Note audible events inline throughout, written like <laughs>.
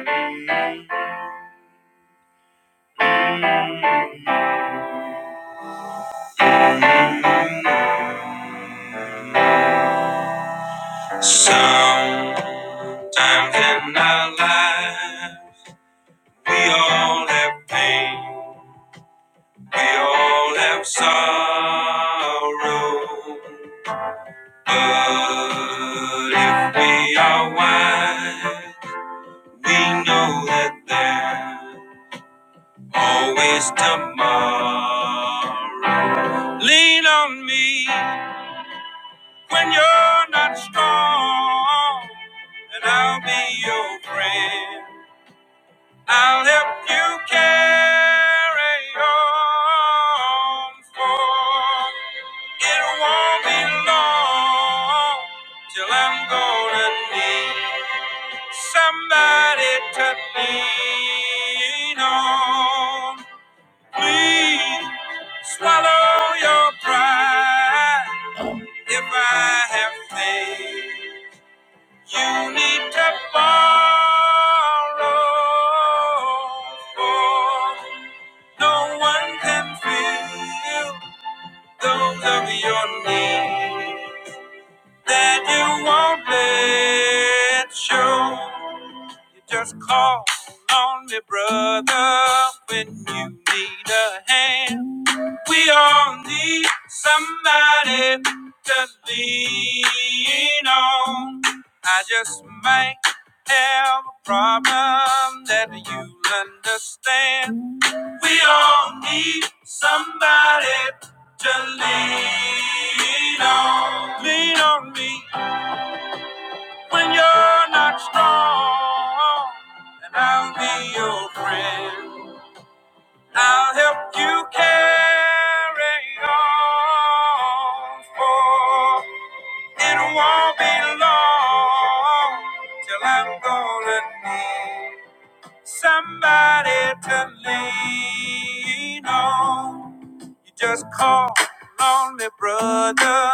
Sometimes in our life, we all have pain, we all have sorrow. But if we are wise, we know that there's always tomorrow. Lean on me. when you're not strong, and I'll be your friend. I'll help you carry on, for it won't be long till I'm gonna need somebody to lean on. Please swallow your pride. If I have faith, you need to borrow. For no one can fill those of your needs that you won't let show. You just call on me, brother, when you need a hand. We all need somebody to lean on. I just might have a problem that you understand. We all need somebody to lean on. Lean on me when you're not strong, and I'll be your friend. I'll help you carry on. For it won't be long till I'm gonna need. Somebody to lean on. You just call on me, brother,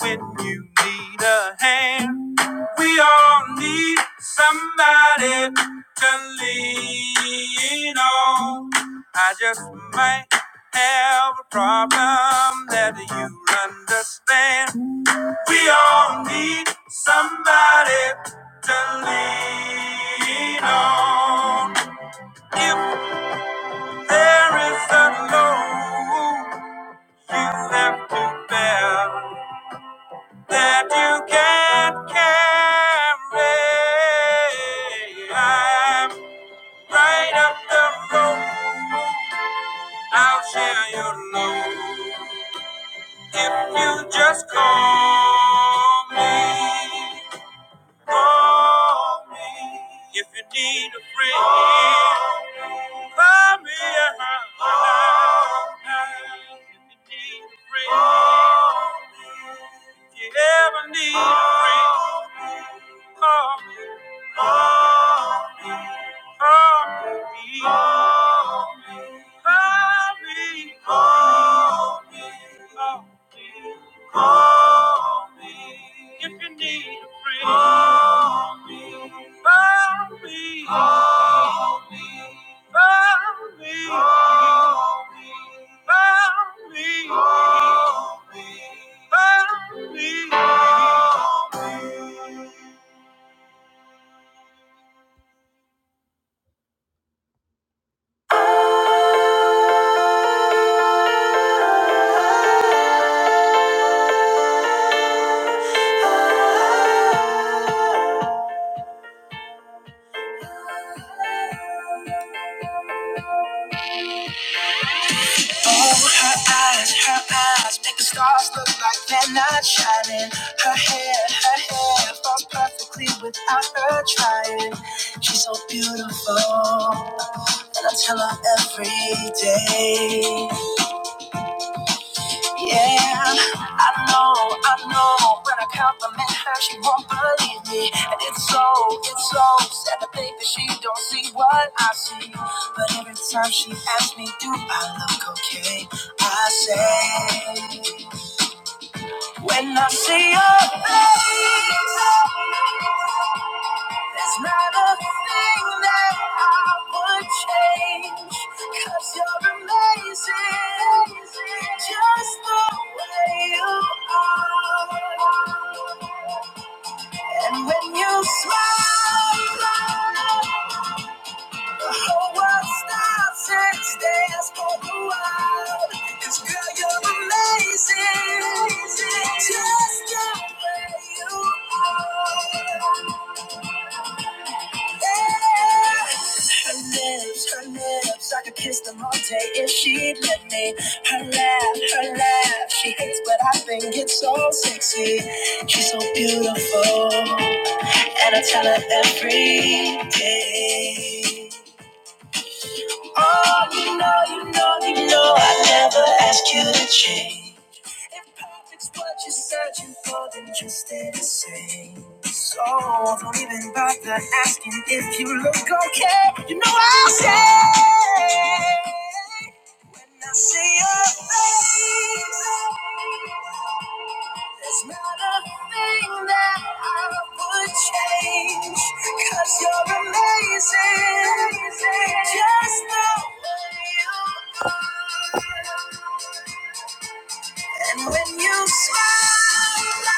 when you need a hand. We all need somebody to lean on. I just might have a problem that you understand. We all need somebody to lean on. If there is a load you have to bear that you can't carry, I'm right up the road. I'll share your load if you just call me. Call me if you need a friend. Call me if you need a friend. If you ever need a friend, call me. Call me. Mommy, call me. Call me. Call me. If you need a friend. Call me. Call me. Call me. Call me. Call me. Call me. Call me. Call me. Call me. Oh, her eyes, her eyes make the stars look like they're not shining. Her hair, her hair falls perfectly without her trying. She's so beautiful, and I tell her every day. Yeah, I know, I know. When I compliment her, she won't believe me. And it's so, it's so sad to think that she don't see what I see. But every time she asks me, do I look okay? I say. When I see your face, there's not a thing that I would change. Cause you're amazing, just the way you are. And when you smile, the whole world stops and stares for a wild. Cause girl, you're amazing. Just the way you are. Yeah. Her lips, her lips, I could kiss them all day if she'd let me. Her laugh, her laugh, she hates, but I think it's so sexy. She's so beautiful, and I tell her every day. Oh, you know, you know, you know, I never asked you to change. If perfect's what you're searching for, then just stay the same. So don't even bother asking if you look okay. You know I'll say when I see your face. There's not a thing that I would change, you you're amazing. Just the way you are. And when you smile,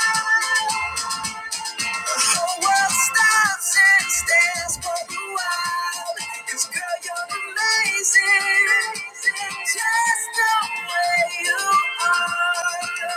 the whole world stops and stares for a while. 'Cause girl, you're amazing. Just the way you are.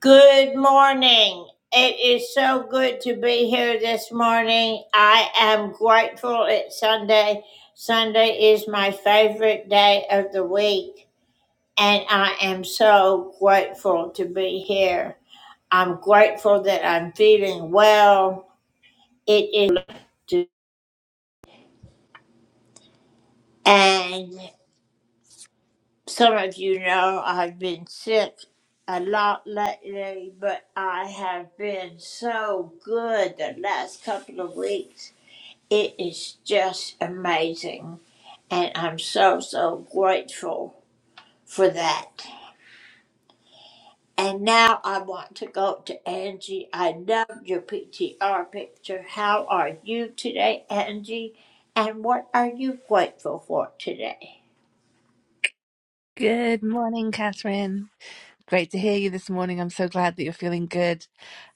Good morning. It is so good to be here this morning. I am grateful it's Sunday. Sunday is my favorite day of the week, and I am so grateful to be here. I'm grateful that I'm feeling well. It is. to And some of you know I've been sick a lot lately, but I have been so good the last couple of weeks. It is just amazing. And I'm so, so grateful for that. And now I want to go to Angie. I love your PTR picture. How are you today, Angie? And what are you grateful for today? Good morning, Catherine. Great to hear you this morning. I'm so glad that you're feeling good.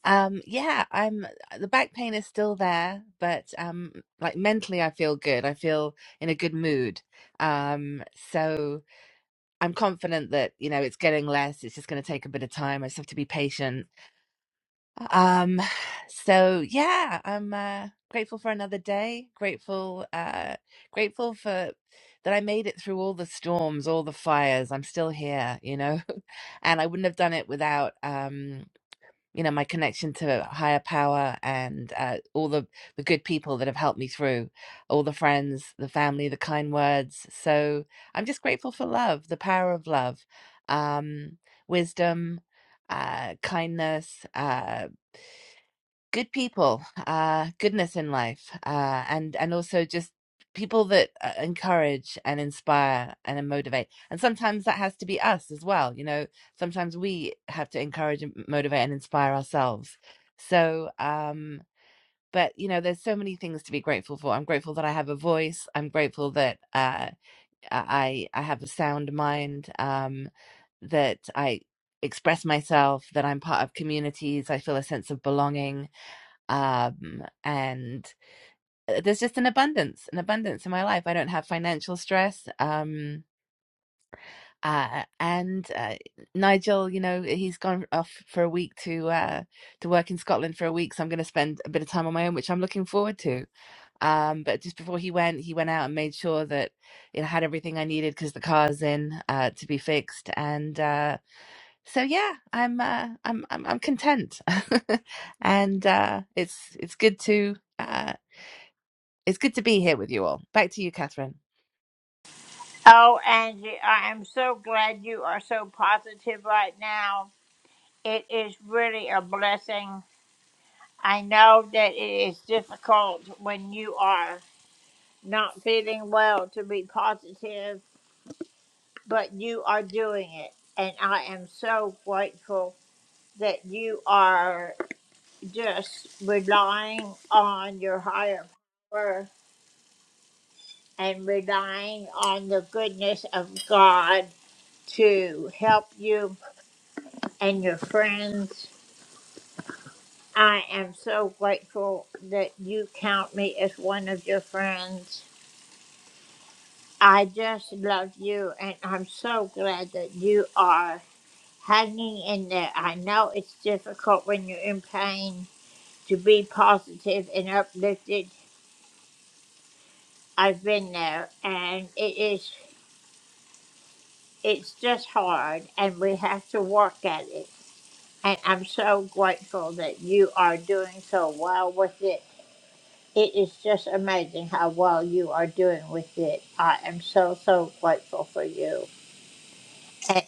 Um, yeah, I'm the back pain is still there, but um like mentally I feel good. I feel in a good mood. Um, so I'm confident that, you know, it's getting less. It's just going to take a bit of time. I just have to be patient um, so yeah, I'm uh, grateful for another day. Grateful, uh, grateful for that I made it through all the storms, all the fires. I'm still here, you know, <laughs> and I wouldn't have done it without, um, you know, my connection to higher power and uh, all the the good people that have helped me through, all the friends, the family, the kind words. So I'm just grateful for love, the power of love, um, wisdom. Uh, kindness, uh good people, uh, goodness in life, uh, and and also just people that uh, encourage and inspire and motivate. And sometimes that has to be us as well. You know, sometimes we have to encourage and motivate and inspire ourselves. So, um, but you know, there's so many things to be grateful for. I'm grateful that I have a voice. I'm grateful that uh, I I have a sound mind. Um, that I express myself. That I'm part of communities. I feel a sense of belonging um and uh, there's just an abundance an abundance in my life i don't have financial stress um uh, and uh, Nigel, you know, he's gone off for a week to uh, to work in Scotland for a week, so I'm going to spend a bit of time on my own, which I'm looking forward to. Um, but just before he went, he went out and made sure that it had everything I needed because the car's in uh, to be fixed, and uh, so yeah, I'm uh, I'm I'm I'm content, <laughs> and uh, it's it's good to. uh. It's good to be here with you all. Back to you, Catherine. Oh, Angie, I am so glad you are so positive right now. It is really a blessing. I know that it is difficult when you are not feeling well to be positive, but you are doing it. And I am so grateful that you are just relying on your higher power and relying on the goodness of God to help you and your friends. I am so grateful that you count me as one of your friends. I just love you, and I'm so glad that you are hanging in there. I know it's difficult when you're in pain to be positive and uplifted. I've been there, and it is it's just hard, and we have to work at it. And I'm so grateful that you are doing so well with it It is just amazing how well you are doing with it. I am so, so grateful for you. And-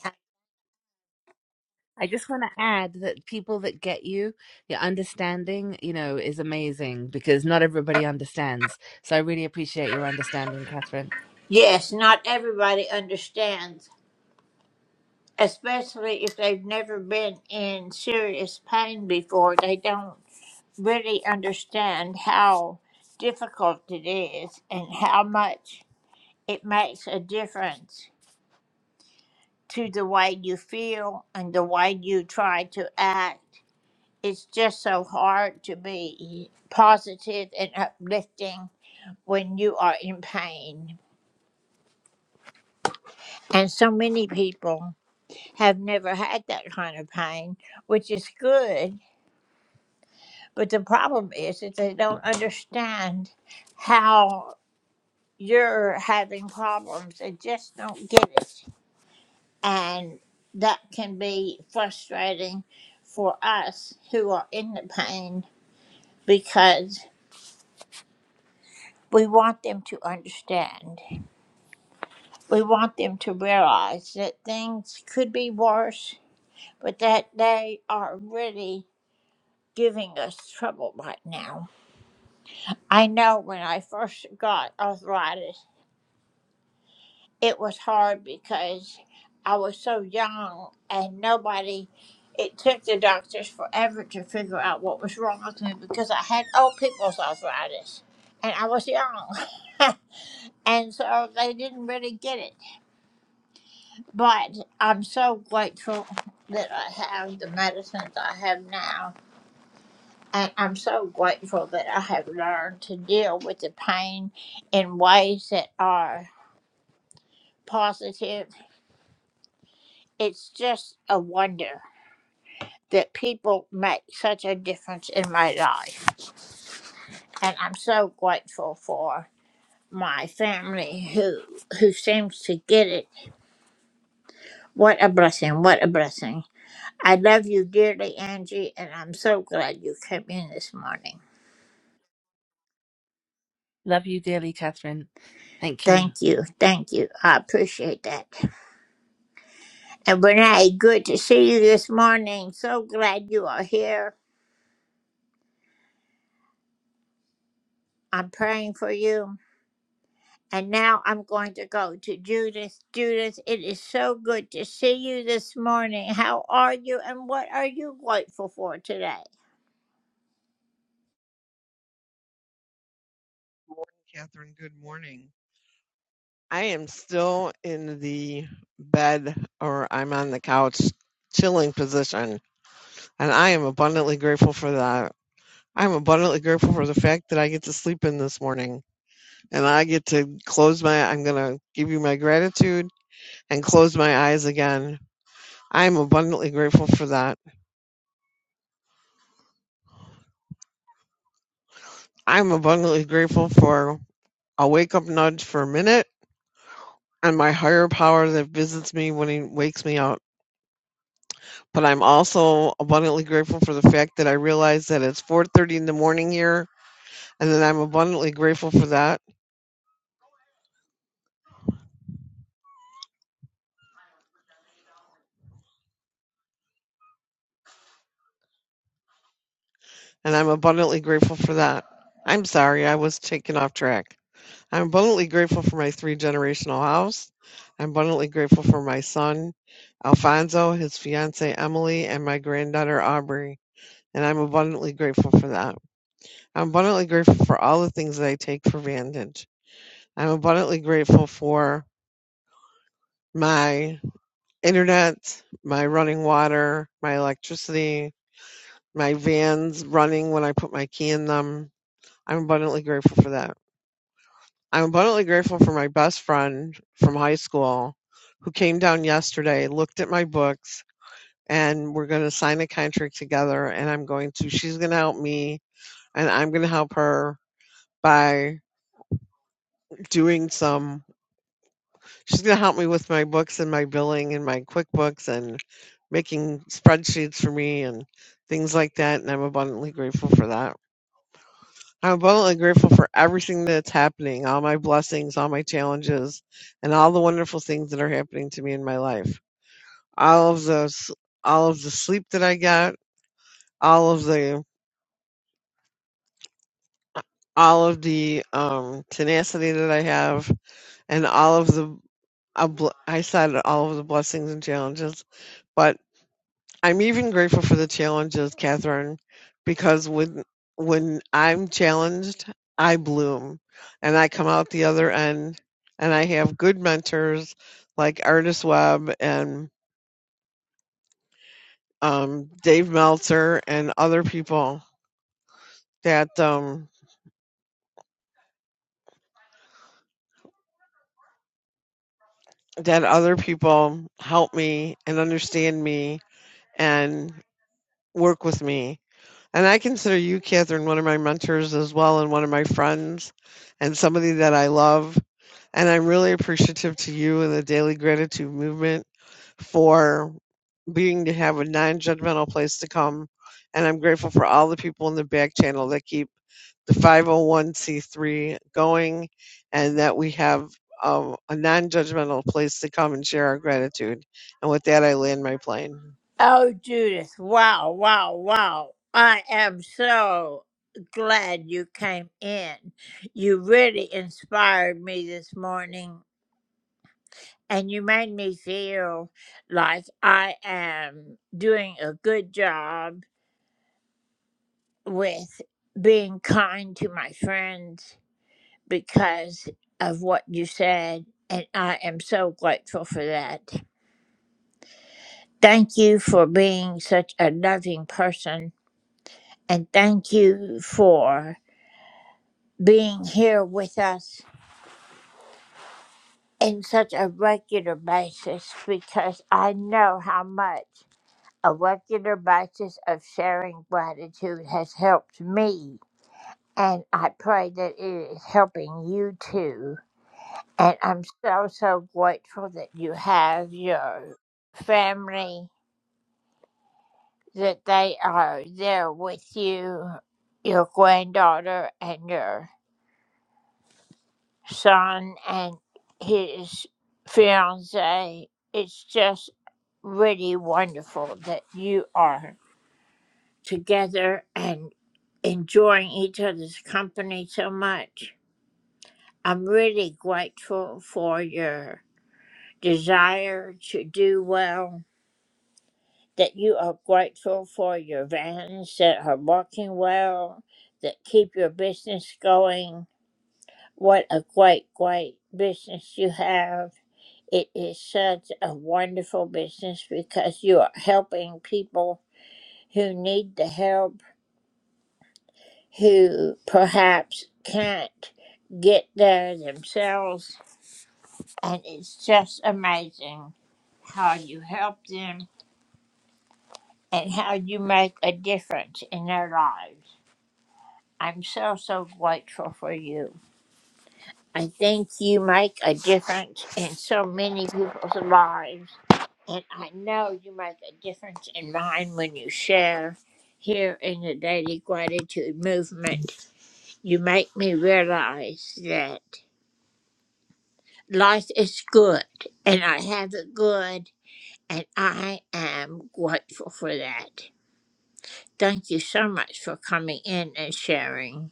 I just want to add that people that get you, your understanding, you know, is amazing because not everybody understands. So I really appreciate your understanding, Catherine. Yes, not everybody understands, especially if they've never been in serious pain before. They don't really understand how difficult it is and how much it makes a difference to the way you feel and the way you try to act. It's just so hard to be positive and uplifting when you are in pain. And so many people have never had that kind of pain, which is good. But the problem is that they don't understand how you're having problems. They just don't get it. And that can be frustrating for us who are in the pain because we want them to understand. We want them to realize that things could be worse, but that they are really giving us trouble right now. I know when I first got arthritis, it was hard because I was so young and nobody, it took the doctors forever to figure out what was wrong with me because I had old people's arthritis and I was young. <laughs> and so they didn't really get it. But I'm so grateful that I have the medicines I have now. And I'm so grateful that I have learned to deal with the pain in ways that are positive. It's just a wonder that people make such a difference in my life. And I'm so grateful for my family who who seems to get it. What a blessing, what a blessing. I love you dearly, Angie, and I'm so glad you came in this morning. Love you dearly, Catherine. Thank you. Thank you. Thank you. I appreciate that. And Renee, good to see you this morning. So glad you are here. I'm praying for you. And now I'm going to go to Judith. Judith, it is so good to see you this morning. How are you and what are you grateful for today? Morning, Catherine. Good morning. I am still in the bed or I'm on the couch chilling position, and I am abundantly grateful for that. I'm abundantly grateful for the fact that I get to sleep in this morning and I get to close my I'm going to give you my gratitude and close my eyes again. I'm abundantly grateful for that. I'm abundantly grateful for a wake up nudge for a minute and my higher power that visits me when he wakes me up. but I'm also abundantly grateful for the fact that I realize that it's 4:30 in the morning here, and that I'm abundantly grateful for that, and I'm abundantly grateful for that. I'm sorry, I was taken off track. I'm abundantly grateful for my three generational house. I'm abundantly grateful for my son, Alfonso, his fiancee Emily, and my granddaughter Aubrey. And I'm abundantly grateful for that. I'm abundantly grateful for all the things that I take for granted. I'm abundantly grateful for my internet, my running water, my electricity, my vans running when I put my key in them. I'm abundantly grateful for that. I'm abundantly grateful for my best friend from high school who came down yesterday, looked at my books, and we're going to sign a contract together. And I'm going to, she's going to help me, and I'm going to help her by doing some She's gonna help me with my books and my billing and my QuickBooks and making spreadsheets for me and things like that, and I'm abundantly grateful for that. I'm abundantly grateful for everything that's happening, all my blessings, all my challenges, and all the wonderful things that are happening to me in my life. All of those, all of the sleep that I got, all of the all of the um, tenacity that I have and all of the I bl- I said all of the blessings and challenges, but. I'm even grateful for the challenges, Catherine, because when when I'm challenged, I bloom and I come out the other end and I have good mentors like Artist Webb and um, Dave Meltzer and other people that um, that other people help me and understand me and work with me And I consider you, Catherine, one of my mentors as well, and one of my friends, and somebody that I love. And I'm really appreciative to you and the Daily Gratitude Movement for being to have a non judgmental place to come. And I'm grateful for all the people in the back channel that keep the 501c3 going and that we have um, a non judgmental place to come and share our gratitude. And with that, I land my plane. Oh, Judith, wow, wow, wow. I am so glad you came in. You really inspired me this morning. and you made me feel like I am doing a good job with being kind to my friends because of what you said. And I am so grateful for that. Thank you for being such a loving person. And thank you for being here with us in such a regular basis because I know how much A regular basis of sharing gratitude has helped me, and I pray that it is helping you too. And I'm so, so grateful that you have your family, that they are there with you, your granddaughter and your son and his fiance. It's just really wonderful that you are together and enjoying each other's company so much. I'm really grateful for your desire to do well, that you are grateful for your vans that are working well, that keep your business going. What a great, great business you have. It is such a wonderful business because you are helping people who need the help who perhaps can't get there themselves. And it's just amazing how you help them and how you make a difference in their lives. I'm so, so grateful for you. I think you make a difference in so many people's lives. And I know you make a difference in mine when you share here in the Daily Gratitude Movement. You make me realize that. life is good and I have it good and I am grateful for that. Thank you so much for coming in and sharing.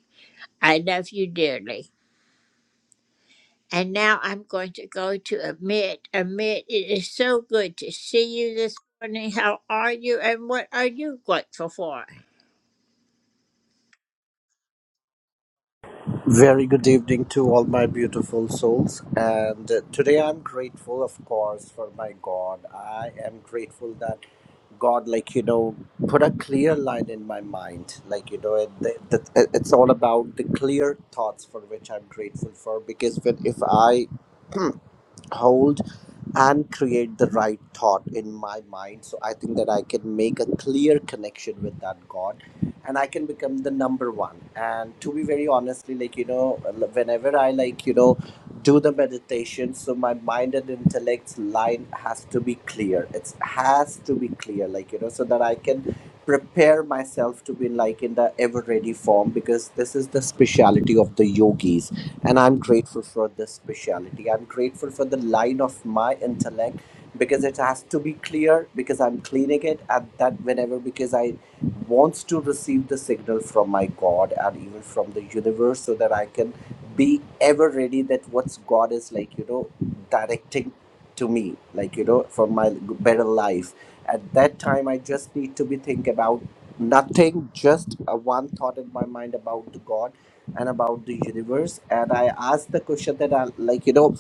I love you dearly. And now I'm going to go to Amit. Amit, it is so good to see you this morning. How are you and what are you grateful for? Very good evening to all my beautiful souls. And uh, today I'm grateful, of course, for my God. I am grateful that God, like, you know, put a clear line in my mind. Like, you know, it, the, the, it's all about the clear thoughts for which I'm grateful for. Because when, if I hold and create the right thought in my mind so i think that i can make a clear connection with that god and i can become the number one and to be very honestly like you know whenever i like you know do the meditation so my mind and intellect's line has to be clear it has to be clear like you know so that i can prepare myself to be like in the ever ready form because this is the speciality of the yogis and i'm grateful for this speciality i'm grateful for the line of my intellect because it has to be clear because i'm cleaning it at that whenever because i wants to receive the signal from my god and even from the universe so that i can be ever ready that what's god is like you know directing to me like you know for my better life at that time i just need to be think about nothing just a one thought in my mind about the god and about the universe and i asked the question that i like you know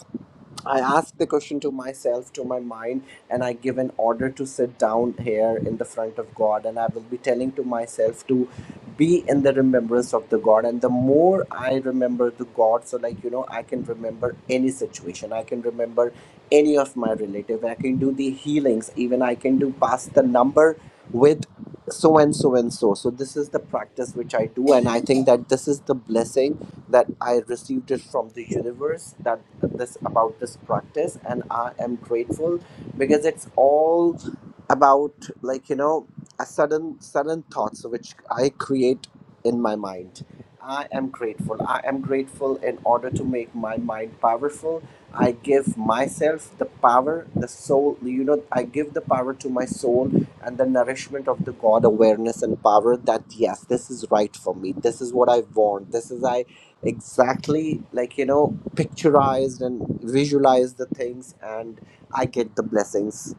I ask the question to myself, to my mind, and I give an order to sit down here in the front of God. And I will be telling to myself to be in the remembrance of the God. And the more I remember the God, so like, you know, I can remember any situation, I can remember any of my relative, I can do the healings, even I can do pass the number with so and so and so. So this is the practice which I do. And I think that this is the blessing that I received it from the universe that this about this practice and I am grateful because it's all about like you know a sudden sudden thoughts which I create in my mind. I am grateful. I am grateful in order to make my mind powerful. I give myself the power, the soul, you know, I give the power to my soul and the nourishment of the God awareness and power that yes, this is right for me. This is what I want. This is I exactly like you know picturized and visualize the things and i get the blessings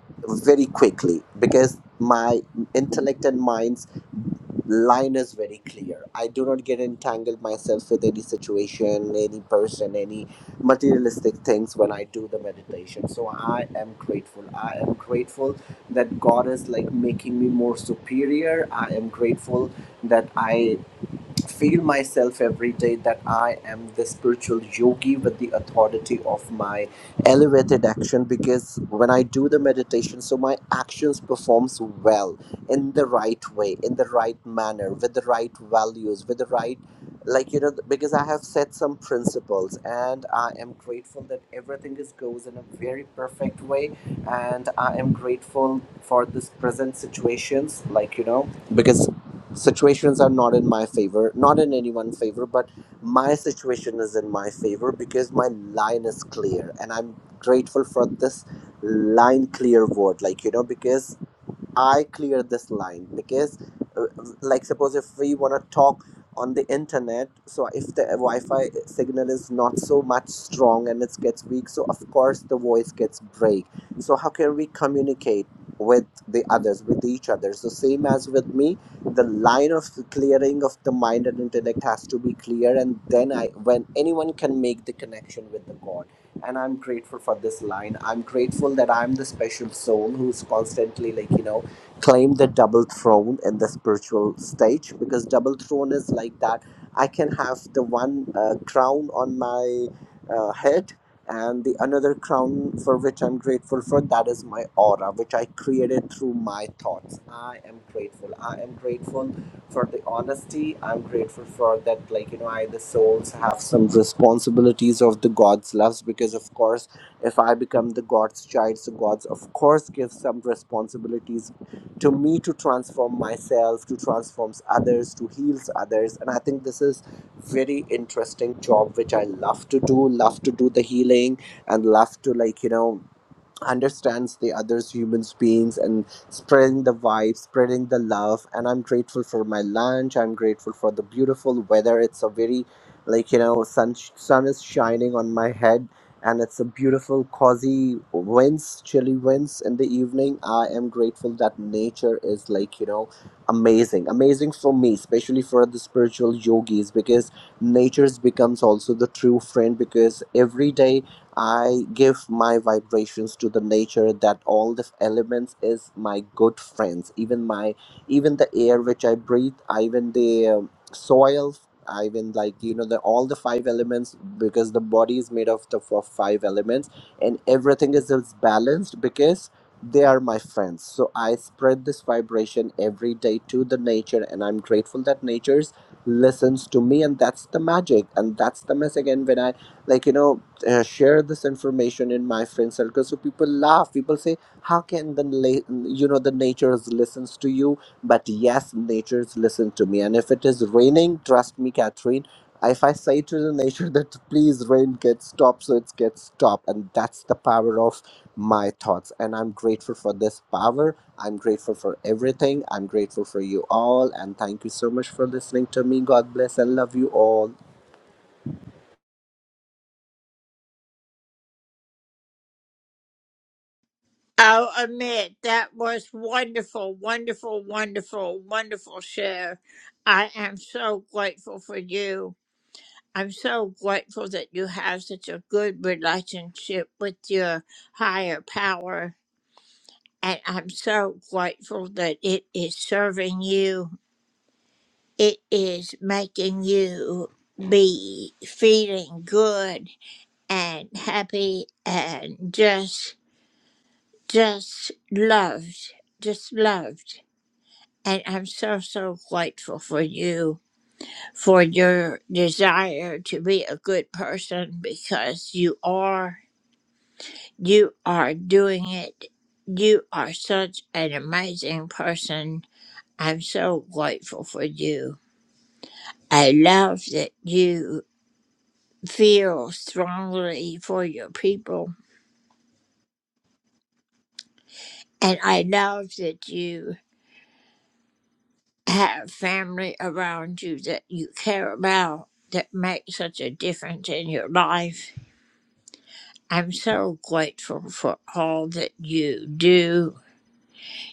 very quickly because my intellect and mind's line is very clear i do not get entangled myself with any situation any person any materialistic things when i do the meditation so i am grateful i am grateful that god is like making me more superior i am grateful that i feel myself every day that I am the spiritual yogi with the authority of my elevated action because when I do the meditation, so my actions performs well in the right way, in the right manner, with the right values, with the right like you know because I have set some principles and I am grateful that everything is goes in a very perfect way and I am grateful for this present situations like you know because situations are not in my favor not in anyone's favor but my situation is in my favor because my line is clear and i'm grateful for this line clear word like you know because I clear this line because, uh, like, suppose if we want to talk on the internet, so if the Wi-Fi signal is not so much strong and it gets weak, so of course the voice gets break. So how can we communicate with the others, with each other? So same as with me, the line of clearing of the mind and intellect has to be clear, and then I, when anyone can make the connection with the God and I'm grateful for this line. I'm grateful that I'm the special soul who's constantly like you know claim the double throne in the spiritual stage because double throne is like that i can have the one uh, crown on my uh, head and the another crown for which i'm grateful for that is my aura which i created through my thoughts i am grateful i am grateful for the honesty i'm grateful for that like you know i the souls have some responsibilities of the god's loves because of course if I become the God's child, so God's of course gives some responsibilities to me to transform myself to transform others to heals others and i think this is very interesting job which i love to do love to do the healing and love to like you know understands the others humans beings and spreading the vibe spreading the love and i'm grateful for my lunch i'm grateful for the beautiful weather it's a very like you know sun sun is shining on my head and it's a beautiful cozy winds chilly winds in the evening i am grateful that nature is like you know amazing amazing for me especially for the spiritual yogis because nature's becomes also the true friend because every day I give my vibrations to the nature that all the elements is my good friends. Even my, even the air which I breathe, even the um, soil, even like you know the all the five elements because the body is made of the f- five elements, and everything is, is balanced because they are my friends. So I spread this vibration every day to the nature, and I'm grateful that nature's listens to me, and that's the magic, and that's the message. And when I like you know uh, share this information in my friend circle so people laugh people say how can the la- you know the nature listens to you but yes nature listens to me and if it is raining trust me catherine if i say to the nature <laughs> that please rain get stop so it gets stop and that's the power of my thoughts and i'm grateful for this power i'm grateful for everything i'm grateful for you all and thank you so much for listening to me god bless and love you all Oh, Amit, that was wonderful, wonderful, wonderful, wonderful share. I am so grateful for you I'm so grateful that you have such a good relationship with your higher power. And I'm so grateful that it is serving you. It is making you be feeling good and happy and just, just loved, just loved. And I'm so, so grateful for you for your desire to be a good person because you are You are doing it. You are such an amazing person. I'm so grateful for you. I love that you feel strongly for your people. And I love that you have family around you that you care about that make such a difference in your life. I'm so grateful for all that you do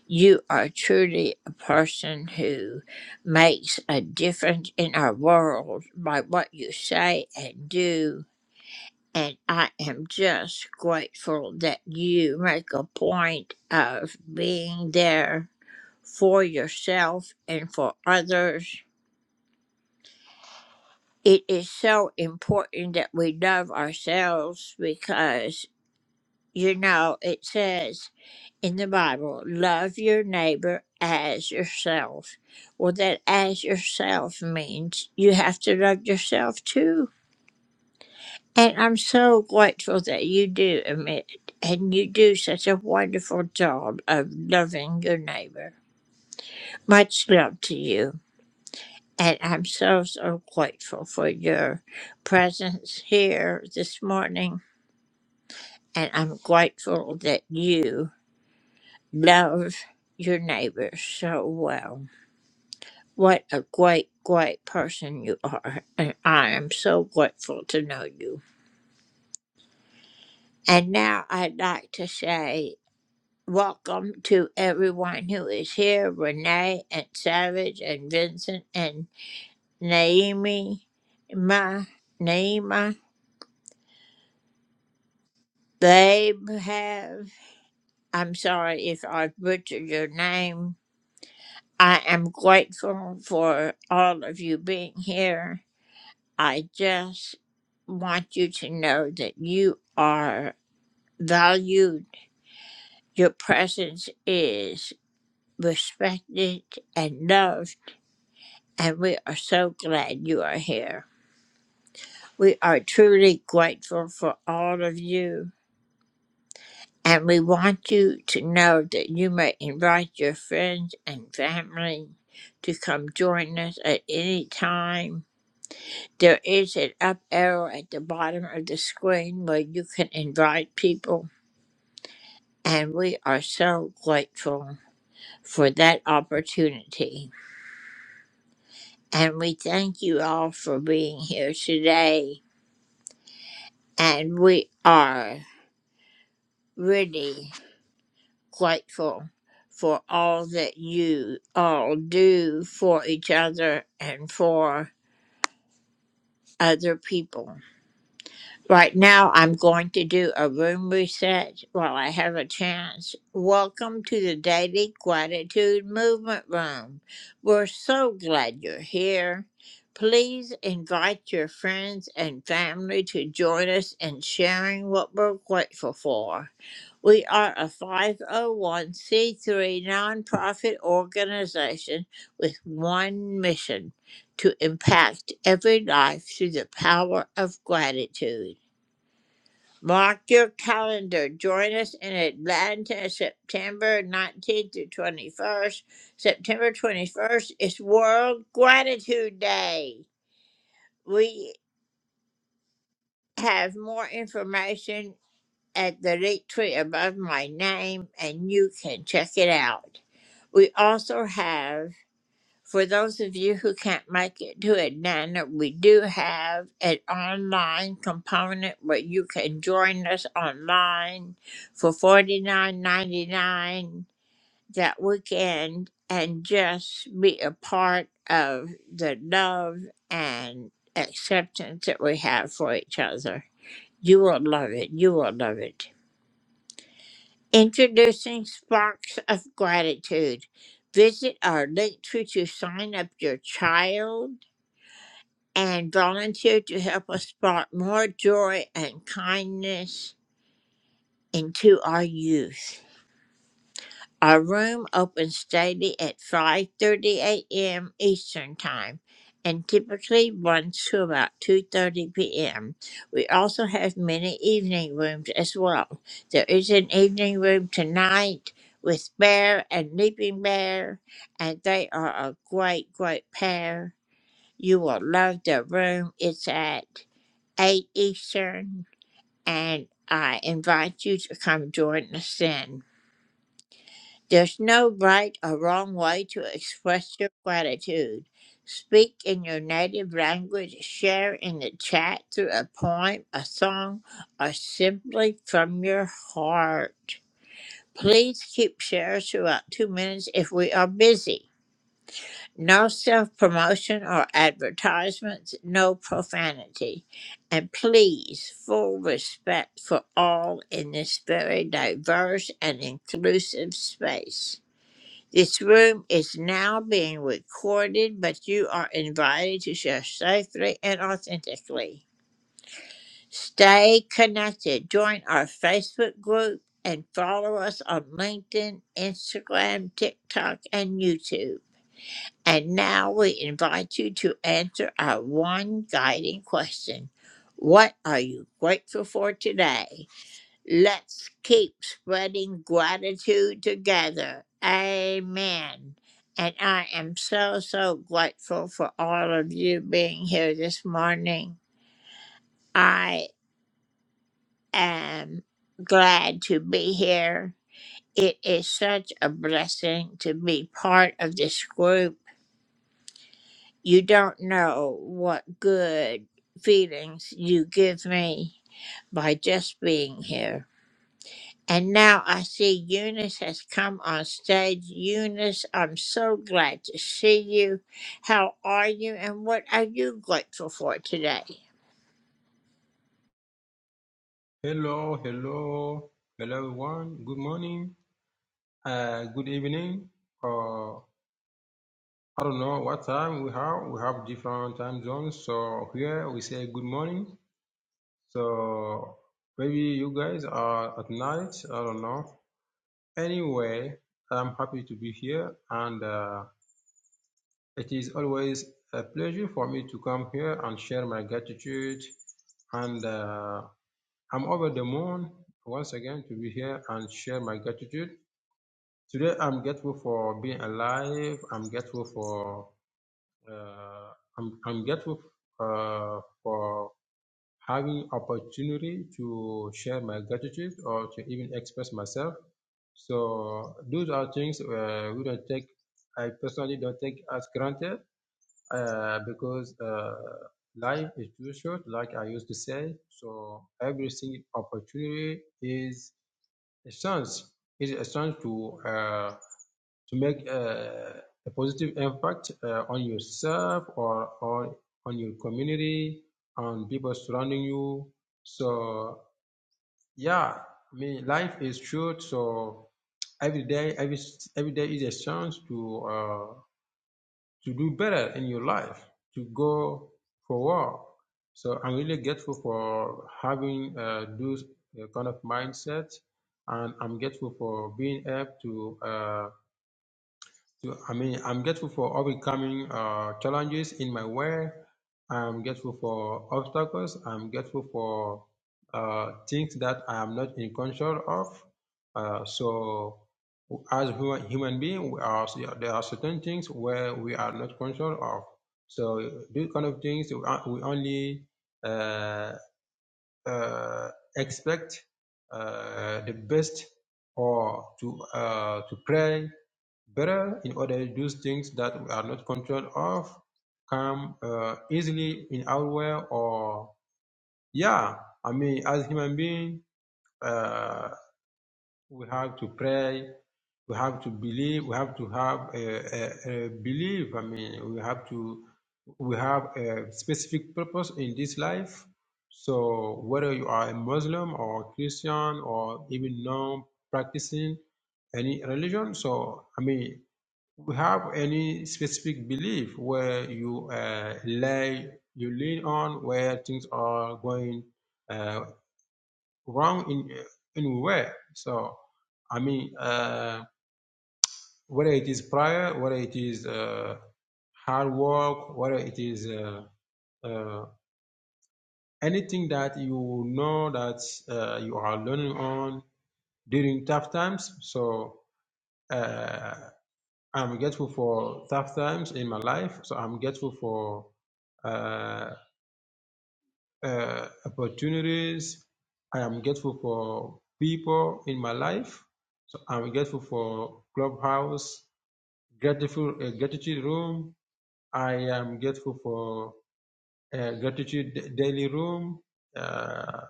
You are truly a person who makes a difference in our world by what you say and do. And I am just grateful that you make a point of being there for yourself and for others. It is so important that we love ourselves because You know, it says in the Bible, love your neighbor as yourself. Well, that as yourself means you have to love yourself too. And I'm so grateful that you do, Amit, and you do such a wonderful job of loving your neighbor. Much love to you. And I'm so, so grateful for your presence here this morning. And I'm grateful that you love your neighbors so well. What a great, great person you are. And I am so grateful to know you. And now I'd like to say welcome to everyone who is here Renee and Savage and Vincent and Naomi, Ma, Naima. They have, I'm sorry if I butchered your name. I am grateful for all of you being here. I just want you to know that you are valued, your presence is respected and loved, and we are so glad you are here. We are truly grateful for all of you, and we want you to know that you may invite your friends and family to come join us at any time. There is an up arrow at the bottom of the screen where you can invite people. And we are so grateful for that opportunity. And we thank you all for being here today. And we are really grateful for all that you all do for each other and for other people. Right now, I'm going to do a room reset while I have a chance. Welcome to the Daily Gratitude Movement Room. We're so glad you're here. Please invite your friends and family to join us in sharing what we're grateful for. We are a 501c3 nonprofit organization with one mission to impact every life through the power of gratitude. Mark your calendar. Join us in Atlanta September 19th to 21st. September 21st is World Gratitude Day. We have more information at the link tree above my name, and you can check it out. We also have For those of you who can't make it to Atlanta, we do have an online component where you can join us online for $49.99 that weekend and just be a part of the love and acceptance that we have for each other. You will love it. You will love it. Introducing Sparks of Gratitude. Visit our link tree to sign up your child and volunteered to help us spark more joy and kindness into our youth. Our room opens daily at 5:30 a.m. Eastern Time and typically runs to about 2:30 p.m. We also have many evening rooms as well. There is an evening room tonight with Bear and Leaping Bear, and they are a great, great pair you will love the room. It's at 8 Eastern, and I invite you to come join us in. There's no right or wrong way to express your gratitude. Speak in your native language, share in the chat through a poem, a song, or simply from your heart. Please keep shares to about two minutes if we are busy. No self promotion or advertisements, no profanity. And please, full respect for all in this very diverse and inclusive space. This room is now being recorded, but you are invited to share safely and authentically. Stay connected. Join our Facebook group and follow us on LinkedIn, Instagram, TikTok, and YouTube. And now we invite you to answer our one guiding question What are you grateful for today? Let's keep spreading gratitude together. Amen. And I am so, so grateful for all of you being here this morning. I am glad to be here. It is such a blessing to be part of this group You don't know what good feelings you give me by just being here. And now I see Eunice has come on stage. Eunice, I'm so glad to see you. How are you and what are you grateful for today? Hello, hello, hello everyone. Good morning, uh, good evening, or I don't know what time we have. We have different time zones, so here we say good morning. So maybe you guys are at night. I don't know. Anyway, I'm happy to be here, and uh, it is always a pleasure for me to come here and share my gratitude. And uh, I'm over the moon once again to be here and share my gratitude. Today, I'm grateful for being alive. I'm grateful for uh, I'm, I'm grateful uh, for having opportunity to share my gratitude or to even express myself. So those are things uh, we don't take. I personally don't take as granted uh, because uh, life is too short, like I used to say. So every single opportunity is a chance. Is a chance to. Uh, to make uh, a positive impact uh, on yourself or on on your community, on people surrounding you. So yeah, I mean life is short, so every day every every day is a chance to uh, to do better in your life, to go forward. So I'm really grateful for having uh, those uh, kind of mindset, and I'm grateful for being able to. Uh, so, I mean, I'm grateful for overcoming uh, challenges in my way. I'm grateful for obstacles. I'm grateful for uh, things that I am not in control of. Uh, so, as human, human being, we are, there are certain things where we are not control of. So, these kind of things we on- we only uh, uh, expect uh, the best or to uh, to pray better in order to do things that we are not controlled of come uh, easily in our way or yeah i mean as human being uh, we have to pray we have to believe we have to have a, a, a belief i mean we have to we have a specific purpose in this life so whether you are a muslim or christian or even non practicing any religion so i mean we have any specific belief where you uh, lay you lean on where things are going uh, wrong in uh, anywhere so i mean uh, whether it is prayer whether it is uh, hard work whether it is uh, uh, anything that you know that uh, you are learning on during tough times so uh, I'm grateful for tough times in my life. So I'm grateful for uh, uh, opportunities. I am grateful for people in my life. So I'm grateful for clubhouse, grateful uh, gratitude room. I am grateful for uh, gratitude da- daily room, uh,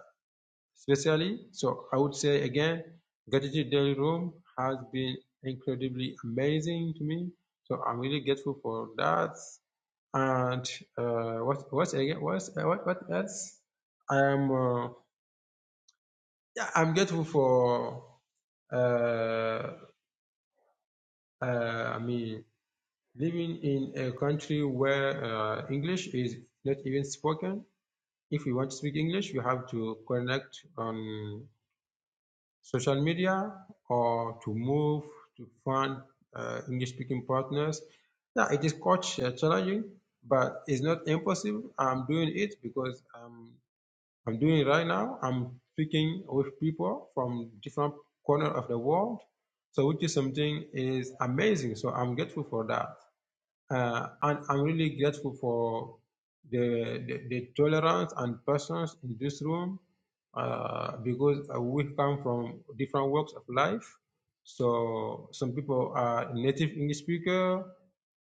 especially. So I would say again, gratitude daily room has been incredibly amazing to me. So I'm really grateful for that. and uh, what what again what what what else i'm uh, yeah i'm grateful for uh, uh, i mean living in a country where uh, english is not even spoken if you want to speak english you have to connect on social media or to move to find uh, english speaking partners yeah it is quite uh, challenging but it's not impossible i'm doing it because i'm I'm doing it right now. I'm speaking with people from different corner of the world. So which is something is amazing. So I'm grateful for that. Uh, and I'm really grateful for the, the, the tolerance and persons in this room uh, because uh, we come from different walks of life. So some people are native English speaker,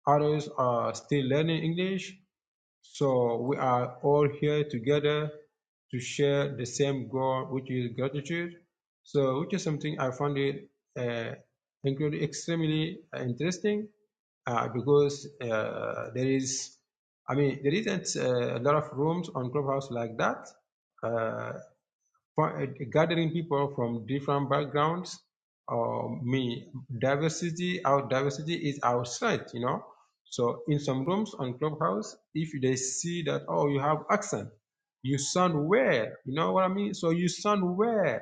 others are still learning English. So we are all here together to share the same goal, which is gratitude. So, which is something I found it uh, incredibly, extremely interesting uh, because uh, there is, I mean, there isn't uh, a lot of rooms on Clubhouse like that. Uh, for, uh, gathering people from different backgrounds, or me, diversity, our diversity is outside, you know. So in some rooms on Clubhouse, if they see that, oh, you have accent, you sound weird, you know what I mean? So you sound weird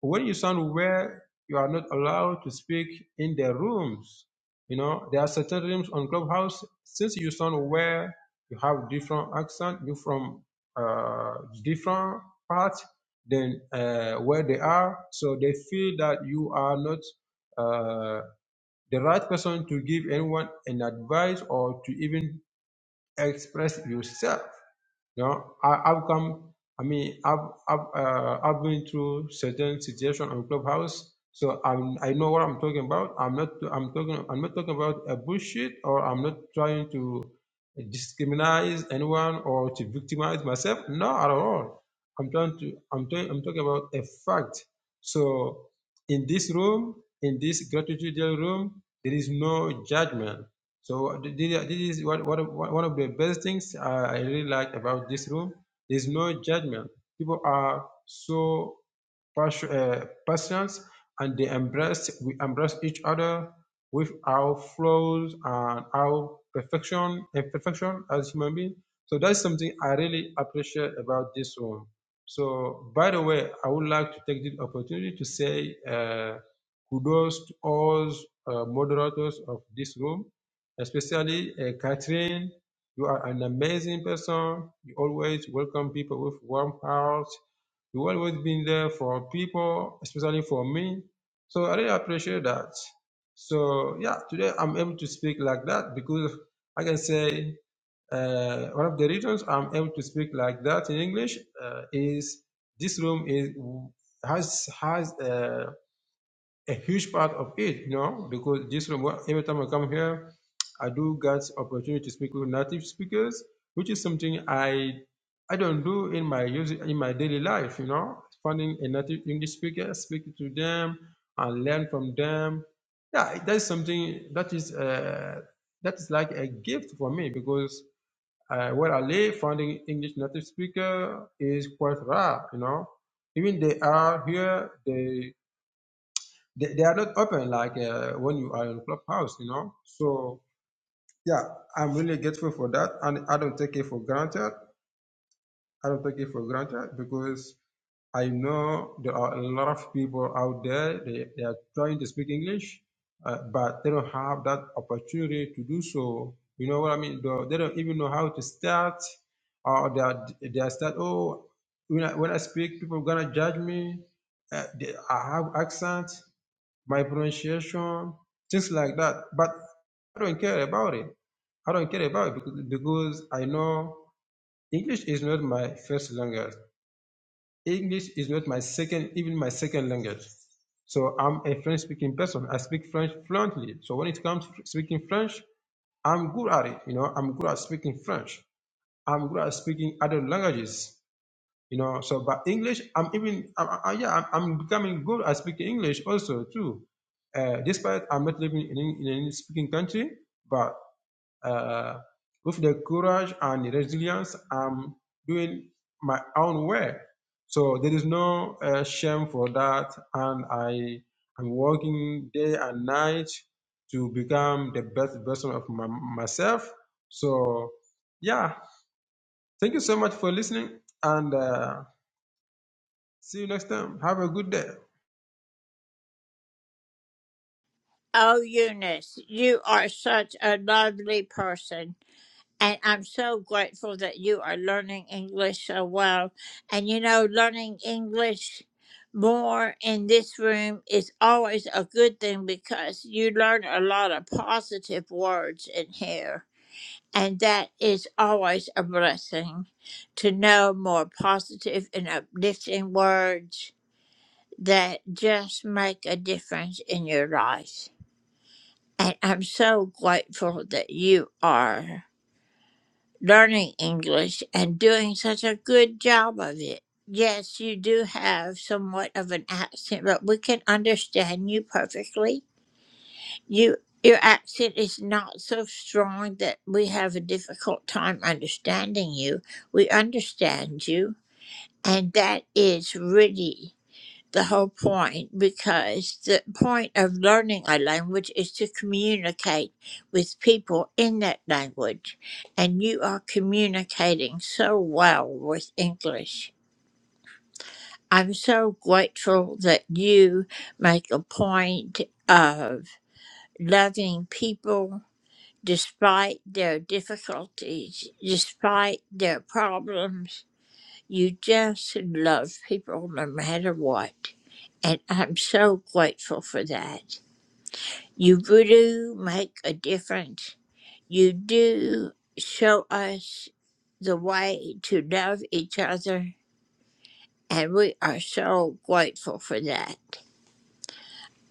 when you stand where you are not allowed to speak in the rooms, you know, there are certain rooms on Clubhouse. Since you stand where you have different accent, you from uh, different parts than uh, where they are, so they feel that you are not uh, the right person to give anyone an advice or to even express yourself you know, I, I've come, I mean, I've, I've, uh, I've been through certain situation on Clubhouse. So I'm, I know what I'm talking about. I'm not, I'm talking, I'm not talking about a bullshit or I'm not trying to discriminate anyone or to victimize myself. No, at all. I'm trying to, I'm, trying, I'm talking about a fact. So in this room, in this gratitude room, there is no judgment so th- th- this is one one of one of the best things uh, I really like about this room. There's no judgment. People are so passion, uh, passionate and they embrace we embrace each other with our flaws and our perfection imperfection as human beings. So that's something I really appreciate about this room. So by the way, I would like to take this opportunity to say uh, kudos to all uh, moderators of this room especially uh, Catherine. You are an amazing person. You always welcome people with warm heart. You always been there for people, especially for me. So I really appreciate that. So yeah, today I'm able to speak like that because I can say uh, one of the reasons I'm able to speak like that in English uh, is this room is has has. Uh, a huge part of it, you know, because just from well, every time I come here, I do get opportunity to speak with native speakers, which is something I I don't do in my use in my daily life, you know, finding a native English speaker, speak to them and learn from them. Yeah, that's something that is uh, that is like a gift for me because uh, where I live, finding English native speaker is quite rare, you know even they are here, they they, they are not open like uh, when you are in clubhouse you know so yeah i'm really grateful for that and i don't take it for granted i don't take it for granted because i know there are a lot of people out there they, they are trying to speak english uh, but they don't have that opportunity to do so you know what i mean Though they don't even know how to start or they are, they are start oh when I, when I speak people gonna judge me uh, they, i have accent my pronunciation, things like that. But I don't care about it. I don't care about it because, because I know English is not my first language. English is not my second, even my second language. So I'm a French speaking person. I speak French fluently. So when it comes to speaking French, I'm good at it. You know, I'm good at speaking French. I'm good at speaking other languages you know so but english i'm even I, I, yeah I'm, I'm becoming good at speaking english also too uh, despite i'm not living in, an- in any speaking country but uh, with the courage and resilience i'm doing my own way so there is no uh, shame for that and i am working day and night to become the best version of my, myself so yeah thank you so much for listening and uh, See you next time. Have a good day. Oh, Eunice, you are such a lovely person. And I'm so grateful that you are learning English so well. And you know, learning English more in this room is always a good thing because you learn a lot of positive words in here. And that is always a blessing to know more positive and uplifting words that just make a difference in your life. And I'm so grateful that you are learning English and doing such a good job of it. Yes, you do have somewhat of an accent, but we can understand you perfectly. You your accent is not so strong that we have a difficult time understanding you. We understand you, and that is really the whole point because the point of learning a language is to communicate with people in that language and you are communicating so well with english i'm so grateful that you make a point of loving people despite their difficulties despite their problems you just love people no matter what. And I'm so grateful for that. You do make a difference. You do show us the way to love each other. And we are so grateful for that.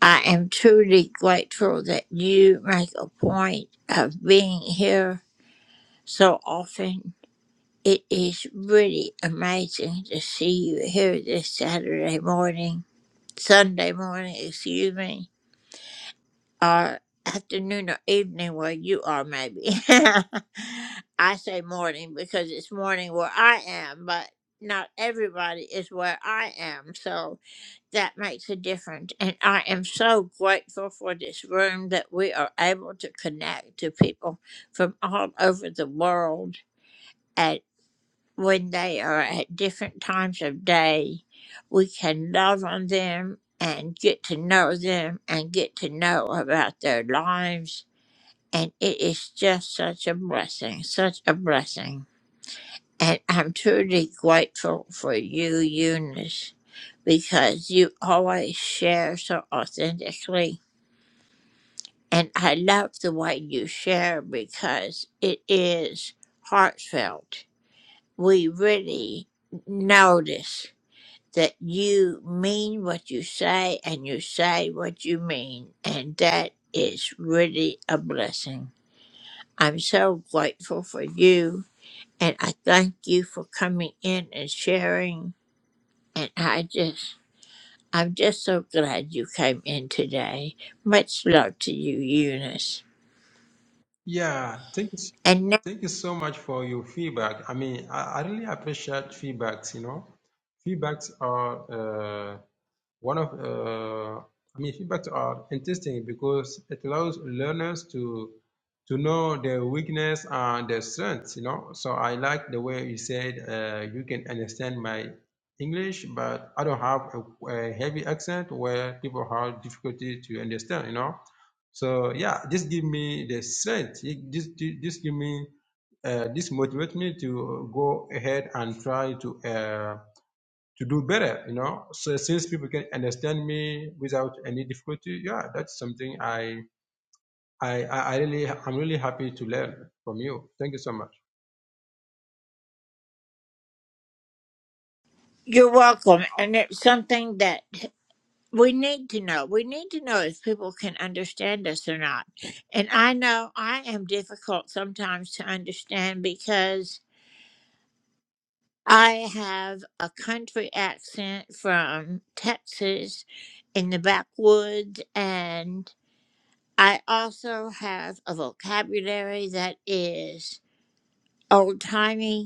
I am truly grateful that you make a point of being here so often. It is really amazing to see you here this Saturday morning Sunday morning, excuse me, or afternoon or evening where you are, maybe. <laughs> I say morning because it's morning where I am, but not everybody is where I am. So that makes a difference. And I am so grateful for this room that we are able to connect to people from all over the world when they are at different times of day, we can love on them and get to know them and get to know about their lives. And it is just such a blessing, such a blessing. And I'm truly grateful for you, Eunice, because you always share so authentically. And I love the way you share because it is heartfelt. We really notice that you mean what you say and you say what you mean. And that is really a blessing. I'm so grateful for you. And I thank you for coming in and sharing. And I just, I'm just so glad you came in today. Much love to you, Eunice. Yeah, thank you. s- And now- Thank you so much for your feedback. I mean, I, I really appreciate feedbacks, you know. Feedbacks are uh, One of, uh, I mean, feedbacks are interesting because it allows learners to to know their weakness and their strengths. You know, so I like the way you said uh, you can understand my English, but I don't have a, a heavy accent where people have difficulty to understand. You know, so yeah, this give me the strength. It- This this give me uh, this motivate me to go ahead and try to. Uh, to do better, you know. So since people can understand me without any difficulty, yeah, that's something I I, I really I'm really happy to learn from you. Thank you so much. you're welcome. And it's something that we need to know. We need to know if people can understand us or not. And I know I am difficult sometimes to understand because I have a country accent from Texas in the backwoods, and I also have a vocabulary that is old timey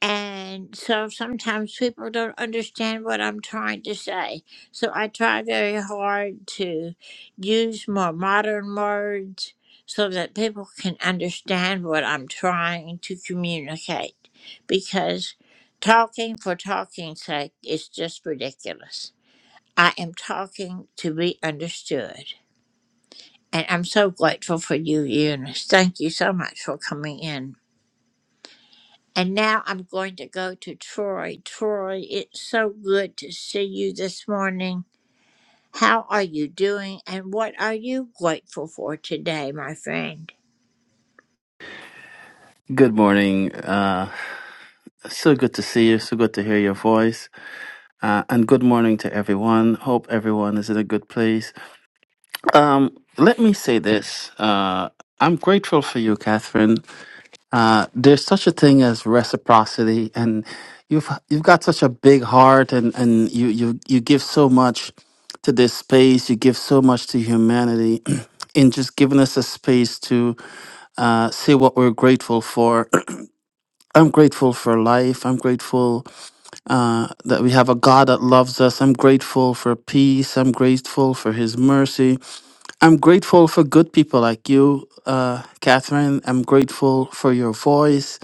And so sometimes people don't understand what I'm trying to say. So I try very hard to use more modern words so that people can understand what I'm trying to communicate. Because talking for talking's sake is just ridiculous. I am talking to be understood. And I'm so grateful for you, Eunice. Thank you so much for coming in. And now I'm going to go to Troy. Troy, it's so good to see you this morning. How are you doing and what are you grateful for today, my friend? Good morning. Uh, so good to see you. So good to hear your voice. Uh, and good morning to everyone. Hope everyone is in a good place. Um, let me say this. Uh, I'm grateful for you, Catherine. Uh, there's such a thing as reciprocity, and you've you've got such a big heart, and and you you you give so much to this space. You give so much to humanity <clears throat> in just giving us a space to uh, say what we're grateful for. <clears throat> I'm grateful for life. I'm grateful that we have a God that loves us. I'm grateful for peace. I'm grateful for His mercy. I'm grateful for good people like you, uh, Catherine. I'm grateful for your voice.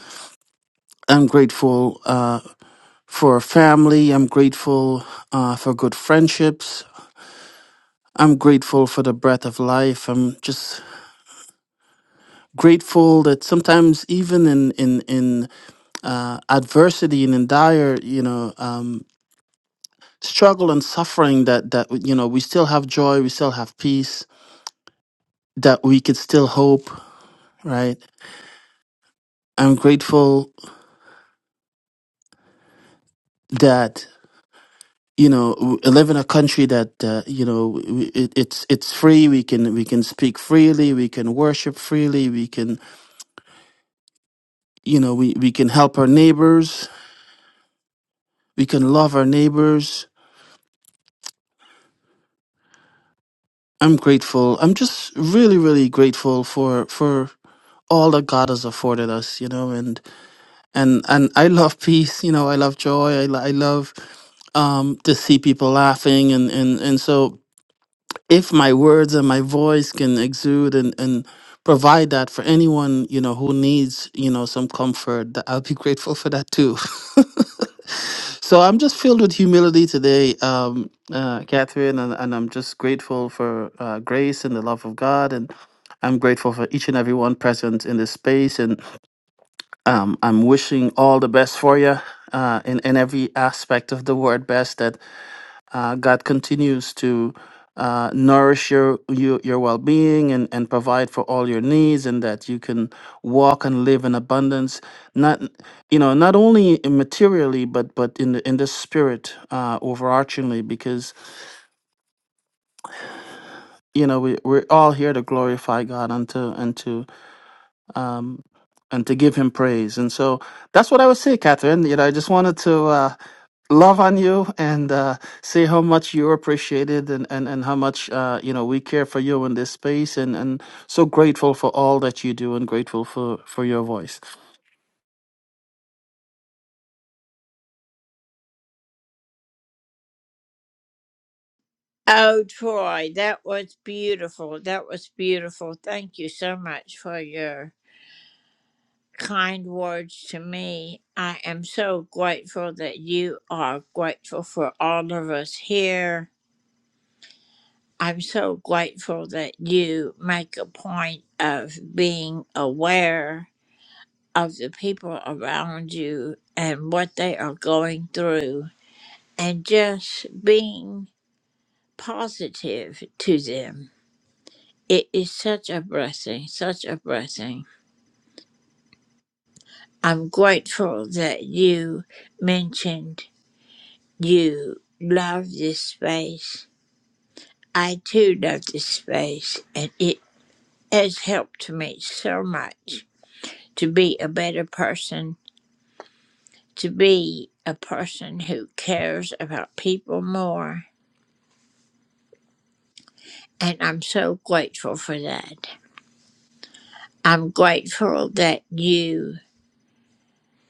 I'm grateful uh, for family. I'm grateful uh, for good friendships. I'm grateful for the breath of life. I'm just grateful that sometimes even in in in uh, adversity and in dire you know um, struggle and suffering that that you know we still have joy we still have peace that we could still hope right i'm grateful that you know w- I live in a country that uh, you know w- it, it's it's free we can we can speak freely we can worship freely we can you know we, we can help our neighbors we can love our neighbors i'm grateful i'm just really really grateful for for all that god has afforded us you know and and and I love peace. You know, I love joy. I, lo- I love um, to see people laughing, and and and so if my words and my voice can exude and and provide that for anyone, you know, who needs you know some comfort, that I'll be <laughs> grateful for that too. <laughs> so I'm just filled with humility today, um, uh, Catherine, and, and I'm just grateful for uh, grace and the love of God and. I'm grateful for each and every one present in this space, and um, I'm wishing all the best for you uh, in in every aspect of the word best. That uh, God continues to uh, nourish your your, your well being and and provide for all your needs, and that you can walk and live in abundance. Not you know not only in materially, but but in the in the spirit uh, overarchingly, because you know we we're all here to glorify God and to and to um, and to give Him praise. And so that's what I would say, Catherine. You know, I just wanted to. Uh, love on you and uh, say how much you're appreciated and, and, and how much uh, you know we care for you in this space and, and so grateful for all that you do and grateful for, for your voice. Oh, Troy, that was beautiful. That was beautiful. Thank you so much for your kind words to me. I am so grateful that you are grateful for all of us here. I'm so grateful that you make a point of being aware of the people around you and what they are going through and just being positive to them. It is such a blessing, such a blessing. I'm grateful that you mentioned you love this space. I too love this space, and it has helped me so much to be a better person, to be a person who cares about people more And I'm so grateful for that. I'm grateful that you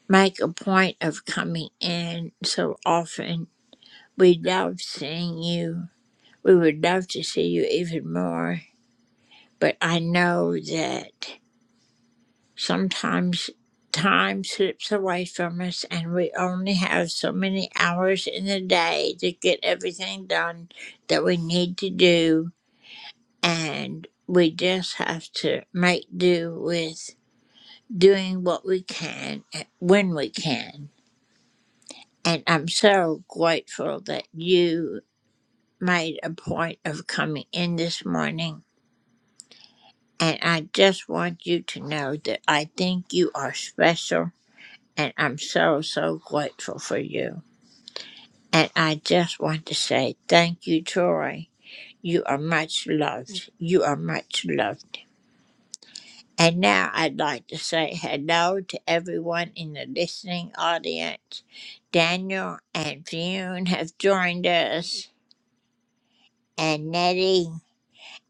make a point of coming in so often. We love seeing you. We would love to see you even more. But I know that sometimes time slips away from us and we only have so many hours in the day to get everything done that we need to do. And we just have to make do with doing what we can eh, when we can. And I'm so grateful that you made a point of coming in this morning. And I just want you to know that I think you are special. And I'm so, so grateful for you. And I just want to say thank you, Troy. You are much loved. You are much loved. And now I'd like to say hello to everyone in the listening audience. Daniel and Fionn have joined us, and Nettie,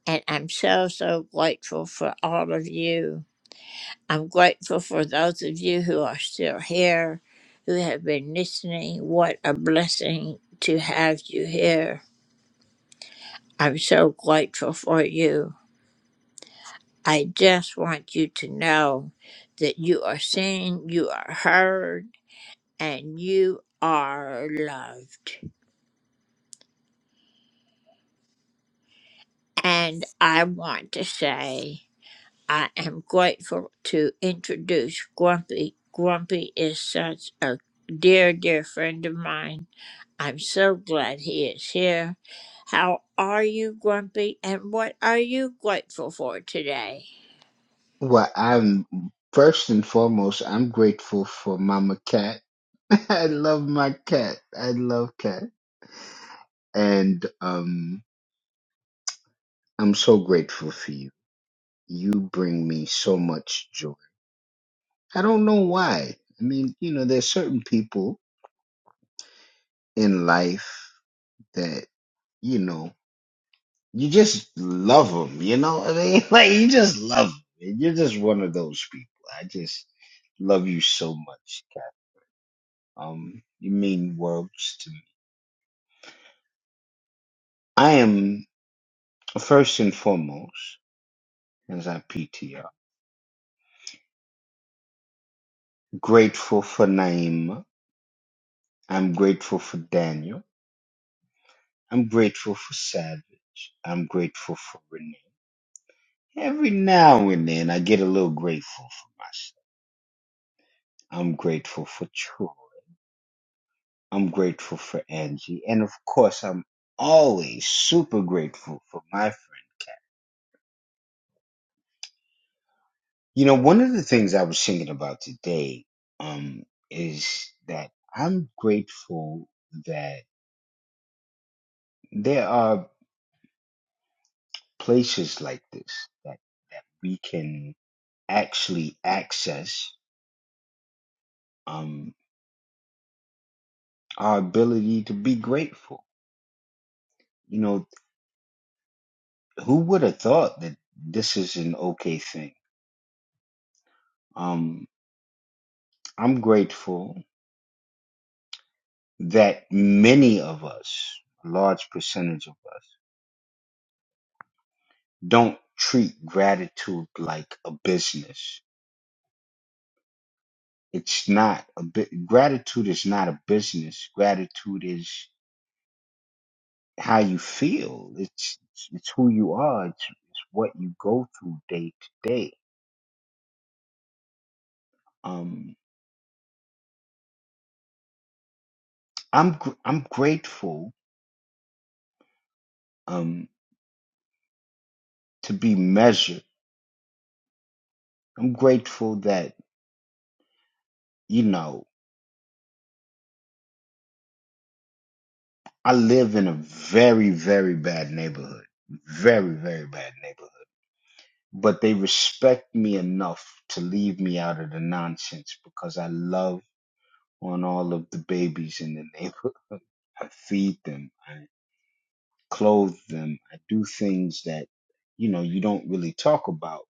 and I'm so, so grateful for all of you. I'm grateful for those of you who are still here, who have been listening. What a blessing to have you here. I'm so grateful for you. I just want you to know that you are seen, you are heard and you are loved. And I want to say, I am grateful to introduce Grumpy. Grumpy is such a dear, dear friend of mine. I'm so glad he is here. How are you, Grumpy? And what are you grateful for today? Well, I'm first and foremost, I'm grateful for Mama Cat. <laughs> I love my cat. I love cat. And um I'm so grateful for you. You bring me so much joy. I don't know why. I mean, you know, there's certain people in life that, you know, you just love them, you know? I mean, <laughs> like you just love 'em. You're just one of those people. I just love you so much, cat. Um you mean worlds to me. I am first and foremost, as I PTR, grateful for Naima. I'm grateful for Daniel. I'm grateful for Savage. I'm grateful for Renee. Every now and then, I get a little grateful for myself. I'm grateful for Troy. I'm grateful for Angie. And of course, I'm always super grateful for my friend. You know, one of the things I was thinking about today um, is that I'm grateful that. there are places like this that that we can actually access um our ability to be grateful you know who would have thought that this is an okay thing um i'm grateful that many of us a large percentage of us don't treat gratitude like a business it's not a bit gratitude is not a business gratitude is how you feel. It's it's it's who you are. It's, it's what you go through day to day. Um, I'm gr- I'm grateful um to be measured. I'm grateful that you know I live in a very very bad neighborhood, very very bad neighborhood. But they respect me enough to leave me out of the nonsense because I love on all of the babies in the neighborhood. <laughs> I feed them. clothe them. I do things that, you know, you don't really talk about.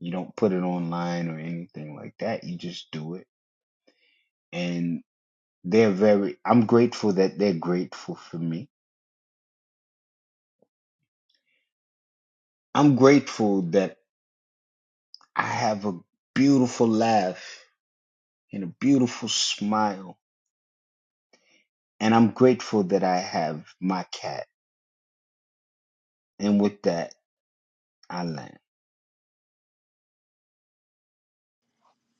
You don't put it online or anything like that. You just do it. And they're very, I'm grateful that they're grateful for me. I'm grateful that I have a beautiful laugh and a beautiful smile. And I'm grateful that I have my cat. And with that, I land.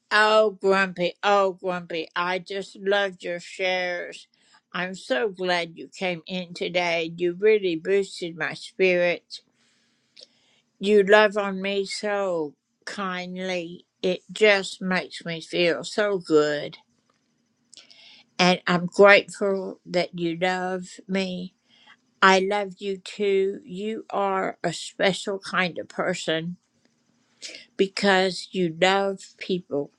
Oh, Grumpy, oh, Grumpy, I just loved your shares. I'm so glad you came in today. You really boosted my spirits. You love on me so kindly. It just makes me feel so good. And I'm grateful that you love me. I love you too. You are a special kind of person because you love people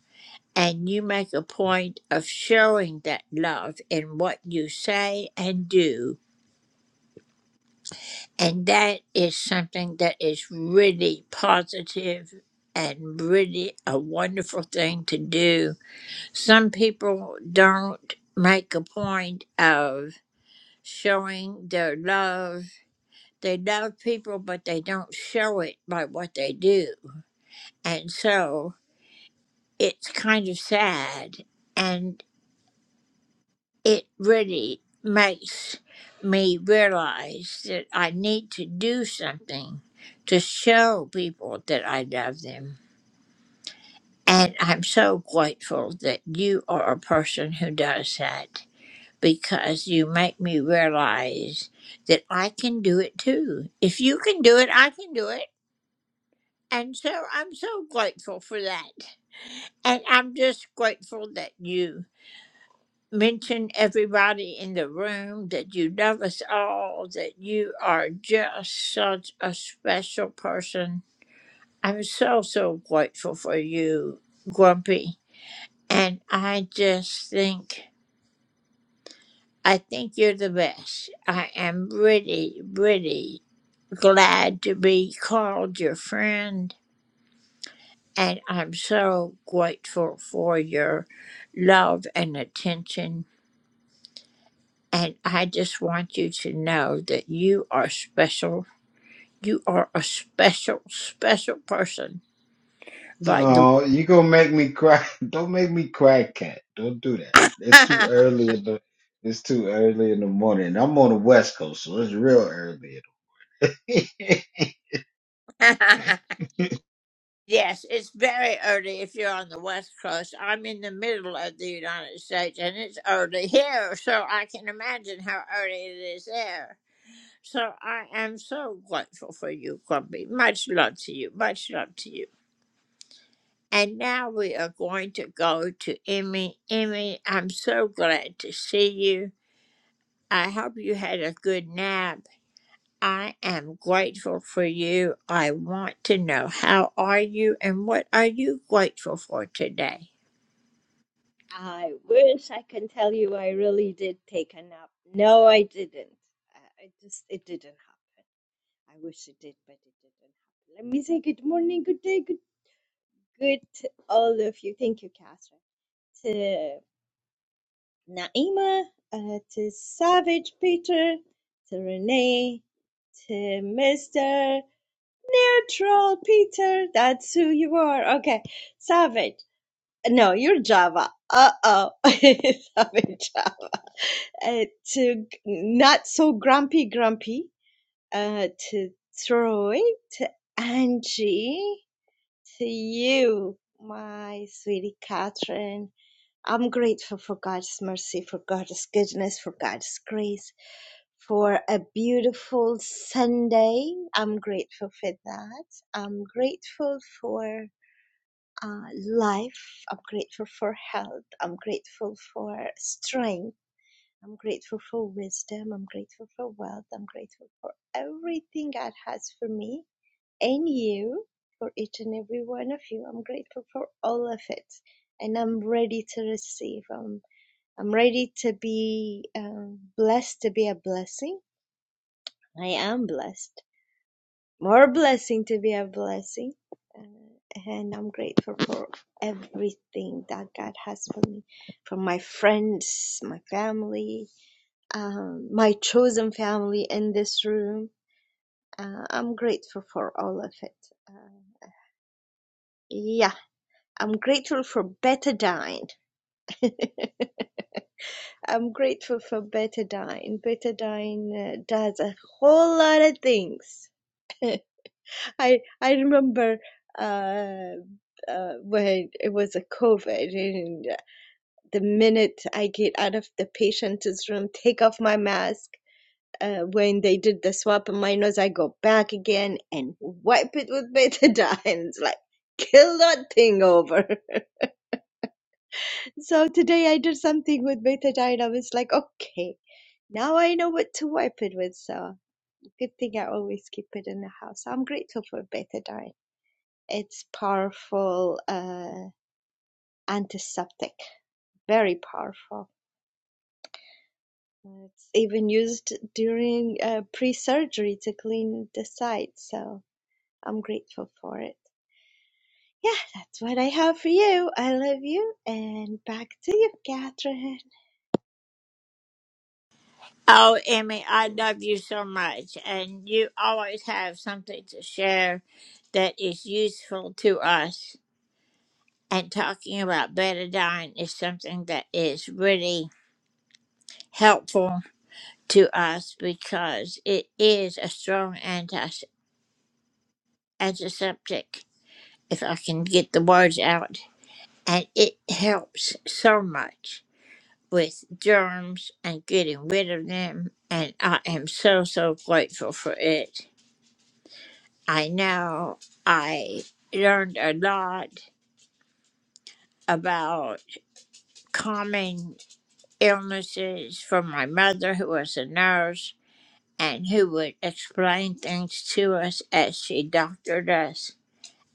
And you make a point of showing that love in what you say and do. And that is something that is really positive and really a wonderful thing to do. Some people don't make a point of showing their love. They love people, but they don't show it by what they do. And so it's kind of sad. And it really makes me realize that I need to do something to show people that I love them. And I'm so grateful that you are a person who does that because you make me realize that I can do it too. If you can do it, I can do it. And so I'm so grateful for that. And I'm just grateful that you mention everybody in the room that you love us all, that you are just such a special person. I'm so, so grateful for you, Grumpy. And I just think, I think you're the best. I am really, really glad to be called your friend. And I'm so grateful for your love and attention And I just want you to know that you are special. You are a special, special person. By the No, you gonna make me cry. <laughs> Don't make me cry, cat. Don't do that. It's too way, early in the it's too early in the morning. I'm on the west coast, so it's real early. in the- <laughs> yes, it's very early if you're on the West Coast. I'm in the middle of the United States and it's early here, so I can imagine how early it is there. So I am so grateful for you, Grumpy. Much love to you. Much love to you. And now we are going to go to Emmy. Emmy, I'm so glad to see you. I hope you had a good nap. I am grateful for you. I want to know how are you and what are you grateful for today? I wish I can tell you I really did take a nap. No, I didn't. I I just it didn't happen. I wish it did, but it didn't happen. Let me say good morning, good day, good good to all of you. Thank you, Catherine. To Naima, uh, to Savage Peter, to Renee, to Mr. Neutral Peter. That's who you are. Okay, Savage. No, you're Java. Uh oh, <laughs> Savage Java. uh, to g- not so grumpy grumpy uh, to Troy, to Angie, to you, my sweetie Catherine. I'm grateful for God's mercy, for God's goodness, for God's grace, for a beautiful Sunday. I'm grateful for that. I'm grateful for uh, life. I'm grateful for health. I'm grateful for strength. I'm grateful for wisdom. I'm grateful for wealth. I'm grateful for everything God has for me and you, for each and every one of you. I'm grateful for all of it. And I'm ready to receive. I'm, I'm ready to be um, blessed to be a blessing. I am blessed. More blessing to be a blessing. Uh, and I'm grateful for everything that God has for me, for my friends, my family, um, my chosen family in this room. Uh, I'm grateful for all of it. Uh, yeah, I'm grateful for betadine. <laughs> I'm grateful for betadine. Betadine uh, does a whole lot of things. I I remember uh, uh, when it was a COVID, and the minute I get out of the patient's room, take off my mask. uh, when they did the swap of minors, I go back again and wipe it with betadine. <laughs> It's like, kill that thing over. <laughs> So today I did something with betadine. I was like, okay, now I know what to wipe it with. So good thing I always keep it in the house. I'm grateful for betadine. It's powerful uh, antiseptic, very powerful. It's even used during uh, pre-surgery to clean the site. So I'm grateful for it. Yeah, that's what I have for you. I love you. And back to you, Catherine. Oh, Emmy, I love you so much and you always have something to share that is useful to us. And talking about betadine is something that is really helpful to us because it is a strong anti- antiseptic if I can get the words out. and it helps so much with germs and getting rid of them and i am so so grateful for it i know i learned a lot about common illnesses from my mother who was a nurse and who would explain things to us as she doctored us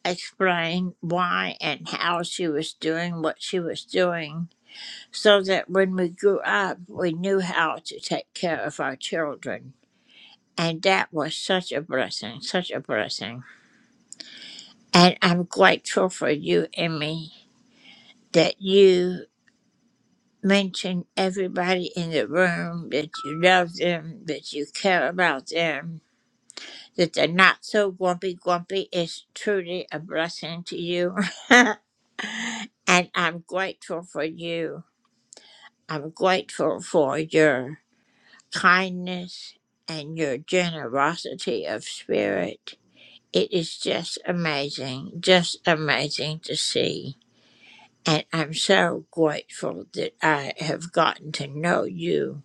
explain why and how she was doing what she was doing so that when we grew up, we knew how to take care of our children. And that was such a blessing, such a blessing. And I'm grateful for you, Emmy, that you mentioned everybody in the room, that you love them, that you care about them, that they're not so grumpy grumpy is truly a blessing to you. <laughs> and I'm grateful for you. I'm grateful for your kindness, and your generosity of spirit. It is just amazing, just amazing to see. And I'm so grateful that I have gotten to know you.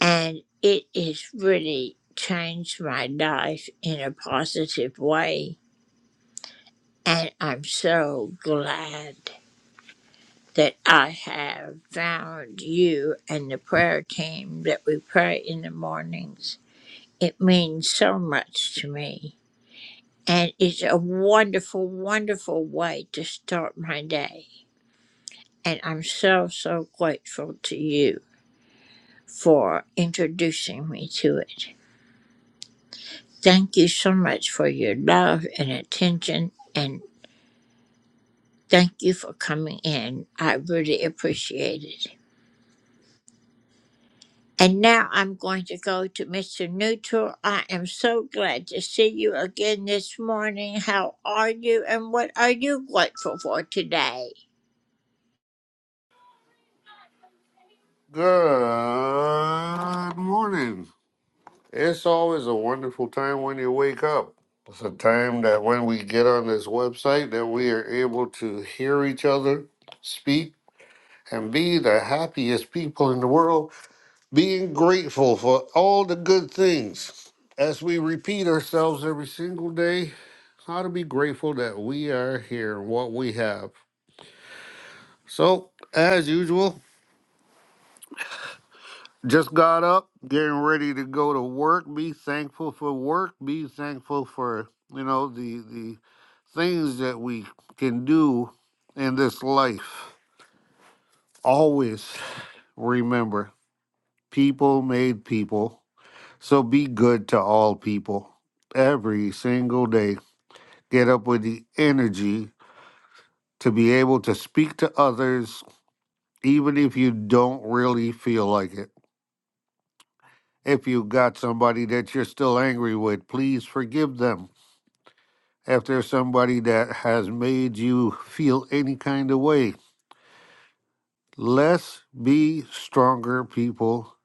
And it has really changed my life in a positive way. And I'm so glad that I have found you and the prayer team that we pray in the mornings It means so much to me. And it's a wonderful, wonderful way to start my day. And I'm so, so grateful to you for introducing me to it. Thank you so much for your love and attention. And thank you for coming in. I really appreciate it. And now I'm going to go to Mr. Neutral. I am so glad to see you again this morning. How are you and what are you grateful for today? Good morning. It's always a wonderful time when you wake up. It's a time that when we get on this website that we are able to hear each other speak and be the happiest people in the world, being grateful for all the good things. As we repeat ourselves every single day, how to be grateful that we are here and what we have. So, as usual, Just got up, getting ready to go to work. Be thankful for work. Be thankful for you know the the things that we can do in this life. Always remember, people made people. So be good to all people every single day. Get up with the energy to be able to speak to others, even if you don't really feel like it. If you got somebody that you're still angry with, please forgive them. If there's somebody that has made you feel any kind of way, let's be stronger people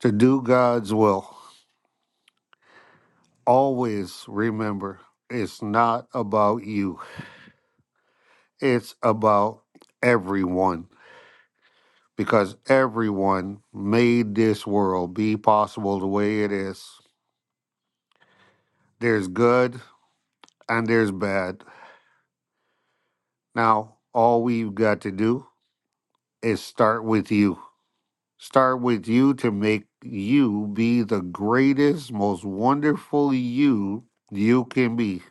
to do God's will. Always remember, it's not about you, it's about everyone because everyone made this world be possible the way it is. There's good and there's bad. Now, all we've got to do is start with you. Start with you to make you be the greatest, most wonderful you you can be.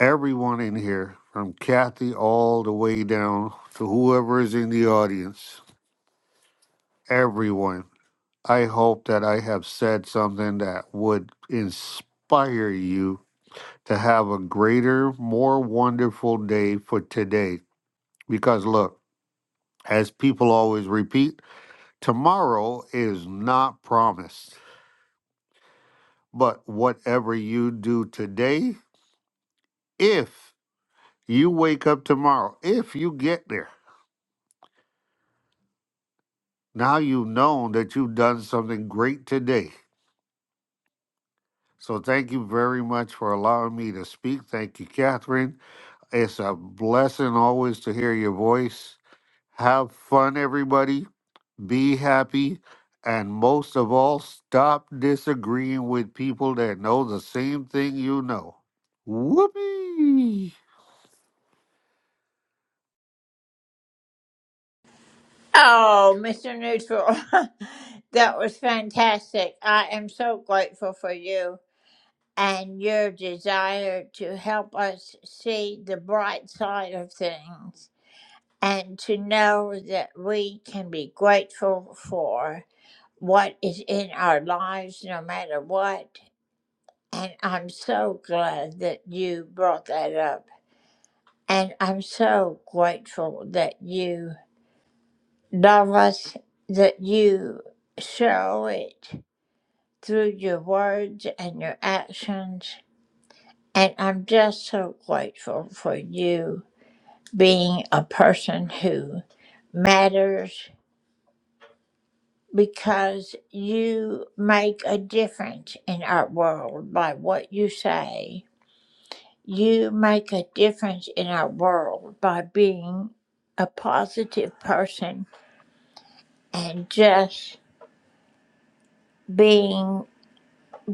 Everyone in here, from Kathy all the way down to whoever is in the audience, everyone. I hope that I have said something that would inspire you to have a greater, more wonderful day for today. Because look, as people always repeat, Tomorrow is not promised, but whatever you do today, if you wake up tomorrow, if you get there, now you've known that you've done something great today. So thank you very much for allowing me to speak. Thank you, Catherine. It's a blessing always to hear your voice. Have fun, everybody. be happy, and most of all, stop disagreeing with people that know the same thing you know. Whoopee! Oh, Mr. Neutral, <laughs> that was fantastic. I am so grateful for you and your desire to help us see the bright side of things and to know that we can be grateful for what is in our lives no matter what. And I'm so glad that you brought that up. And I'm so grateful that you. Navas, that you show it through your words and your actions. And I'm just so grateful for you being a person who matters because you make a difference in our world by what you say. You make a difference in our world by being a positive person and just being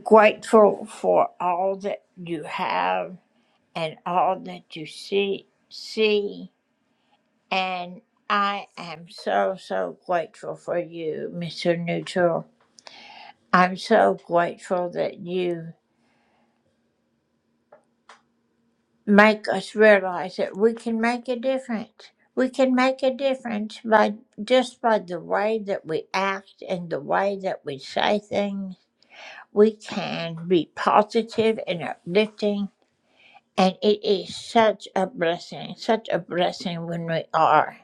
Grateful for all that you have and all that you see. See, and I am so so grateful for you, Mr. Neutral. I'm so grateful that you make us realize that we can make a difference. We can make a difference by just by the way that we act and the way that we say things. We can be positive and uplifting And it is such a blessing, such a blessing when we are.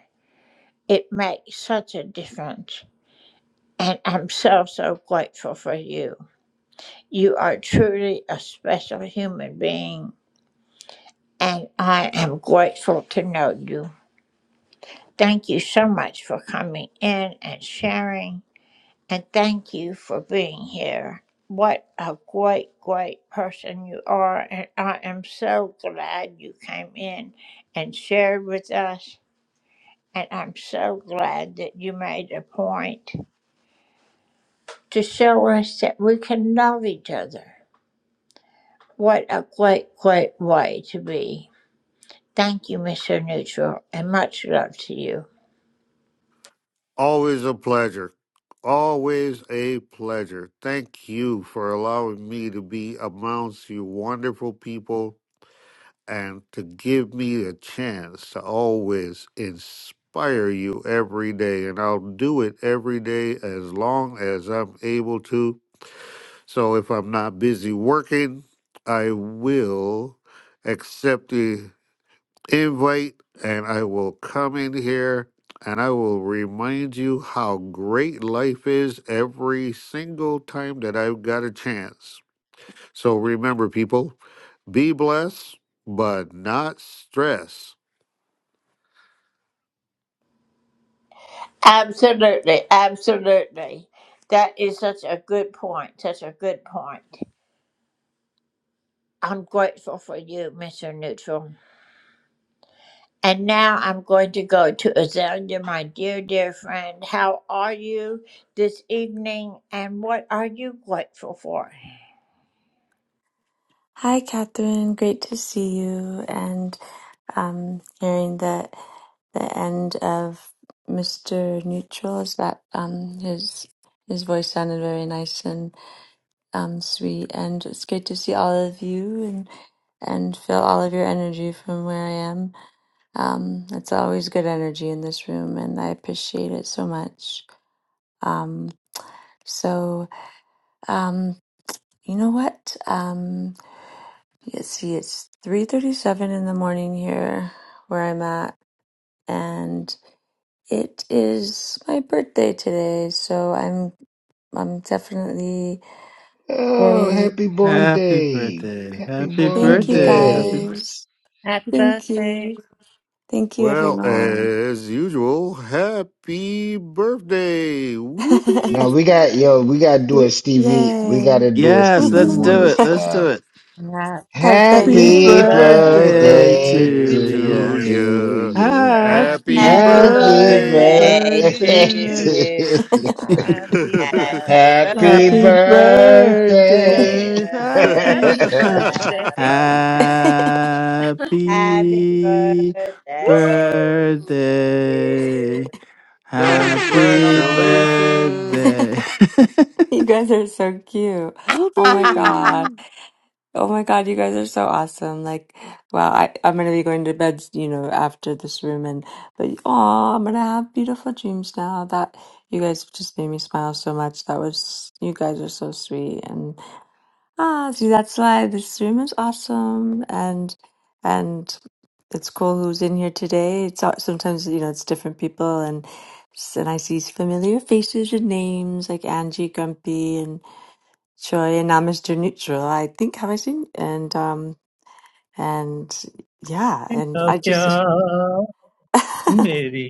It makes such a difference. And I'm so, so grateful for you. You are truly a special human being. And I am grateful to know you. Thank you so much for coming in and sharing. And thank you for being here. What a great, great person you are. And I am so glad you came in and shared with us. And I'm so glad that you made a point to show us that we can love each other. What a great, great way to be. Thank you, Mr. Neutral, and much love to you. Always a pleasure. Always a pleasure. Thank you for allowing me to be amongst you wonderful people and to give me a chance to always inspire you every day. And I'll do it every day as long as I'm able to So if I'm not busy working, I will accept the invite and I will come in here and I will remind you how great life is every single time that I've got a chance. So remember, people, be blessed, but not stressed. Absolutely, absolutely. That is such a good point, such a good point. I'm grateful for you, Mr. Neutral. And now I'm going to go to Azalea, my dear, dear friend. How are you this evening, and what are you grateful for? Hi, Catherine. Great to see you and um, hearing that the end of Mr. Neutral is that um, his his voice sounded very nice and um, sweet, and it's great to see all of you and and feel all of your energy from where I am. Um, it's always good energy in this room, and I appreciate it so much. Um, so um, you know what? Um, You see, it's 3:37 in the morning here where I'm at, and it is my birthday today, so I'm I'm definitely <laughs> oh, very happy born Happy day. birthday. Happy Happy thank born you birthday. Happy b- day. guys. Happy Thank birthday. you. Thank you Well, everyone. as usual, happy birthday! <laughs> No, Whoopee! we got yo, we gotta do Y- a Stevie we Yay. gotta do a Yes, Stevie let's do Woohoo. Wonder it. Let's do style. it. <laughs> okay, Happy Happy yeah. Happy Happy birthday birthday birthday birthday to to to to you. to you. you. you. Happy Happy Happy Happy Happy bir- birthday. birthday birthday to birthday to <laughs> birthday. you. you. to you. <laughs> Happy <laughs> Happy Happy Happy birthday. birthday, birthday. day. birthday, dear happy, Happy <laughs> <laughs> birthday. Azalea <laughs> <laughs> Rosemary. Happy happy birthday Woohoo! to you birthday, and happy more. Congratulations. birthday. <laughs> you guys are so cute. Oh my <laughs> god. Whoopee. Oh my God, you guys are so awesome. Like, wow, I, I'm gonna be going to bed, you know, after this room and but oh, I'm gonna have beautiful dreams now. That you guys just made me smile so much. That was you guys are so sweet and ah, see that's why this room is awesome and and it's cool who's in here today. It's all- sometimes, you know, it's different people and and I see familiar faces and names like Angie Grumpy Sure, yeah, no, Mr. Neutral, I think have I seen and um and yeah, and तेरा I just प्यार <laughs> मेरी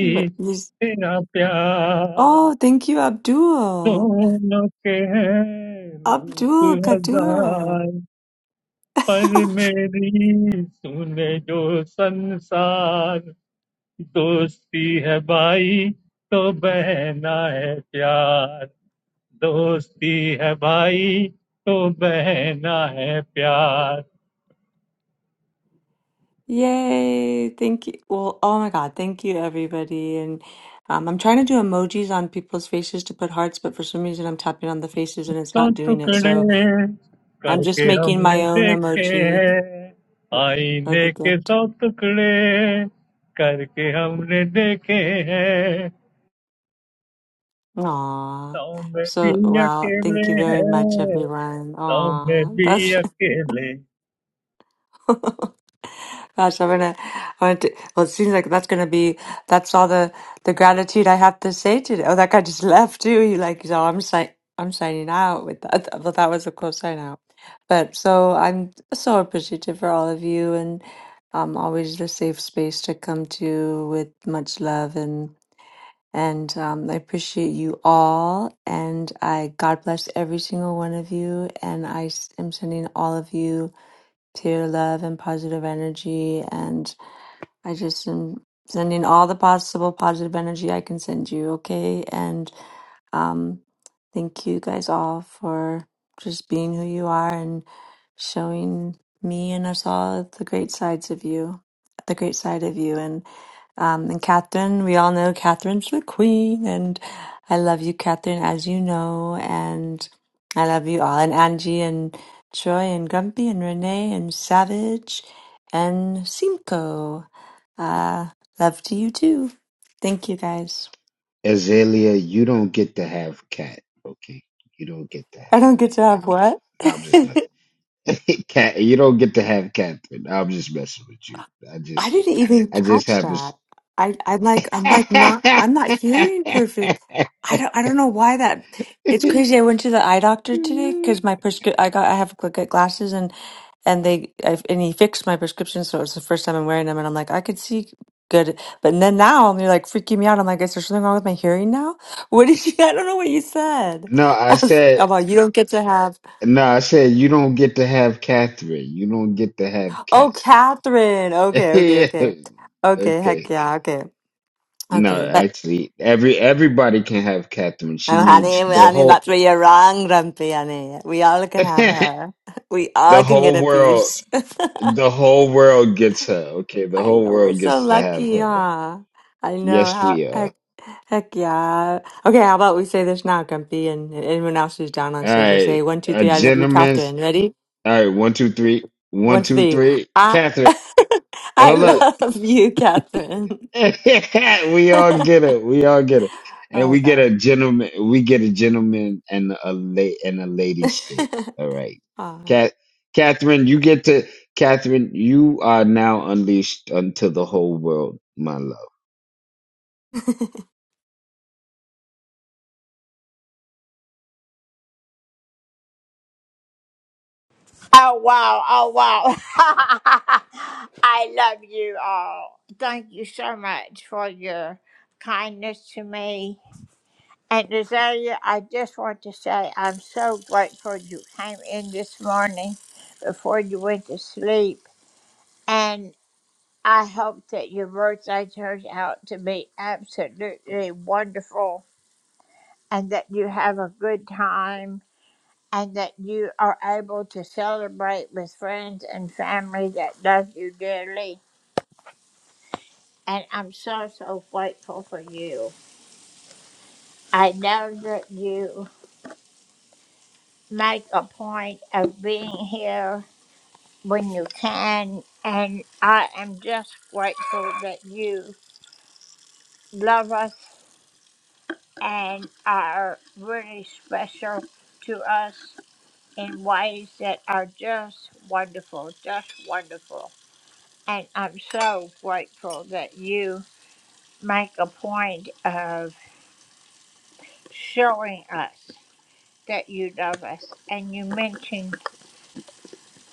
but yes. तेरा प्यार Oh, thank you, Abdul. दोनों के हैं रूप Abdul Kadur. हजार पर <laughs> मेरी तूने जो संसार दोस्ती है भाई तो बहना है प्यार दोस्ती है भाई तो बहना है प्यार Yay, thank you. Well, oh my God, thank you everybody. And um, I'm trying to do emojis on people's faces to put hearts, but for some reason I'm tapping on the faces and it's तो not doing it. टुकड़े So I'm just करके making हमने my own देखे emoji हैं for आईने the के gift. सौ टुकड़े करके हमने देखे हैं Aw. सौ में भी So, well, अकेले thank you very much, हैं everyone. सौ में Aw, भी that's अकेले <laughs> gosh, I'm gonna, I want to, well, it seems like that's gonna be, that's all the the gratitude I have to say today. Oh, that guy just <laughs> left too. He like, so I'm si I'm signing out with that. Well, that was a cool sign out. But so I'm so appreciative for all of you and um always the safe space to come to with much love And um, I appreciate you all. And I God bless every single one of you. And I s- am sending all of you pure love and positive energy. and. I just am sending all the possible positive energy I can send you, okay? And um, thank you guys all for just being who you are and showing me and us all the great sides of you, the great side of you. And um, and Catherine, we all know Catherine's the queen, and I love you, Catherine, as you know, and I love you all, and Angie, and Troy, and Grumpy, and Renee, and Savage, and Simcoe. Uh, love to you too. Thank you guys. Azalea, you don't get to have cat, okay? You don't get to have I don't get to have cat. what? <laughs> No, I'm just messing. I <laughs> cat, you don't get to have Catherine. No, I'm just messing with you. I just, didn't even I just catch have a. that. I I'm like I'm like not I'm not hearing perfect. I don't I don't know why that. It's <laughs> crazy. I went to the eye doctor today because my prescri- I got I have to get glasses and and they I, and he fixed my prescription so it's the first time I'm wearing them and I'm like I could see good but then now they're like freaking me out I'm like is there something wrong with my hearing now <laughs> what did you <laughs> I don't know what you said no, <laughs> I I was, said, I'm like you don't get to have no, I said you don't get to have Catherine. You don't get to have Oh, cat. Catherine. Okay, okay, okay. <laughs> Okay, okay, heck yeah, okay. No, Okay, but actually, every everybody can have Catherine. She oh, honey, needs we- the honey, whole that's where you're wrong, Grumpy, honey. We all <laughs> can have the her. <laughs> We all can get whole a world. piece. <laughs> The whole world gets her. Okay, the I whole know, we're world so gets to have lucky, her. huh? I know, Yes, how, we are. heck, heck yeah. Okay, how about we say this now, Grumpy, and anyone else who's down on All stage will say right, one, two, uh, three, I love you, gentlemen's. Catherine. Ready? All right, one, two, three. One, One, two, two, three. three. I, Catherine, <laughs> I hold up. love you, Catherine. <laughs> we all get it. We all get it. And Oh, we get gosh. a gentleman. We get a gentleman and a la- and a lady shake. All right, <laughs> Aw. Cat Catherine, you get to Catherine. You are now unleashed unto the whole world, my love. <laughs> Oh, wow. Oh, wow. <laughs> I love you all. Thank you so much for your kindness to me. And Rosalia, I just want to say I'm so grateful you came in this morning before you went to sleep. And I hope that your birthday turns out to be absolutely wonderful and that you have a good time and that you are able to celebrate with friends and family that love you dearly. And I'm so, so grateful for you. I know that you make a point of being here when you can, and I am just grateful that you love us and are really special to us in ways that are just wonderful, just wonderful. And I'm so grateful that you make a point of showing us that you love us and you mention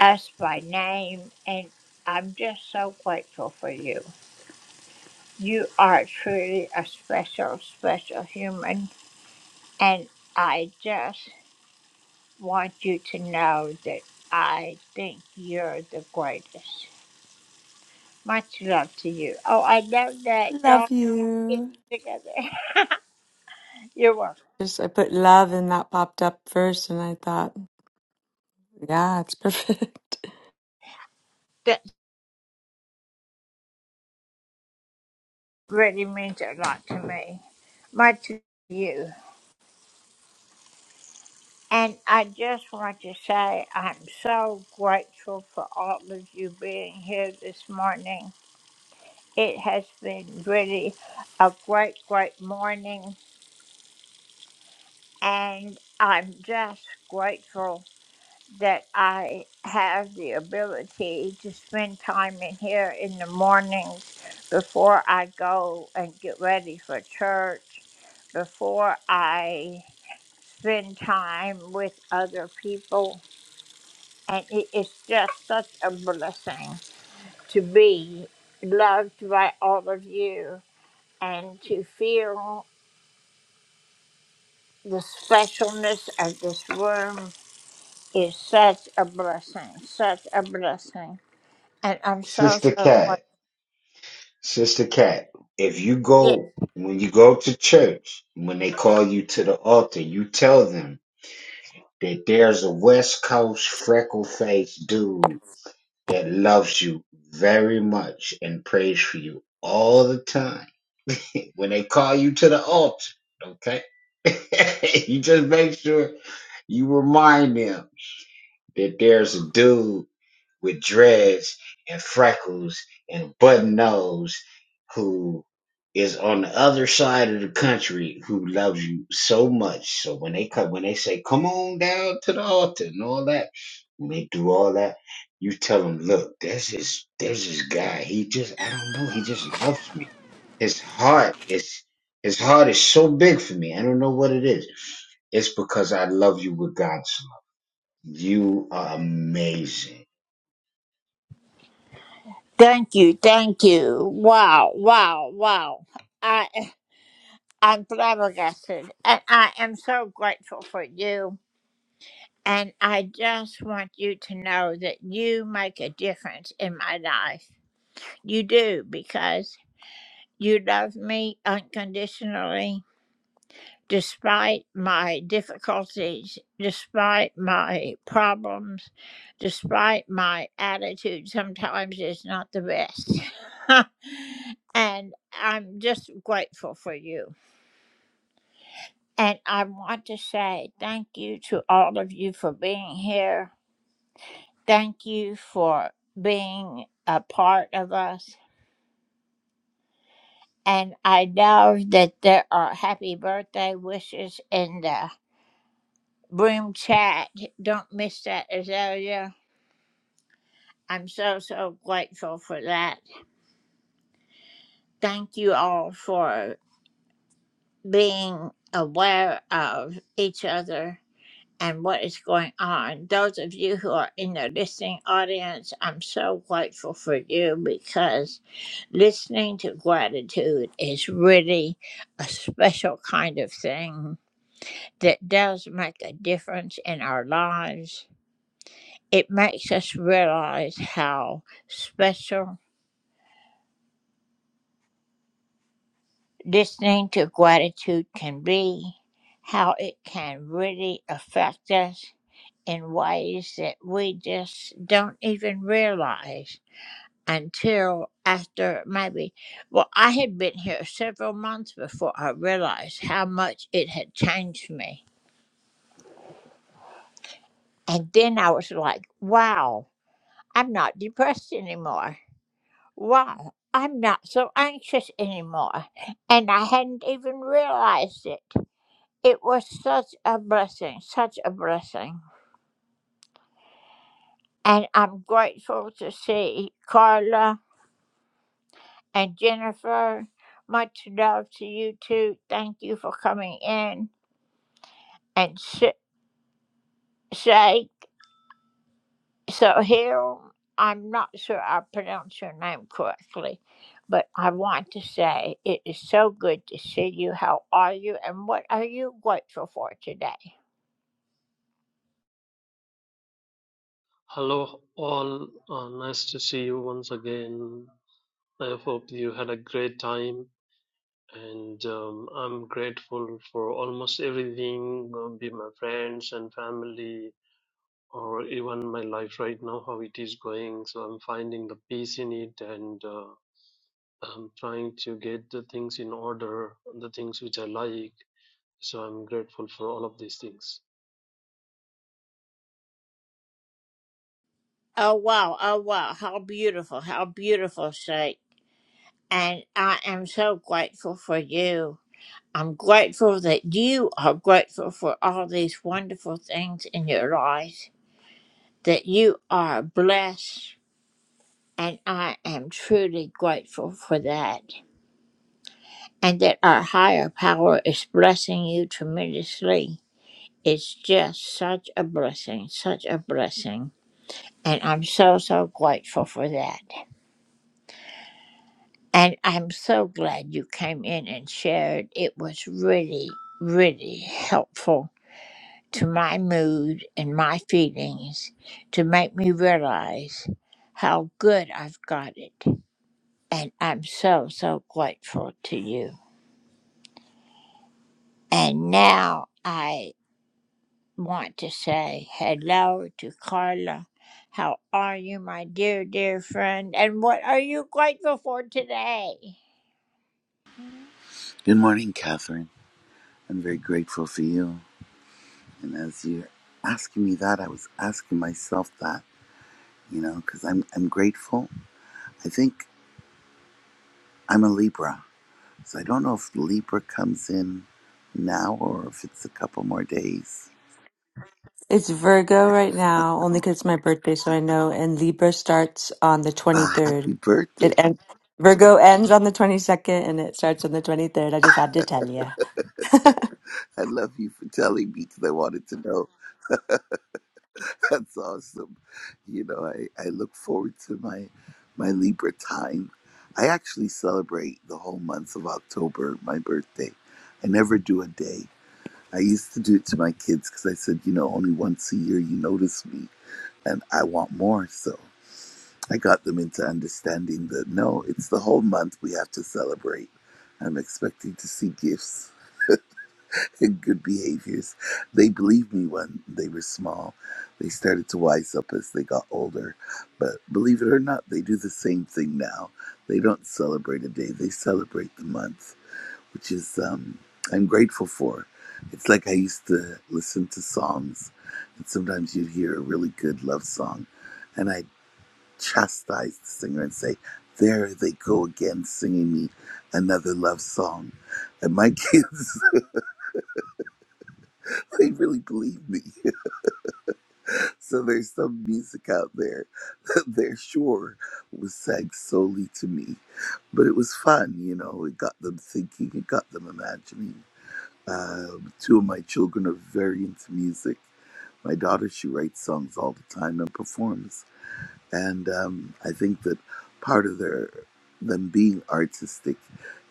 us by name. And I'm just so grateful for you. You are truly a special, special human. And I just want you to know that I think you're the greatest. Much love to you. Oh, I love that Love dog. Get you. it together. <laughs> You're welcome. Just I put love and that popped up first, and I thought, yeah, it's perfect. <laughs> really means a lot to me. Much to you. And I just want to say I'm so grateful for all of you being here this morning. It has been really a great, great morning. And I'm just grateful that I have the ability to spend time in here in the mornings before I go and get ready for church, before I spend time with other people. And it is just such a blessing to be loved by all of you and to feel the specialness of this room is such a blessing, such a blessing. And I'm so, Sister so grateful. Cat, Sister Cat. If you Yes. go when you go to church, when they call you to the altar, you tell them that there's a West Coast freckle faced dude that loves you very much and prays for you all the time. <laughs> When they call you to the altar, okay? <laughs> you just make sure you remind them that there's a dude with dreads and freckles and button nose who is on the other side of the country who loves you so much. So when they come, when they say, "Come on down to the altar" and all that, when they do all that, you tell them, "Look, there's this, there's this guy. He just, I don't know. He just loves me. His heart is, his heart is so big for me. I don't know what it is. It's because I love you with God's you are amazing. Thank you, thank you. Wow, wow, wow. I, I'm flabbergasted. And I am so grateful for you. And I just want you to know that you make a difference in my life. You do because you love me unconditionally, despite my difficulties, despite my problems, despite my attitude sometimes is not the best. <laughs> and I'm just grateful for you. And I want to say thank you to all of you for being here. Thank you for being a part of us. And I know that there are happy birthday wishes in the room chat. Don't miss that, Azalea. I'm so, so grateful for that. Thank you all for being aware of each other and what is going on. Those of you who are in the listening audience, I'm so grateful for you because listening to gratitude is really a special kind of thing that does make a difference in our lives. It makes us realize how special listening to gratitude can be, how it can really affect us in ways that we just don't even realize. until after maybe, well, I had been here several months before I realized how much it had changed me. And then I was like, wow, I'm not depressed anymore. Wow, I'm not so anxious anymore. And I hadn't even realized it. It was such a blessing, such a blessing. And I'm grateful to see Carla and Jennifer. Much love to you two. Thank you for coming in. and Sh- Shay. So here, I'm not sure I pronounced your name correctly, but I want to say it is so good to see you. How are you, and what are you grateful for today? Hello, all. Uh, nice to see you once again. I hope you had a great time, and um, I'm grateful for almost everything uh, be my friends and family, or even my life right now, how it is going. So I'm finding the peace in it, and uh, I'm trying to get the things in order, the things which I like. So I'm grateful for all of these things. Oh wow, oh wow, how beautiful, how beautiful, Shay. And I am so grateful for you. I'm grateful that you are grateful for all these wonderful things in your life, that you are blessed, and I am truly grateful for that. And that our higher power is blessing you tremendously. It's just such a blessing, such a blessing. And I'm so, so grateful for that. And I'm so glad you came in and shared. It was really, really helpful to my mood and my feelings to make me realize how good I've got it. And I'm so, so grateful to you. And now I want to say hello to Carla. How are you, my dear, dear friend? And what are you grateful for today? Good morning, Catherine. I'm very grateful for you. And as you're asking me that, I was asking myself that, you know, because I'm, I'm grateful. I think I'm a Libra. So I don't know if Libra comes in now or if it's a couple more days. It's Virgo right now, only So, 'cause it's my birthday, so I know. And Libra starts on the Uh, happy 23rd. birthday. It ends, Virgo ends on the 22nd, and it starts on the 23rd. I just had to tell you. <laughs> I love you for telling me because I wanted to know. <laughs> That's awesome. You know, I, I look forward to my my Libra time. I actually celebrate the whole month of October, my birthday. I never do a day. I used to do it to my kids because I said, you know, only once a year you notice me and I want more. So I got them into understanding that no, it's the whole month we have to celebrate. I'm expecting to see gifts and good behaviors. They believed me when they were small. They started to wise up as they got older. But believe it or not, they do the same thing now. They don't celebrate a day, they celebrate the month, which is, um, I'm grateful for. It's like I used to listen to songs, and sometimes you'd hear a really good love song, and I'd chastise the singer and say, There they go again, singing me another love song. And my kids <laughs> they really believe me. So there's some music out there <laughs> that they're sure was sang solely to me. But it was fun, you know, it got them thinking, it got them imagining. Um, two of my children are very into music. My daughter, she writes songs all the time and performs and um, I think that part of their them being artistic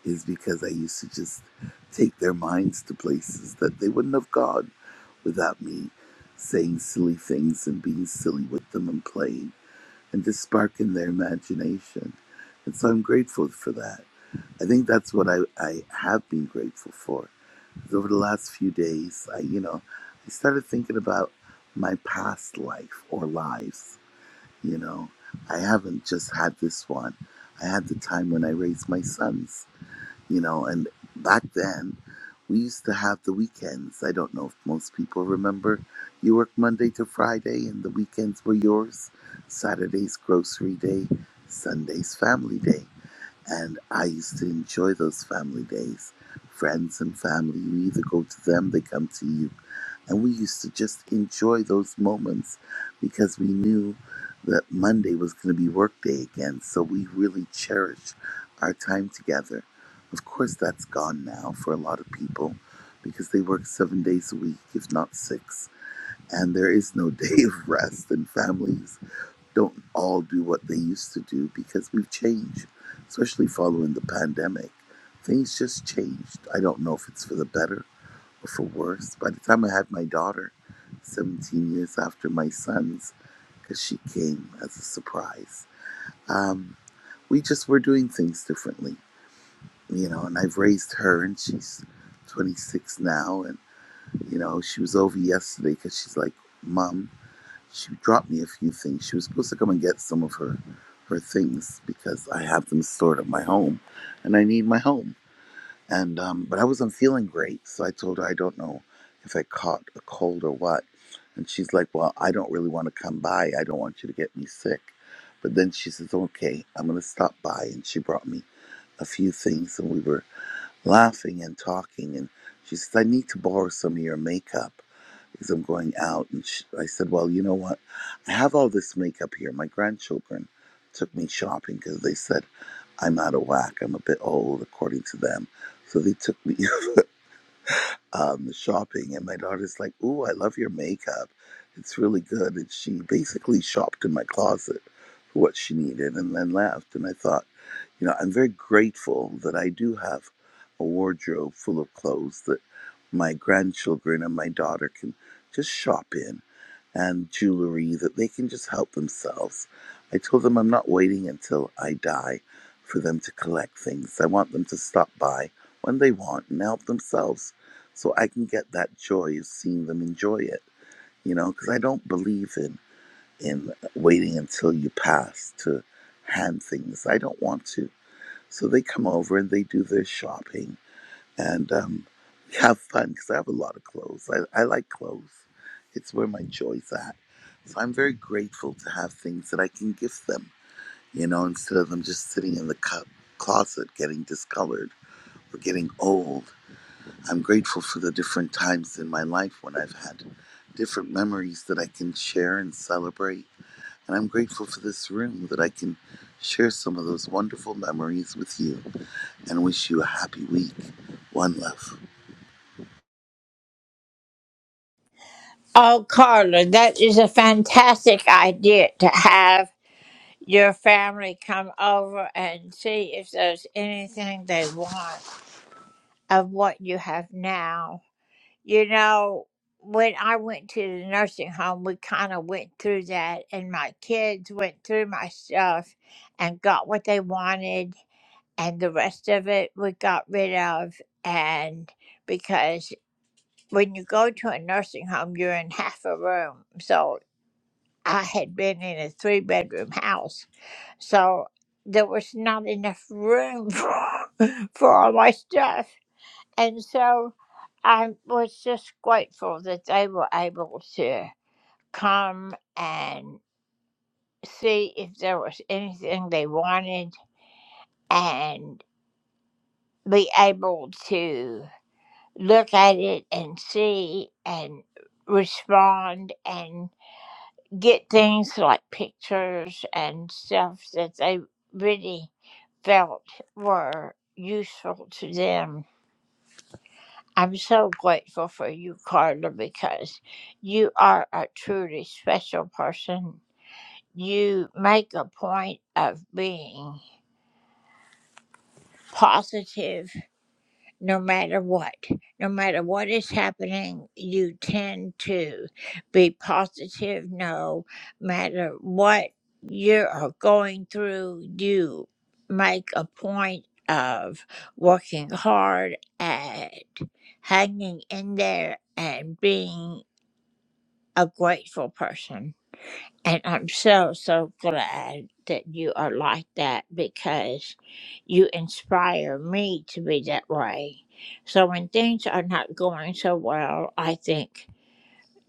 is because I used to just take their minds to places that they wouldn't have gone without me saying silly things and being silly with them and playing and just sparking their imagination. And so I'm grateful for that. I think that's what I, I have been grateful for. Over the last few days, I you know, I started thinking about my past life or lives you know, I haven't just had this one. I had the time when I raised my sons, you know, and back then we used to have the weekends. I don't know if most people remember. You work Monday to Friday, and the weekends were yours. Saturday's grocery day, Sunday's family day. And I used to enjoy those family days. Friends and family, you either go to them, they come to you and we used to just enjoy those moments because we knew that Monday was going to be work day again. So we really cherished our time together. Of course, that's gone now for a lot of people because they work seven days a week, if not six. And there is no <laughs> day of rest, and families don't all do what they used to do because we've changed, especially following the pandemic. Things just changed. I don't know if it's for the better for worse. By the time I had my daughter, 17 years after my son's, because she came as a surprise, um, we just were doing things differently, you know. And I've raised her, and she's 26 now. And, you know, she was over yesterday because she's like, Mom, she dropped me a few things. She was supposed to come and get some of her her things because I have them stored at my home and I need my home and um, but I wasn't feeling great, so I told her I don't know if I caught a cold or what, and she's like, "Well, I don't really want to come by. I don't want you to get me sick." But then she says, "Okay, I'm gonna stop by," and she brought me a few things, and we were laughing and talking, and she says, "I need to borrow some of your makeup." Because I'm going out, and she, I said, "Well, you know what? I have all this makeup here. My grandchildren took me shopping because they said I'm out of whack. I'm a bit old, according to them. So they took me um, shopping, and my daughter's like, "Ooh, I love your makeup. It's really good." And she basically shopped in my closet for what she needed, and then left. And I thought. You know, I'm very grateful that I do have a wardrobe full of clothes that my grandchildren and my daughter can just shop in and jewelry that they can just help themselves. I told them I'm not waiting until I die for them to collect things. I want them to stop by when they want and help themselves so I can get that joy of seeing them enjoy it, you know, because I don't believe in in waiting until you pass to hand things. I don't want to. So they come over and they do their shopping and um, have fun because I have a lot of clothes. I, I like clothes, it's where my joy's at. So I'm very grateful to have things that I can gift them, you know, instead of them just sitting in the cu- closet getting discolored or getting old. I'm grateful for the different times in my life when I've had different memories that I can share and celebrate. And I'm grateful for this room that I can share some of those wonderful memories with you and wish you a happy week. One love. Oh, Carla, that is a fantastic idea to have your family come over and see if there's anything they want of what you have now. You know, when I went to the nursing home, we kind of went through that, and my kids went through my stuff and got what they wanted, and the rest of it we got rid of. And because when you go to a nursing home, you're in half a room. So I had been in a three bedroom house So there was not enough room <laughs> for, for all my stuff. And so I was just grateful that they were able to come and see if there was anything they wanted and be able to look at it and see and respond and. get things like pictures and stuff that they really felt were useful to them. I'm so grateful for you, Carla, because you are a truly special person. You make a point of being positive no matter what. No matter what is happening, you tend to be positive. No matter what you are going through, you make a point of working hard at hanging in there and being a grateful person. And I'm so, so glad that you are like that because you inspire me to be that way. So when things are not going so well, I think,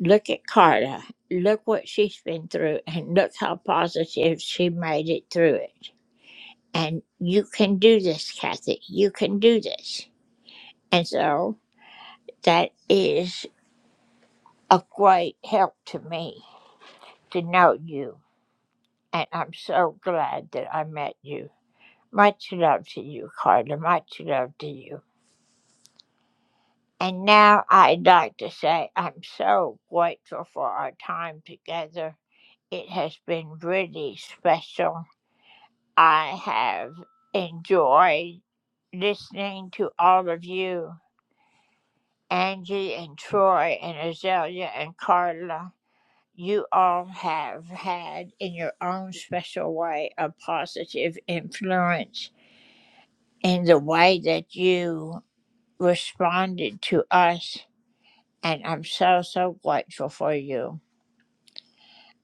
look at Carla. Look what she's been through and look how positive she made it through it. And you can do this, Kathy. You can do this. And so that is a great help to me to know you. And I'm so glad that I met you. Much love to you, Carla. Much love to you. And now I'd like to say I'm so grateful for our time together. It has been really special. I have enjoyed listening to all of you, Angie and Troy and Azalea and Carla. You all have had, in your own special way, a positive influence in the way that you responded to us. And I'm so, so grateful for you.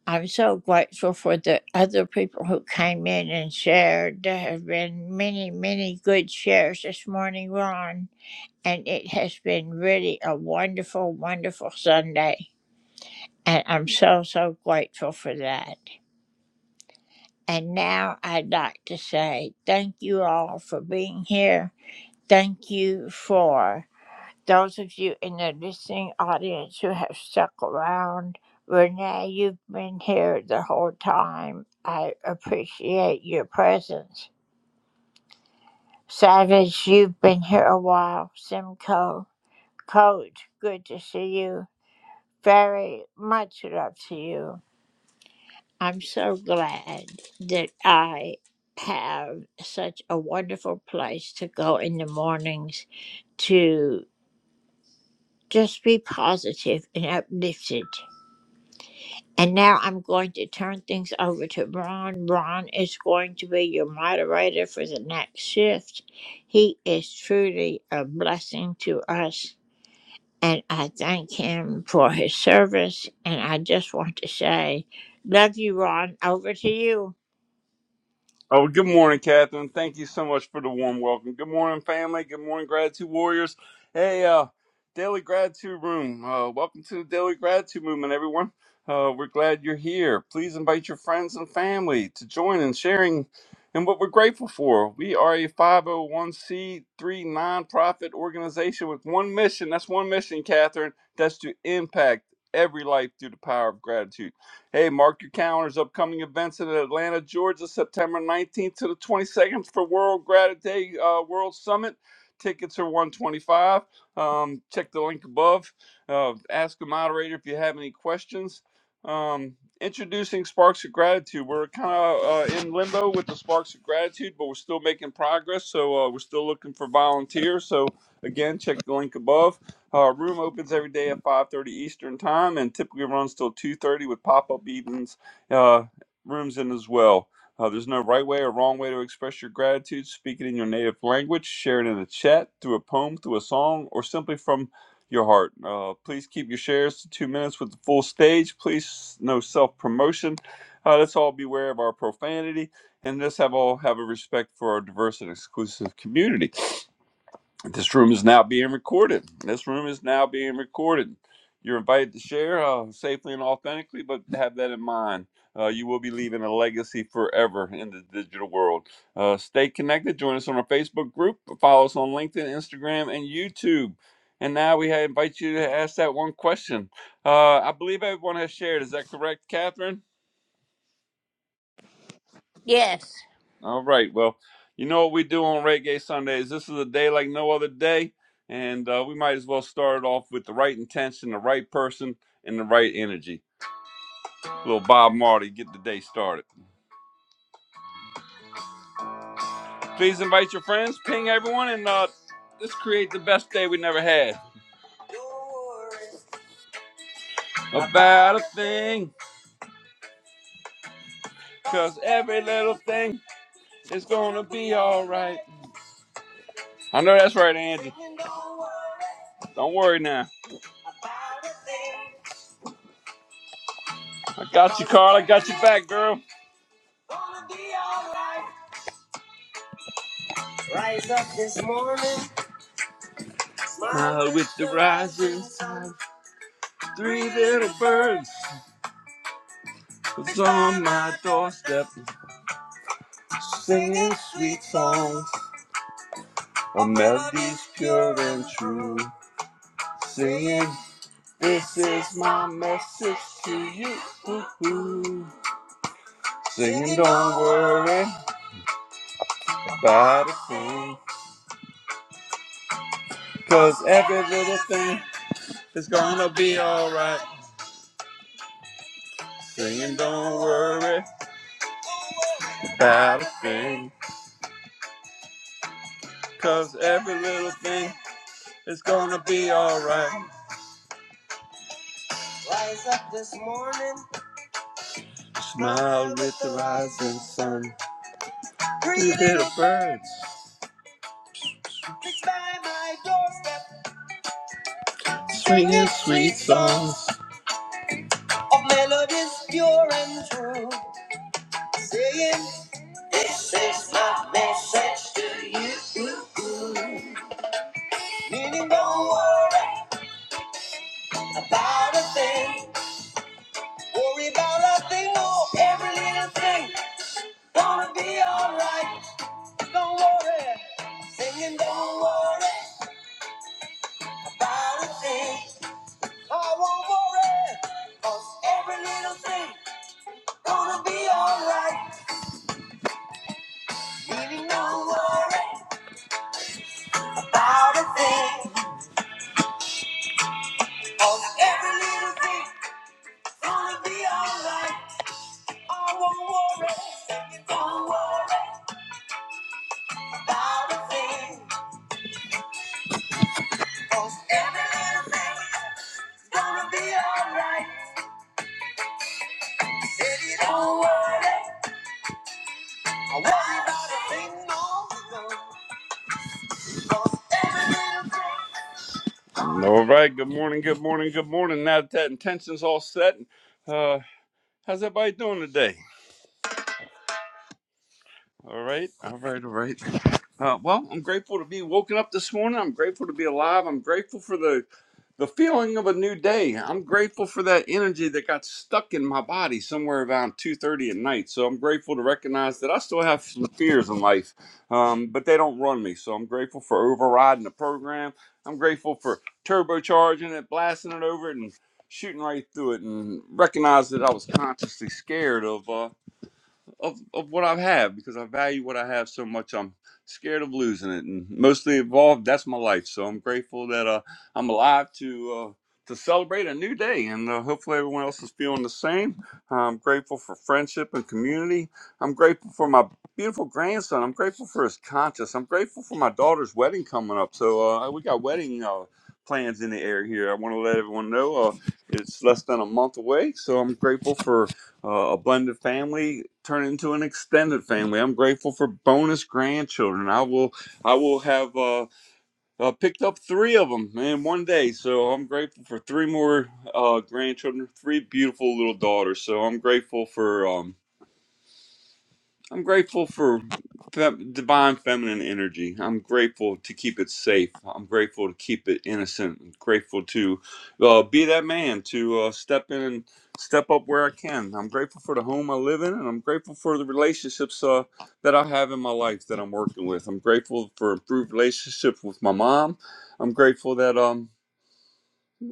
I'm so grateful for the other people who came in and shared. There have been many, many good shares this morning, Ron. And it has been really a wonderful, wonderful Sunday. And I'm so, so grateful for that. And now I'd like to say thank you all for being here. Thank you for Those of you in the listening audience who have stuck around, Renee, you've been here the whole time. I appreciate your presence. Savage, you've been here a while. Simcoe, Coach, good to see you. Very much love to you. I'm so glad that I have such a wonderful place to go in the mornings to just be positive and uplifted. And now I'm going to turn things over to Ron. Ron is going to be your moderator for the next shift. He is truly a blessing to us, and I thank him for his service. And I just want to say, love you, Ron. Over to you. Oh, well, good morning, Catherine. Thank you so much for the warm welcome. Good morning, family. Good morning, gratitude warriors. Hey, uh, Daily Gratitude Room. Uh, welcome to the Daily Gratitude Movement, everyone. Uh, we're glad you're here. Please invite your friends and family to join in sharing in what we're grateful for. We are a 501c3 nonprofit organization with one mission. That's one mission, Catherine. That's to impact every life through the power of gratitude. Hey, mark your calendars. Upcoming events in Atlanta, Georgia, September 19th to the 22nd for World Gratitude Day uh, World Summit. Tickets are 125. Um, check the link above. Uh, ask the moderator if you have any questions. Um, introducing Sparks of Gratitude. We're kind of uh, in limbo with the Sparks of Gratitude, but we're still making progress. So uh, we're still looking for volunteers. So again, check the link above. Our room opens every day at 5:30 Eastern Time and typically runs till 2:30 with pop-up evenings uh, rooms in as well. Uh, there's no right way or wrong way to express your gratitude. Speak it in your native language, share it in a chat, through a poem, through a song, or simply from your heart. Uh, please keep your shares to two minutes with the full stage. Please, no self-promotion. Uh, let's all beware of our profanity, and let's have all have a respect for our diverse and exclusive community. This room is now being recorded. This room is now being recorded. You're invited to share uh, safely and authentically, but have that in mind. Uh, you will be leaving a legacy forever in the digital world. Uh, stay connected. Join us on our Facebook group. Follow us on LinkedIn, Instagram, and YouTube. And now we ha- invite you to ask that one question. Uh, I believe everyone has shared. Is that correct, Catherine? Yes. All right. Well, you know what we do on Reggae Sundays. This is a day like no other day, and uh, we might as well start it off with the right intention, the right person, and the right energy. Little Bob Marley, get the day started. Please invite your friends, ping everyone, and uh, let's create the best day we never had. About a thing, cause every little thing is gonna be alright. I know that's right, Angie. Don't worry now. I got you, Carl. I got your back, girl. Rise up this morning, Smile with the rising sun. Three little birds was on my doorstep, singing sweet songs, of melodies pure and true. Singing, this is my message to you. Ooh-ooh. Singing, don't worry about a thing, 'cause every little thing is gonna be alright. Singing, don't worry about a thing, 'cause every little thing is gonna be alright. Rise up this morning, smile with the rising sun. Three little birds, fixed by my doorstep, singing sweet songs of melodies pure and true. Saying, this is my message to you. Meaning, don't worry about a thing. Worry about a thing more, every little thing. Gonna be alright, don't worry. Singing, don't worry about a thing. I won't worry, cause every little thing. Gonna be alright, meaning don't worry about a thing. Cause every little thing. Gonna be alright, I won't worry. Singing, don't worry about a thing. Cause every little thing. Gonna be alright. All right. Good morning. Good morning. Good morning. Now that that intention's all set, uh, how's everybody doing today? All right, all right, all right. Uh, well, I'm grateful to be woken up this morning. I'm grateful to be alive. I'm grateful for the the feeling of a new day. I'm grateful for that energy that got stuck in my body somewhere around 2:30 at night. So I'm grateful to recognize that I still have some fears in life, um, but they don't run me. So I'm grateful for overriding the program. I'm grateful for turbocharging it, blasting it over it, and shooting right through it, and recognize that I was consciously scared of. Uh, of, of what I have because I value what I have so much. I'm scared of losing it, and mostly involved. That's my life. So I'm grateful that uh, I'm alive to uh, to celebrate a new day, and uh, hopefully everyone else is feeling the same. I'm grateful for friendship and community. I'm grateful for my beautiful grandson. I'm grateful for his conscience. I'm grateful for my daughter's wedding coming up. So uh, we got wedding. Uh, plans in the air here i want to let everyone know uh, it's less than a month away so i'm grateful for uh, a blended family turn into an extended family. I'm grateful for bonus grandchildren. I will I will have uh, uh, picked up three of them in one day. So I'm grateful for three more uh, grandchildren, three beautiful little daughters. So I'm grateful for. Um, I'm grateful for fem- divine feminine energy. I'm grateful to keep it safe. I'm grateful to keep it innocent. I'm grateful to uh, be that man to uh, step in and step up where I can. I'm grateful for the home I live in, and I'm grateful for the relationships uh, that I have in my life that I'm working with. I'm grateful for improved relationships with my mom. I'm grateful that um.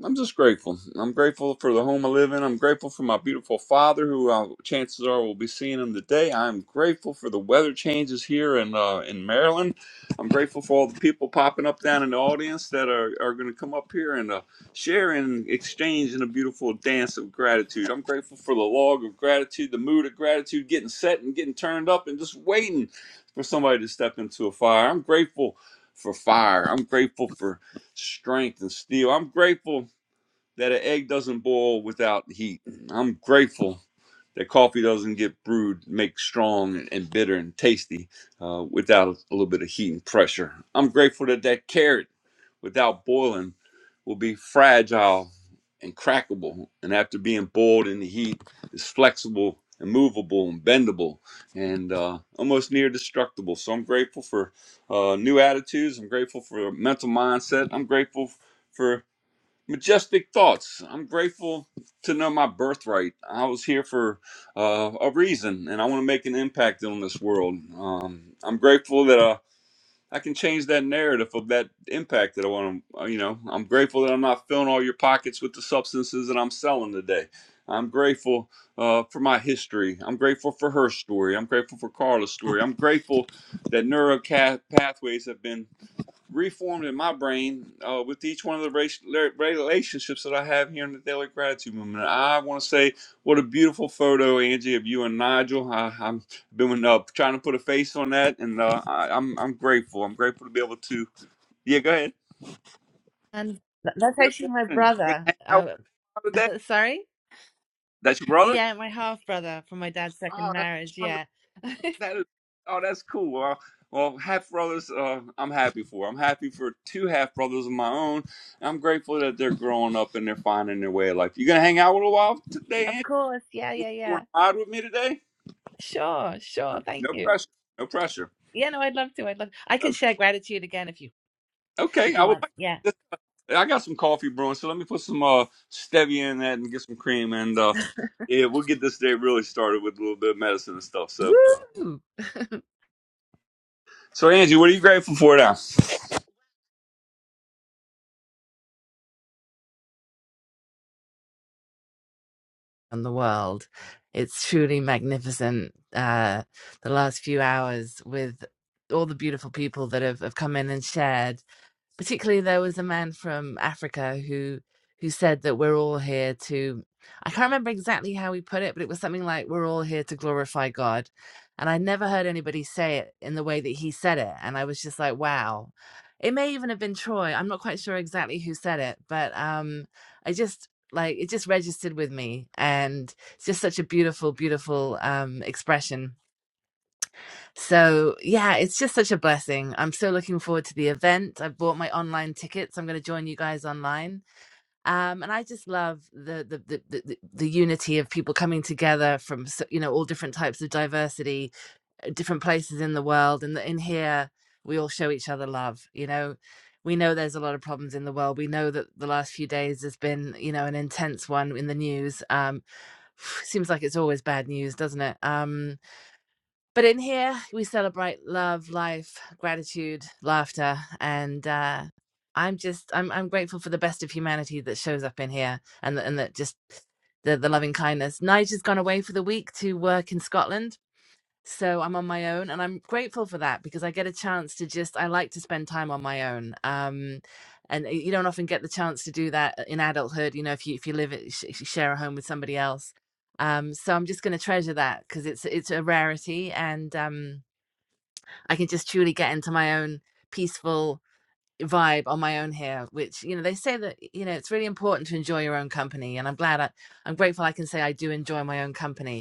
I'm just grateful. I'm grateful for the home I live in. I'm grateful for my beautiful father, who uh, chances are we'll be seeing him today. I'm grateful for the weather changes here in uh, in Maryland. I'm grateful for all the people popping up down in the audience that are, are going to come up here and uh, share and exchange in a beautiful dance of gratitude. I'm grateful for the log of gratitude, the mood of gratitude, getting set and getting turned up and just waiting for somebody to step into a fire. I'm grateful for fire. I'm grateful for strength and steel. I'm grateful that an egg doesn't boil without heat. I'm grateful that coffee doesn't get brewed, make strong and bitter and tasty uh, without a little bit of heat and pressure. I'm grateful that that carrot, without boiling, will be fragile and crackable, and after being boiled in the heat, is flexible and movable and bendable and uh, almost near destructible. So I'm grateful for uh, new attitudes. I'm grateful for a mental mindset. I'm grateful for. Majestic thoughts. I'm grateful to know my birthright. I was here for uh, a reason, and I want to make an impact on this world. Um, I'm grateful that uh, I can change that narrative of that impact that I want to. You know, I'm grateful that I'm not filling all your pockets with the substances that I'm selling today. I'm grateful uh, for my history. I'm grateful for her story. I'm grateful for Carla's story. I'm grateful that neural ca- pathways have been reformed in my brain uh, with each one of the relationships that I have here in the Daily Gratitude Movement. I want to say, what a beautiful photo, Angie, of you and Nigel. I, I'm been uh, trying to put a face on that, and uh, I, I'm I'm grateful. I'm grateful to be able to. Yeah, go ahead. And th- that's Good actually my morning. You gonna brother. hang out Uh, with me today? <laughs> sorry? That's your brother. Yeah, my half brother from my dad's second Oh, that's marriage. wonderful. Yeah. <laughs> That is, oh, that's cool. Well, well, half brothers, uh, I'm happy for. I'm happy for two half brothers of my own. And I'm grateful that they're growing up and they're finding their way of life. You gonna hang out with a while today, Of Angie? course. Yeah, yeah, You yeah. want to mod with me today? Sure, sure. Okay, Thank No you. pressure. No pressure. Yeah, no, I'd love to. I'd love I can Okay, share gratitude again if you Okay, if you I would want. like. Yeah. This. I got some coffee brewing, so let me put some uh stevia in that and get some cream, and uh, yeah, we'll get this day really started with a little bit of medicine and stuff. So, Woo! so Angie, what are you grateful for now? And the world. It's truly magnificent. Uh the last few hours with all the beautiful people that have, have come in and shared. particularly there was a man from Africa who who said that we're all here to I can't remember exactly how he put it, but it was something like we're all here to glorify God. And I never heard anybody say it in the way that he said it. And I was just like, wow. It may even have been Troy. I'm not quite sure exactly who said it, but um I just like it just registered with me and it's just such a beautiful, beautiful um expression so yeah, it's just such a blessing. I'm so looking forward to the event. I've bought my online tickets. I'm going to join you guys online. Um, and I just love the the, the the the the unity of people coming together from s- you know all different types of diversity, uh, different places in the world, and that in here we all show each other love. You know, we know there's a lot of problems in the world. We know that the last few days has been you know an intense one in the news. Um, <sighs> seems like it's always bad news, doesn't it? Um, but in here, we celebrate love, life, gratitude, laughter, and uh, I'm just I'm I'm grateful for the best of humanity that shows up in here, and the, and that just the the loving kindness. Nigel's gone away for the week to work in Scotland, so I'm on my own and I'm grateful for that because I get a chance to just I like to spend time on my own. Um and uh, you don't often get the chance to do that uh, in adulthood, you know, if you if you live it, sh- sh- share a home with somebody else. Um so I'm just going to treasure that because it's it's a rarity and um I can just truly get into my own peaceful vibe on my own here which you know they say that you know it's really important to enjoy your own company and I'm glad I, I'm grateful I can say I do enjoy my own company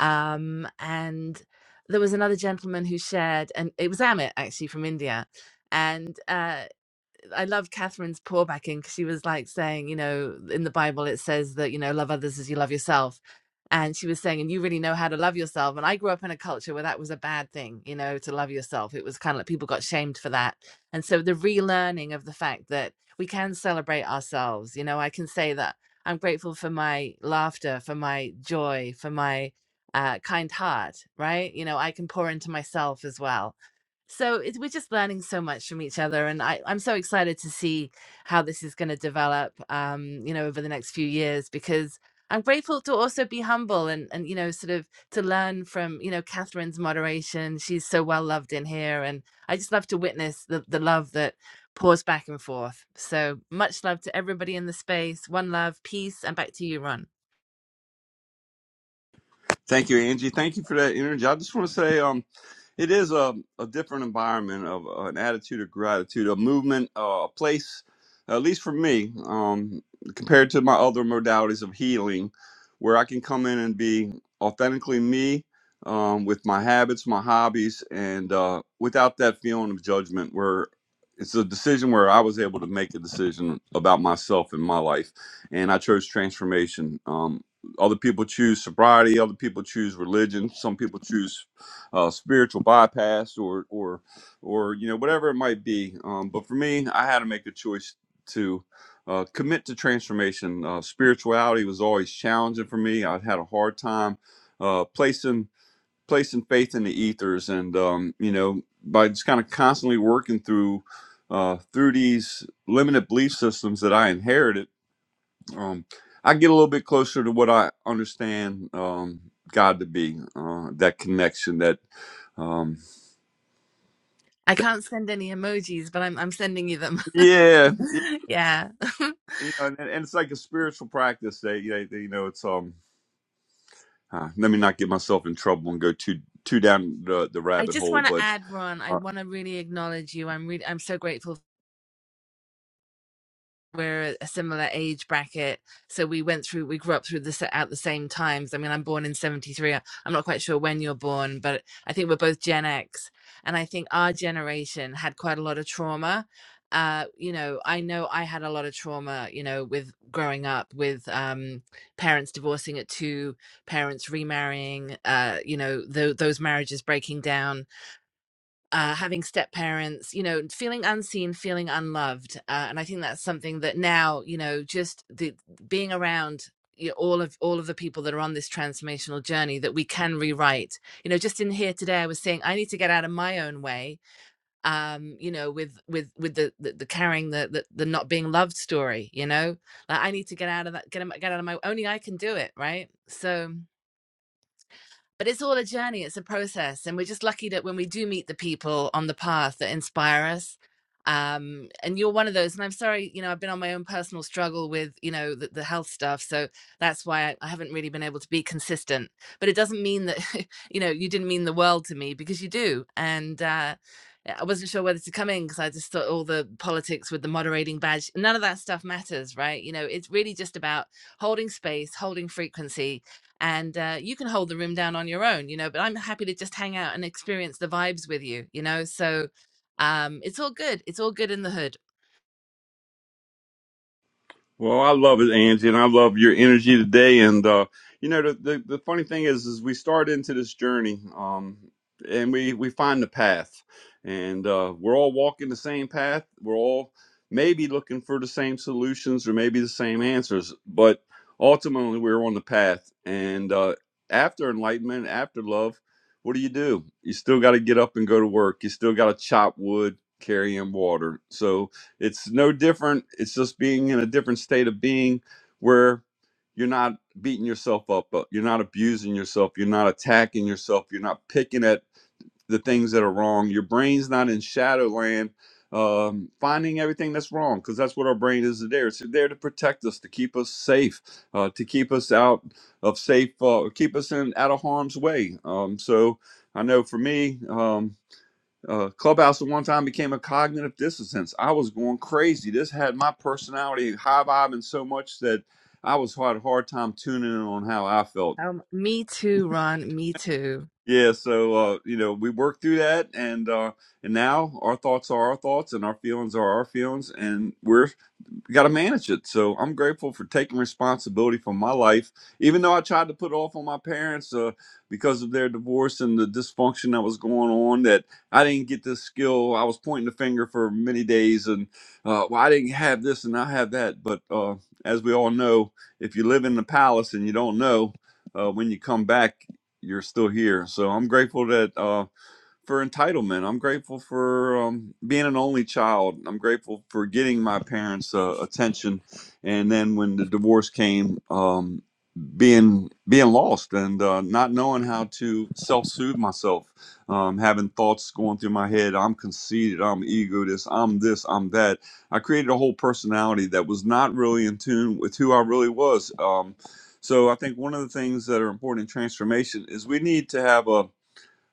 um, and there was another gentleman who shared, and it was Amit actually from India, and uh, I love Catherine's pourbacking because she was like saying, you know, in the Bible it says that you know love others as you love yourself, and she was saying, and you really know how to love yourself. And I grew up in a culture where that was a bad thing, you know, to love yourself. It was kind of like people got shamed for that, and so the relearning of the fact that we can celebrate ourselves. You know, I can say that I'm grateful for my laughter, for my joy, for my uh, kind heart. Right? You know, I can pour into myself as well so it's, we're just learning so much from each other and I, i'm so excited to see how this is going to develop um, you know over the next few years because i'm grateful to also be humble and and you know sort of to learn from you know catherine's moderation she's so well loved in here and i just love to witness the, the love that pours back and forth so much love to everybody in the space one love peace and back to you ron Thank you, Angie. Thank you for that energy. I just want to say, um, it is a, a different environment of uh, an attitude of gratitude, a movement, uh, a place, at least for me, um, compared to my other modalities of healing, where I can come in and be authentically me um, with my habits, my hobbies, and uh, without that feeling of judgment, where it's a decision where I was able to make a decision about myself and my life, and I chose transformation. Um, other people choose sobriety. Other people choose religion. Some people choose uh, spiritual bypass, or or or you know whatever it might be. Um, but for me, I had to make a choice to uh, commit to transformation. Uh, spirituality was always challenging for me. I had a hard time uh, placing placing faith in the ethers, and um, you know by just kind of constantly working through uh, through these limited belief systems that I inherited um, I get a little bit closer to what I understand um, God to be. Uh, that connection, that, um, i that can't send any emojis but i'm, I'm sending you them yeah, yeah, <laughs> yeah <laughs> you know, and, and it's like a spiritual practice. That you know, you know it's um. Uh, let me not get myself in trouble and go too too down the the I rabbit just hole, want to but. add, Ron. I Uh, want to really acknowledge you. I'm really, I'm so grateful. We're a similar age bracket, so we went through, we grew up through this at the same times. I mean, I'm born in '73. I'm not quite sure when you're born, but I think we're both Gen X, and I think our generation had quite a lot of trauma. Uh, you know, I know I had a lot of trauma. You know, with growing up, with um, parents divorcing at two, parents remarrying. Uh, you know, tho- those marriages breaking down uh, having step parents, you know, feeling unseen, feeling unloved, uh, and I think that's something that now, you know, just the being around you know, all of all of the people that are on this transformational journey that we can rewrite. You know, just in here today, I was saying I need to get out of my own way. Um, you know, with with with the the, the carrying the, the the not being loved story. You know, like I need to get out of that, Get get out of my. Only I can do it, right? So but it's all a journey it's a process and we're just lucky that when we do meet the people on the path that inspire us um and you're one of those and i'm sorry you know i've been on my own personal struggle with you know the, the health stuff so that's why I, I haven't really been able to be consistent but it doesn't mean that <laughs> you know you didn't mean the world to me because you do and uh I wasn't sure whether to come in because I just thought all the politics with the moderating badge, none of that stuff matters, right? You know, it's really just about holding space, holding frequency, and uh, you can hold the room down on your own you know but i'm happy to just hang out and experience the vibes with you you know so um it's all good it's all good in the hood Well, I love it, Angie, and I love your energy today. And uh, you know, the, the the funny thing is, is we start into this journey, um, and we we find the path, and uh, we're all walking the same path. We're all maybe looking for the same solutions or maybe the same answers, but ultimately we're on the path. And uh, after enlightenment, after love, what do you do? You still got to get up and go to work. You still got to chop wood, carry in water. So it's no different. It's just being in a different state of being where you're not beating yourself up, uh, you're not abusing yourself, you're not attacking yourself, you're not picking at the things that are wrong. Your brain's not in shadowland um, finding everything that's wrong because that's what our brain is there. It's there to protect us, to keep us safe, uh, to keep us out of safe, uh, keep us in out of harm's way. Um, so I know for me. Um, uh, Clubhouse at one time became a cognitive dissonance. I was going crazy. This had my personality high vibing so much that I was had a hard time tuning in on how I felt. um me too ron me too Yeah, so uh, you know we worked through that, and uh, and now our thoughts are our thoughts, and our feelings are our feelings, and we're got to manage it. So I'm grateful for taking responsibility for my life, even though I tried to put it off on my parents uh, because of their divorce and the dysfunction that was going on. That I didn't get this skill. I was pointing the finger for many days, and uh, well, I didn't have this and I have that. But uh, as we all know, if you live in the palace and you don't know uh, when you come back, you're still here. So I'm grateful that. Uh, for entitlement. I'm grateful for um, being an only child. I'm grateful for getting my parents' uh, attention, and then when the divorce came, um, being being lost and uh, not knowing how to self-soothe myself, um, having thoughts going through my head. I'm conceited. I'm egotist. I'm this. I'm that. I created a whole personality that was not really in tune with who I really was. Um, so I think one of the things that are important in transformation is we need to have a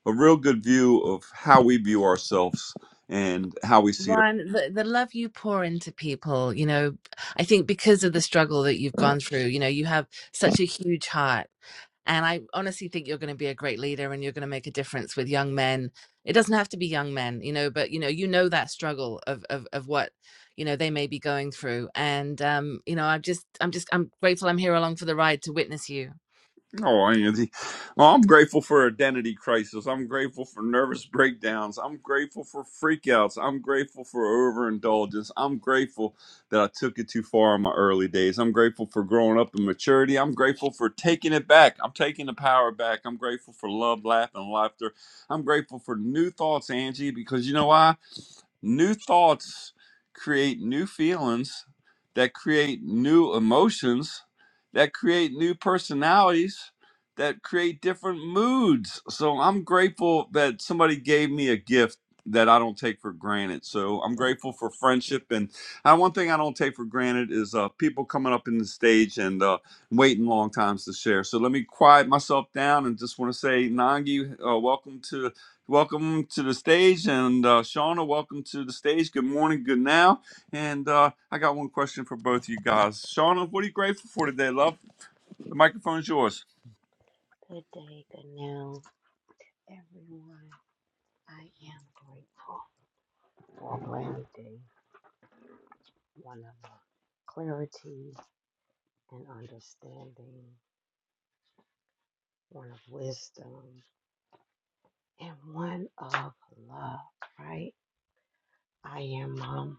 a real good view of how we view ourselves and how we see her. <laughs> Ryan, the, the love you pour into people, you know, I think because of the struggle that you've gone through, you know, you have such a huge heart. And I honestly think you're going to be a great leader and you're going to make a difference with young men. It doesn't have to be young men, you know, but you know, you know that struggle of of of what, you know, they may be going through. And um, you know, I'm just I'm just I'm grateful I'm here along for the ride to witness you. Oh, Andy. Oh, I'm grateful for identity crisis. I'm grateful for nervous breakdowns. I'm grateful for freakouts. I'm grateful for overindulgence. I'm grateful that I took it too far in my early days. I'm grateful for growing up and maturity. I'm grateful for taking it back. I'm taking the power back. I'm grateful for love, laugh, and laughter. I'm grateful for new thoughts, Angie, because you know why? New thoughts create new feelings that create new emotions that create new personalities that create different moods. So I'm grateful that somebody gave me a gift that I don't take for granted. So I'm grateful for friendship and uh, one thing I don't take for granted is uh, people coming up in the stage and uh, waiting long times to share. So let me quiet myself down and just want to say, Nangi, uh, welcome to Welcome to the stage, and uh, Shauna, welcome to the stage. Good morning, good now. And uh, I got one question for both of you guys. Shauna, what are you grateful for today, love? The microphone's yours. Good day, good now, everyone. I am grateful for a brand new day, one of clarity and understanding, one of wisdom, and one of love, right? I am um,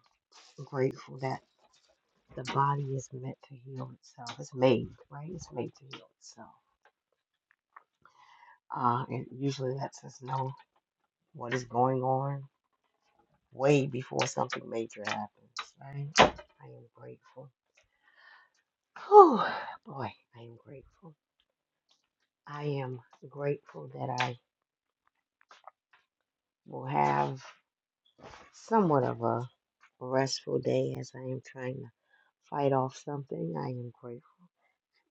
grateful that the body is meant to heal itself. It's made, right? It's made to heal itself. Uh, it usually lets us know what is going on way before something major happens, right? I am grateful. Oh boy, I am grateful. I am grateful that I will have somewhat of a restful day as I am trying to fight off something. I am grateful.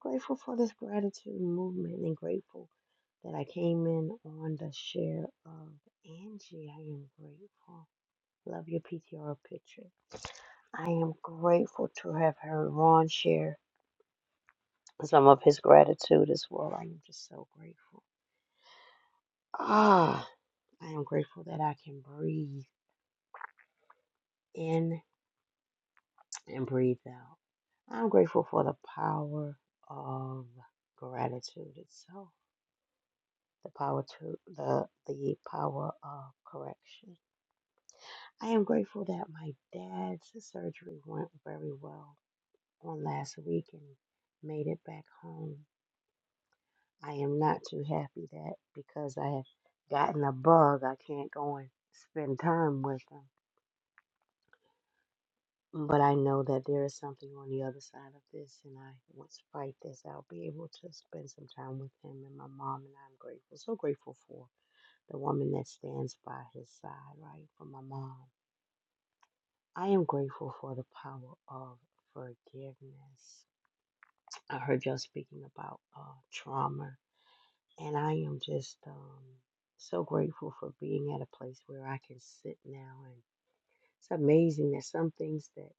Grateful for this gratitude movement and grateful that I came in on the share of Angie. I am grateful. Love your PTR picture. I am grateful to have heard Ron share some of his gratitude as well. I am just so grateful. Ah. I am grateful that I can breathe in and breathe out. I'm grateful for the power of gratitude itself, the power to the the power of correction. I am grateful that my dad's surgery went very well on last week and made it back home. I am not too happy that because I have gotten a bug, I can't go and spend time with him But I know that there is something on the other side of this, and I once fight this, I'll be able to spend some time with him and my mom, and I'm grateful, so grateful for the woman that stands by his side, right? For my mom. I am grateful for the power of forgiveness. I heard y'all speaking about uh, trauma, and I am just um, so grateful for being at a place where I can sit now and. It's amazing that some things that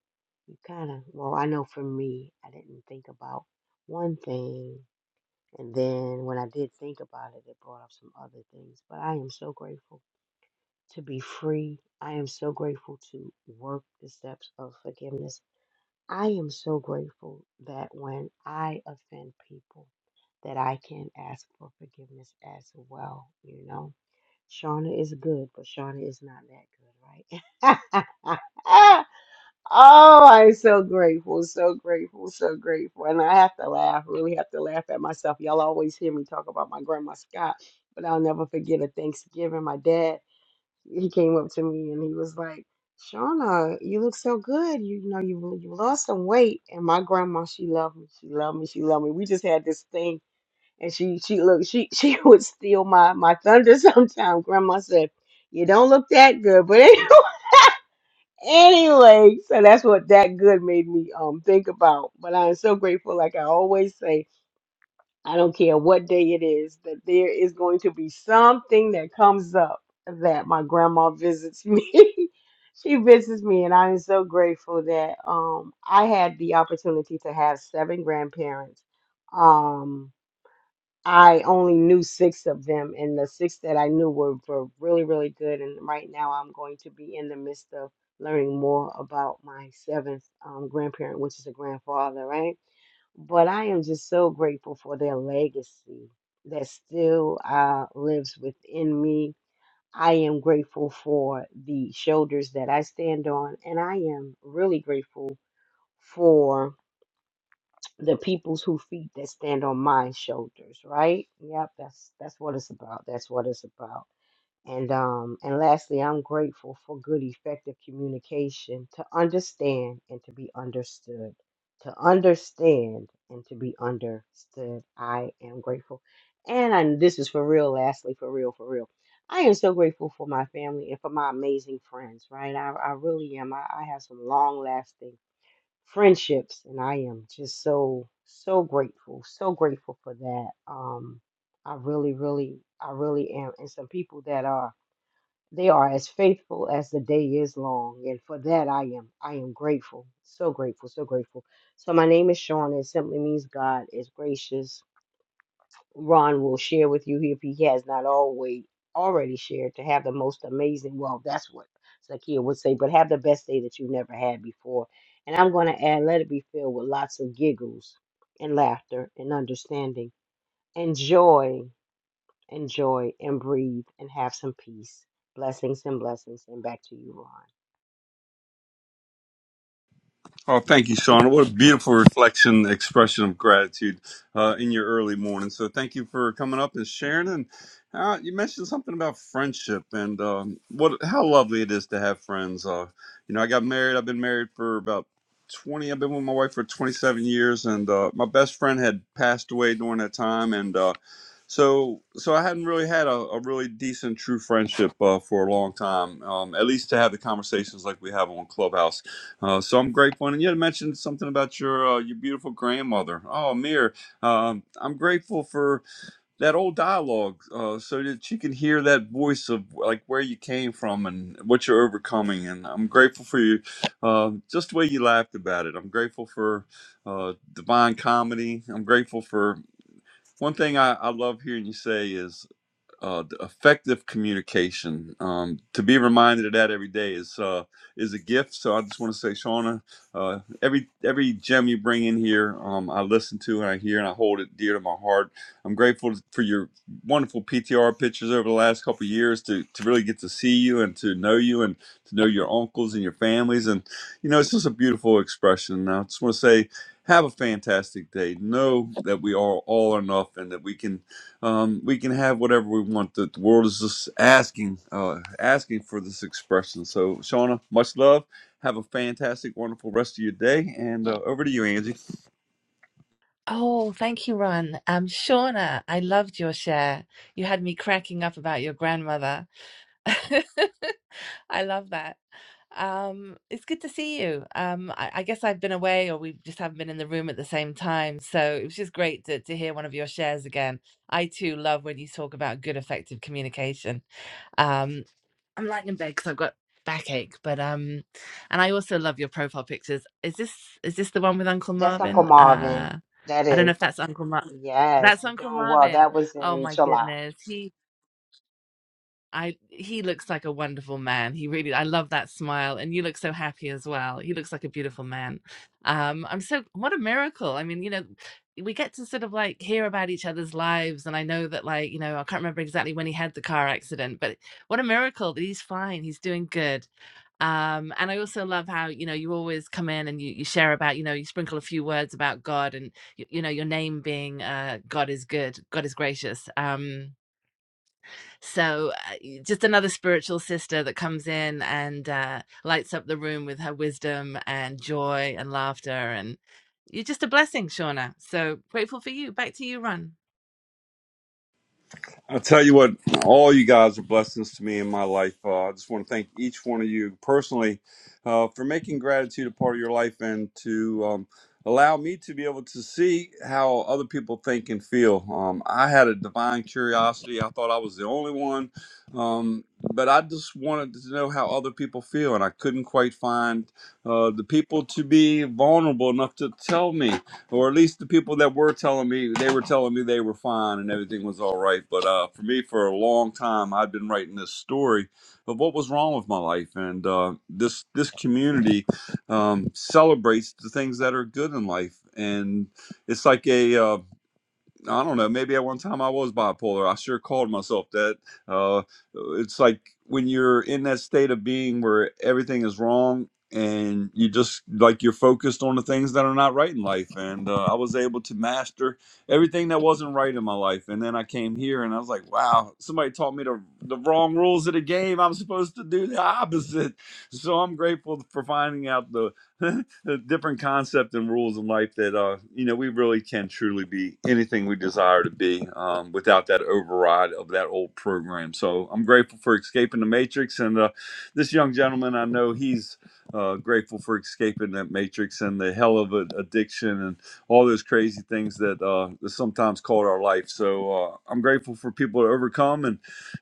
you kind of, well, I know for me, I didn't think about one thing. And then when I did think about it, it brought up some other things. But I am so grateful to be free. I am so grateful to work the steps of forgiveness. I am so grateful that when I offend people, that I can ask for forgiveness as well, you know. Shauna is good, but Shauna is not that good, right? <laughs> Oh, I'm so grateful, so grateful, so grateful. And I have to laugh, really have to laugh at myself. Y'all always hear me talk about my grandma Scott, but I'll never forget a Thanksgiving. My dad, he came up to me and he was like, Shauna, you look so good. You, you know, you you lost some weight. And my grandma, she loved me. She loved me. She loved me. We just had this thing. And she she looked, she <laughs> she would steal my my thunder sometimes. Grandma said, You don't look that good, but <laughs> anyway anyway, so that's what that good made me um think about. But I'm so grateful, like I always say, I don't care what day it is, that there is going to be something that comes up that my grandma visits me. <laughs> she visits me, and I am so grateful that um I had the opportunity to have seven grandparents. Um I only knew six of them, and the six that I knew were, were really, really good. And right now, I'm going to be in the midst of learning more about my seventh um, grandparent, which is a grandfather, right? But I am just so grateful for their legacy that still uh, lives within me. I am grateful for the shoulders that I stand on, and I am really grateful for the peoples who feet that stand on my shoulders, right? Yep, that's that's what it's about. That's what it's about. And um and lastly, I'm grateful for good effective communication to understand and to be understood. To understand and to be understood. I am grateful. And I, this is for real, lastly, for real, for real. I am so grateful for my family and for my amazing friends, right? I, I really am. I, I have some long lasting friendships and i am just so so grateful so grateful for that um i really really i really am and some people that are they are as faithful as the day is long and for that i am i am grateful so grateful so grateful so my name is Shawn, it simply means god is gracious Ron will share with you if he has not always already shared to have the most amazing. Well, that's what Zakia would say, but have the best day that you've never had before. And I'm going to add, let it be filled with lots of giggles and laughter and understanding. Enjoy, enjoy, and breathe and have some peace. Blessings and blessings. And back to you, Ron. Oh, thank you, Sean. What a beautiful reflection, expression of gratitude uh, in your early morning. So, thank you for coming up and sharing. And uh, you mentioned something about friendship and um, what how lovely it is to have friends. Uh, you know, I got married. I've been married for about twenty. I've been with my wife for twenty seven years, and uh, my best friend had passed away during that time, and uh, so so I hadn't really had a, a really decent, true friendship uh, for a long time. Um, at least to have the conversations like we have on Clubhouse uh, so I'm grateful, and you had mentioned something about your uh, your beautiful grandmother. Oh, Amir, um, I'm grateful for that old dialogue, uh, so that she can hear that voice of like where you came from and what you're overcoming. And I'm grateful for you, uh, just the way you laughed about it. I'm grateful for uh, divine comedy. I'm grateful for one thing I, I love hearing you say is uh, the effective communication. Um, to be reminded of that every day is uh, is a gift. So I just want to say, Shauna, uh, every every gem you bring in here, um, I listen to and I hear and I hold it dear to my heart. I'm grateful for your wonderful PTR pictures over the last couple of years to to really get to see you and to know you and to know your uncles and your families. And you know, it's just a beautiful expression. And I just want to say. Have a fantastic day. Know that we are all enough and that we can um, we can have whatever we want. The, the world is just asking, uh, asking for this expression. So, Shauna, much love. Have a fantastic, wonderful rest of your day. And uh, over to you, Angie. Oh, thank you, Ron. Um, Shauna, I loved your share. You had me cracking up about your grandmother. <laughs> I love that. Um, it's good to see you. Um, I, I guess I've been away, or we just haven't been in the room at the same time. So it was just great to, to hear one of your shares again. I too love when you talk about good, effective communication. Um, I'm lying in bed because I've got backache, but um, and I also love your profile pictures. Is this is this the one with Uncle That's Uncle Marvin? Marvin. Uh, That I don't know is. if that's Uncle Mar. Yes, That's Uncle doing well. Marvin. That was Oh in my July. goodness, he I he looks like a wonderful man. He really I love that smile and you look so happy as well. He looks like a beautiful man. Um I'm so what a miracle. I mean, you know, we get to sort of like hear about each other's lives and I know that like, you know, I can't remember exactly when he had the car accident, but what a miracle that he's fine. He's doing good. Um and I also love how, you know, you always come in and you you share about, you know, you sprinkle a few words about God and you, you know, your name being uh God is good, God is gracious. Um so, uh, just another spiritual sister that comes in and uh, lights up the room with her wisdom and joy and laughter. And you're just a blessing, Shauna. So grateful for you. Back to you, Ron. I'll tell you what, all you guys are blessings to me in my life. Uh, I just want to thank each one of you personally uh, for making gratitude a part of your life and to um, allow me to be able to see how other people think and feel. Um, I had a divine curiosity. I thought I was the only one, um, but I just wanted to know how other people feel, and I couldn't quite find uh, the people to be vulnerable enough to tell me or at least the people that were telling me they were telling me they were fine and everything was all right but uh, for me for a long time i've been writing this story of what was wrong with my life and uh, this this community um, celebrates the things that are good in life and it's like a uh, I don't know. Maybe at one time I was bipolar. I sure called myself that. Uh, it's like when you're in that state of being where everything is wrong and you just like you're focused on the things that are not right in life. And uh, I was able to master everything that wasn't right in my life. And then I came here and I was like, wow, somebody taught me the, the wrong rules of the game. I'm supposed to do the opposite. So I'm grateful for finding out the <laughs> a different concept and rules in life that uh you know we really can truly be anything we desire to be um without that override of that old program so i'm grateful for escaping the matrix and uh this young gentleman i know he's uh grateful for escaping that matrix and the hell of an addiction and all those crazy things that uh that sometimes called our life so uh i'm grateful for people to overcome and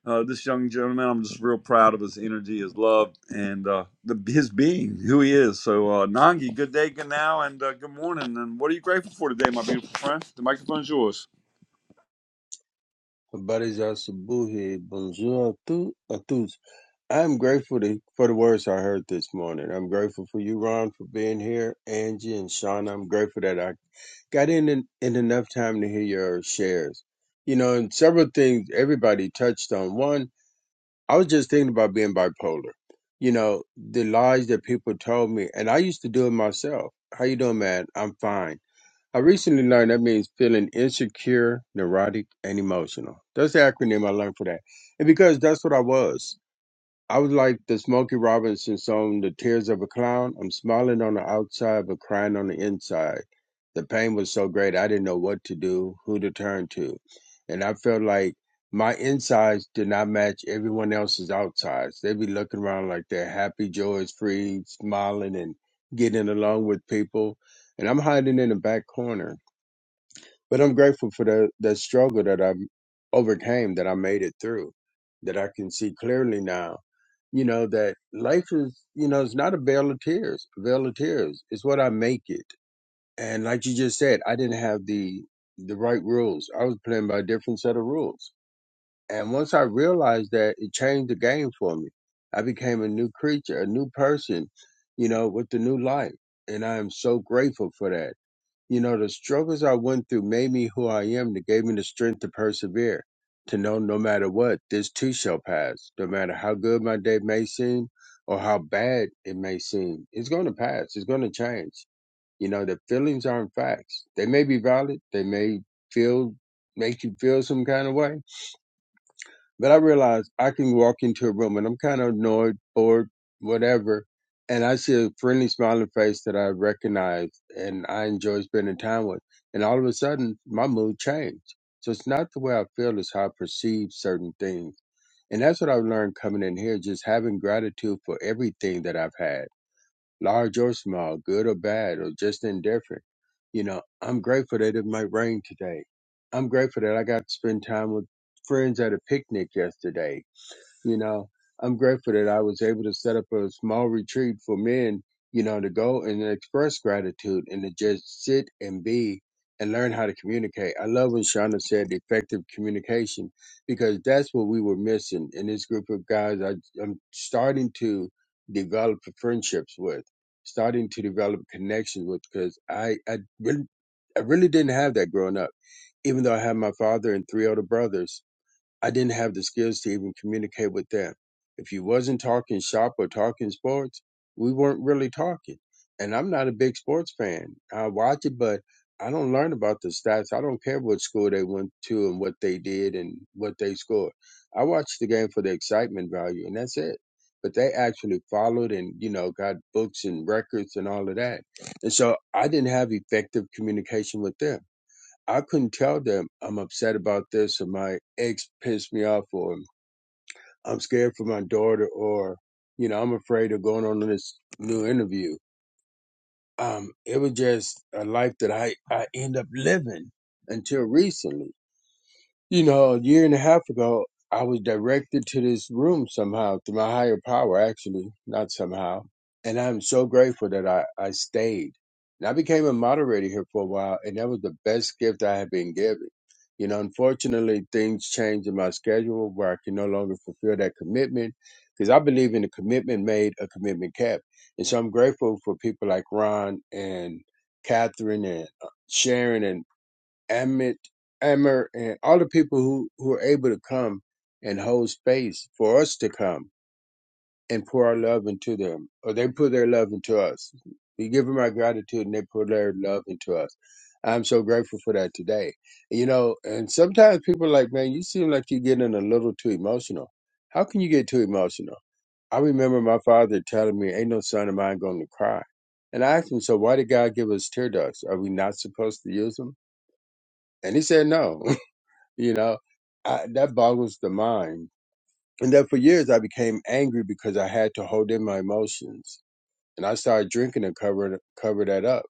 uh, this young gentleman. I'm just real proud of his energy, his love, and uh, the, his being, who he is. So, uh, Nangi, good day, good now, and uh, good morning. And what are you grateful for today, my beautiful friend? The microphone's yours. Habari za asubuhi, bonjour à tous, à tous. I'm grateful to, for the words I heard this morning. I'm grateful for you, Ron, for being here, Angie and Shauna. I'm grateful that I got in, in, in enough time to hear your shares. You know, and several things everybody touched on. One, I was just thinking about being bipolar. You know, the lies that people told me, and I used to do it myself. How you doing, man? I'm fine. I recently learned that means feeling insecure, neurotic, and emotional. That's the acronym I learned for that. And because that's what I was. I was like the Smokey Robinson song, The Tears of a Clown. I'm smiling on the outside, but crying on the inside. The pain was so great, I didn't know what to do, who to turn to. And I felt like my insides did not match everyone else's outsides. They'd be looking around like they're happy, joyous, free, smiling, and getting along with people. And I'm hiding in the back corner but I'm grateful for the the struggle that I overcame, that I made it through, that I can see clearly now. You know that life is, you know, it's not a veil of tears. A veil of tears is what I make it. And like you just said, I didn't have the the right rules. I was playing by a different set of rules. And once I realized that, it changed the game for me. I became a new creature, a new person, you know, with the new life. And I am so grateful for that you know, the struggles I went through made me who I am. They gave me the strength to persevere, to know no matter what, this too shall pass. No matter how good my day may seem or how bad it may seem, it's going to pass. It's going to change. You know, the feelings aren't facts. They may be valid. They may feel, make you feel some kind of way but I realize I can walk into a room and I'm kind of annoyed, bored, whatever. And I see a friendly, smiling face that I recognize and I enjoy spending time with. And all of a sudden, my mood changed. So it's not the way I feel, it's how I perceive certain things. And that's what I've learned coming in here, just having gratitude for everything that I've had large or small, good or bad, or just indifferent. You know, I'm grateful that it might rain today. I'm grateful that I got to spend time with friends at a picnic yesterday you know i'm grateful that i was able to set up a small retreat for men you know to go and express gratitude and to just sit and be and learn how to communicate i love when shauna said effective communication because that's what we were missing in this group of guys I, i'm starting to develop friendships with starting to develop connections with because i I really, I really didn't have that growing up even though i had my father and three older brothers I didn't have the skills to even communicate with them. If you wasn't talking shop or talking sports, we weren't really talking. And I'm not a big sports fan. I watch it, but I don't learn about the stats. I don't care what school they went to and what they did and what they scored. I watch the game for the excitement value, and that's it. But they actually followed and you know got books and records and all of that. And so I didn't have effective communication with them. I couldn't tell them I'm upset about this or my ex pissed me off or I'm scared for my daughter or, you know, I'm afraid of going on this new interview. Um, it was just a life that I, I end up living until recently. You know, a year and a half ago, I was directed to this room somehow through my higher power, actually, not somehow. And I'm so grateful that I, I stayed. And I became a moderator here for a while, and that was the best gift I had been given. You know, unfortunately, things changed in my schedule where I can no longer fulfill that commitment because I believe in a commitment made, a commitment kept. And so I'm grateful for people like Ron and Catherine and uh, Sharon and. Amit, Ammer, and all the people who, who are able to come and hold space for us to come and pour our love into them, or they put their love into us. We give them our gratitude and they pour their love into us. I'm so grateful for that today. You know, and sometimes people are like, man, you seem like you're getting a little too emotional. How can you get too emotional? I remember my father telling me, ain't no son of mine going to cry. And I asked him, so why did God give us tear ducts? Are we not supposed to use them? And he said, no. <laughs> You know, I, that boggles the mind. And then for years, I became angry because I had to hold in my emotions, and I started drinking to cover it- cover that up.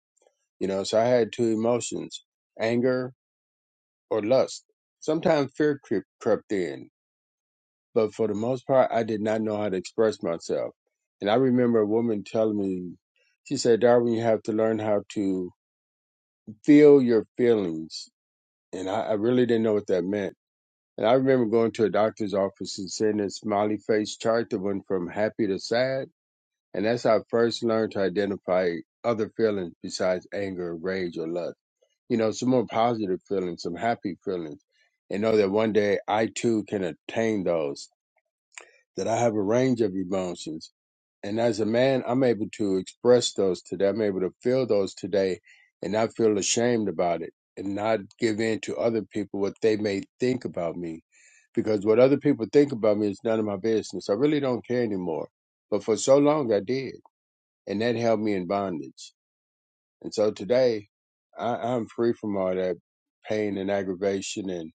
You know, so I had two emotions: anger or lust. Sometimes fear creep, crept in, but for the most part, I did not know how to express myself. And I remember a woman telling me, she said, "Darwin, you have to learn how to feel your feelings." And I, I really didn't know what that meant And I remember going to a doctor's office and seeing a smiley face chart that went from happy to sad. And that's how I first learned to identify other feelings besides anger, rage, or lust. You know, some more positive feelings, some happy feelings, and know that one day I too can attain those. That I have a range of emotions and as a man, I'm able to express those today. I'm able to feel those today and not feel ashamed about it and not give in to other people what they may think about me. Because what other people think about me is none of my business. I really don't care anymore. But for so long, I did. And that held me in bondage. And so today, I, I'm free from all that pain and aggravation and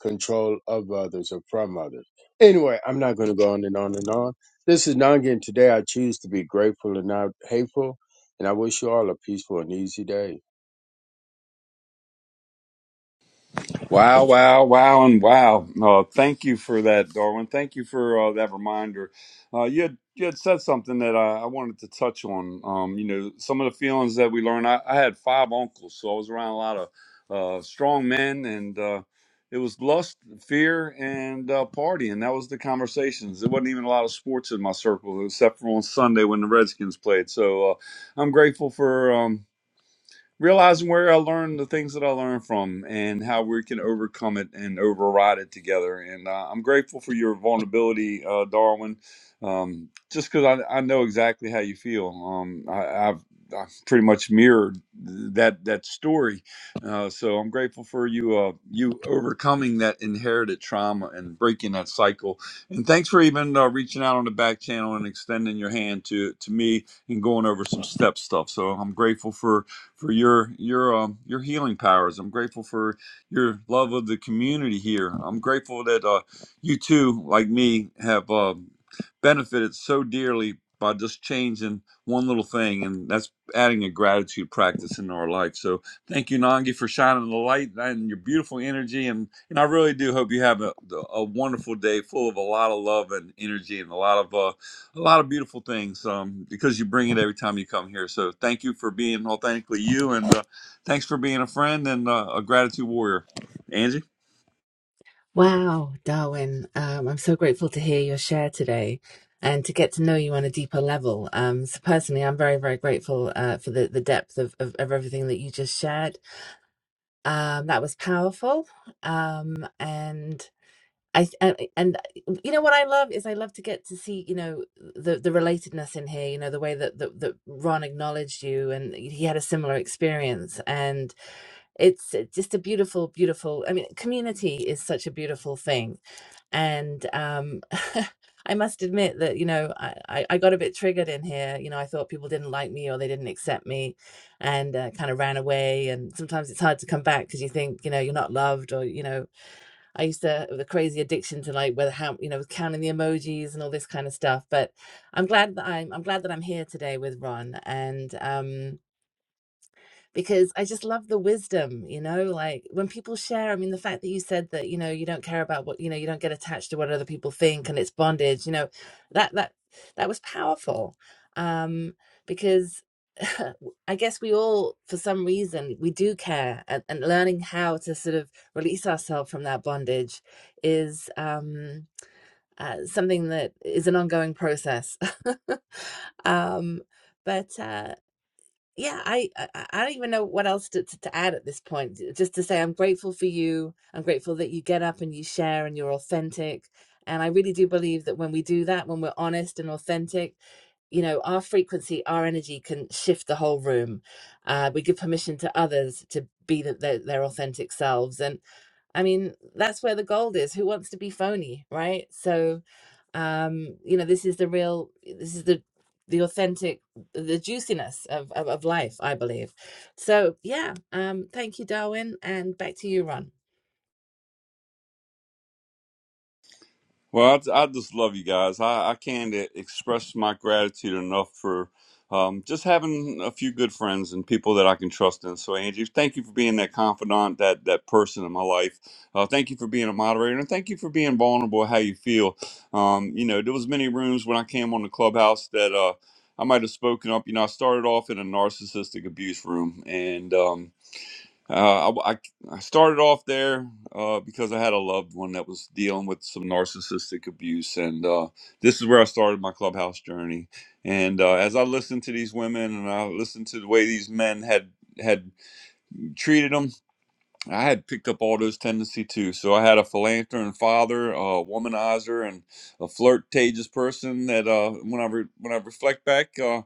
control of others or from others. Anyway, I'm not going to go on and on and on. This is Nangi, and today I choose to be grateful and not hateful. And I wish you all a peaceful and easy day. Wow, wow, wow, and wow. Uh, thank you for that, Darwin. Thank you for uh, that reminder. Uh, you, had, you had said something that I, I wanted to touch on. Um, you know, some of the feelings that we learned. I, I had five uncles, so I was around a lot of uh, strong men, and uh, it was lust, fear, and uh, partying. That was the conversations. There wasn't even a lot of sports in my circle, except for on Sunday when the Redskins played. So uh, I'm grateful for. Um, realizing where I learned the things that I learned from and how we can overcome it and override it together. And uh, I'm grateful for your vulnerability, uh, Darwin, um, just because I, I know exactly how you feel. Um, I, I've I've pretty much mirrored that that story, uh, so I'm grateful for you uh, you overcoming that inherited trauma and breaking that cycle. And thanks for even uh, reaching out on the back channel and extending your hand to to me and going over some step stuff. So I'm grateful for for your your um, your healing powers. I'm grateful for your love of the community here. I'm grateful that uh, you too, like me, have uh, benefited so dearly by just changing one little thing, and that's adding a gratitude practice into our life. So thank you, Nangi, for shining the light and your beautiful energy. And and I really do hope you have a, a wonderful day full of a lot of love and energy and a lot of uh, a lot of beautiful things um, because you bring it every time you come here. So thank you for being authentically you, and uh, thanks for being a friend and uh, a gratitude warrior, Angie. Wow, Darwin. Um, I'm so grateful to hear your share today and to get to know you on a deeper level. Um, so personally, I'm very, very grateful uh, for the, the depth of, of, of everything that you just shared. Um, that was powerful. Um, and I th- and, and uh, you know what I love is I love to get to see you know the the relatedness in here you know the way that that, that Ron acknowledged you and he had a similar experience and it's uh, just a beautiful beautiful I mean community is such a beautiful thing and um <laughs> I must admit that you know I, I I got a bit triggered in here you know I thought people didn't like me or they didn't accept me and uh, kind of ran away and sometimes it's hard to come back because you think you know you're not loved or you know I used to the crazy addiction to like whether how you know counting the emojis and all this kind of stuff. But I'm glad that I'm I'm glad that I'm here today with Ron, and um, because I just love the wisdom, you know, like when people share. I mean, the fact that you said that, you know, you don't care about what, you know, you don't get attached to what other people think and it's bondage, you know, that that that was powerful. Um, because <laughs> I guess we all, for some reason, we do care, and, and learning how to sort of release ourselves from that bondage is um, uh, something that is an ongoing process. <laughs> um, but uh, yeah, I, I I don't even know what else to, to, to add at this point. Just to say, I'm grateful for you. I'm grateful that you get up and you share and you're authentic. And I really do believe that when we do that, when we're honest and authentic, you know, our frequency, our energy can shift the whole room. Uh, we give permission to others to be the, their, their authentic selves. And I mean, that's where the gold is. Who wants to be phony, right? So, um you know this is the real this is the the authentic the juiciness of of, of life i believe so yeah um thank you darwin and back to you ron Well, I, I just love you guys. I, I can't express my gratitude enough for um, just having a few good friends and people that I can trust in. So, Angie, thank you for being that confidant, that that person in my life. Uh, thank you for being a moderator, and thank you for being vulnerable. How you feel? Um, you know, there was many rooms when I came on the clubhouse that uh, I might have spoken up. You know, I started off in a narcissistic abuse room, and um, uh, I, I I started off there uh, because I had a loved one that was dealing with some narcissistic abuse, and uh, this is where I started my clubhouse journey. And uh, as I listened to these women, and I listened to the way these men had had treated them, I had picked up all those tendencies too. So I had a philanthropist father, a womanizer, and a flirtatious person. That uh, when I re- when I reflect back. Uh,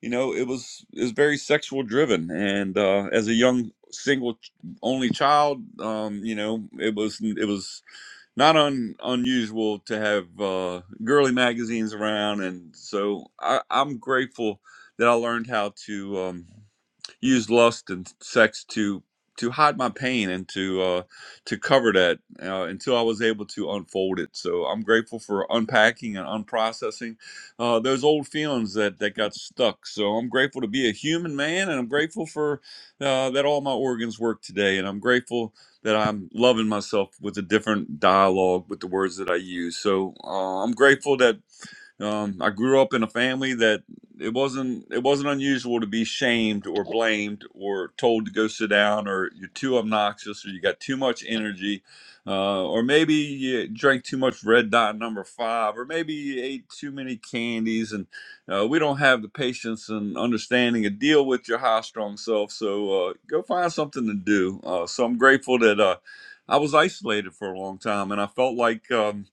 you know it was it was very sexual driven and uh as a young single only child um you know it was it was not un, unusual to have uh girly magazines around and so i i'm grateful that i learned how to um used lust and sex to to hide my pain and to uh, to cover that uh, until I was able to unfold it. So I'm grateful for unpacking and unprocessing uh, those old feelings that that got stuck. So I'm grateful to be a human man, and I'm grateful for uh, that all my organs work today, and I'm grateful that I'm loving myself with a different dialogue with the words that I use. So uh, I'm grateful that um, I grew up in a family that it wasn't it wasn't unusual to be shamed or blamed or told to go sit down or you're too obnoxious or you got too much energy uh, or maybe you drank too much red dot number five or maybe you ate too many candies and uh, we don't have the patience and understanding to deal with your high strung self so uh, go find something to do uh, so i'm grateful that uh, i was isolated for a long time and i felt like um,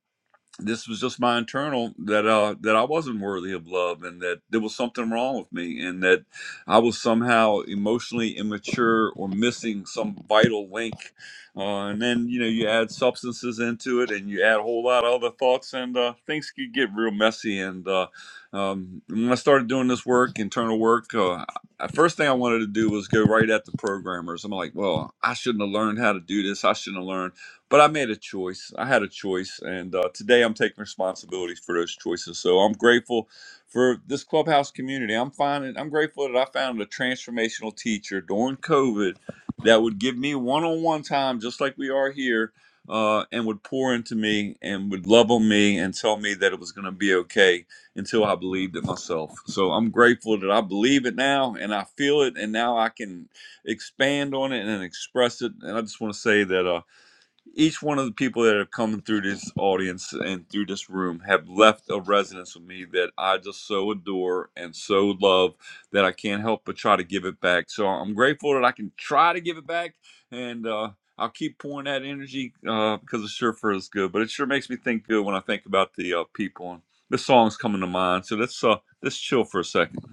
this was just my internal that uh that I wasn't worthy of love and that there was something wrong with me and that I was somehow emotionally immature or missing some vital link. Uh, and then you know you add substances into it and you add a whole lot of other thoughts and uh, things could get real messy. And uh, um, when I started doing this work, internal work, uh, I- first thing I wanted to do was go right at the programmers. I'm like, well, I shouldn't have learned how to do this. I shouldn't have learned but I made a choice. I had a choice, and uh, today I'm taking responsibility for those choices. So I'm grateful for this clubhouse community. I'm finding I'm grateful that I found a transformational teacher during COVID that would give me one-on-one time, just like we are here, uh, and would pour into me and would love on me and tell me that it was going to be okay until I believed it myself. So I'm grateful that I believe it now and I feel it, and now I can expand on it and express it. And I just want to say that. Uh, each one of the people that have come through this audience and through this room have left a resonance with me that I just so adore and so love that I can't help but try to give it back. So I'm grateful that I can try to give it back, and uh, I'll keep pouring that energy uh, because it sure feels good. But it sure makes me think good when I think about the uh, people and the songs coming to mind. So let's uh, let's chill for a second.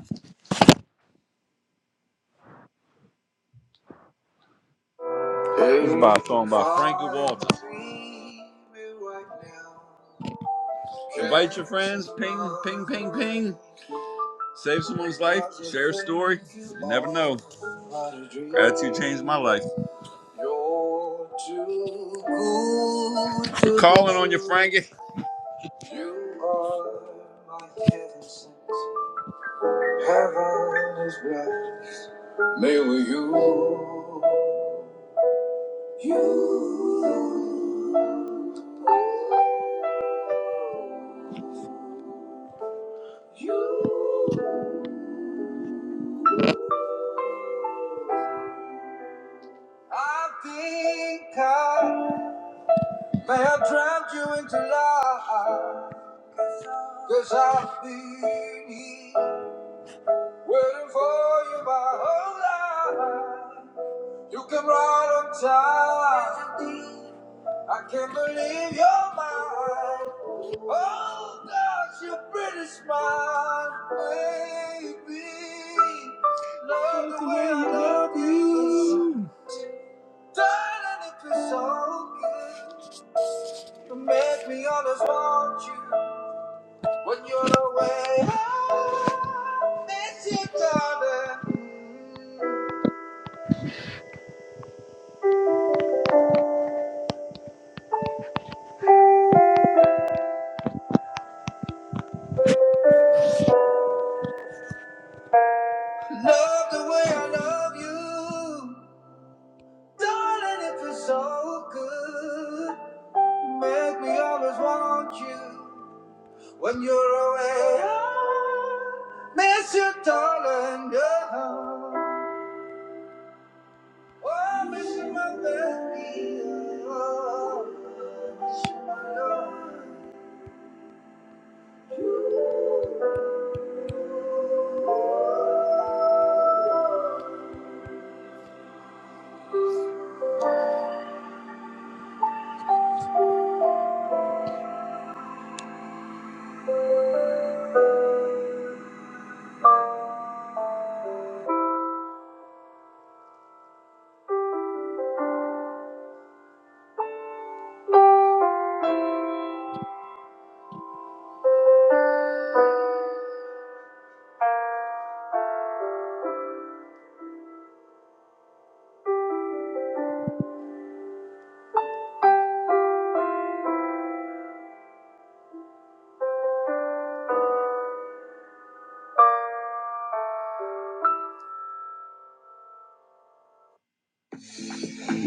This is by a song by Frankie Walter. Invite your friends. Ping, ping, ping, ping. Save someone's life, share a story. You never know. Gratitude changed my life. I'm calling on you, Frankie. You, you, I think I may have drowned you into life. 'cause i I've Waiting for you my whole life. You came right on time. I can't believe you're mine. Oh, gosh, your pretty smile, baby. Love the way I love you. Darling, it feels so good. You make me always want you when you're away. I miss you, darling. Love the way I love you. Darling, it feels so good. You make me always want you. When you're away, I miss you, darling. Yeah. Oh, I miss you, my baby. Oh, I miss you, my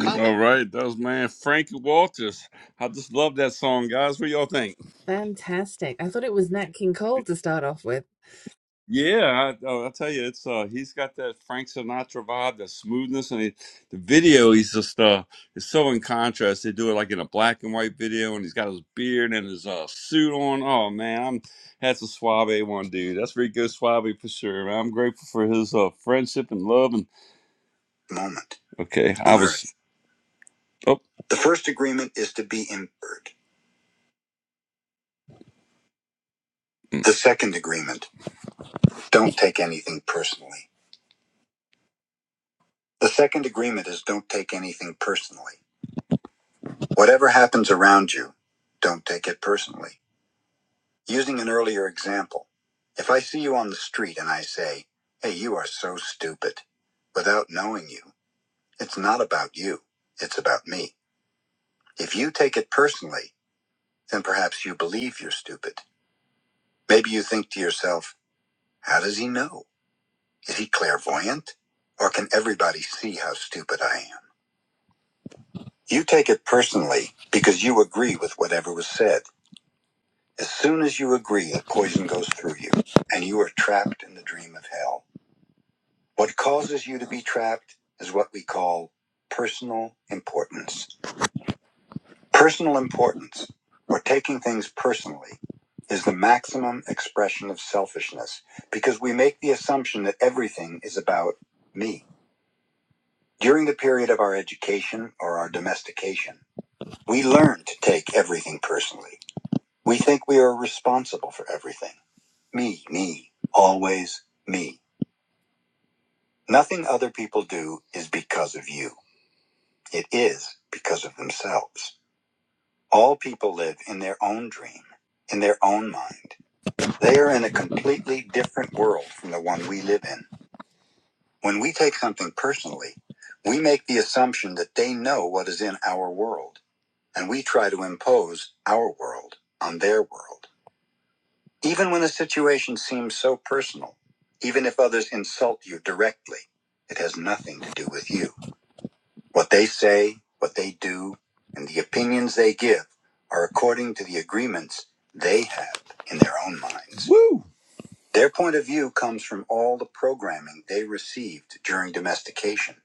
love. All right, that was man Frankie Walters. I just love that song, guys. What y'all think? fantastic i thought it was nat king cole to start off with Yeah, I, oh, I'll tell you, it's uh, he's got that Frank Sinatra vibe, that smoothness, and he, the video. He's just uh, it's so in contrast. They do it like in a black and white video, and he's got his beard and his uh suit on. Oh man, I'm that's a suave one, dude. That's Rico Suave for sure. man. I'm grateful for his uh friendship and love and moment. Okay, I on was. Earth. Oh, the first agreement is to be inward. Mm. The second agreement, don't take anything personally. The second agreement is don't take anything personally. Whatever happens around you, don't take it personally. Using an earlier example, if I see you on the street and I say, hey, you are so stupid, without knowing you, it's not about you, it's about me. If you take it personally, then perhaps you believe you're stupid. Maybe you think to yourself, how does he know? Is he clairvoyant? Or can everybody see how stupid I am? You take it personally because you agree with whatever was said. As soon as you agree, the poison goes through you, and you are trapped in the dream of hell. What causes you to be trapped is what we call personal importance. Personal importance, or taking things personally, is the maximum expression of selfishness because we make the assumption that everything is about me. During the period of our education or our domestication, we learn to take everything personally. We think we are responsible for everything. Me, me, always me. Nothing other people do is because of you. It is because of themselves. All people live in their own dream, in their own mind. They are in a completely different world from the one we live in. When we take something personally, we make the assumption that they know what is in our world, and we try to impose our world on their world. Even when the situation seems so personal, even if others insult you directly, it has nothing to do with you. What they say, what they do, and the opinions they give are according to the agreements they have in their own minds. Woo! Their point of view comes from all the programming they received during domestication.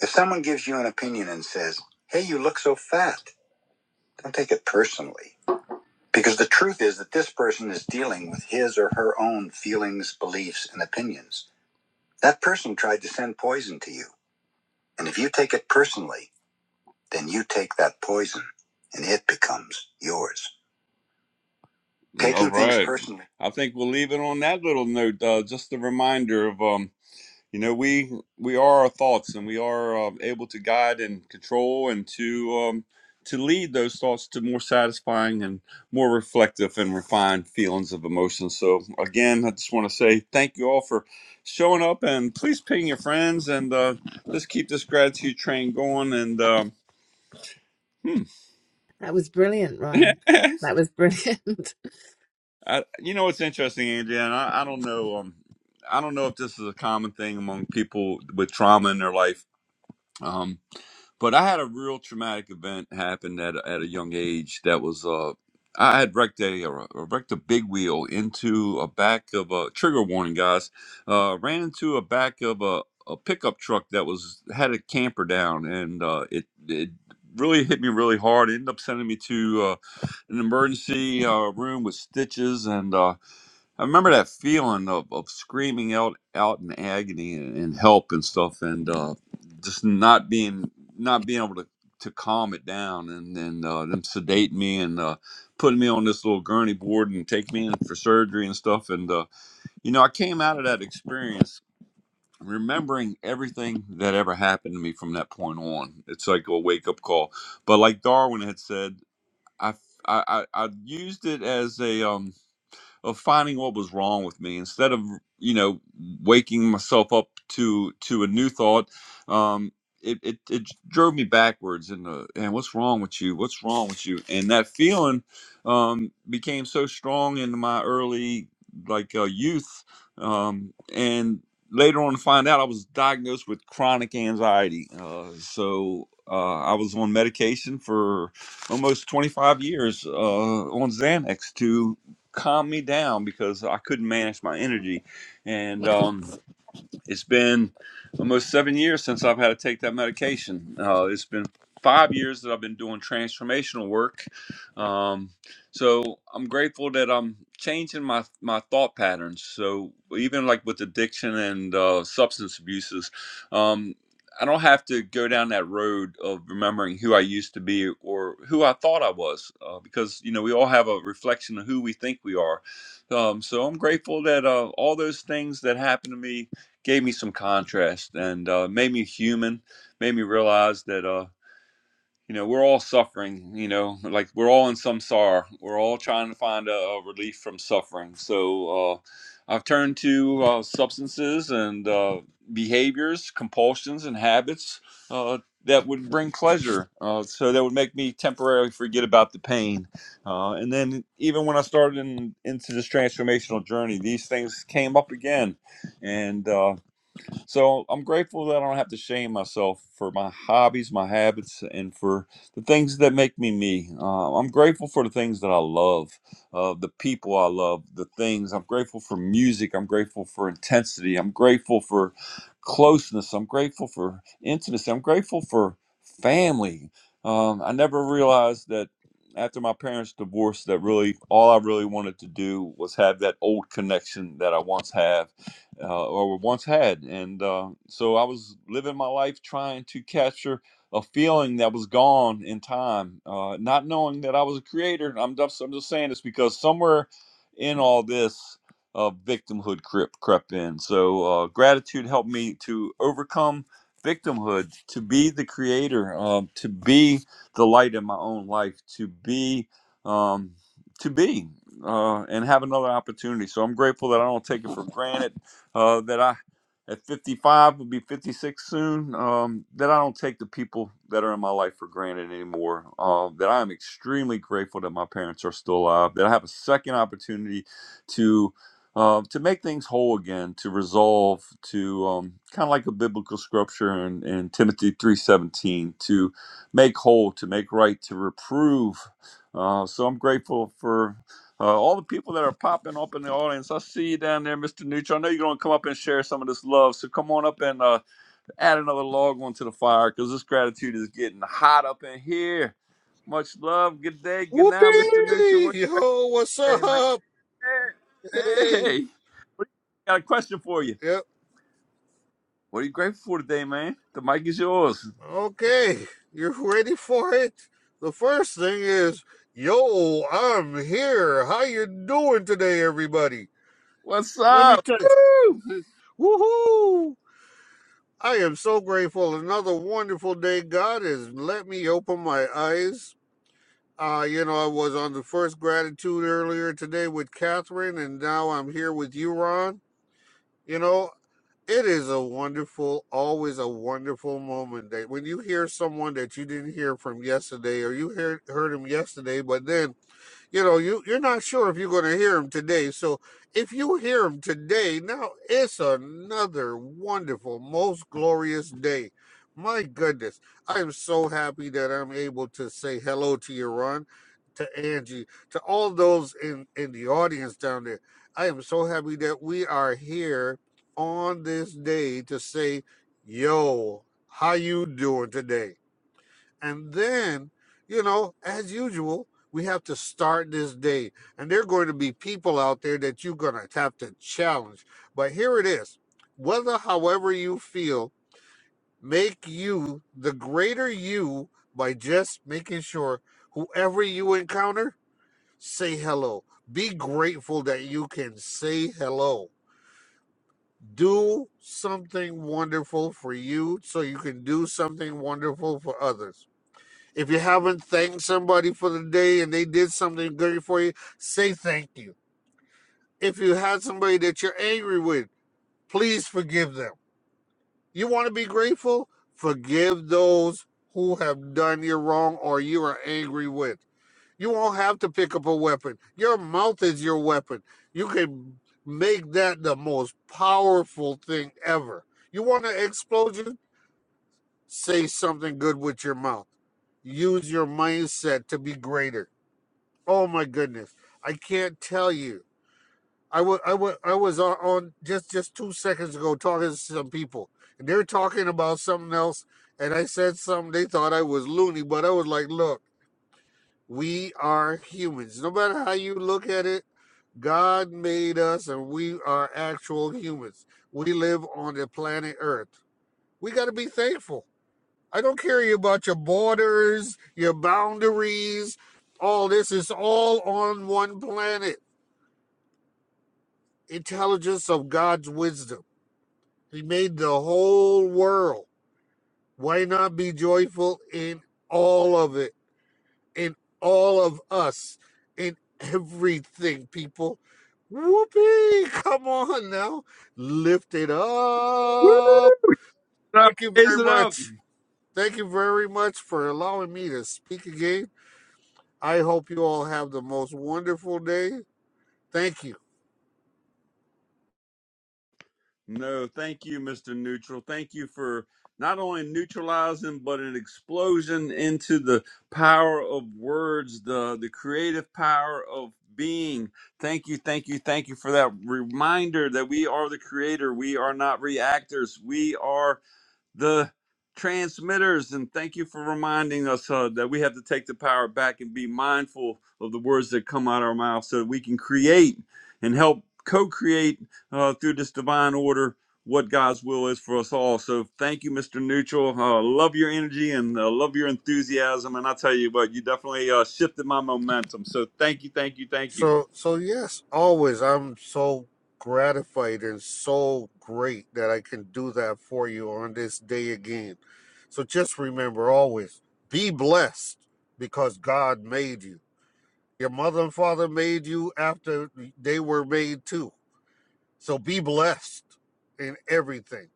If someone gives you an opinion and says, Hey, you look so fat, don't take it personally. Because the truth is that this person is dealing with his or her own feelings, beliefs, and opinions. That person tried to send poison to you. And if you take it personally, then you take that poison and it becomes yours. Taking All right. things right. personally. I think we'll leave it on that little note. Uh, just a reminder of um, You know, we we are our thoughts, and we are uh, able to guide and control, and to um, to lead those thoughts to more satisfying and more reflective and refined feelings of emotion. So, again, I just want to say thank you all for showing up, and please ping your friends, and uh, let's keep this gratitude train going. And um, hmm. that was brilliant <laughs> ron that was brilliant <laughs> I, you know, it's interesting, Angie, and I, I don't know. Um, I don't know if this is a common thing among people with trauma in their life. Um, But I had a real traumatic event happen at a- at a young age that was uh I had wrecked a or wrecked a big wheel into a back of a trigger warning guys. Uh ran into a back of a, a pickup truck that was had a camper down and uh it it really hit me really hard. It ended up sending me to uh, an emergency uh, room with stitches and uh I remember that feeling of, of screaming out out in agony and, and help and stuff and uh, just not being not being able to, to calm it down and then uh, them sedate me and uh, putting me on this little gurney board and take me in for surgery and stuff and uh, you know I came out of that experience remembering everything that ever happened to me from that point on it's like a wake up call but like Darwin had said I I, I, I used it as a um, of finding what was wrong with me instead of you know waking myself up to to a new thought um it, it, it drove me backwards and uh, and what's wrong with you what's wrong with you and that feeling um became so strong in my early like uh, youth um and later on to find out i was diagnosed with chronic anxiety uh so uh, I was on medication for almost 25 years uh, on Xanax to calm me down because I couldn't manage my energy. And <laughs> Yeah. um, it's been almost seven years since I've had to take that medication. Uh, it's been five years that I've been doing transformational work. Um, so I'm grateful that I'm changing my, my thought patterns. So even like with addiction and uh, substance abuses, um, I don't have to go down that road of remembering who I used to be or who I thought I was, uh, because you know we all have a reflection of who we think we are. Um, so I'm grateful that uh, all those things that happened to me gave me some contrast and uh, made me human, made me realize that uh, you know we're all suffering. You know, like we're all in some sorrow. We're all trying to find a, a relief from suffering. So uh, I've turned to uh, substances and uh, behaviors, compulsions, and habits uh, that would bring pleasure. Uh, so that would make me temporarily forget about the pain. Uh, and then even when I started in, into this transformational journey, these things came up again and. uh, so I'm grateful that I don't have to shame myself for my hobbies, my habits, and for the things that make me me. Uh, I'm grateful for the things that I love, uh, the people I love, the things. I'm grateful for music. I'm grateful for intensity. I'm grateful for closeness. I'm grateful for intimacy. I'm grateful for family. Um, I never realized that after my parents divorced that really all i really wanted to do was have that old connection that i once had uh, or once had. And uh, so I was living my life trying to capture a feeling that was gone in time, uh, not knowing that I was a creator. I'm just, I'm just saying this because somewhere in all this, uh, victimhood crept, crept in. So uh, gratitude helped me to overcome victimhood, to be the creator, um, to be the light in my own life, to be. Um, to be uh, and have another opportunity. So I'm grateful that I don't take it for granted uh, that I at 55 will be 56 soon um, that i don't take the people that are in my life for granted anymore uh, that i am extremely grateful that my parents are still alive that i have a second opportunity to uh, to make things whole again to resolve to um, kind of like a biblical scripture in, in timothy 3.17 to make whole to make right to reprove uh, so i'm grateful for. Uh, all the people that are popping up in the audience, I see you down there, Mr. Neutral. I know you're going to come up and share some of this love. So come on up and uh, add another log onto the fire because this gratitude is getting hot up in here. Much love. Good day. Good now, Mr. Neutral. Whoopee! What Yo, what's you say, man? up? Hey. Hey, hey. What- Got a question for you. yep. What are you grateful for today, man? The mic is yours. Okay, you're ready for it. The first thing is, yo, I'm here. How you doing today, everybody? What's Let me up? tell Woo! you. <laughs> Woohoo! I am so grateful. Another wonderful day. God has let me open my eyes. Uh, you know, I was on the first gratitude earlier today with Catherine, and now I'm here with you, Ron. You know, it is a wonderful, always a wonderful moment that when you hear someone that you didn't hear from yesterday, or you heard heard him yesterday, but then you know you you're not sure if you're going to hear him today so if you hear him today now it's another wonderful most glorious day my goodness i am so happy that i'm able to say hello to you ron to angie to all those in in the audience down there i am so happy that we are here on this day to say yo how you doing today and then, you know, as usual, we have to start this day. And there are going to be people out there that you're going to have to challenge. But here it is whether, however, you feel, make you the greater you by just making sure whoever you encounter, say hello. Be grateful that you can say hello. Do something wonderful for you so you can do something wonderful for others if you haven't thanked somebody for the day and they did something great for you, say thank you. If you had somebody that you're angry with, please forgive them. You want to be grateful? Forgive those who have done you wrong or you are angry with. You won't have to pick up a weapon. Your mouth is your weapon. You can make that the most powerful thing ever. You want an explosion? Say something good with your mouth. Use your mindset to be greater Oh my goodness. I can't tell you. I was I was I was on, on just just 2 seconds ago talking to some people and they're talking about something else and I said something they thought I was loony but I was like, "Look, we are humans. No matter how you look at it, God made us and we are actual humans. We live on the planet Earth. We got to be thankful. I don't care about your borders, your boundaries, all this is all on one planet intelligence of God's wisdom. He made the whole world. Why not be joyful in all of it, in all of us, in everything, people? Whoopee! Come on now. Lift it Woo! up. Raise it up. Thank you Raise very it up. much. Thank you very much for allowing me to speak again. I hope you all have the most wonderful day. Thank you. No, thank you, Mr. Neutral. Thank you for not only neutralizing, but an explosion into the power of words, the, the creative power of being. Thank you, thank you, thank you for that reminder that we are the creator. We are not reactors. We are the transmitters and thank you for reminding us uh, that we have to take the power back and be mindful of the words that come out of our mouth so that we can create and help co-create uh, through this divine order what god's will is for us all so thank you mr neutral uh, love your energy and uh, love your enthusiasm and i tell you what you definitely uh, shifted my momentum so thank you thank you thank you So, so yes, always. I'm so gratified and so great that I can do that for you on this day again. So just remember always be blessed because God made you. Your mother and father made you after they were made too. So be blessed in everything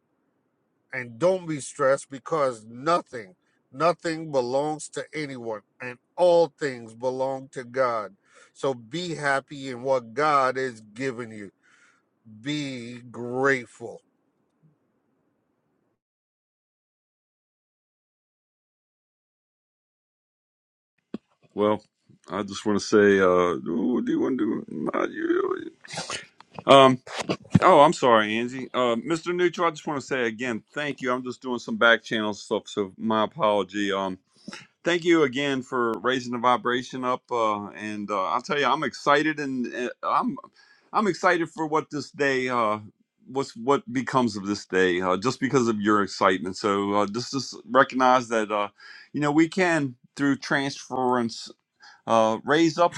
and don't be stressed because nothing, nothing belongs to anyone, and all things belong to God. So be happy in what God has given you. Be grateful. well i just want to say uh ooh, do you want to do um Oh, I'm sorry, Angie. Uh, Mr. Neutral, I just want to say again, thank you. I'm just doing some back channel stuff, so my apology. Um, thank you again for raising the vibration up. Uh, and uh, I'll tell you, I'm excited, and uh, I'm I'm excited for what this day, uh, what's what becomes of this day, uh, just because of your excitement. So uh, just just recognize that, uh, you know, we can through transference. Uh, raise up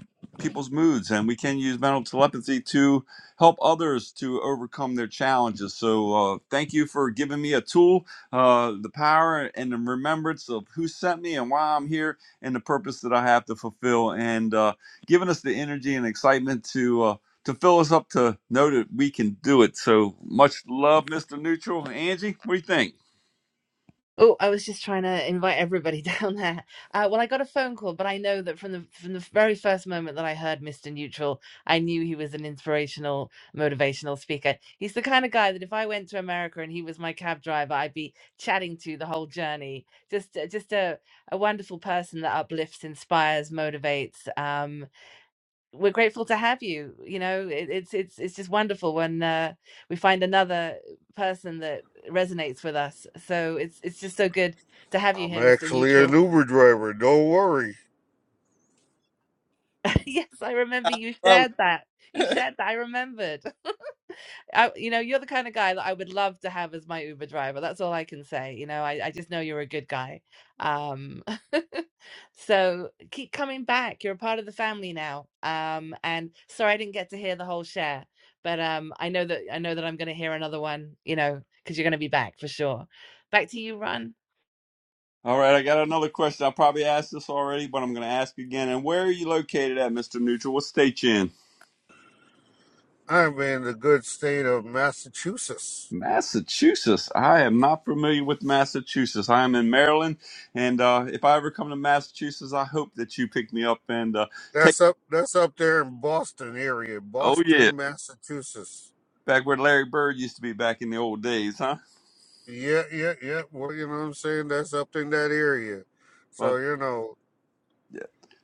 people's moods and we can use mental telepathy to help others to overcome their challenges so uh, thank you for giving me a tool uh, the power and the remembrance of who sent me and why i'm here and the purpose that i have to fulfill and uh, giving us the energy and excitement to uh, to fill us up to know that we can do it so much love mr neutral angie what do you think Oh, I was just trying to invite everybody <laughs> down there. Uh, well, I got a phone call, but I know that from the from the very first moment that I heard Mr. Neutral, I knew he was an inspirational, motivational speaker. He's the kind of guy that if I went to America and he was my cab driver, I'd be chatting to the whole journey. Just uh, just a a wonderful person that uplifts, inspires, motivates. Um, we're grateful to have you you know it, it's it's it's just wonderful when uh, we find another person that resonates with us so it's it's just so good to have you I'm here mr actually an neutral Uber driver. Don't worry. <laughs> yes i remember you shared that you shared that i remembered I, you know, you're the kind of guy that I would love to have as my Uber driver. That's all I can say. You know, I, I just know you're a good guy. Um, <laughs> so keep coming back. You're a part of the family now. Um, and sorry I didn't get to hear the whole share, but um, I know that I know that I'm going to hear another one. You know, because you're going to be back for sure. Back to you, Ron. all right i got another question i probably asked this already but i'm going to ask again and where are you located at mr neutral what state you in I'm in the good state of Massachusetts. Massachusetts. I am not familiar with Massachusetts. I am in Maryland, and uh, if I ever come to Massachusetts, I hope that you pick me up and uh, take. That's up. That's up there in Boston area, Oh yeah, Boston, Massachusetts. back where Larry Bird used to be back in the old days, huh? Yeah, yeah, yeah. Well, you know what I'm saying. That's up in that area. But So you know, yeah.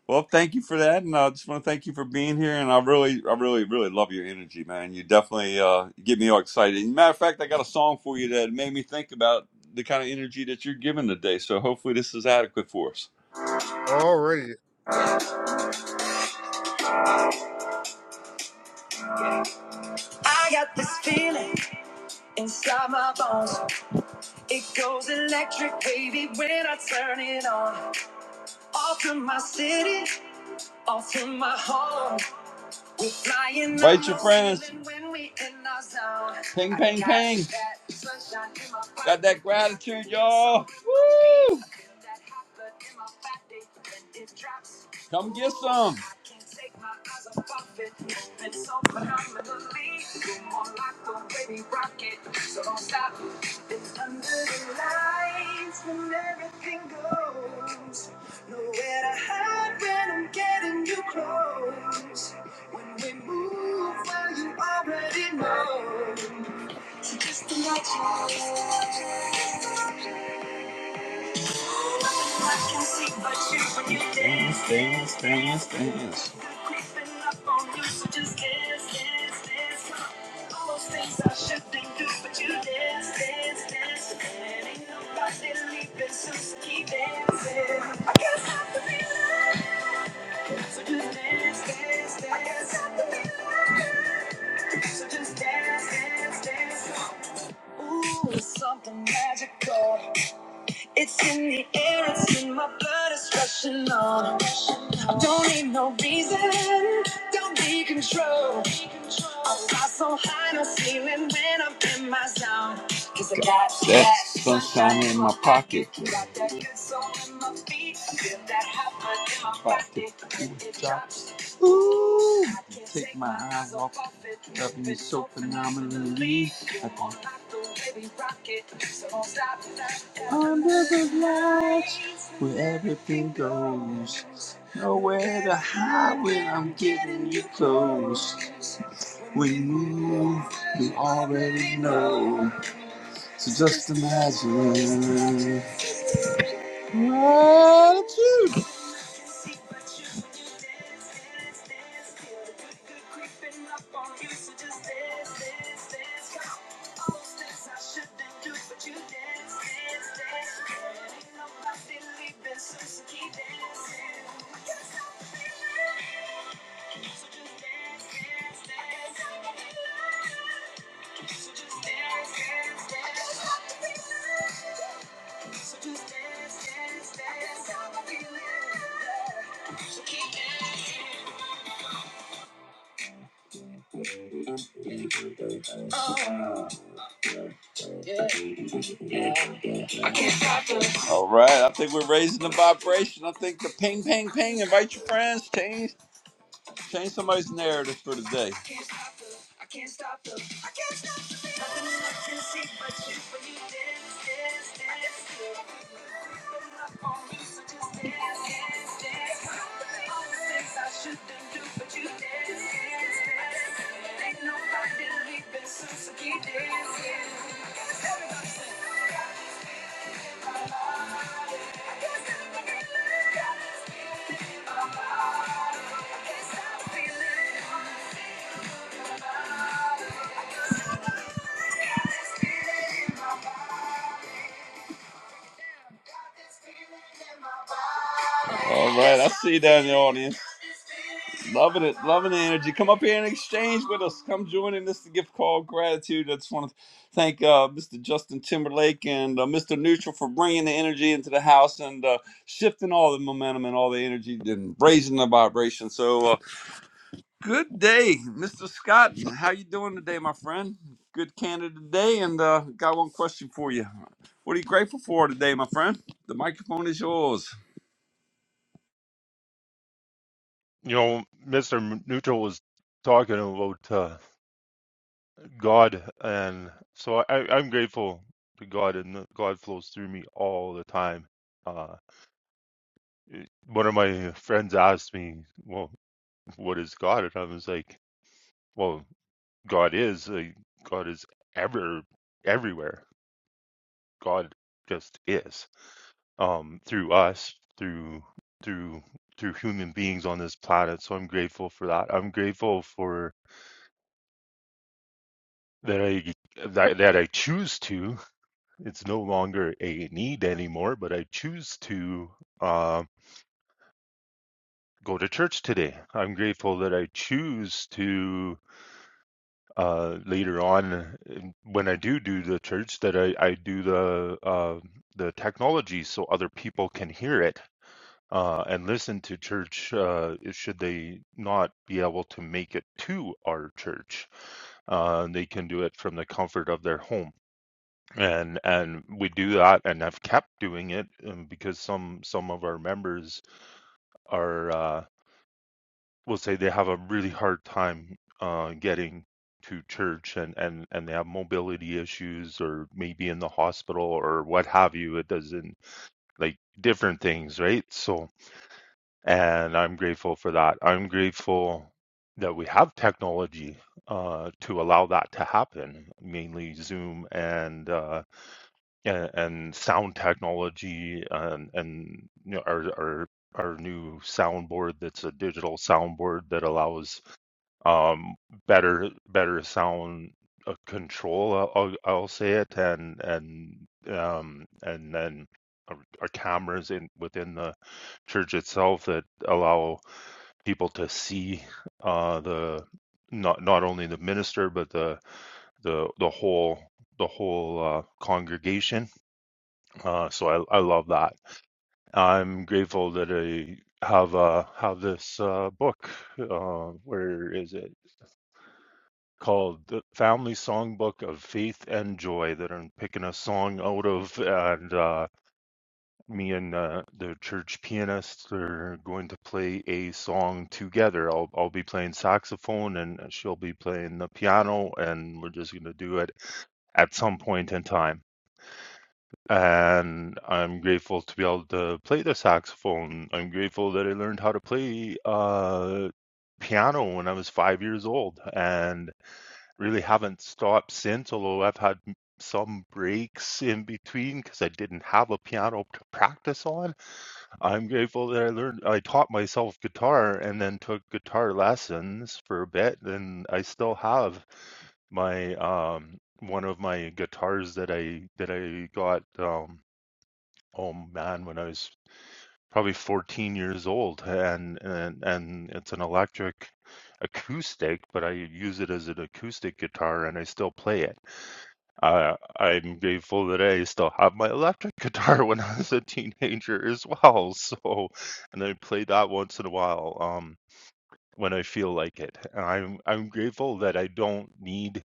Well, thank you for that, and I just want to thank you for being here. And I really, I really, really love your energy, man. You definitely uh, get me all excited. Matter of fact, I got a song for you that made me think about the kind of energy that you're giving today. So hopefully, this is adequate for us. already I got this feeling inside my bones. It goes electric, baby, when I turn it on. Off from my city, off from my home. We're flying. Invite your friends. Ceiling When we in our zone. Ping, I ping, got ping. that sunshine in my pocket. Got that gratitude, y'all. Woo! I feel that hot blood in my body when it drops. Come get some. I can't take my eyes off it. And so phenomenally, you're more like the baby rocket. So don't stop. It's under the lights when everything goes. Nowhere to hide when I'm getting you close. When we move, well, you already know. Just imagine. I can see but you when you dance. so just dance, dance, dance. All those things I shouldn't do, but you dance, dance, dance. And ain't nobody leaving, so keep dancing. I can't stop the feeling. So just dance, dance, dance. I can't stop the feeling. So just dance, dance, dance. Ooh, it's something magical. It's in the air, it's in my blood, it's rushing on. Don't need no reason, don't be control. I fly so high, no ceiling when I'm in my zone. 'Cause I got that sunshine in my pocket. Got that good soul in my feet. I feel that hot blood in my body. cool It drops. I can't Take my eyes off it. Loving me so phenomenally. I can Under the lights, where everything goes. The hide when I'm getting you close. We move, you already know. Just <laughs> All right, I think we're raising the vibration. I think the ping, ping, ping. Invite your friends. Change Change somebody's narrative for today. I can't stop the, I can't stop the feeling. Nothing I can see but you when you dance, dance, dance. Creeping up on me, so just dance, dance, dance. All the things I shouldn't do, but you dance, dance, dance. Ain't nobody leaving soon, so keep dancing. Everybody sing. I can't stop the feeling. All right, I see you down in the audience. Loving it, loving the energy. Come up here and exchange with us. Come join in this gift called gratitude. I just want to thank uh, Mr. Justin Timberlake and uh, Mr. Neutral for bringing the energy into the house and uh, shifting all the momentum and all the energy and raising the vibration. So. uh, Good day, Mr. Scott. How you doing today, my friend? Good candidate today, and uh, got one question for you. What are you grateful for today, my friend? The microphone is yours. you know, Mr. Neutral was talking about uh, God, and so I, I'm grateful to God, and that God flows through me all the time. Uh, it- one of my friends asked me, "Well, what is God?" And I was like, "Well, God is. Like, God is ever, everywhere. God just is um, through us, through through through human beings on this planet." So I'm grateful for that. I'm grateful for that I that, that I choose to. It's no longer a need anymore, but I choose to uh, go to church today. I'm grateful that I choose to uh, later on uh, when I do do the church that I, I do the uh, the technology so other people can hear it. Uh, and listen to church uh, should they not be able to make it to our church. Uh, they can do it from the comfort of their home and and we do that and have kept doing it um, because some some of our members are uh will say they have a really hard time uh getting to church and and and they have mobility issues or maybe in the hospital or what have you it doesn't like different things right so and i'm grateful for that i'm grateful that we have technology uh to allow that to happen mainly zoom and uh and, and sound technology and and you know, our our our new soundboard that's a digital soundboard that allows um better better sound uh, control I'll, I'll I'll say it and and um and then our, our cameras in within the church itself that allow people to see uh the not not only the minister but the the the whole the whole uh, congregation uh, so I, I love that. I'm grateful that I have uh, have this uh, book. Uh, where is it called? The Family Songbook of Faith and Joy that I'm picking a song out of, and uh, me and uh, the church pianist are going to play a song together. I'll I'll be playing saxophone and she'll be playing the piano, and we're just going to do it at some point in time. and I'm grateful to be able to play the saxophone. I'm grateful that I learned how to play uh, piano when I was five years old, and really haven't stopped since. Although I've had some breaks in between because I didn't have a piano to practice on. I'm grateful that I learned. I taught myself guitar, and then took guitar lessons for a bit, and I still have my um one of my guitars that I that I got um oh man, when I was probably 14 years old, and and and it's an electric acoustic, but I use it as an acoustic guitar, and I still play it. Uh, I'm grateful that I still have my electric guitar <laughs> when I was a teenager as well. So, and I play that once in a while, um, when I feel like it. And I'm I'm grateful that I don't need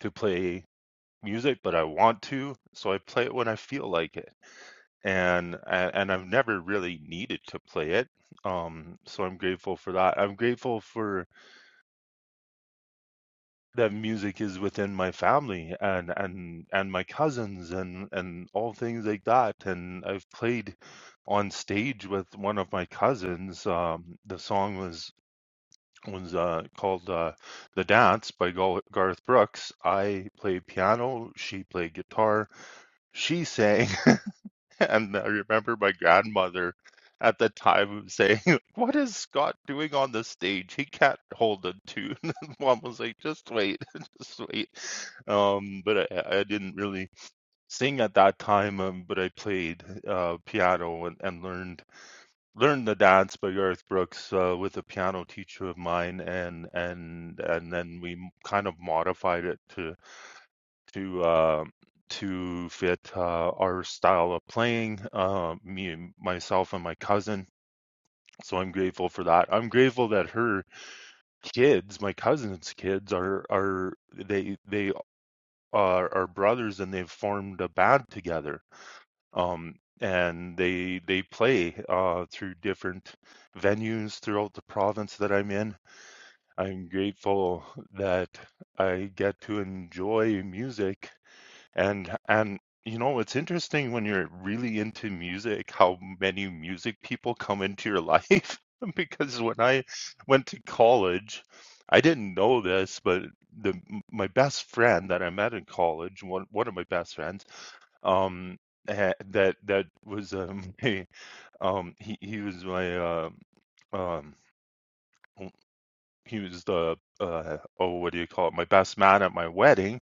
to play music, but I want to, so I play it when I feel like it and a- and I've never really needed to play it. Um, so I'm grateful for that. I'm grateful for that music is within my family and and and my cousins and and all things like that. And I've played on stage with one of my cousins. Um, the song was was uh, called uh, "The Dance" by Gal- Garth Brooks. I played piano. She played guitar. She sang. <laughs> <laughs> And I remember my grandmother at the time <laughs> saying, like, What is Scott doing on the stage? He can't hold a tune. <laughs> And Mom was like, Just wait, <laughs> just wait. Um, but I, I didn't really sing at that time, um, but I played uh, piano and, and learned learned the dance by Garth Brooks uh, with a piano teacher of mine, and and and then we kind of modified it to to uh, to fit uh, our style of playing. Uh, me, and myself, and my cousin. So I'm grateful for that. I'm grateful that her kids, my cousin's kids, are are they they are, are brothers and they've formed a band together. Um, and they they play uh, through different venues throughout the province that I'm in. I'm grateful that I get to enjoy music And and you know, it's interesting when you're really into music how many music people come into your life. <laughs> Because when I went to college, I didn't know this, but the my best friend that I met in college, one one of my best friends, um, eh, that that was um, <laughs> a, um he he was my uh, um he was the uh oh what do you call it my best man at my wedding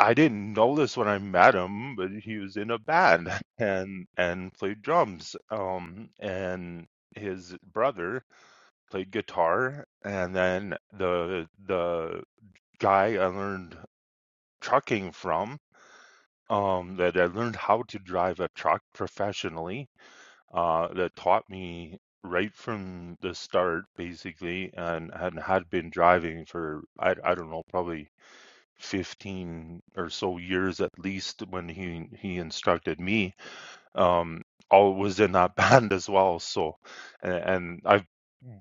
I didn't know this when I met him, but he was in a band <laughs> and and played drums. Um, and his brother played guitar, and then the the guy I learned trucking from, um, that I learned how to drive a truck professionally, uh, that taught me right from the start, basically, and and had been driving for I I don't know, probably 15 or so years at least when he he instructed me um all was in that <laughs> band as well so and, and I've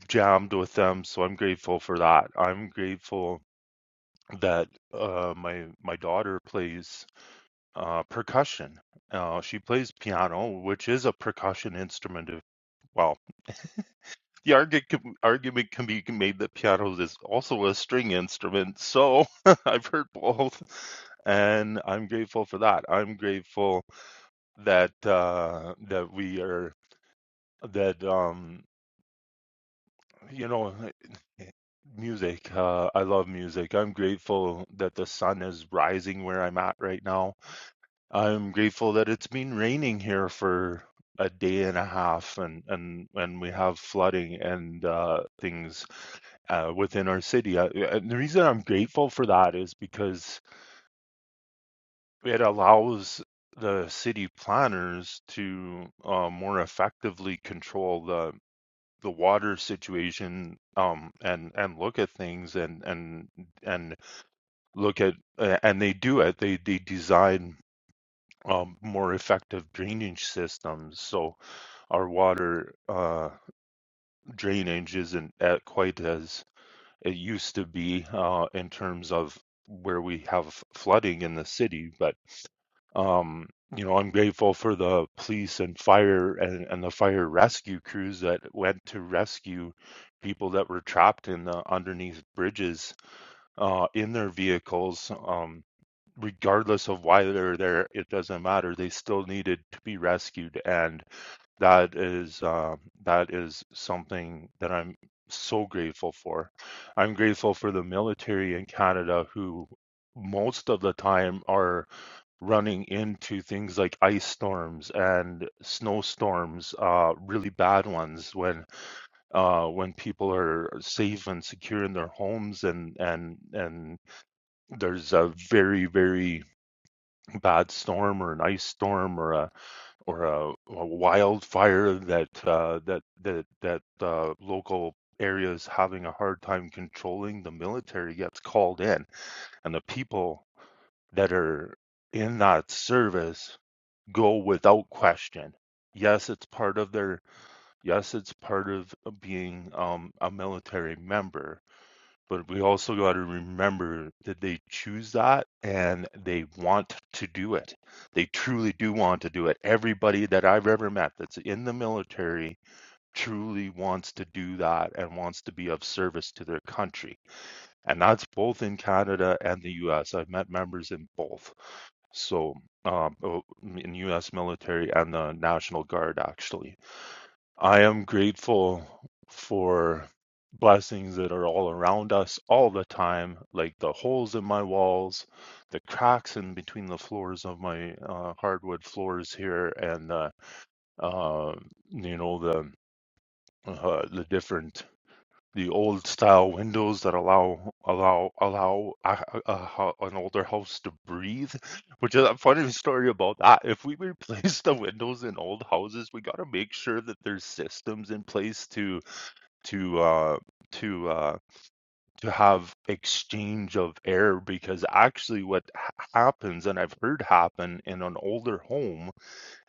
jammed with them so I'm grateful for that I'm grateful that uh my my daughter plays uh percussion uh she plays piano which is a percussion instrument if, well The argument can, argument can be made that piano is also a string instrument. So <laughs> I've heard both, and I'm grateful for that. I'm grateful that uh, that we are that um, you know <sighs> music. Uh, I love music. I'm grateful that the sun is rising where I'm at right now I'm grateful that it's been raining here for a day and a half and and and we have flooding and uh things uh within our city. Uh, yeah, and the reason I'm grateful for that is because it allows the city planners to uh, more effectively control the the water situation um and and look at things and and and look at uh, and they do it they they design um, more effective drainage systems. So our water uh, drainage isn't at quite as it used to be uh, in terms of where we have flooding in the city. But um, you know, I'm grateful for the police and fire and, and the fire rescue crews that went to rescue people that were trapped in the underneath bridges uh, in their vehicles. Um, regardless of why they're there, it doesn't matter. They still needed to be rescued, and that is um, that is something that I'm so grateful for. I'm grateful for the military in Canada who most of the time are running into things like ice storms and snowstorms uh really bad ones when uh when people are safe and secure in their homes and and and there's a very very bad storm or an ice storm or a or a, a wildfire that uh, that that that uh, local areas having a hard time controlling, the military gets called in, and the people that are in that service go without question. Yes, it's part of their. Yes, it's part of being um, a military member but we also got to remember that they choose that and they want to do it. They truly do want to do it. Everybody that I've ever met that's in the military truly wants to do that and wants to be of service to their country. And that's both in Canada and the US. I've met members in both. So, um, oh, in US military and the National Guard, actually. I am grateful for blessings that are all around us all the time, like the holes in my walls, the cracks in between the floors of my uh, hardwood floors here, and uh, uh, you know the uh, the different the old style windows that allow allow allow a, a, a an older house to breathe which is a funny story about that if we replace the windows in old houses we got to make sure that there's systems in place to to uh to uh to have exchange of air because actually what ha- happens and i've heard happen in an older home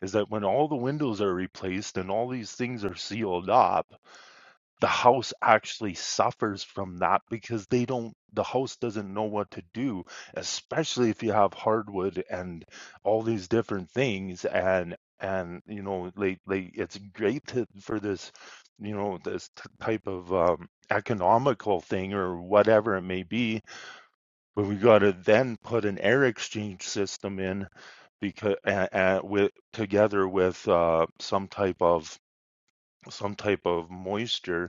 is that when all the windows are replaced and all these things are sealed up the house actually suffers from that because they don't the house doesn't know what to do especially if you have hardwood and all these different things and and you know like like it's great to, for this you know this t- type of um, economical thing or whatever it may be but we got to then put an air exchange system in because uh, uh, with together with uh, some type of some type of moisture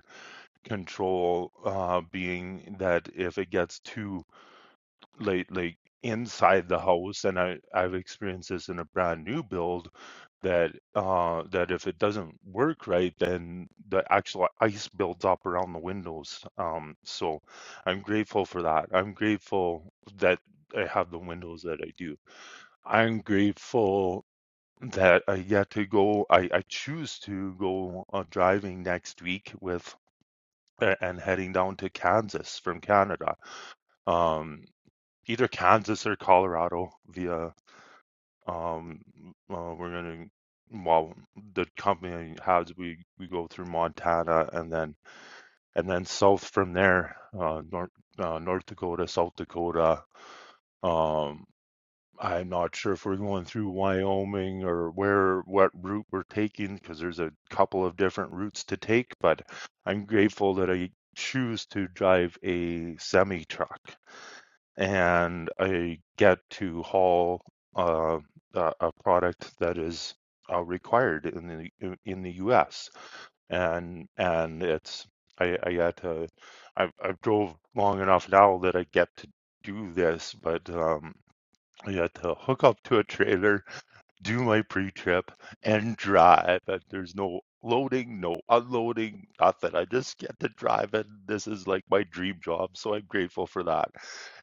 control uh, being that if it gets too late, like inside the house, and I, I've experienced this in a brand new build, that uh, that if it doesn't work right, then the actual ice builds up around the windows. Um, so I'm grateful for that. I'm grateful that I have the windows that I do. I'm grateful that I get to go. I, I choose to go uh, driving next week with a- and heading down to Kansas from Canada. Um, either Kansas or Colorado via um uh, we're gonna well the company has we we go through Montana and then and then south from there uh, North uh, North Dakota, South Dakota, um I'm not sure if we're going through Wyoming or where what route we're taking because there's a couple of different routes to take, but I'm grateful that I choose to drive a semi truck and I get to haul uh, a, a product that is uh, required in the in the U.S. and and it's I, I got to I've I've drove long enough now that I get to do this, but um, I had to hook up to a trailer, do my pre-trip, and drive. And there's no loading, no unloading, nothing. I just get to drive, and this is like my dream job. So I'm grateful for that,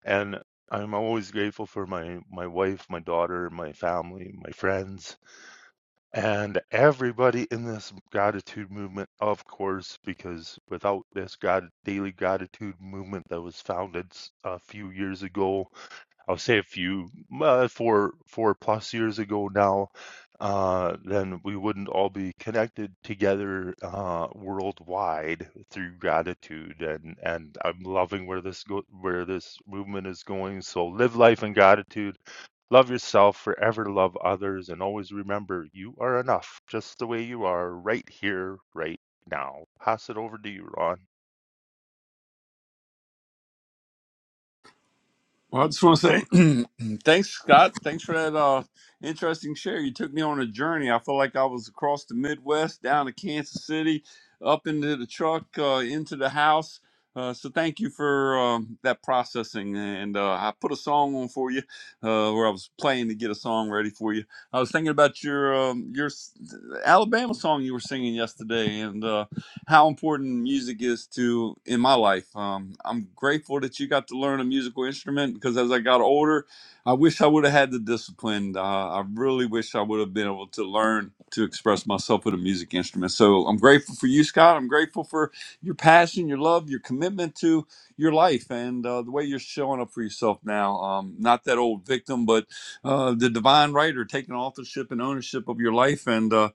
and I'm always grateful for my my wife, my daughter, my family, my friends, and everybody in this gratitude movement, of course, because without this grat- daily gratitude movement that was founded s- a few years ago I will say a few, uh, four, four plus years ago now, uh, then we wouldn't all be connected together uh, worldwide through gratitude. And and I'm loving where this go, where this movement is going. So live life in gratitude. Love yourself, forever love others, and always remember you are enough just the way you are right here, right now. Pass it over to you, Ron. Well, I just want to say <clears throat> thanks, Scott. Thanks for that uh, interesting share. You took me on a journey. I felt like I was across the Midwest, down to Kansas City, up into the truck, uh, into the house. Uh, so thank you for um, that processing. And uh, I put a song on for you, uh, where I was playing to get a song ready for you. I was thinking about your um, your s- Alabama song you were singing yesterday, and uh, how important music is to in my life. Um, I'm grateful that you got to learn a musical instrument because as I got older, I wish I would have had the discipline. Uh, I really wish I would have been able to learn to express myself with a music instrument. So I'm grateful for you, Scott. I'm grateful for your passion, your love, your commitment to your life, and uh, the way you're showing up for yourself now. Um, not that old victim, but uh, the divine writer taking authorship and ownership of your life and. Uh,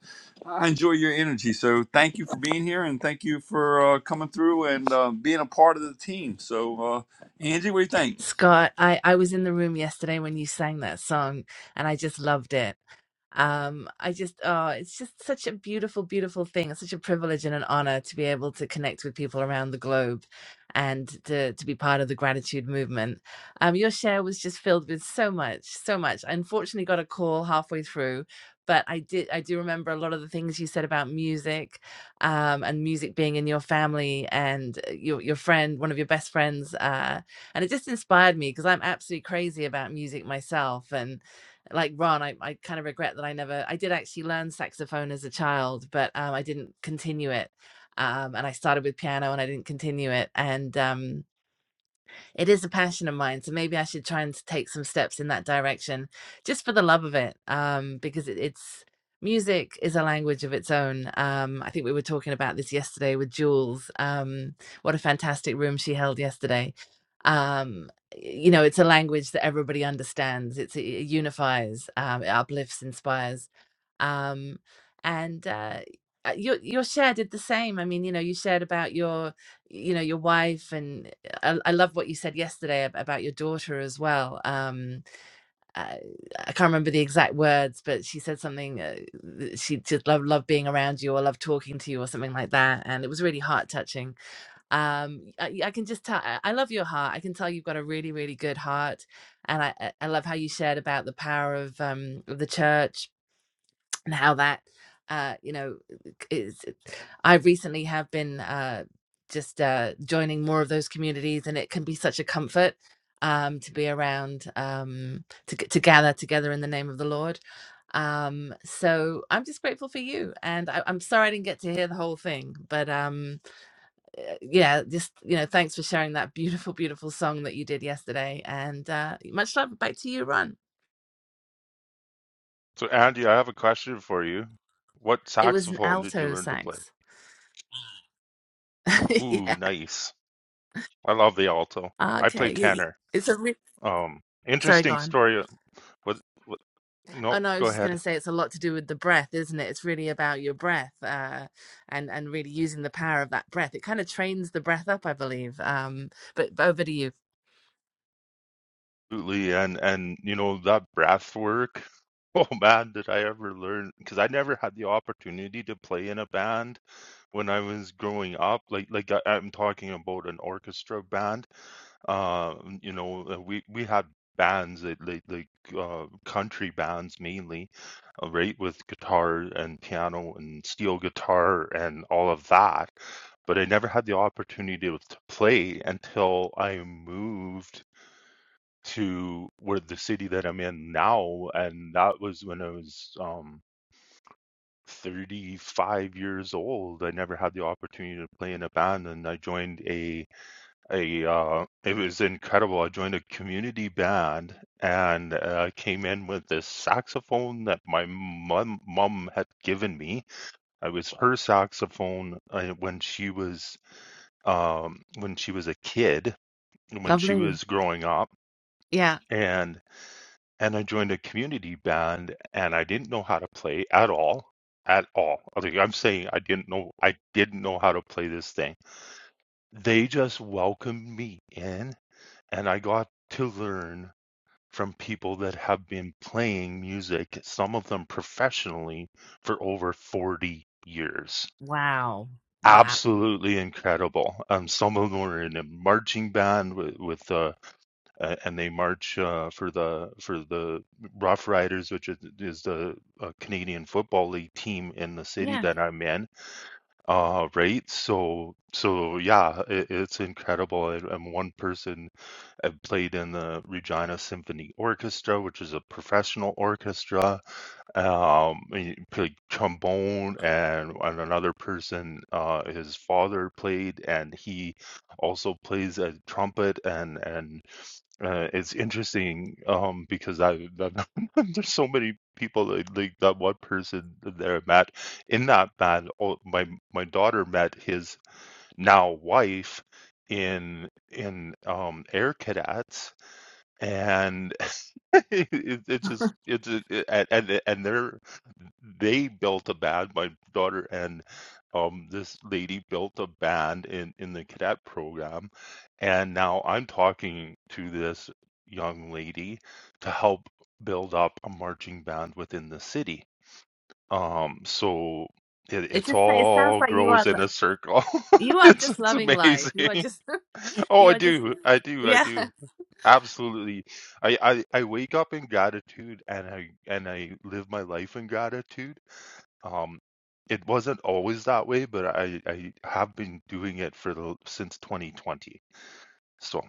I enjoy your energy. So thank you for being here and thank you for uh, coming through and uh, being a part of the team. So, uh, Angie, what do you think? Scott, I, I was in the room yesterday when you sang that song, and I just loved it. um i just oh it's just such a beautiful beautiful thing it's such a privilege and an honor to be able to connect with people around the globe and to to be part of the gratitude movement um your share was just filled with so much so much i unfortunately got a call halfway through but i did i do remember a lot of the things you said about music um and music being in your family and uh, your your friend one of your best friends uh and it just inspired me because i'm absolutely crazy about music myself and like Ron, I, I kind of regret that I never I did actually learn saxophone as a child, but um, I didn't continue it. Um, and I started with piano and I didn't continue it. And um, it is a passion of mine. So maybe I should try and take some steps in that direction just for the love of it. Um, because it, it's music is a language of its own. Um, I think we were talking about this yesterday with Jules. Um, what a fantastic room she held yesterday. Um, you know, it's a language that everybody understands. It's, it unifies, um, it uplifts, inspires. Um, and uh, uh, your your share did the same. I mean, you know, you shared about your, you know, your wife and I, I love what you said yesterday about your daughter as well. Um, I, I can't remember the exact words, but she said something. Uh, she just loved loved being around you, or loved talking to you, or something like that. And it was really heart touching. Um, I, I can just tell. I love your heart. I can tell you've got a really, really good heart, and I I I love how you shared about the power of um of the church and how that uh you know is i recently have been uh just uh joining more of those communities and it can be such a comfort um to be around um to g- to gather together in the name of the lord um so i'm just grateful for you and I, i'm sorry i didn't get to hear the whole thing but um uh, yeah just you know thanks for sharing that beautiful beautiful song that you did yesterday and uh much love back to you ron So, Andy, I have a question for you. What it was an saxophone did you alto learn to play? sax <laughs> Ooh, nice. I love the alto. Ah, I play okay. You- tenor. It's a re- Um, sorry, go interesting on. story. uh, With, with no, Oh no, I go was just going ahead. to say it's a lot to do with the breath, isn't it? It's really about your breath, uh, and and really using the power of that breath. It kind of trains the breath up, I believe. Um, but but over to you. Absolutely, and and you know that breath work. <laughs> Oh man, did I ever learn? Because I never had the opportunity to play in a band when I was growing up. Like like I, I'm talking about an orchestra band. Um, you know, uh, we we had bands that like like uh, country bands mainly uh, right with guitar and piano and steel guitar and all of that but i never had the opportunity to to play until i moved to where the city that i'm in now and that was when i was um 35 years old i never had the opportunity to play in a band and i joined a I uh, it was incredible. I joined a community band and uh, came in with this saxophone that my mom mum had given me. It was her saxophone uh, when she was um, when she was a kid, when she Lovely. was growing up, Yeah. and and I joined a community band and I didn't know how to play at all. At all. Like I'm saying I didn't know I didn't know how to play this thing. They just welcomed me in and I got to learn from people that have been playing music, some of them professionally, for over 40 years. Wow. Wow. Absolutely incredible. Um, some of them were in a marching band with, with uh, uh, and they march uh, for the for the Rough Riders, which is, is the uh, Canadian Football League team in the city Yeah. that I'm in. Uh, right. So so yeah, it, it's incredible. And, and one person I've played in the Regina Symphony Orchestra, which is a professional orchestra. Um, I played trombone, and, and another person, uh, his father played, and he also plays a trumpet. And and uh, it's interesting um, because I <laughs> there's so many people that, like that one person that I met in that band. all- My my daughter met his now wife in in um, Air Cadets and <laughs> it, it just it's it, and and they're they built a band my daughter and um this lady built a band in in the cadet program and now I'm talking to this young lady to help build up a marching band within the city um so it, It it's just it sounds all like you grows are lo- in a circle you <laughs> are it's just it's loving life. You are amazing just <laughs> <laughs> oh you I are just do I do I yeah. <laughs> do Absolutely. I, I, I wake up in gratitude and I and I live my life in gratitude. Um, it wasn't always that way, but I, I have been doing it for the since 2020. So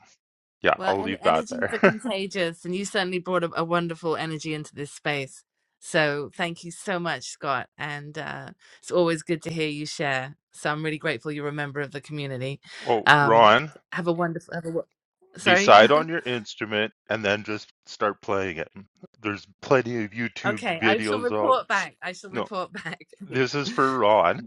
yeah, Well, I'll en- leave that energies are there. <laughs> contagious, and you certainly brought a, a wonderful energy into this space. So thank you so much, Scott. And uh, it's always good to hear you share. So I'm really grateful you're a member of the community. Oh, Um, Ron, have a wonderful. Have a, wo- sorry. decide on your instrument and then just start playing it. There's plenty of <laughs> YouTube okay, I shall videos out. report back. I shall No, report back. this is for Ron.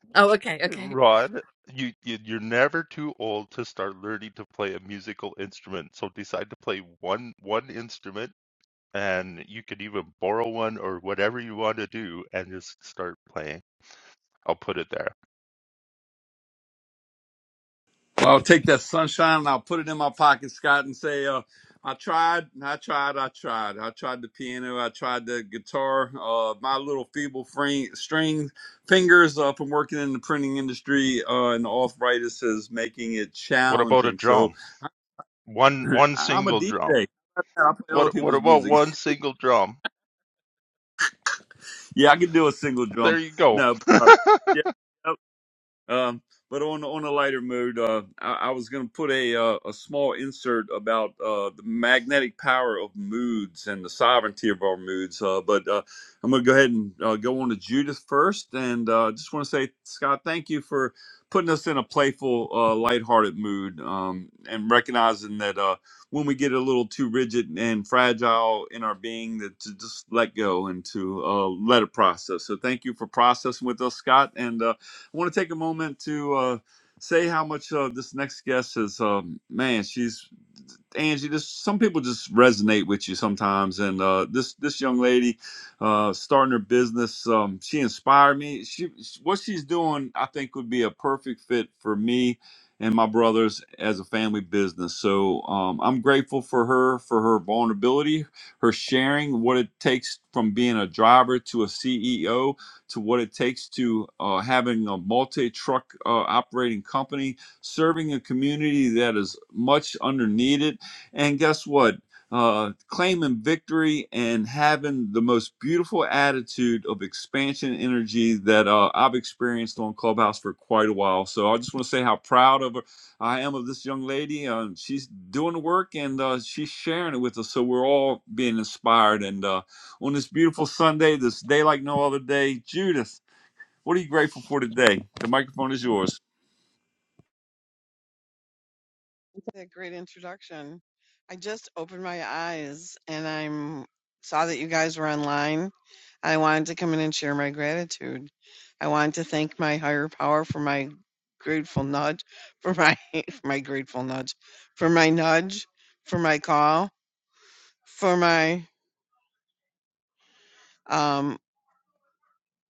<laughs> oh, okay, okay. Rod, you, you you're never too old to start learning to play a musical instrument. So decide to play one one instrument, and you could even borrow one or whatever you want to do, and just start playing. I'll put it there. Well, I'll take that sunshine and I'll put it in my pocket, Scott, and say, uh, I tried, I tried, I tried. I tried the piano, I tried the guitar. Uh, my little feeble frame, string fingers uh, from working in the printing industry uh, and the arthritis is making it What about a challenging. drum? So One <clears throat> one I'm a single drum. DJ. I play other What what people's about music. <laughs> one single drum? yeah, I can do a single drum. There you go. No, but, uh, <laughs> yeah, um, but on on a lighter mood, uh, I, I was going to put a uh, a small insert about uh, the magnetic power of moods and the sovereignty of our moods. Uh, but uh, I'm going to go ahead and uh, go on to Judith first, and uh, just want to say, Scott, thank you for putting us in a playful, uh, lighthearted mood, um, and recognizing that uh, when we get a little too rigid and fragile in our being, that to just let go and to uh, let it process. So thank you for processing with us, Scott, and. Uh, I want to take a moment to uh, say how much uh, this next guest is. Um, man, she's Angie, this some people just resonate with you sometimes, and uh, this this young lady uh, starting her business, um, she inspired me. She what she's doing, I think, would be a perfect fit for me and my brothers as a family business. So um, I'm grateful for her for her vulnerability, her sharing what it takes from being a driver to a CEO to what it takes to uh, having a multi truck uh, operating company serving a community that is much under needed and guess what? Uh, claiming victory and having the most beautiful attitude of expansion energy that uh, I've experienced on Clubhouse for quite a while. So I just want to say how proud of her I am of this young lady. Uh, she's doing the work and uh, she's sharing it with us. So we're all being inspired. And uh, on this beautiful Sunday, this day like no other day, Judith, what are you grateful for today? The microphone is yours. That great introduction. I just opened my eyes and I'm saw that you guys were online. I wanted to come in and share my gratitude. I wanted to thank my higher power for my grateful nudge, for my <laughs> for my grateful nudge, for my nudge, for my call, for my um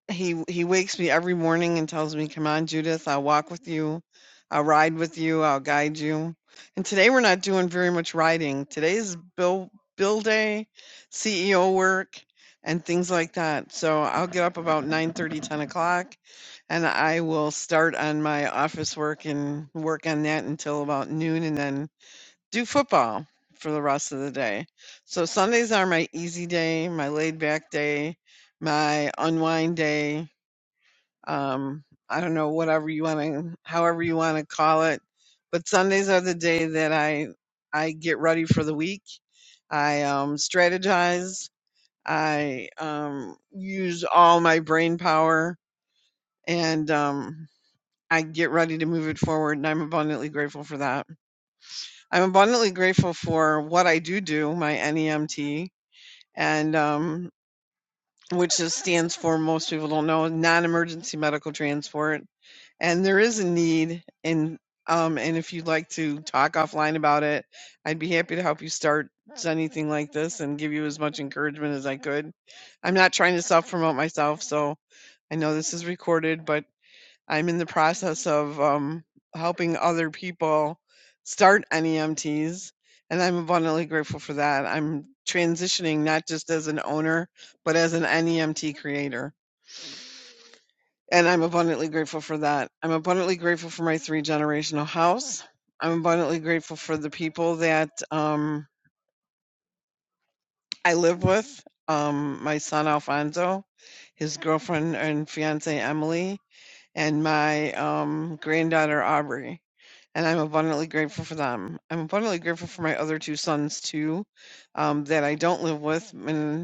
He he wakes me every morning and tells me, "Come on, Judith, I'll walk with you. I'll ride with you. I'll guide you." And today we're not doing very much riding. Today's bill bill day, CEO work, and things like that. So I'll get up about nine thirty, ten o'clock, and I will start on my office work and work on that until about noon, and then do football for the rest of the day. So Sundays are my easy day, my laid back day, my unwind day um, I don't know, whatever you want to, however you want to call it. But Sundays are the day that I, I get ready for the week. I um, strategize. I um, use all my brain power and um, I get ready to move it forward. And I'm abundantly grateful for that. I'm abundantly grateful for what I do do, my NEMT, and um, which is, stands for, most people don't know, non emergency medical transport and there is a need and um and if you'd like to talk offline about it i'd be happy to help you start anything like this and give you as much encouragement as i could i'm not trying to self promote myself so i know this is recorded but i'm in the process of um helping other people start nemts and i'm abundantly grateful for that i'm transitioning not just as an owner but as an nemt creator and I'm abundantly grateful for that. I'm abundantly grateful for my three generational house. I'm abundantly grateful for the people that um, I live with um, my son Alfonso, his girlfriend and fiance Emily, and my um, granddaughter Aubrey. And I'm abundantly grateful for them. I'm abundantly grateful for my other two sons, too, um, that I don't live with. and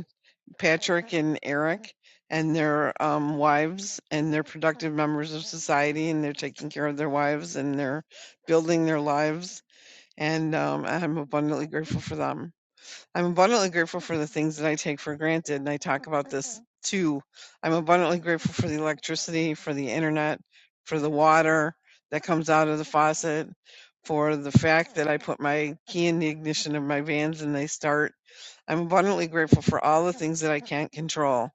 Patrick and Eric and their um, wives, and they're productive members of society, and they're taking care of their wives, and they're building their lives. And um, I'm abundantly grateful for them. I'm abundantly grateful for the things that I take for granted, and I talk about this too. I'm abundantly grateful for the electricity, for the internet, for the water that comes out of the faucet, for the fact that I put my key in the ignition of my vans and they start I'm abundantly grateful for all the things that I can't control.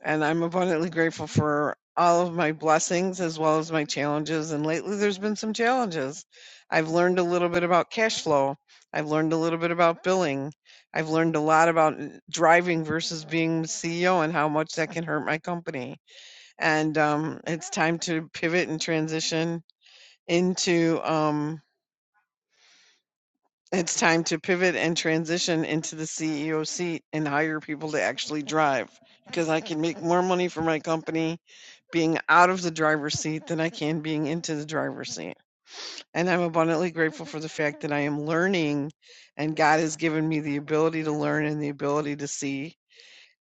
And I'm abundantly grateful for all of my blessings as well as my challenges. And lately, there's been some challenges. I've learned a little bit about cash flow. I've learned a little bit about billing. I've learned a lot about uh, driving versus being CEO and how much that can hurt my company. And um, it's time to pivot and transition into. um, It's time to pivot and transition into the CEO seat and hire people to actually drive because I can make more money for my company being out of the driver's seat than I can being into the driver's seat. And I'm abundantly grateful for the fact that I am learning and God has given me the ability to learn and the ability to see.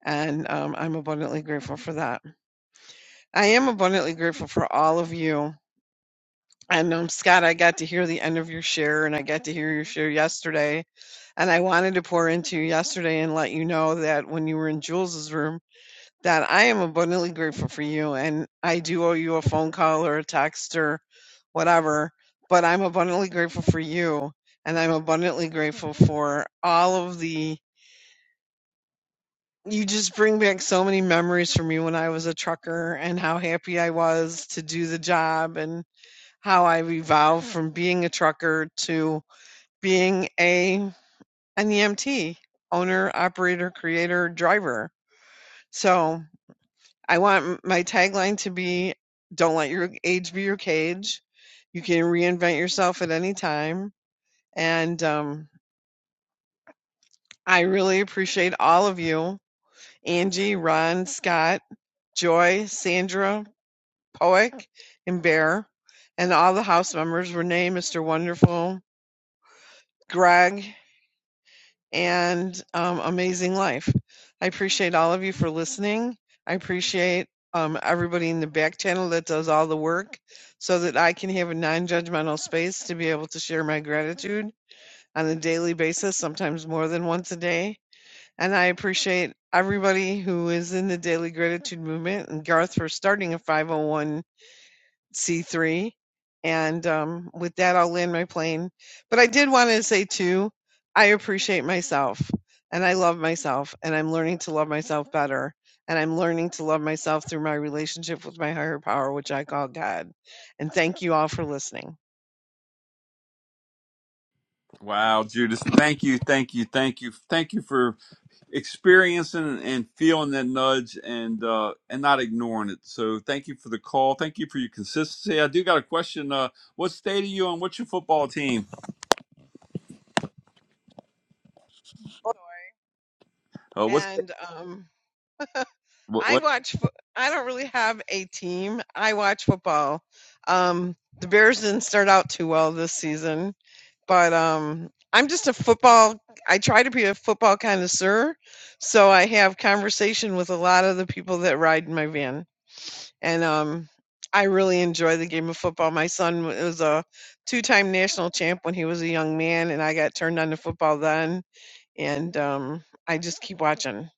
And um, I'm abundantly grateful for that. I am abundantly grateful for all of you And um, Scott, I got to hear the end of your share, and I got to hear your share yesterday. And I wanted to pour into you yesterday and let you know that when you were in Jules's room, that I am abundantly grateful for you, and I do owe you a phone call or a text or whatever. But I'm abundantly grateful for you, and I'm abundantly grateful for all of the. You just bring back so many memories for me when I was a trucker and how happy I was to do the job and how I evolved from being a trucker to being a an EMT, owner, operator, creator, driver. So I want my tagline to be don't let your age be your cage. You can reinvent yourself at any time. And um, I really appreciate all of you Angie, Ron, Scott, Joy, Sandra, Poick, and Bear, and all the house members Renee, Mr. Wonderful, Greg. and um, Amazing Life. I appreciate all of you for listening. I appreciate um, everybody in the back channel that does all the work so that I can have a non judgmental space to be able to share my gratitude on a daily basis, sometimes more than once a day. And I appreciate everybody who is in the daily gratitude movement and Garth for starting a 501 C3. And um, with that, I'll land my plane. But I did want to say, too, I appreciate myself and I love myself and I'm learning to love myself better. And I'm learning to love myself through my relationship with my higher power, which I call God. And thank you all for listening. Wow, Judith, thank you, thank you, thank you, thank you for experiencing and feeling that nudge and uh and not ignoring it so thank you for the call thank you for your consistency i do got a question uh what state are you on what's your football team uh what's And um, I what, watch, I don't really have a team. I watch football. Um, the Bears didn't start out too well this season but um i'm just a football i try to be a football connoisseur so i have conversation with a lot of the people that ride in my van and um i really enjoy the game of football my son w- was a two-time national champ when he was a young man and i got turned on to football then and um i just keep watching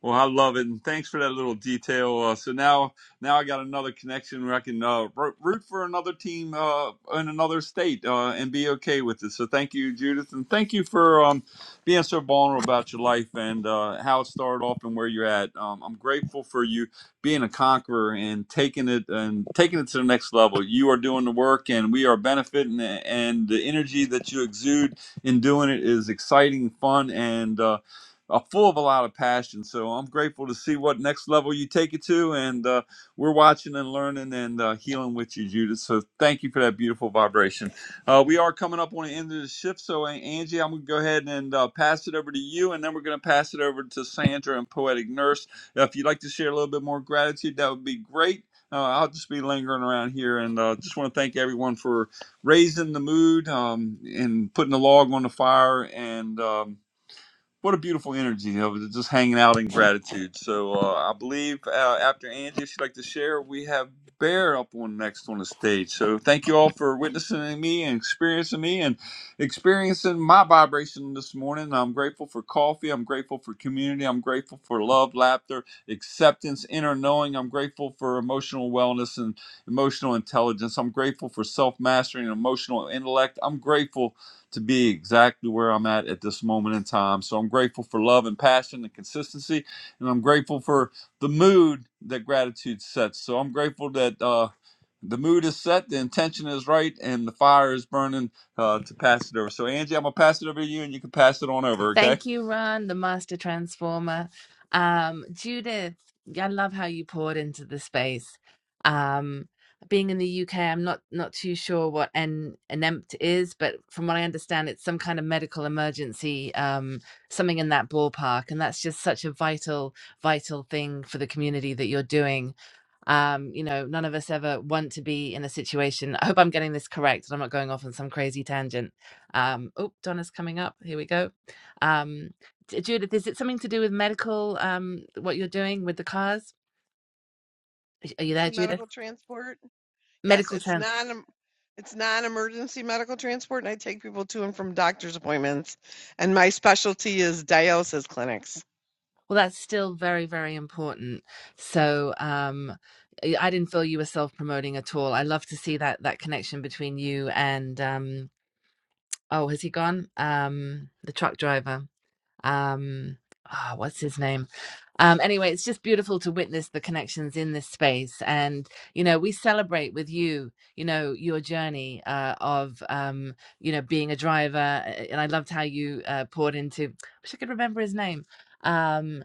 Well, I love it, and thanks for that little detail. Uh, so now, now I got another connection where I can uh, ro- root for another team uh, in another state uh, and be okay with it. So thank you, Judith, and thank you for um, being so vulnerable about your life and uh, how it started off and where you're at. Um, I'm grateful for you being a conqueror and taking it and taking it to the next level. You are doing the work, and we are benefiting, and the energy that you exude in doing it is exciting, fun, and uh, uh, full of a lot of passion. So I'm grateful to see what next level you take it to. And uh, we're watching and learning and uh, healing with you, Judith. So thank you for that beautiful vibration. Uh, we are coming up on the end of the shift. So, uh, Angie, I'm going to go ahead and uh, pass it over to you. And then we're going to pass it over to Sandra and Poetic Nurse. If you'd like to share a little bit more gratitude, that would be great. Uh, I'll just be lingering around here and uh, just want to thank everyone for raising the mood um, and putting the log on the fire and. Um, what a beautiful energy of it, just hanging out in gratitude. So uh, I believe uh, after Angie, if she'd like to share, we have Bear up on next on the stage. So thank you all for witnessing me and experiencing me and experiencing my vibration this morning. I'm grateful for coffee. I'm grateful for community. I'm grateful for love, laughter, acceptance, inner knowing. I'm grateful for emotional wellness and emotional intelligence. I'm grateful for self mastery and emotional intellect. I'm grateful to be exactly where I'm at at this moment in time. So I'm grateful for love and passion and consistency, and I'm grateful for the mood that gratitude sets. So I'm grateful that uh, the mood is set, the intention is right, and the fire is burning uh, to pass it over. So Angie, I'm gonna pass it over to you, and you can pass it on over. Okay. Thank you, Ron, the master transformer. Um, Judith, I love how you poured into the space. Um, being in the UK, I'm not not too sure what an enempt is, but from what I understand, it's some kind of medical emergency, um, something in that ballpark, and that's just such a vital, vital thing for the community that you're doing um you know none of us ever want to be in a situation <laughs> i hope i'm getting this correct and i'm not going off on some crazy tangent um oh donna's coming up here we go um J- judith is it something to do with medical um what you're doing with the cars Is- are you there emergency judith medical transport yes medical it's trend non, it's non-emergency medical transport and i take people to and from doctor's appointments and my specialty is dialysis clinics well that's still very very important so um i I didn't feel you were self-promoting at all i love to see that that connection between you and um oh has he gone um the truck driver um ah what's his name um anyway it's just beautiful to witness the connections in this space and you know we celebrate with you you know your journey uh of um you know being a driver uh, and i loved how you uh poured into I wish i could remember his name Um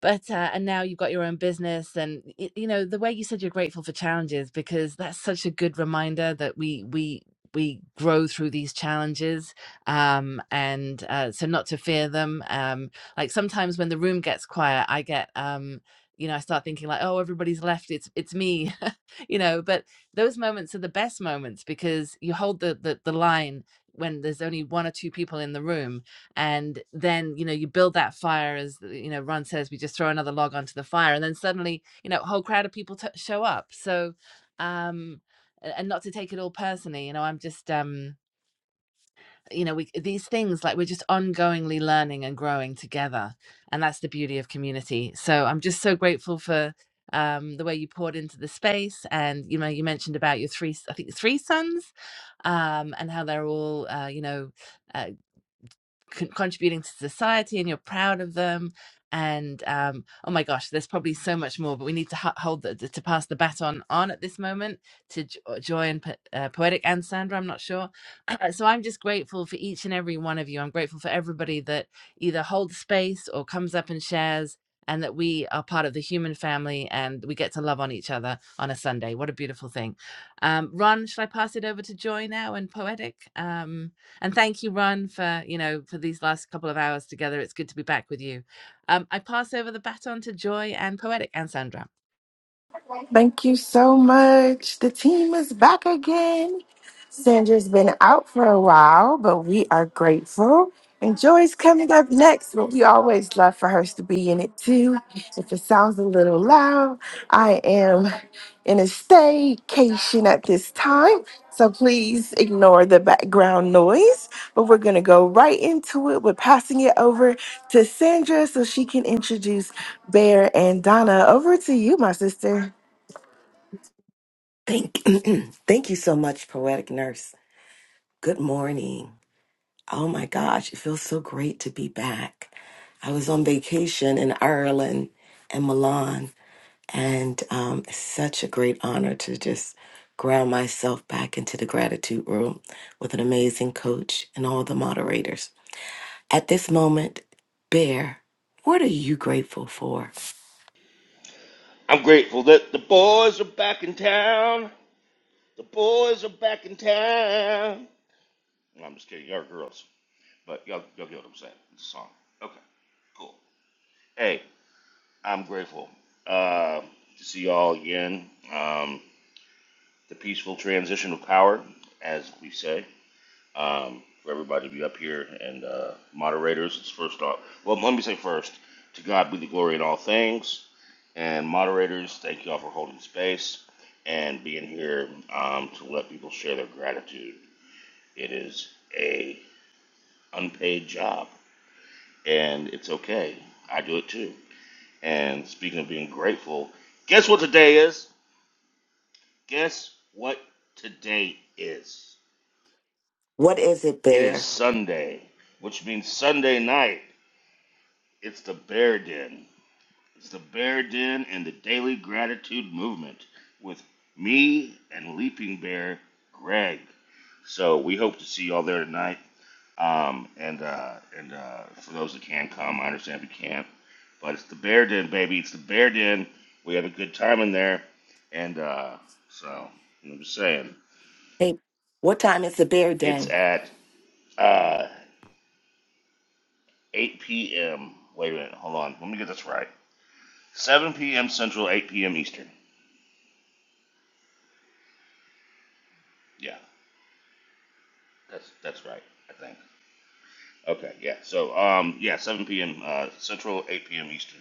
but uh, and now you've got your own business and y- you know the way you said you're grateful for challenges because that's such a good reminder that we we we grow through these challenges um and uh, so not to fear them um like sometimes when the room gets quiet i get um you know i start thinking like oh everybody's left it's it's me <laughs> you know but those moments are the best moments because you hold the the, the line when there's only one or two people in the room and then you know you build that fire as you know ron says we just throw another log onto the fire and then suddenly you know a whole crowd of people t- show up so um and not to take it all personally you know i'm just um you know we these things like we're just ongoingly learning and growing together and that's the beauty of community so i'm just so grateful for um the way you poured into the space and you know you mentioned about your three I think three sons um and how they're all uh, you know uh, con- contributing to society and you're proud of them and um oh my gosh there's probably so much more but we need to ho- hold the, to pass the baton on at this moment to J- uh, joy and Po- uh, poetic and sandra i'm not sure <clears throat> so i'm just grateful for each and every one of you i'm grateful for everybody that either holds space or comes up and shares and that we are part of the human family and we get to love on each other on a sunday what a beautiful thing um ron shall i pass it over to joy now and poetic um and thank you, Ron, for you know for these last couple of hours together. It's good to be back with you. Um, I pass over the baton to Joy and Poetic and Sandra. Thank you so much. The team is back again. Sandra's been out for a while, but we are grateful. And Joy's coming up next, but we always love for her to be in it too. If it sounds a little loud, I am in a staycation at this time, so please ignore the background noise. But we're going to go right into it. We're passing it over to Sandra so she can introduce Bear and Donna. Over to you, my sister. Thank, <clears throat> thank you so much, Poetic Nurse. Good morning. Oh my gosh, it feels so great to be back. I was on vacation in Ireland and Milan, and um, it's such a great honor to just ground myself back into the gratitude room with an amazing coach and all the moderators. At this moment, Bear, what are you grateful for? I'm grateful that the boys are back in town. The boys are back in town. No, I'm just kidding. Y'all are girls. But y'all, y'all get what I'm saying. It's a song. Okay, cool. Hey, I'm grateful uh, to see y'all again. Um, the peaceful transition of power, as we say. um, for everybody to be up here and uh, moderators. It's first off. Well, let me say first, to God be the glory in all things. And moderators, thank you all for holding space and being here um, to let people share their gratitude. It is a unpaid job, and it's okay. I do it too. And speaking of being grateful, guess what today is? Guess what today is? What is it, It is Bear? Sunday, which means Sunday night. It's the Bear Den. It's the Bear Den and the Daily Gratitude Movement with me and Leaping Bear Greg. So we hope to see y'all there tonight. Um, and uh, and uh, for those that can come, I understand if you can't, but it's the Bear Den, baby. It's the Bear Den. We have a good time in there, and uh, so I'm just saying Hey, what time is the Bear Den? it's at uh, 8 p.m. Wait a minute, hold on. Let me get this right. 7 p.m. Central, 8 p.m. Eastern. Yeah. That's that's right, I think. Okay, yeah. So um, yeah, 7 p.m. Uh, Central, 8 p.m. Eastern.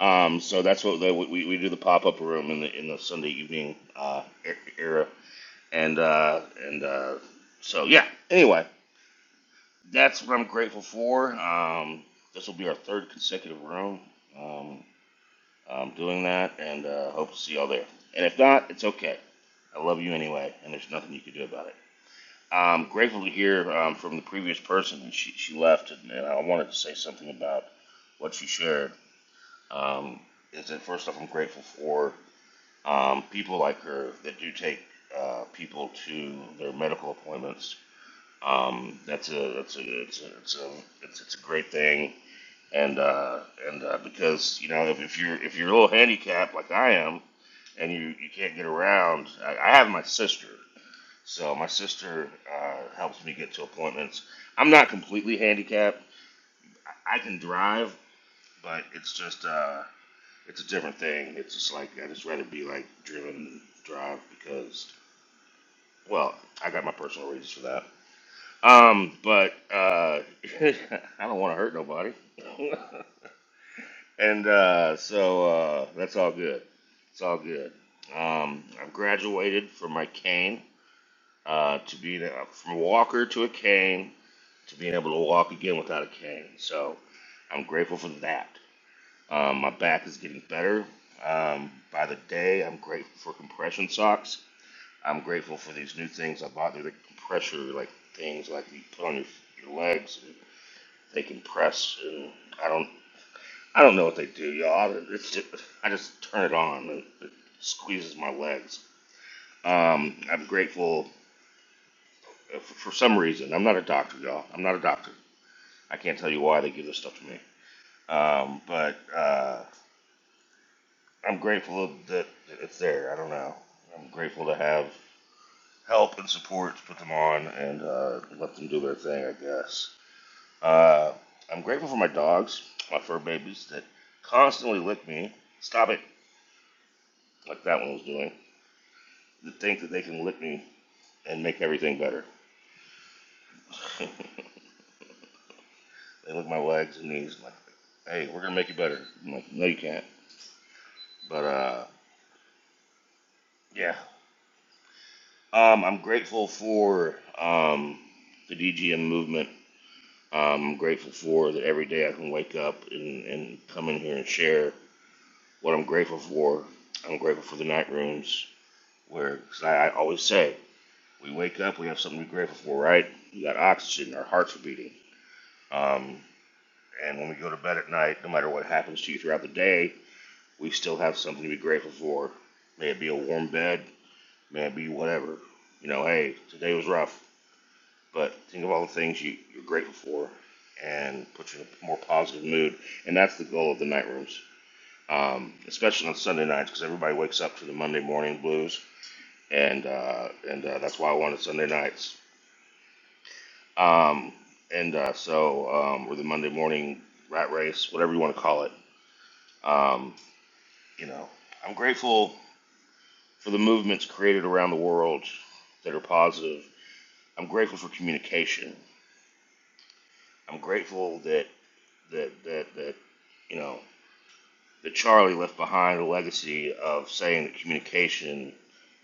Um, so that's what the, we we do the pop up room in the in the Sunday evening uh, e- era, and uh, and uh, so yeah. Anyway, that's what I'm grateful for. Um, this will be our third consecutive room um, um, doing that, and uh, hope to see y'all there. And if not, it's okay. I love you anyway, and there's nothing you can do about it. I'm grateful to hear um, from the previous person, and she, she left, and, and I wanted to say something about what she shared. Um, is that first off, I'm grateful for um, people like her that do take uh, people to their medical appointments. Um, that's a that's a it's a it's a it's, it's a great thing, and uh, and uh, because you know if, if you're if you're a little handicapped like I am, and you you can't get around, I, I have my sister so my sister uh, helps me get to appointments. I'm not completely handicapped. I can drive, but it's just uh, it's a different thing. It's just like I just rather be like driven and drive because well, I got my personal reasons for that. Um, but uh, <laughs> I don't want to hurt nobody, <laughs> and uh, so uh, that's all good. It's all good. Um, I've graduated from my cane uh, to be uh, from a walker to a cane to being able to walk again without a cane. So I'm grateful for that. Um, my back is getting better um, by the day. I'm grateful for compression socks. I'm grateful for these new things I bought. They're the compressor like things like you put on your, your legs and they compress. And I don't I don't know what they do, y'all. It's just, I just turn it on and it squeezes my legs. Um, I'm grateful uh, for, for some reason. I'm not a doctor, y'all. I'm not a doctor. I can't tell you why they give this stuff to me. Um, but uh, I'm grateful that it's there. I don't know. I'm grateful to have help and support to put them on and uh, let them do their thing, I guess. Uh, I'm grateful for my dogs, my fur babies, that constantly lick me. Stop it, like that one was doing. That think that they can lick me and make everything better. <laughs> they lick my legs and knees. I'm like, hey, we're gonna make you better. I'm like, no, you can't. But uh, yeah, Um, I'm grateful for um, the DGM movement. Um, I'm grateful for that every day I can wake up and, and come in here and share what I'm grateful for. I'm grateful for the night rooms where, cause I, I always say, we wake up, we have something to be grateful for, right? We got oxygen, our hearts are beating. Um, and when we go to bed at night, no matter what happens to you throughout the day, we still have something to be grateful for. May it be a warm bed, may it be whatever. You know, hey, today was rough But think of all the things you, you're grateful for and put you in a more positive mood. And that's the goal of the night rooms, um, especially on Sunday nights because everybody wakes up to the Monday morning blues. And uh, and uh, that's why I wanted Sunday nights. Um, and uh, so, um, or the Monday morning rat race, whatever you want to call it. Um, you know, I'm grateful for the movements created around the world that are positive. I'm grateful for communication. I'm grateful that that that that you know that Charlie left behind a legacy of saying that communication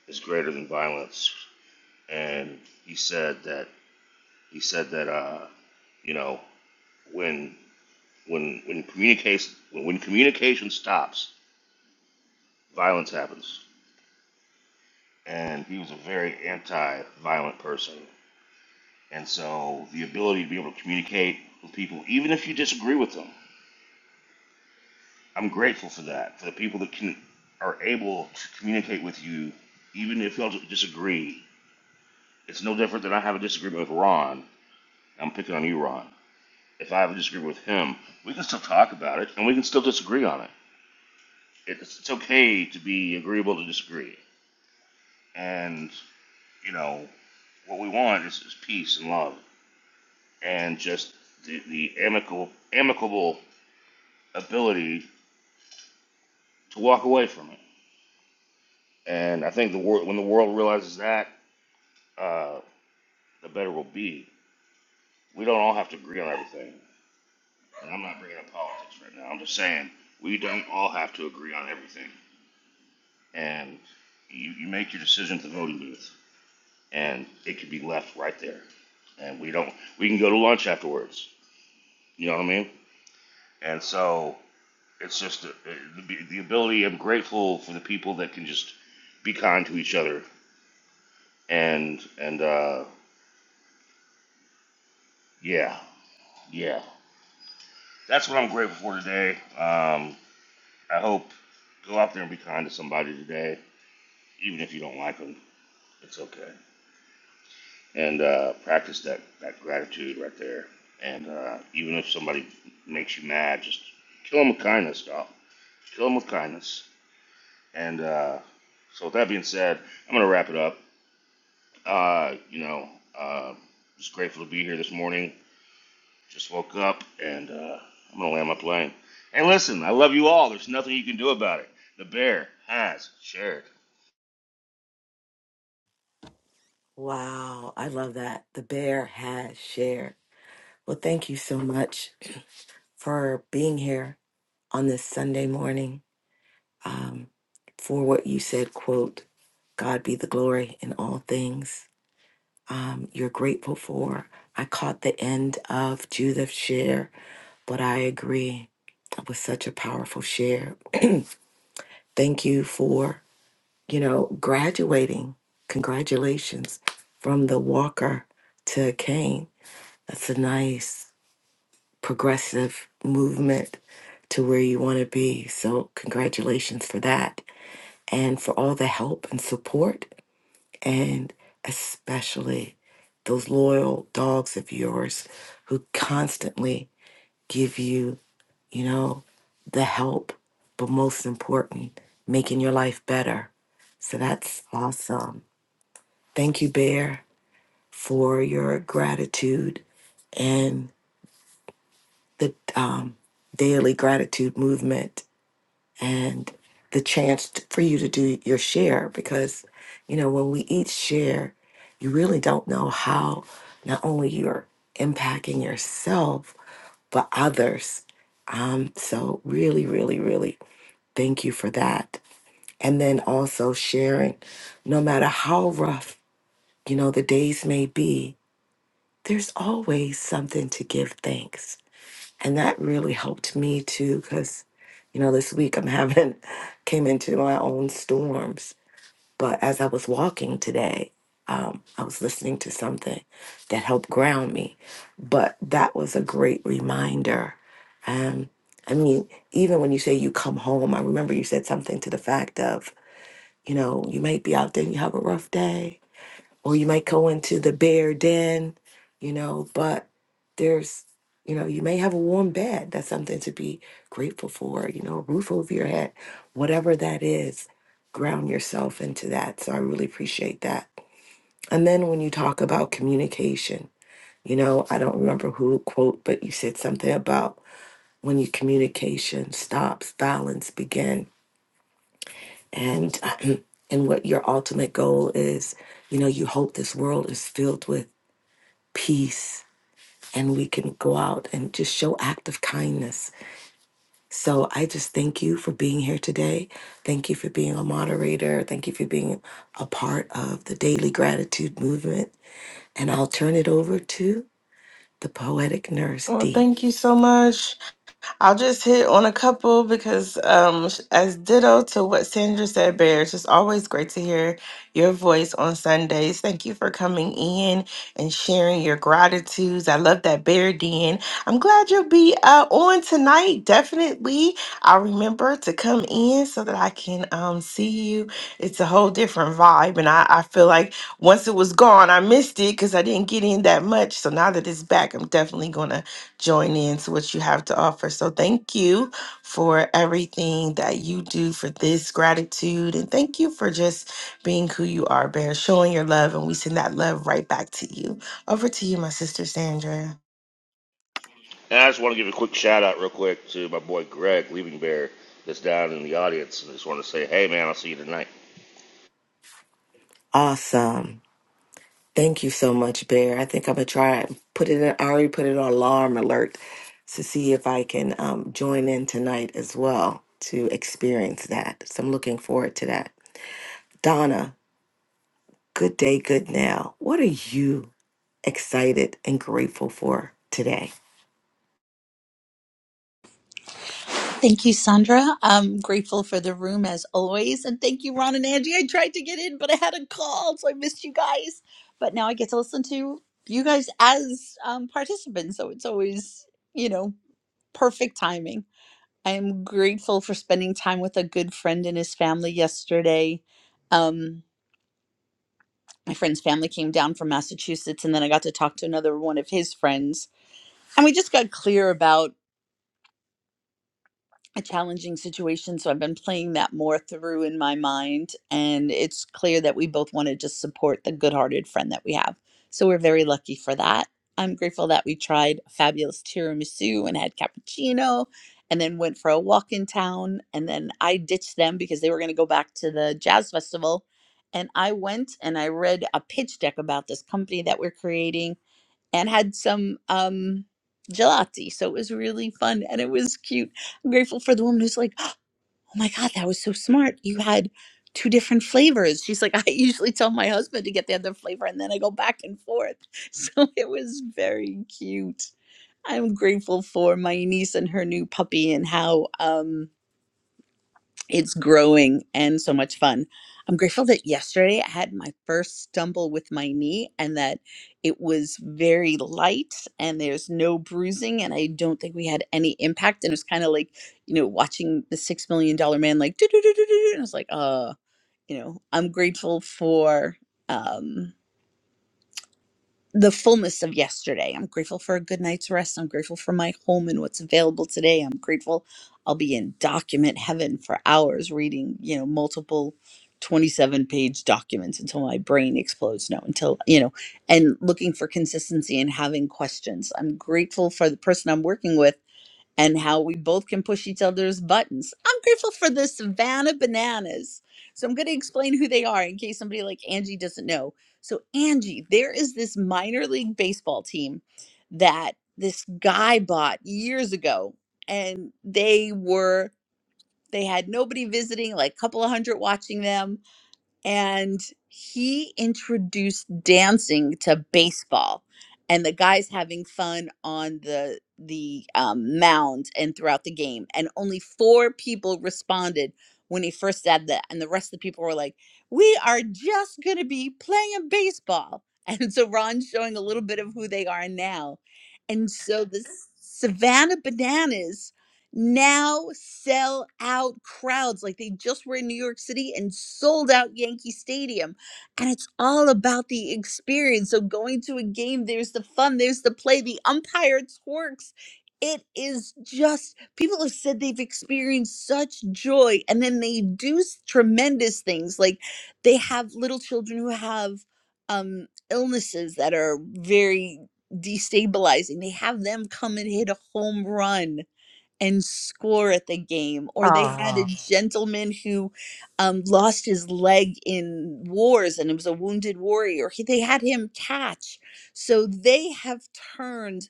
is greater than violence, and he said that he said that uh, you know when when when communication when, when communication stops, violence happens, and he was a very anti-violent person, and so the ability to be able to communicate with people, even if you disagree with them, I'm grateful for that for the people that can are able to communicate with you, even if y'all disagree It's no different than I have a disagreement with Ron. I'm picking on you, Ron. If I have a disagreement with him, we can still talk about it and we can still disagree on it. It's, it's okay to be agreeable to disagree. And, you know, what we want is, is peace and love and just the, the amicable, amicable ability to walk away from it. And I think the world, when the world realizes that, uh, the better we'll be. We don't all have to agree on everything. And I'm not bringing up politics right now. I'm just saying we don't all have to agree on everything. and you, you make your decision at the voting booth, and it could be left right there. And we don't, we can go to lunch afterwards. You know what I mean? And so it's just uh, the, the ability. I'm grateful for the people that can just be kind to each other. And and uh, yeah, yeah, that's what I'm grateful for today. Um, I hope go out there and be kind to somebody today, even if you don't like them. It's okay. and uh, practice that, that gratitude right there. And uh, even if somebody makes you mad, just kill them with kindness, y'all. Kill them with kindness. And uh, so, with that being said, I'm going to wrap it up. Uh, you know, uh, just grateful to be here this morning. Just woke up and uh, I'm going to land my plane. And listen, I love you all. There's nothing you can do about it. The bear has shared. Wow, I love that. The bear has shared. Well, thank you so much for being here on this Sunday morning. Um, for what you said, quote, God be the glory in all things. Um, you're grateful for. I caught the end of Judith's share, but I agree. It was such a powerful share. <clears throat> thank you for, you know, graduating. Congratulations from the walker to Cain That's a nice progressive movement to where you want to be. So, congratulations for that and for all the help and support, and especially those loyal dogs of yours who constantly give you, you know, the help, but most important, making your life better. So, that's awesome. Thank you, Bear, for your gratitude. the um, daily gratitude movement and the chance t- for you to do your share because you know when we each share you really don't know how not only you're impacting yourself but others um so really really really thank you for that and then also sharing no matter how rough you know the days may be there's always something to give thanks and that really helped me too because you know this week i'm having <laughs> came into my own storms but as i was walking today um, i was listening to something that helped ground me but that was a great reminder um, i mean even when you say you come home i remember you said something to the fact of you know you might be out there and you have a rough day or you might go into the bear den, you know, but there's, you know, you may have a warm bed. That's something to be grateful for, you know, a roof over your head, whatever that is, ground yourself into that. So I really appreciate that. And then when you talk about communication, you know, I don't remember who quote, but you said something about when your communication stops, balance begin. And <clears throat> and what your ultimate goal is, you know, you hope this world is filled with peace and we can go out and just show act of kindness. So I just thank you for being here today. Thank you for being a moderator. Thank you for being a part of the daily gratitude movement. And I'll turn it over to the poetic nurse Well, D. thank you so much. I'll just hit on a couple because, um, sh- as ditto to what Sandra said, Bear, it's just always great to hear your voice on Sundays. Thank you for coming in and sharing your gratitudes. I love that, Bear Den. I'm glad you'll be uh, on tonight. Definitely, I'll remember to come in so that I can um, see you. It's a whole different vibe, and I, I feel like once it was gone, I missed it because I didn't get in that much. So now that it's back, I'm definitely gonna join in to what you have to offer. So thank you for everything that you do for this gratitude. And thank you for just being who you are, Bear, showing your love. And we send that love right back to you. Over to you, my sister Sandra. And I just want to give a quick shout out, real quick, to my boy Greg Leaving Bear that's down in the audience. And I just want to say, hey, man, I'll see you tonight. Awesome. Thank you so much, Bear. I think I'm gonna try and put it in I already put it on alarm alert to see if I can um, join in tonight as well to experience that. So I'm looking forward to that. Donna, good day, good now. What are you excited and grateful for today? Thank you, Sandra. I'm grateful for the room as always. And thank you, Ron and Angie. I tried to get in, but I had a call, so I missed you guys. But now I get to listen to you guys as um, participants. So it's always, you know, perfect timing. I am grateful for spending time with a good friend and his family yesterday. Um, my friend's family came down from Massachusetts, and then I got to talk to another one of his friends. And we just got clear about a challenging situation. So I've been playing that more through in my mind. And it's clear that we both want to just support the good hearted friend that we have. So we're very lucky for that. I'm grateful that we tried fabulous tiramisu and had cappuccino and then went for a walk in town. And then I ditched them because they were going to go back to the jazz festival. And I went and I read a pitch deck about this company that we're creating and had some um gelati. So it was really fun and it was cute. I'm grateful for the woman who's like, Oh my God, that was so smart. You had two different flavors. She's like, I <laughs> usually tell my husband to get the other flavor and then I go back and forth. <laughs> So it was very cute. I'm grateful for my niece and her new puppy and how um it's growing and so much fun. I'm grateful that yesterday I had my first stumble with my knee and that it was very light and there's no bruising and I don't think we had any impact and it was kind of like, you know, watching the 6 million dollar man like do do do do do and I was like, uh, you know, I'm grateful for um the fullness of yesterday. I'm grateful for a good night's rest. I'm grateful for my home and what's available today. I'm grateful I'll be in document heaven for hours reading, you know, multiple 27 page documents until my brain explodes. No, until, you know, and looking for consistency and having questions. I'm grateful for the person I'm working with and how we both can push each other's buttons. I'm grateful for the Savannah Bananas. So I'm going to explain who they are in case somebody like Angie doesn't know. So Angie, there is this minor league baseball team that this guy bought years ago and they were they had nobody visiting, like a couple of hundred watching them and he introduced dancing to baseball and the guys having fun on the the um, mound and throughout the game and only four people responded when he first said that and the rest of the people were like we are just going to be playing baseball <laughs> and so ron's showing a little bit of who they are now and so the savannah bananas now sell out crowds like they just were in New York City and sold out Yankee Stadium. And it's all about the experience. So going to a game, there's the fun, there's the play, the umpire twerks. It is just people have said they've experienced such joy, and then they do s- tremendous things. Like they have little children who have um, illnesses that are very destabilizing. They have them come and hit a home run and score at the game or they had a Oh, gentleman who um, lost his leg in wars and it was a wounded warrior he, they had him catch so they have turned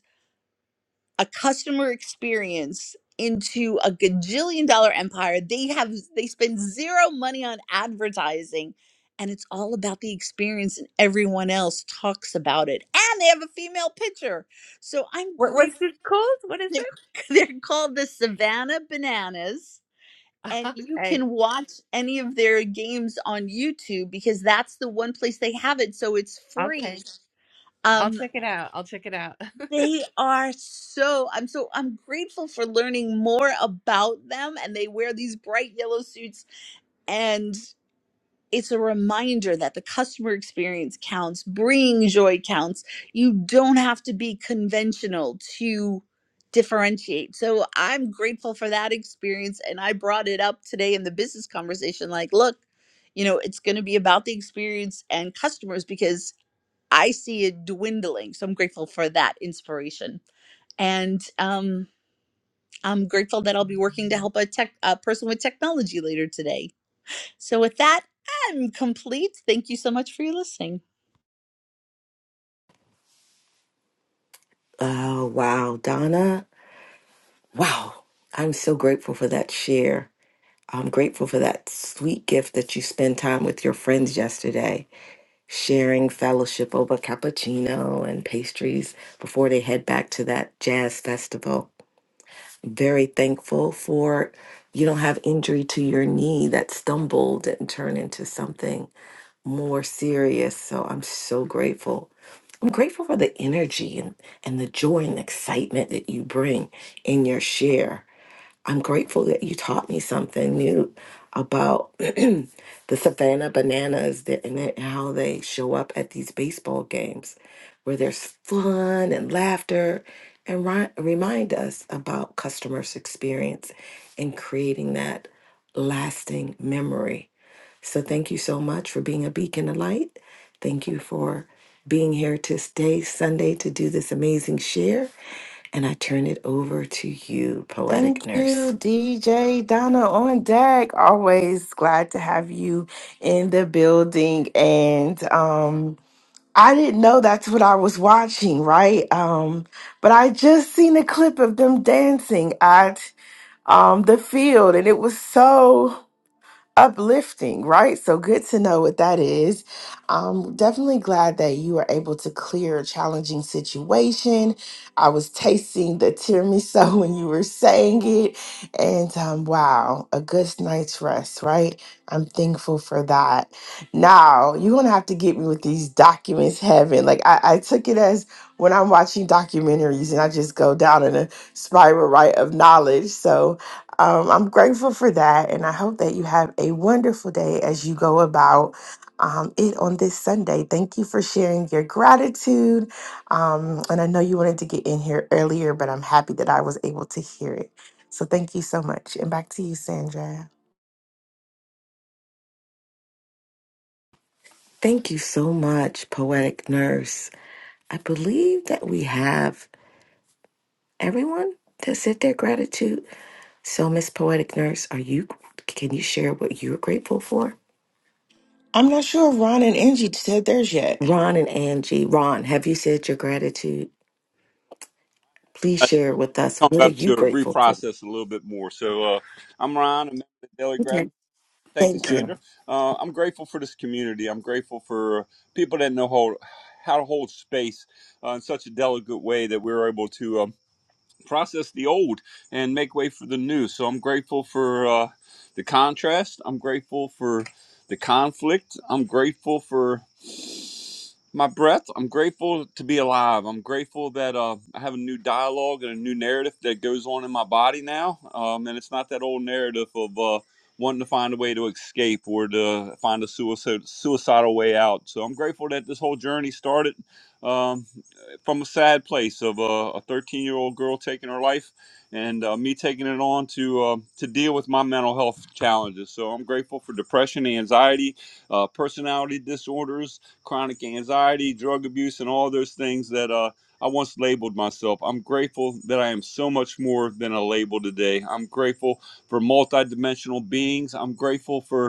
a customer experience into a gajillion dollar empire they have they spend zero money on advertising and it's all about the experience and everyone else talks about it and they have a female pitcher so i'm what, what's grateful it called? What is they're, it? <laughs> they're called the Savannah Bananas, <laughs> and you Okay, can watch any of their games on YouTube because that's the one place they have it, so it's okay. free. I'll Um, check it out. I'll check it out. <laughs> they are so I'm so I'm grateful for learning more about them, and they wear these bright yellow suits, and. it's a reminder that the customer experience counts, bringing joy counts. You don't have to be conventional to differentiate. So I'm grateful for that experience. And I brought it up today in the business conversation like, look, you know, it's going to be about the experience and customers because I see it dwindling. So I'm grateful for that inspiration. And um, I'm grateful that I'll be working to help a tech a person with technology later today so, with that, I'm complete. Thank you so much for your listening. Oh, wow, Donna. Wow. I'm so grateful for that share. I'm grateful for that sweet gift that you spent time with your friends yesterday, sharing fellowship over cappuccino and pastries before they head back to that jazz festival. Very thankful for you don't have injury to your knee that stumbled and turned into something more serious. So I'm so grateful. I'm grateful for the energy and, and the joy and excitement that you bring in your share. I'm grateful that you taught me something new about <clears throat> the Savannah bananas that, and that- how they show up at these baseball games where there's fun and laughter and ri- remind us about customers' experience and creating that lasting memory. So thank you so much for being a beacon of light. Thank you for being here to stay Sunday, to do this amazing share. And I turn it over to you, Thank Poetic you, Nurse. DJ Donna on deck. Always glad to have you in the building. And um, I didn't know that's what I was watching, right? Um, but I just seen a clip of them dancing. um, the field, and it was so uplifting, right? So good to know what that is. I'm definitely glad that you were able to clear a challenging situation. I was tasting the tiramisu <laughs> when you were saying it, and um, wow, a good night's rest, right? I'm thankful for that. Now you're gonna have to get me with these documents, heaven. Like I, I took it as when I'm watching documentaries and I just go down in a spiral, right, of knowledge. So um, I'm grateful for that, and I hope that you have a wonderful day as you go about um, it on this Sunday. Thank you for sharing your gratitude. Um, and I know you wanted to get in here earlier, but I'm happy that I was able to hear it. So thank you so much. And back to you, Sandra. Thank you so much, Poetic Nurse. I believe that we have everyone that said their gratitude. So, Miss Poetic Nurse, are you? Can you share what you're grateful for? I'm not sure if Ron and Angie said theirs yet. Ron and Angie. Ron, have you said your gratitude? Please I share with us. come What are up you to grateful for? reprocess a little bit more. So uh, I'm Ryan. I'm the Daily Gratitude. Okay. Thank you, Thank you. Sandra. Uh, I'm grateful for this community. I'm grateful for people that know how, how to hold space uh, in such a delicate way that we're able to uh, process the old and make way for the new. So I'm grateful for uh, the contrast. I'm grateful for the conflict. I'm grateful for my breath. I'm grateful to be alive. I'm grateful that uh, I have a new dialogue and a new narrative that goes on in my body now. Um, and it's not that old narrative of uh, wanting to find a way to escape or to find a suicide, suicidal way out. So I'm grateful that this whole journey started. Um, from a sad place of uh, a 13 year old girl taking her life, and uh, me taking it on to uh, to deal with my mental health challenges. So I'm grateful for depression, anxiety, uh, personality disorders, chronic anxiety, drug abuse, and all those things that. Uh, I once labeled myself. I'm grateful that I am so much more than a label today. I'm grateful for multidimensional beings. I'm grateful for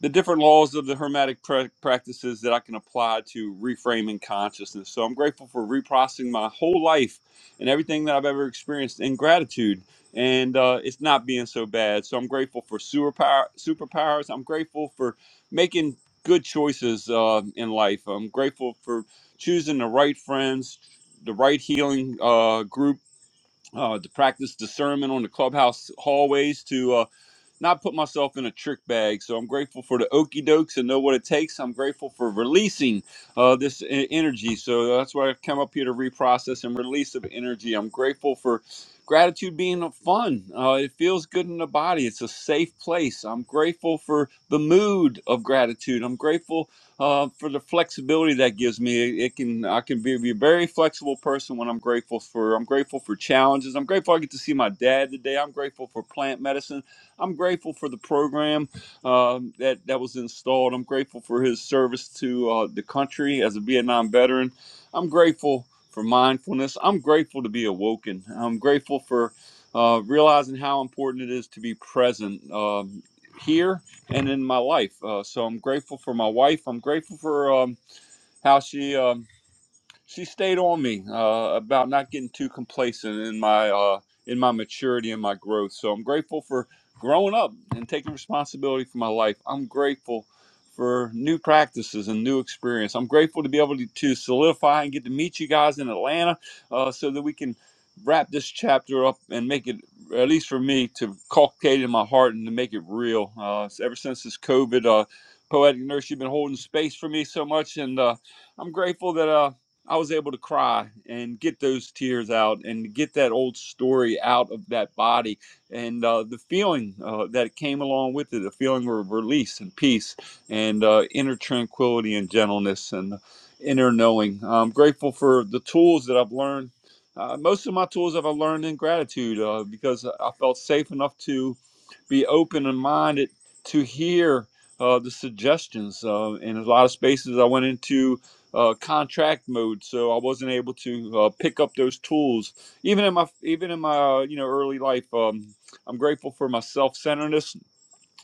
the different laws of the hermetic pra- practices that I can apply to reframing consciousness. So I'm grateful for reprocessing my whole life and everything that I've ever experienced in gratitude, and uh, it's not being so bad. So I'm grateful for superpower superpowers. I'm grateful for making good choices uh, in life. I'm grateful for choosing the right friends, the right healing uh, group. Uh, to practice discernment on the clubhouse hallways, to. uh, not put myself in a trick bag. So I'm grateful for the okey dokes and know what it takes. I'm grateful for releasing uh, this e- energy. So that's why I've come up here to reprocess and release of energy. I'm grateful for gratitude being fun. Uh, it feels good in the body. It's a safe place. I'm grateful for the mood of gratitude. I'm grateful uh, for the flexibility that gives me. It, it can I can be, be a very flexible person when I'm grateful for. I'm grateful for challenges. I'm grateful I get to see my dad today. I'm grateful for plant medicine. I'm grateful for the program um that that was installed. I'm grateful for his service to uh, the country as a Vietnam veteran. I'm grateful for mindfulness. I'm grateful to be awoken. I'm grateful for uh, realizing how important it is to be present um, here and in my life. Uh, so I'm grateful for my wife. I'm grateful for um, how she. uh, she stayed on me uh, about not getting too complacent in my uh, in my maturity and my growth. So I'm grateful for growing up and taking responsibility for my life. I'm grateful for new practices and new experience. I'm grateful to be able to, to solidify and get to meet you guys in Atlanta uh, so that we can wrap this chapter up and make it at least for me to cultivate in my heart and to make it real. Uh, so ever since this COVID, uh, poetic nurse, you've been holding space for me so much and. Uh, I'm grateful that uh, I was able to cry and get those tears out and get that old story out of that body and uh, the feeling uh, that came along with it, a feeling of release and peace and uh, inner tranquility and gentleness and inner knowing. I'm grateful for the tools that I've learned. Uh, most of my tools I've learned in gratitude uh, because I felt safe enough to be open and minded to hear uh, the suggestions. Uh, in a lot of spaces I went into, uh, contract mode, so I wasn't able to uh, pick up those tools. Even in my even in my uh, you know early life, um, I'm grateful for my self centeredness.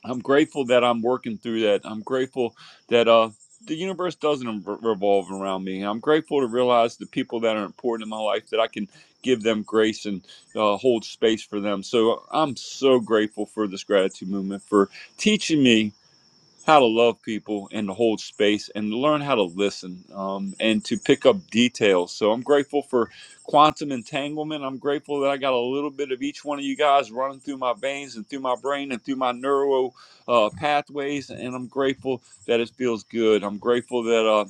I'm grateful that I'm working through that. I'm grateful that uh, the universe doesn't revolve around me. I'm grateful to realize the people that are important in my life that I can give them grace and uh, hold space for them. So I'm so grateful for this gratitude movement for teaching me how to love people and to hold space and to learn how to listen um, and to pick up details. So I'm grateful for quantum entanglement. I'm grateful that I got a little bit of each one of you guys running through my veins and through my brain and through my neuro uh, pathways. And I'm grateful that it feels good. I'm grateful that. uh,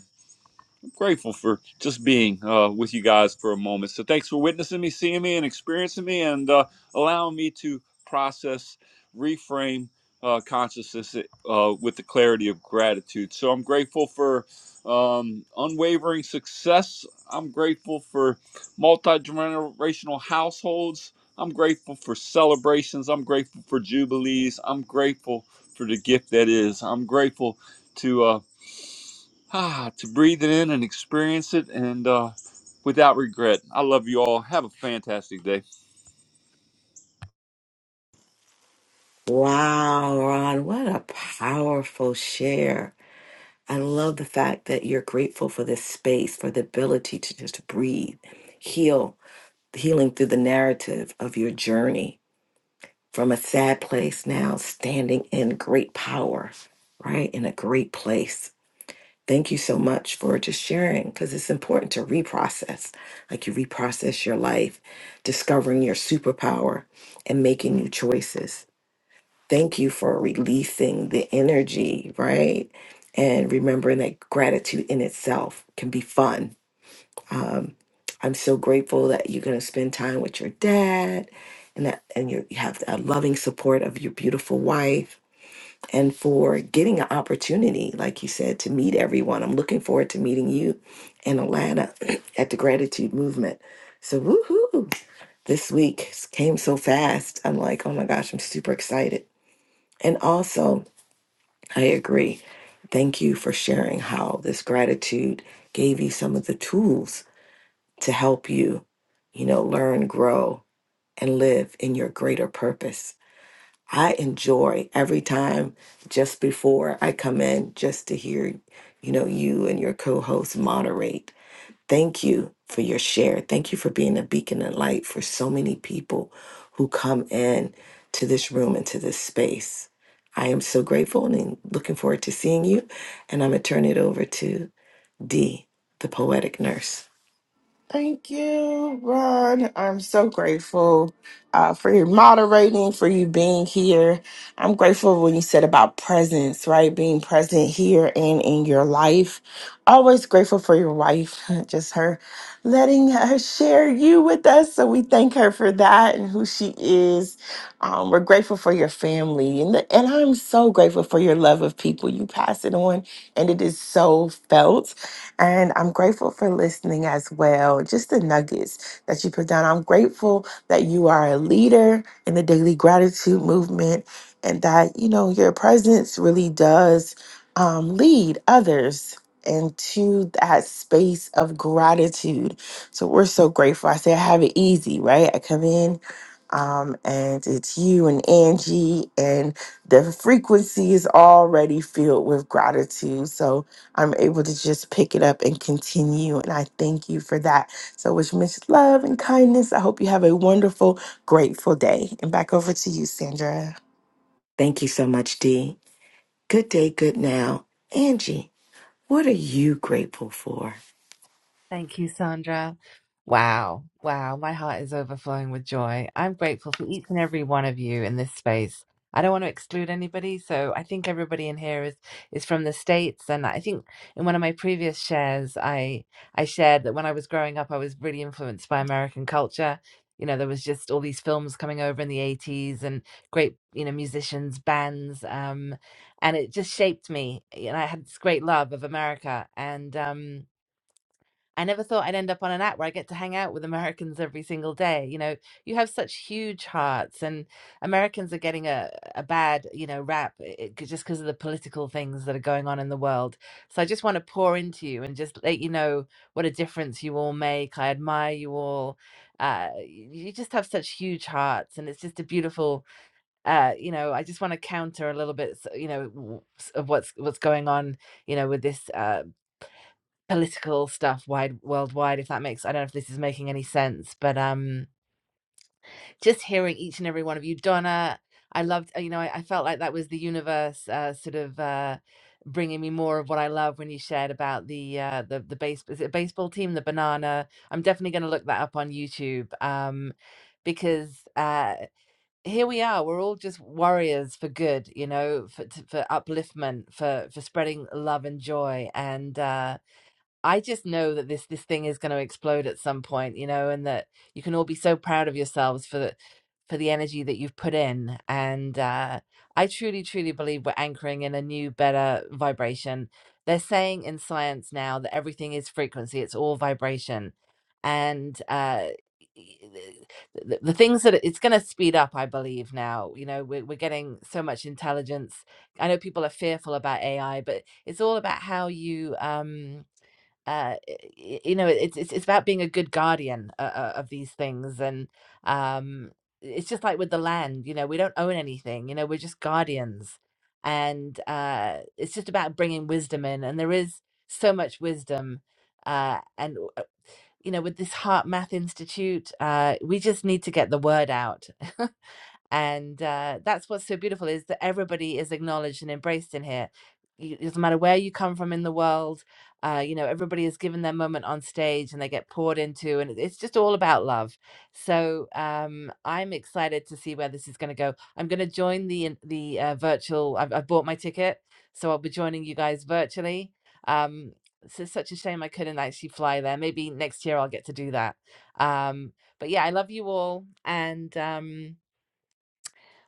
I'm grateful for just being uh, with you guys for a moment. So thanks for witnessing me, seeing me, and experiencing me, and uh, allowing me to process, reframe uh, consciousness uh, with the clarity of gratitude. So I'm grateful for um, unwavering success. I'm grateful for multi generational households. I'm grateful for celebrations. I'm grateful for jubilees. I'm grateful for the gift that is. I'm grateful to. uh, ah, to breathe it in and experience it and uh, without regret. I love you all. Have a fantastic day. Wow, Ron, what a powerful share. I love the fact that you're grateful for this space, for the ability to just breathe, heal, healing through the narrative of your journey from a sad place now, standing in great power, right? In a great place. Thank you so much for just sharing because it's important to reprocess, like you reprocess your life, discovering your superpower and making new choices. Thank you for releasing the energy, right? And remembering that gratitude in itself can be fun. Um, I'm so grateful that you're going to spend time with your dad and that and you you have a loving support of your beautiful wife and for getting an opportunity like you said to meet everyone. I'm looking forward to meeting you in Atlanta <clears throat> at the gratitude movement. So woohoo. This week came so fast. I'm like, "Oh my gosh, I'm super excited." And also I agree. Thank you for sharing how this gratitude gave you some of the tools to help you, you know, learn, grow, and live in your greater purpose. I enjoy every time just before I come in just to hear, you know, you and your co host moderate Thank you for your share. Thank you for being a beacon and light for so many people who come in to this room and to this space. I am so grateful and looking forward to seeing you. And I'm going to turn it over to D, the poetic nurse. Thank you, Ron. I'm so grateful uh, for your moderating, for you being here. I'm grateful when you said about presence, right? Being present here and in your life. Always grateful for your wife, <laughs> just her letting her share you with us. So we thank her for that and who she is. Um, we're grateful for your family, and the, and I'm so grateful for your love of people. You pass it on, and it is so felt. And I'm grateful for listening as well. Just the nuggets that you put down. I'm grateful that you are a leader in the daily gratitude movement and that, you know, your presence really does um, lead others into that space of gratitude. So we're so grateful. I say I have it easy, right? I come in. Um, and it's you and Angie, and the frequency is already filled with gratitude. So I'm able to just pick it up and continue. And I thank you for that. So, wish much love and kindness. I hope you have a wonderful, grateful day. And back over to you, Sandra. Thank you so much, D. Good day, good now. Angie, what are you grateful for? Thank you, Sandra. Wow. Wow. My heart is overflowing with joy. I'm grateful for each and every one of you in this space. I don't want to exclude anybody, so I think everybody in here is is from the States. And I think in one of my previous shares, I I shared that when I was growing up, I was really influenced by American culture. You know, there was just all these films coming over in the 80s and great, you know, musicians, bands, um, and it just shaped me. And I had this great love of America. And um I never thought I'd end up on an app where I get to hang out with Americans every single day. You know, you have such huge hearts, and Americans are getting a, a bad, you know, rap eh, eh, just because of the political things that are going on in the world. So I just want to pour into you and just let you know what a difference you all make. I admire you all. Uh, you just have such huge hearts, and it's just a beautiful. Uh, you know, I just want to counter a little bit, s- you know, w- s- of what's what's going on you know with this uh, political stuff wide worldwide, if that makes I don't know if this is making any sense, but um, just hearing each and every one of you, Donna, I loved, uh, you know, I, I felt like that was the universe uh, sort of uh, bringing me more of what I love when you shared about the uh, the the base is it a baseball team, the banana. I'm definitely going to look that up on YouTube um, because uh, here we are. We're all just warriors for good, you know, for t- for upliftment, for for spreading love and joy, and. Uh, I just know that this this thing is going to explode at some point, you know, and that you can all be so proud of yourselves for the for the energy that you've put in. And uh, I truly, truly believe we're anchoring in a new, better vibration. They're saying in science now that everything is frequency; it's all vibration, and uh, the, the the things that it's going to speed up. I believe now, you know, we're, we're getting so much intelligence. I know people are fearful about AI, but it's all about how you. Um, uh you know it's it's, it's about being a good guardian uh, uh, of these things and um it's just like with the land you know we don't own anything you know we're just guardians and uh it's just about bringing wisdom in and there is so much wisdom uh and uh, you know with this heart math institute uh we just need to get the word out <laughs> and uh, that's what's so beautiful is that everybody is acknowledged and embraced in here Y- it doesn't matter where you come from in the world uh, you know everybody is given their moment on stage and they get poured into and it- it's just all about love so um, i'm excited to see where this is going to go i'm going to join the in- the uh, virtual I've, I've bought my ticket so i'll be joining you guys virtually um, so it's just such a shame i couldn't actually fly there maybe next year i'll get to do that um, but yeah i love you all and um,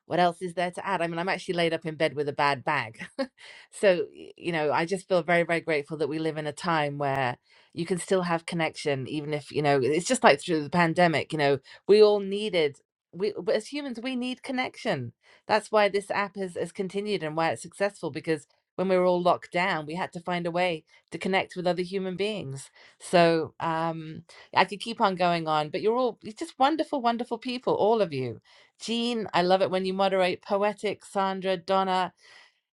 what else is there to add? I mean, I'm actually laid up in bed with a bad bag. <laughs> so, you know, I just feel very, very grateful that we live in a time where you can still have connection, even if, you know, it's just like through the pandemic, you know, we all needed, we, but as humans, we need connection. That's why this app has, has continued and why it's successful because when we were all locked down, we had to find a way to connect with other human beings. So um, I could keep on going on, but you're all you're just wonderful, wonderful people, all of you Jean, I love it when you moderate. Poetic, Sandra, Donna,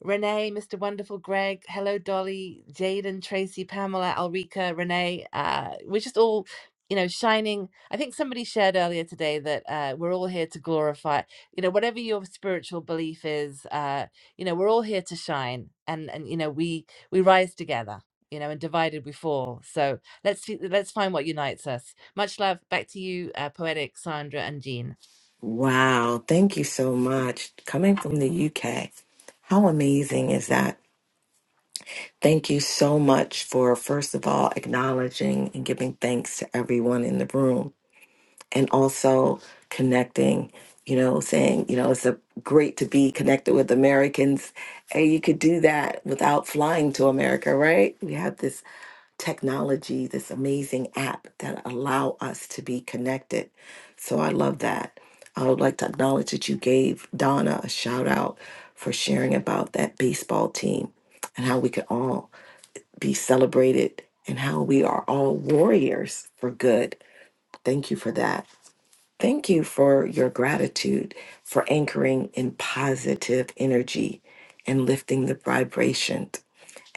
Renee, Mr. Wonderful, Greg, Hello Dolly, Jaden, Tracy, Pamela, Alrika, Renee. Uh, we're just all, you know, shining. I think somebody shared earlier today that uh, we're all here to glorify, you know, whatever your spiritual belief is, uh, you know, we're all here to shine and, and, you know, we, we rise together. You know, and divided we fall. So let's see, let's find what unites us. Much love. Back to you, uh, poetic Sandra and Jean. Wow, thank you so much. Coming from the UK, how amazing is that? Thank you so much for, first of all, acknowledging and giving thanks to everyone in the room and also connecting, you know, saying, you know, it's a, great to be connected with Americans. and you could do that without flying to America, right? We have this technology, this amazing app that allow us to be connected. So I love that. I would like to acknowledge that you gave Donna a shout out for sharing about that baseball team and how we could all be celebrated and how we are all warriors for good. Thank you for that. Thank you for your gratitude for anchoring in positive energy and lifting the vibration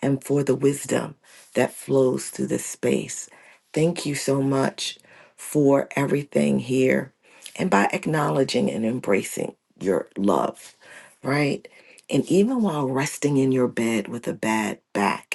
and for the wisdom that flows through this space. Thank you so much for everything here and by acknowledging and embracing your love, right? And even while resting in your bed with a bad back,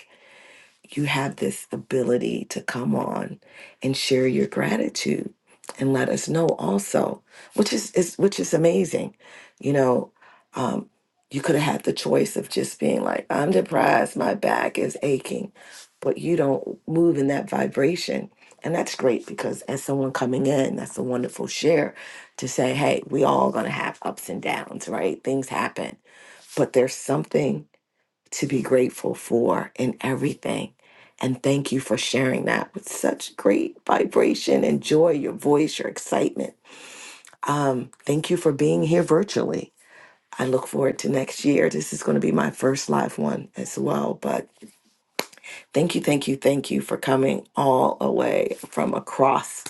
you have this ability to come on and share your gratitude and let us know also, which is, is which is amazing. You know, um, you could have had the choice of just being like, I'm depressed, my back is aching, but you don't move in that vibration. And that's great because as someone coming in, that's a wonderful share to say, hey, we all gonna have ups and downs, right? Things happen. But there's something to be grateful for in everything. And thank you for sharing that with such great vibration and joy, your voice, your excitement. Um, thank you for being here virtually. I look forward to next year. This is going to be my first live one as well, but Thank you, thank you, thank you for coming all the way from across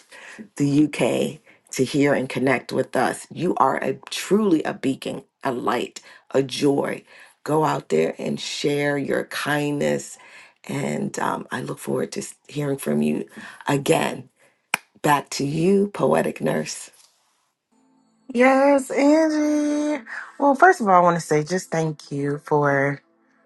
the UK to hear and connect with us. You are a truly a beacon, a light, a joy. Go out there and share your kindness. And um, I look forward to s- hearing from you again. Back to you, Poetic Nurse. Yes, Angie. Well, first of all, I want to say just thank you for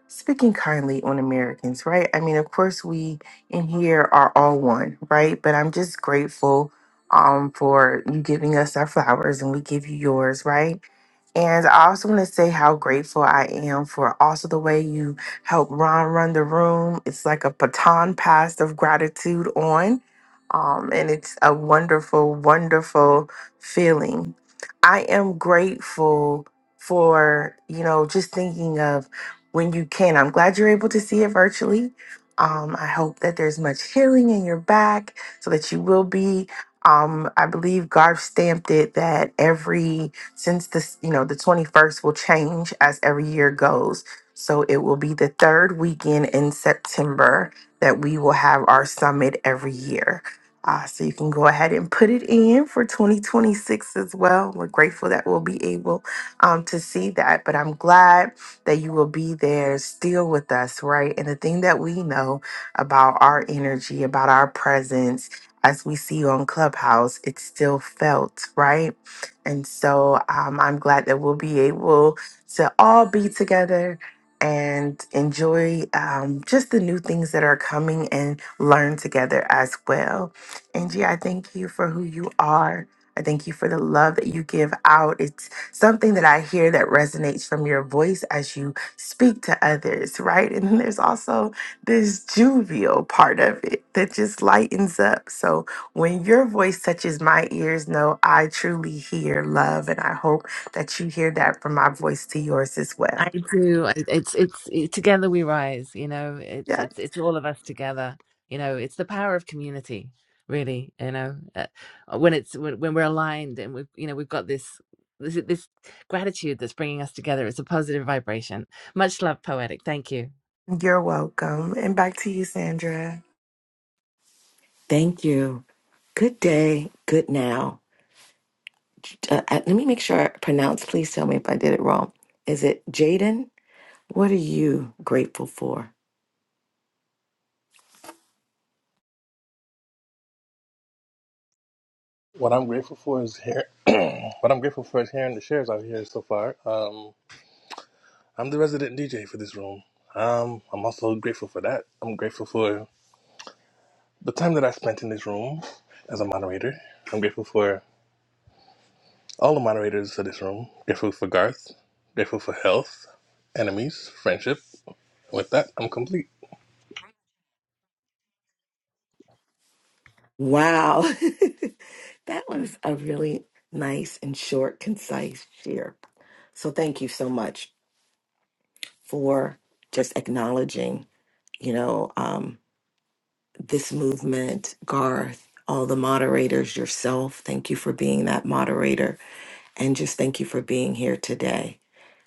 speaking kindly on Americans, right? I mean, of course, we in here are all one, right? But I'm just grateful um, for you giving us our flowers and we give you yours, right? And I also want to say how grateful I am for also the way you help Ron run the room. It's like a baton passed of gratitude on. Um, and it's a wonderful, wonderful feeling I am grateful for, you know, just thinking of when you can. I'm glad you're able to see it virtually. Um, I hope that there's much healing in your back so that you will be. Um, I believe Garf stamped it that every since this, you know, the 21st will change as every year goes. So it will be the third weekend in September that we will have our summit every year. Uh, so you can go ahead and put it in for 2026 as well. We're grateful that we'll be able um, to see that, but I'm glad that you will be there still with us, right? And the thing that we know about our energy, about our presence, as we see on Clubhouse, it's still felt, right? And so um, I'm glad that we'll be able to all be together and enjoy um, just the new things that are coming and learn together as well. Angie, I thank you for who you are. I thank you for the love that you give out. It's something that I hear that resonates from your voice as you speak to others, right? And then there's also this jovial part of it that just lightens up. So when your voice touches my ears, know I truly hear love. And I hope that you hear that from my voice to yours as I well. do. I- It's it's it, together we rise. You know, it's Yeah. it's it's all of us together. You know, it's the power of community, really. You know, uh, uh, when it's when, when we're aligned and we've you know we've got this this this gratitude that's bringing us together. It's a positive vibration. Much love, poetic. Thank you. You're welcome. And back to you, Sandra. Thank you. Good day, good now. Uh, uh, let me make sure I pronounce, please tell me if I did it wrong. Is it Jaden? What are you grateful for? What I'm grateful for is hear- what I'm grateful for is hearing the shares out here so far. Um, I'm the resident DJ for this room. Um, I'm also grateful for that. I'm grateful for the time that I spent in this room as a moderator. I'm grateful for all the moderators of this room. Grateful for Garth. Grateful for health, enemies, friendship. With that, I'm complete. Wow. <laughs> that was a really nice and short, concise share. So thank you so much for just acknowledging, you know, um, this movement, Garth, all the moderators, yourself. Thank you for being that moderator. And just thank you for being here today.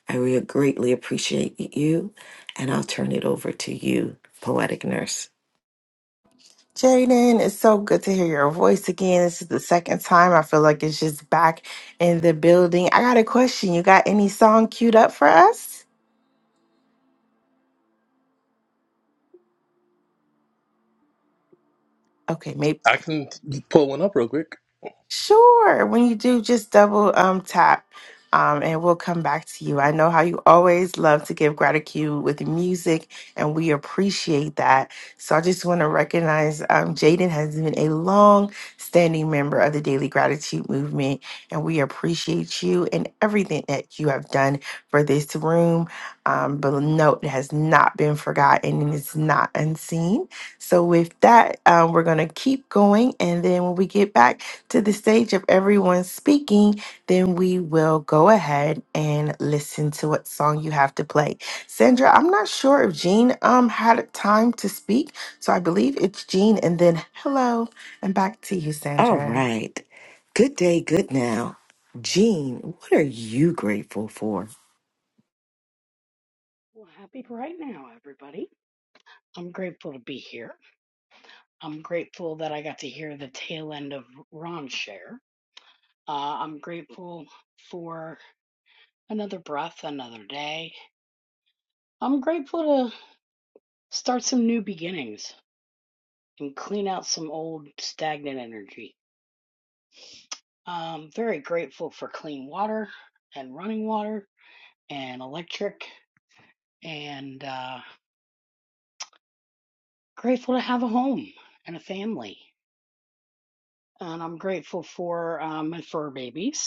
I really greatly appreciate you. And I'll turn it over to you, Poetic Nurse. Jaden, it's so good to hear your voice again. This is the second time I feel like it's just back in the building. I got a question. You got any song queued up for us? Okay, maybe. I can pull one up real quick. Sure. When you do, just double um tap. Um, and we'll come back to you. I know how you always love to give gratitude with music, and we appreciate that. So I just want to recognize um, Jaden has been a long standing member of the Daily Gratitude Movement, and we appreciate you and everything that you have done for this room. Um, but note, it has not been forgotten and it's not unseen. So, with that, uh, we're going to keep going. And then when we get back, to the stage of everyone speaking, then we will go ahead and listen to what song you have to play. Sandra, I'm not sure if Jean um had time to speak, so I believe it's Jean and then hello and back to you, All Sandra. right. Good day, good now. Jean, what are you grateful for? Well, happy right now, everybody. I'm grateful to be here. I'm grateful that I got to hear the tail end of Ron's share. Uh, I'm grateful for another breath, another day. I'm grateful to start some new beginnings and clean out some old stagnant energy. I'm very grateful for clean water and running water and electric, and uh, grateful to have a home and a family. And I'm grateful for um, my fur babies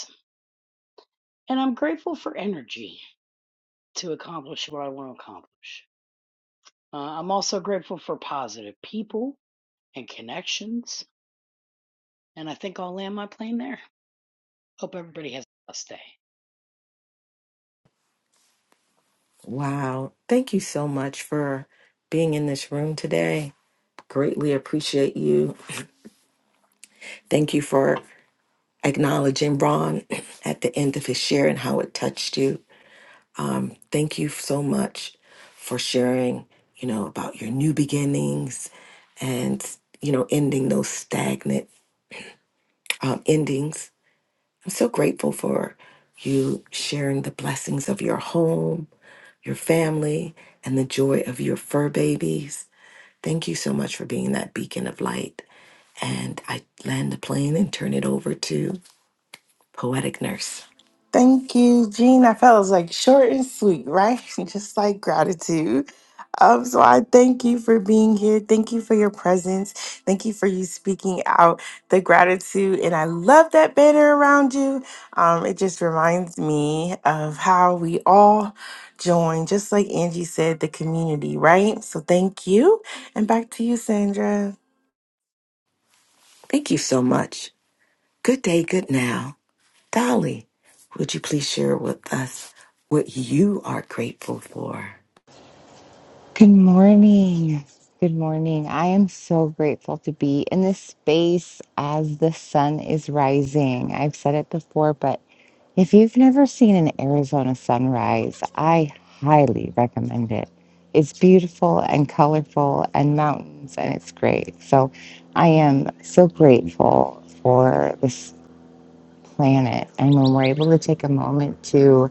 and I'm grateful for energy to accomplish what I want to accomplish. Uh, I'm also grateful for positive people and connections, and I think I'll land my plane there. Hope everybody has a blessed day. Wow. Thank you so much for being in this room today. Greatly appreciate you. Thank you for acknowledging Ron <clears throat> at the end of his share and how it touched you. Um, thank you so much for sharing, you know, about your new beginnings and, you know, ending those stagnant um, endings I'm so grateful for you sharing the blessings of your home, your family, and the joy of your fur babies. Thank you so much for being that beacon of light. And I land the plane and turn it over to Poetic Nurse. Thank you, Jean. I felt it was like short and sweet, right? <laughs> Just like gratitude. Um, so I thank you for being here. Thank you for your presence. Thank you for you speaking out the gratitude. And I love that banner around you. Um, it just reminds me of how we all join, just like Angie said, the community, right? So thank you. And back to you, Sandra. Thank you so much. Good day, good now. Dolly, would you please share with us what you are grateful for? Good morning. Good morning. I am so grateful to be in this space as the sun is rising. I've said it before, but if you've never seen an Arizona sunrise, I highly recommend it. It's beautiful and colorful and mountains, and it's great. So I am so grateful for this planet. And when we're able to take a moment to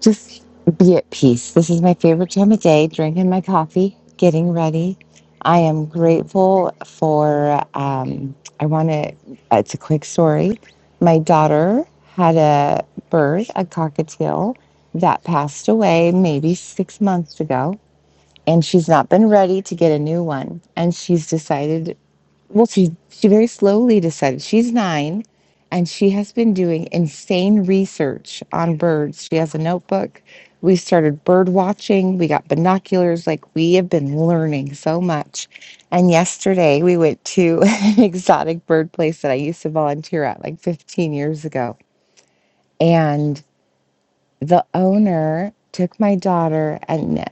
just be at peace. This is my favorite time of day, drinking my coffee, getting ready. I am grateful for, um, I want to, it's a quick story. My daughter had a bird, a cockatiel, that passed away maybe six months ago, and she's not been ready to get a new one. And she's decided well, she she very slowly decided. She's nine, and she has been doing insane research on birds. She has a notebook. We started bird watching. We got binoculars. Like we have been learning so much. And yesterday we went to <laughs> an exotic bird place that I used to volunteer at like 15 years ago the owner took my daughter and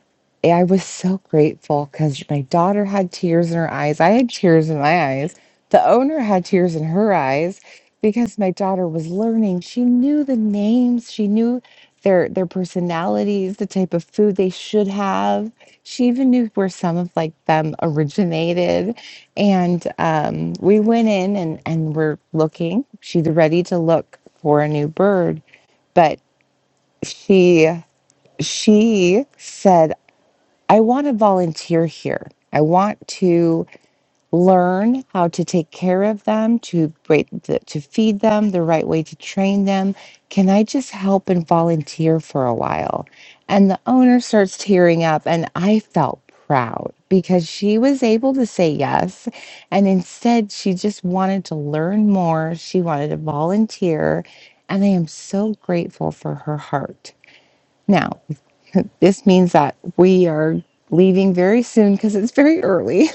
I was so grateful because my daughter had tears in her eyes. I had tears in my eyes. The owner had tears in her eyes because my daughter was learning. She knew the names. She knew their their personalities, the type of food they should have. She even knew where some of like them originated. And um, we went in and, and we're looking. She's ready to look for a new bird but she she said i want to volunteer here i want to learn how to take care of them to break the, to feed them the right way to train them can i just help and volunteer for a while and the owner starts tearing up and i felt proud because she was able to say yes and instead she just wanted to learn more she wanted to volunteer and i am so grateful for her heart now this means that we are leaving very soon because it's very early <laughs>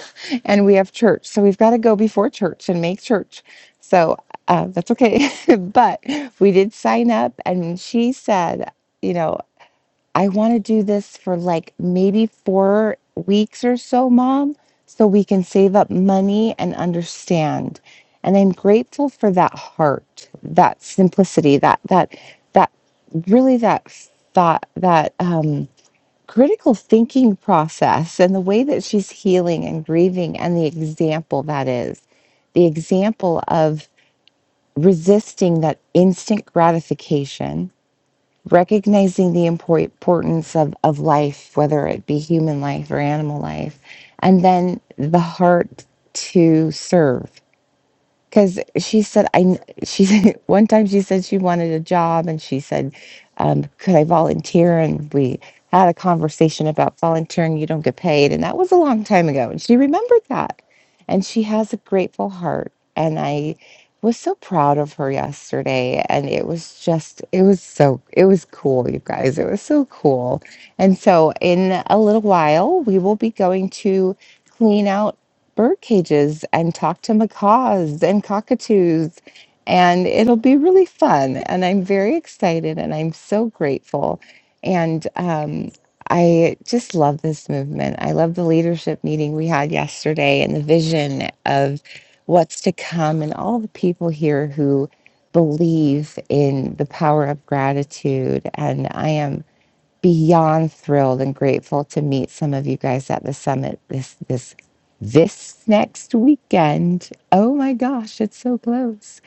and we have church. So we've got to go before church and make church. So uh, that's okay. <laughs> but we did sign up and she said, you know, I want to do this for like maybe four weeks or so, mom, so we can save up money and understand. And I'm grateful for that heart, that simplicity, that, that, that really that thought, that, um, critical thinking process and the way that she's healing and grieving and the example that is the example of resisting that instant gratification recognizing the impor- importance of, of life whether it be human life or animal life and then the heart to serve because she said i she said <laughs> one time she said she wanted a job and she said um, could i volunteer and we had a conversation about volunteering you don't get paid and that was a long time ago and she remembered that and she has a grateful heart and i was so proud of her yesterday and it was just it was so it was cool you guys it was so cool and so in a little while we will be going to clean out bird cages and talk to macaws and cockatoos. And it'll be really fun. And I'm very excited and I'm so grateful. And um, I just love this movement. I love the leadership meeting we had yesterday and the vision of what's to come and all the people here who believe in the power of gratitude. And I am beyond thrilled and grateful to meet some of you guys at the summit this this this next weekend. Oh my gosh, it's so close.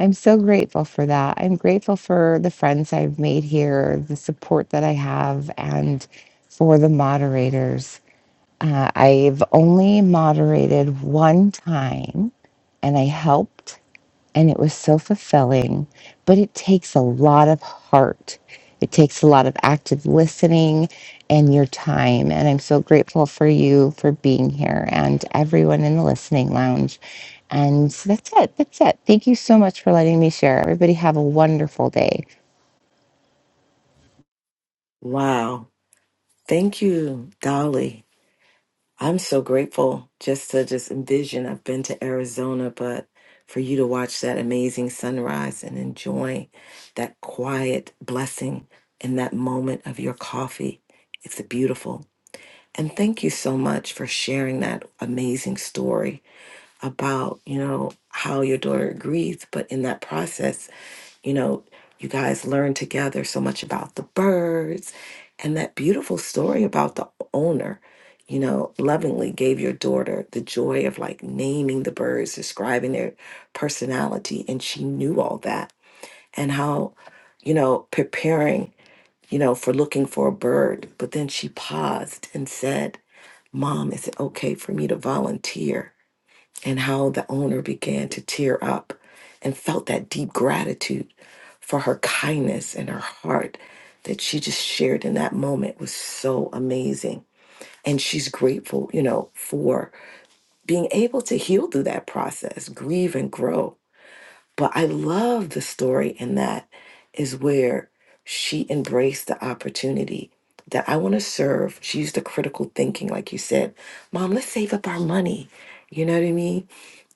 I'm so grateful for that. I'm grateful for the friends I've made here, the support that I have, and for the moderators. Uh, I've only moderated one time and I helped and it was so fulfilling. But it takes a lot of heart, it takes a lot of active listening and your time. And I'm so grateful for you for being here and everyone in the listening lounge. And so that's it. That's it. Thank you so much for letting me share. Everybody, have a wonderful day. Wow. Thank you, Dolly. I'm so grateful just to just envision. I've been to Arizona, but for you to watch that amazing sunrise and enjoy that quiet blessing in that moment of your coffee, it's beautiful. And thank you so much for sharing that amazing story about, you know, how your daughter grieved, but in that process you know, you guys learn together so much about the birds and that beautiful story about the owner, you know, lovingly gave your daughter the joy of like naming the birds, describing their personality. And she knew all that and how, you know, preparing, you know, for looking for a bird. But then she paused and said, Mom, is it okay for me to volunteer? and how the owner began to tear up and felt that deep gratitude for her kindness and her heart that she just shared in that moment was so amazing. And she's grateful, you know, for being able to heal through that process, grieve and grow but I love the story, and that is where she embraced the opportunity that I want to serve. She used the critical thinking, like you said, Mom, let's save up our money. You know what I mean?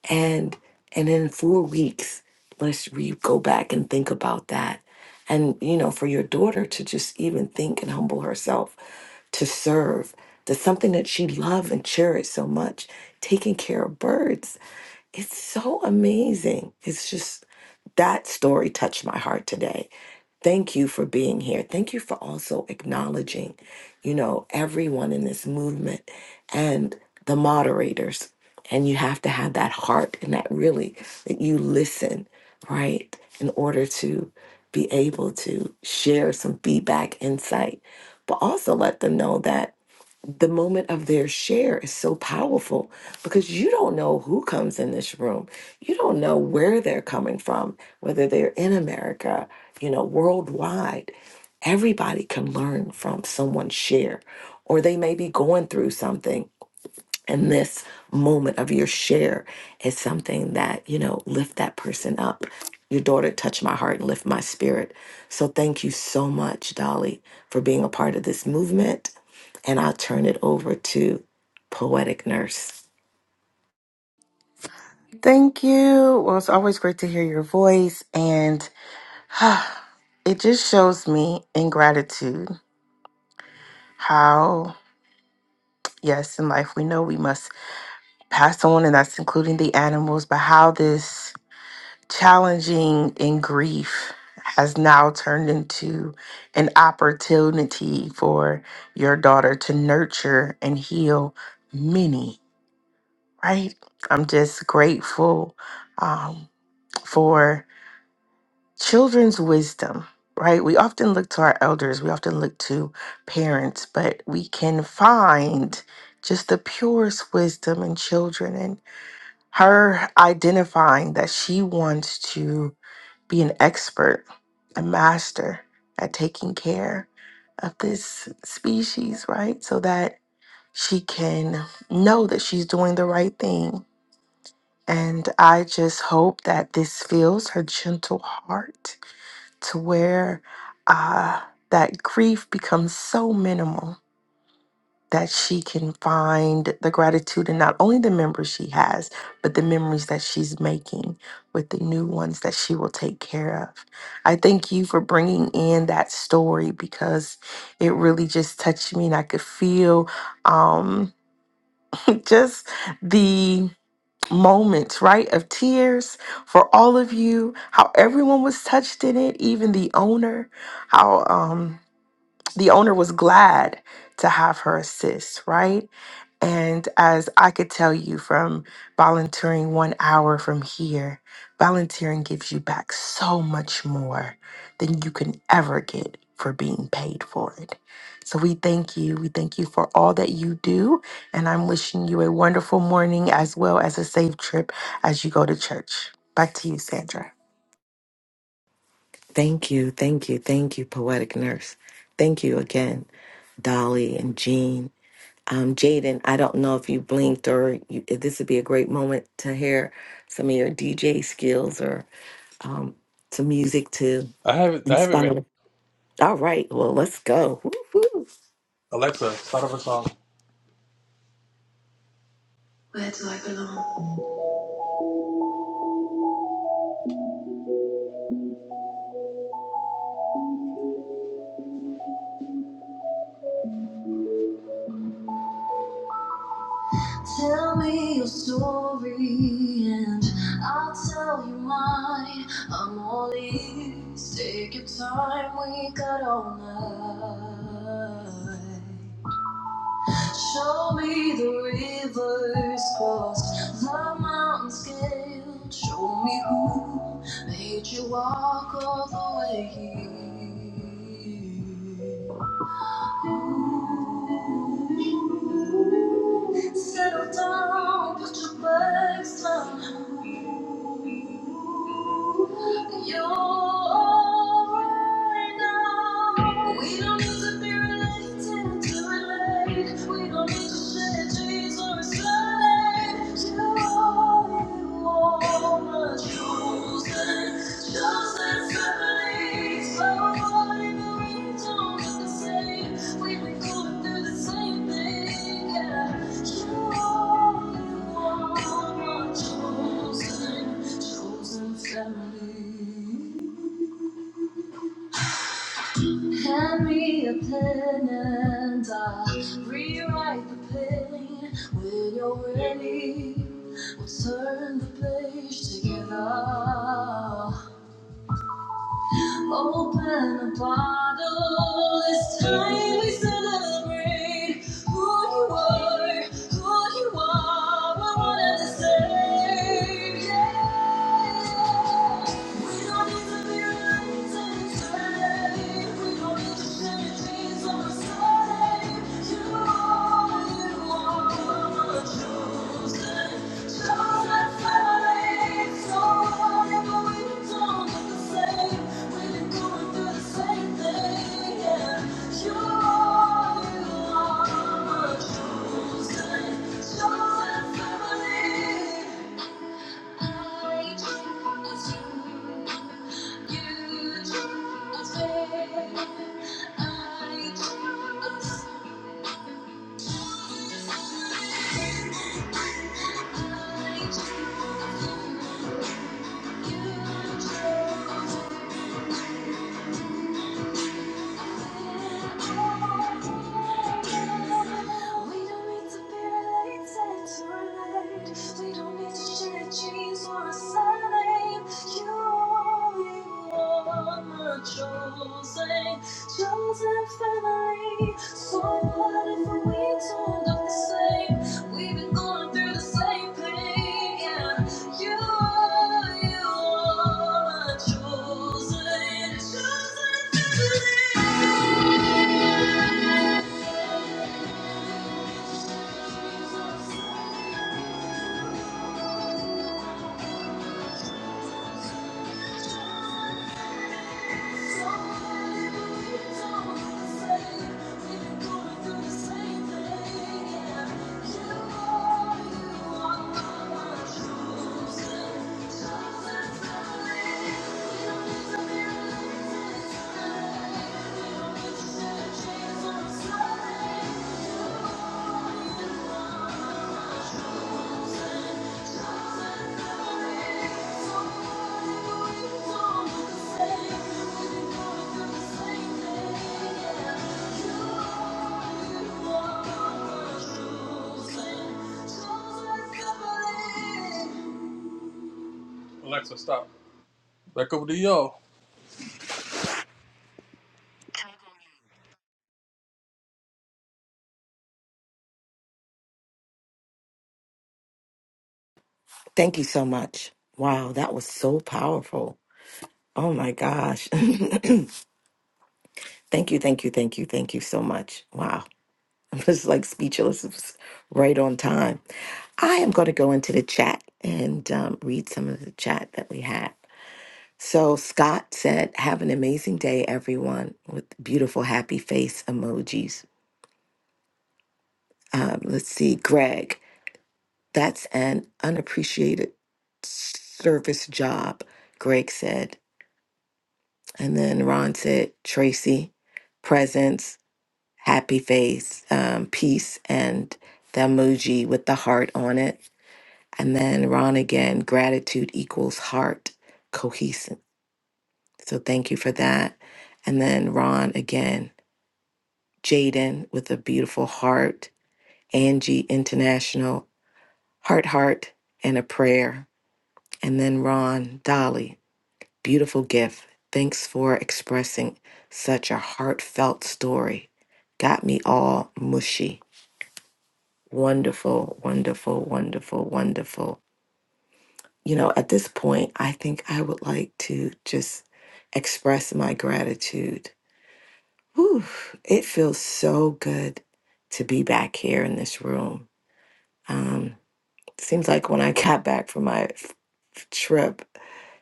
And and in four weeks, let's re- go back and think about that. And you know, for your daughter to just even think and humble herself to serve. That's something that she loved and cherished so much, taking care of birds. It's so amazing. It's just that story touched my heart today. Thank you for being here. Thank you for also acknowledging, you know, everyone in this movement and the moderators. And you have to have that heart and that really that you listen, right? In order to be able to share some feedback, insight, but also let them know that the moment of their share is so powerful because you don't know who comes in this room. You don't know where they're coming from, whether they're in America, you know, worldwide. Everybody can learn from someone's share, or they may be going through something and this moment of your share is something that you know lift that person up your daughter touched my heart and lift my spirit so thank you so much dolly for being a part of this movement and i'll turn it over to poetic nurse Thank you. Well, it's always great to hear your voice. And <sighs> it just shows me in gratitude how, yes, in life we know we must pass on, and that's including the animals, but how this challenging and grief has now turned into an opportunity for your daughter to nurture and heal many, right? I'm just grateful um, for. children's wisdom, right? We often look to our elders, we often look to parents, but we can find just the purest wisdom in children and her identifying that she wants to be an expert, a master at taking care of this species, right? So that she can know that she's doing the right thing. And I just hope that this fills her gentle heart to where uh, that grief becomes so minimal that she can find the gratitude in not only the memories she has, but the memories that she's making with the new ones that she will take care of. I thank you for bringing in that story because it really just touched me and I could feel um, <laughs> just the moments, right, of tears for all of you, how everyone was touched in it, even the owner, how um, the owner was glad to have her assist, right? And as I could tell you from volunteering one hour from here, volunteering gives you back so much more than you can ever get for being paid for it. So we thank you. We thank you for all that you do. And I'm wishing you a wonderful morning as well as a safe trip as you go to church. Back to you, Sandra. thank you thank you thank you poetic nurse thank you again dolly and jean um, jaden i don't know if you blinked or you, this would be a great moment to hear some of your dj skills or. um, to music to I have it. I have it ready. inspire. All right, well, let's go. Woo-hoo. Alexa, start up a song. Where do I belong? Tell me your story and I'll tell you mine. I'm all ears. Take your time, we got all night. Show me the rivers crossed, the mountains scaled. Show me who made you walk all the way here. Settle down, put your bags down. You're alright now. We don't need to be related to relate. We don't need to share dreams or explain. You are, you are chosen, chosen. Hand me a pen and I'll rewrite the pain. When you're ready, we'll turn the page together. Open a bottle. It's time we celebrate who you are, who you are. We're one and the same. Yeah. We don't need to be right to be saved. We don't need to share dreams on a Sunday. You. I Thank you. We don't need to be related to relate. We don't need to share genes or a surname. You are my chosen, chosen family. So what if we don't look the same? We've been going through the same pain. Yeah, you, are, you are my chosen, chosen family. Jesus, Alexa, stop. Back over to y'all. Thank you so much. Wow, that was so powerful. Oh my gosh. <clears throat> <laughs> thank you, thank you, thank you, thank you so much. Wow, <laughs> I'm just like speechless. It was right on time. I am going to go into the chat and um, read some of the chat that we had. So Scott said, "Have an amazing day, everyone!" With beautiful happy face emojis. Um, let's see, Greg. That's an unappreciated service job, Greg said. And then Ron said, Tracy, presence, happy face, um, peace, and the emoji with the heart on it. And then Ron again, gratitude equals heart, cohesive. So thank you for that. And then Ron again, Jaden with a beautiful heart, Angie International, heart, heart, and a prayer. And then Ron, Dolly. Beautiful gift. Thanks for expressing such a heartfelt story. Got me all mushy. Wonderful, wonderful, wonderful, wonderful. You know, at this point, I think I would like to just express my gratitude. Whew, it feels so good to be back here in this room. Um, seems like when I <laughs> got back from my f- trip,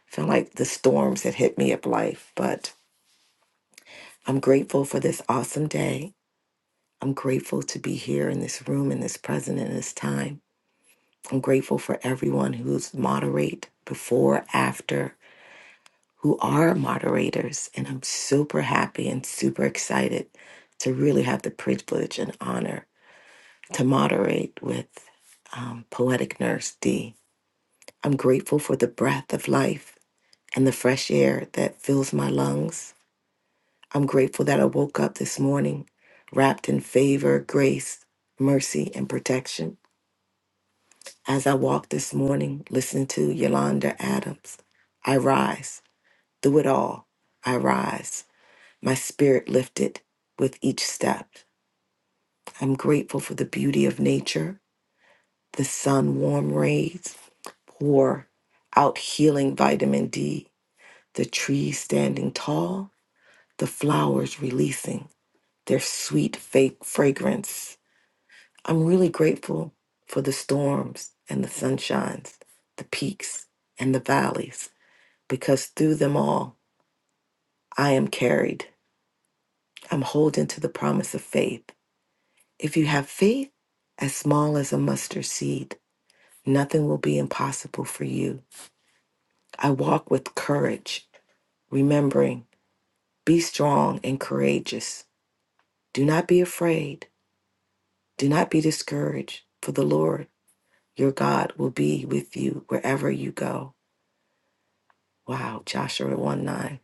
felt like the storms had hit me up life, but I'm grateful for this awesome day. I'm grateful to be here in this room, in this present, in this time. I'm grateful for everyone who's moderate before, after, who are moderators. And I'm super happy and super excited to really have the privilege and honor to moderate with um, Poetic Nurse D. I'm grateful for the breath of life and the fresh air that fills my lungs. I'm grateful that I woke up this morning wrapped in favor, grace, mercy, and protection. As I walk this morning, listen to Yolanda Adams. I rise through it all. I rise, my spirit lifted with each step. I'm grateful for the beauty of nature. The sun warm rays pour out healing vitamin D. The trees standing tall, the flowers releasing their sweet fake fragrance. I'm really grateful for the storms and the sunshines, the peaks and the valleys. because through them all I am carried. I'm holding to the promise of faith. If you have faith as small as a mustard seed, nothing will be impossible for you. I walk with courage, remembering be strong and courageous. Do not be afraid. Do not be discouraged, for the Lord your God will be with you wherever you go. Wow, Joshua 1 9.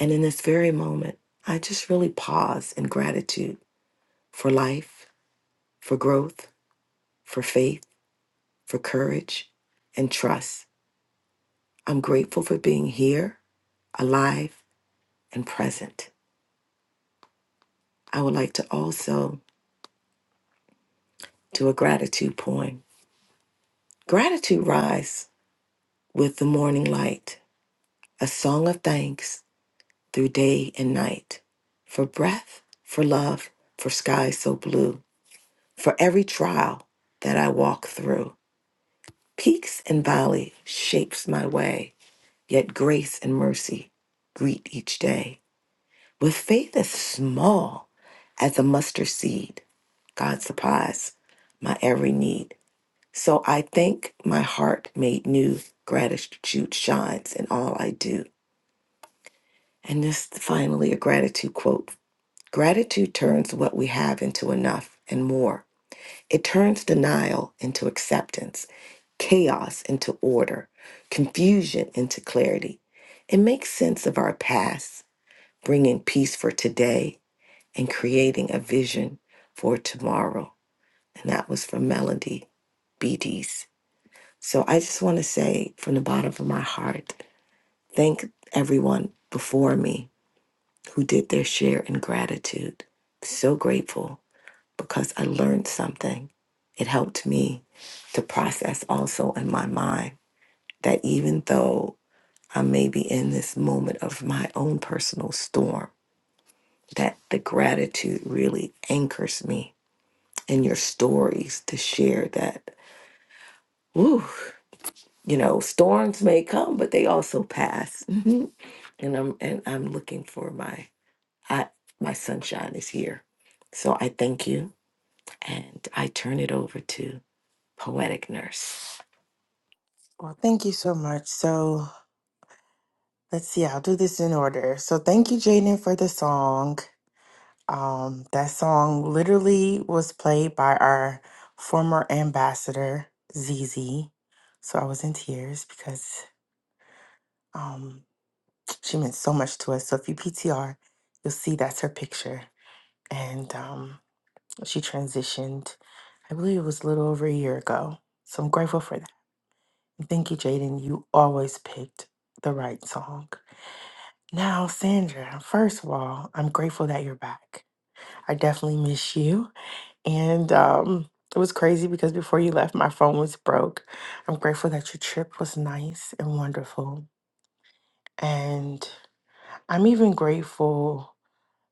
And in this very moment, I just really pause in gratitude for life for growth, for faith, for courage, and trust. I'm grateful for being here, alive, and present. I would like to also do a gratitude poem. Gratitude rise with the morning light, a song of thanks through day and night. For breath, for love, for skies so blue, for every trial that I walk through. Peaks and valley shapes my way, yet grace and mercy greet each day. With faith as small as a mustard seed, God supplies my every need. So I think my heart made new. Gratitude shines in all I do. And this finally a gratitude quote. Gratitude turns what we have into enough and more. It turns denial into acceptance, chaos into order, confusion into clarity. It makes sense of our past, bringing peace for today and creating a vision for tomorrow. And that was from Melody BDs. So I just want to say from the bottom of my heart, thank everyone before me who did their share in gratitude. So grateful because I learned something. It helped me to process also in my mind that even though I may be in this moment of my own personal storm, that the gratitude really anchors me and your stories to share that. Woo, you know, storms may come, but they also pass. Mhm. And I'm and I'm looking for my I my sunshine is here. So I thank you and I turn it over to Poetic Nurse. Well, thank you so much. So let's see, I'll do this in order. So thank you, Jaden, for the song. Um, that song literally was played by our former ambassador, Zizi. So I was in tears because um, she meant so much to us. So if you PTR, you'll see that's her picture. And um, she transitioned, I believe it was a little over a year ago. So I'm grateful for that. And Thank you, Jaden. You always picked the right song. Now, Sandra, first of all, I'm grateful that you're back. I definitely miss you. And um, it was crazy because before you left, my phone was broke. I'm grateful that your trip was nice and wonderful. And I'm even grateful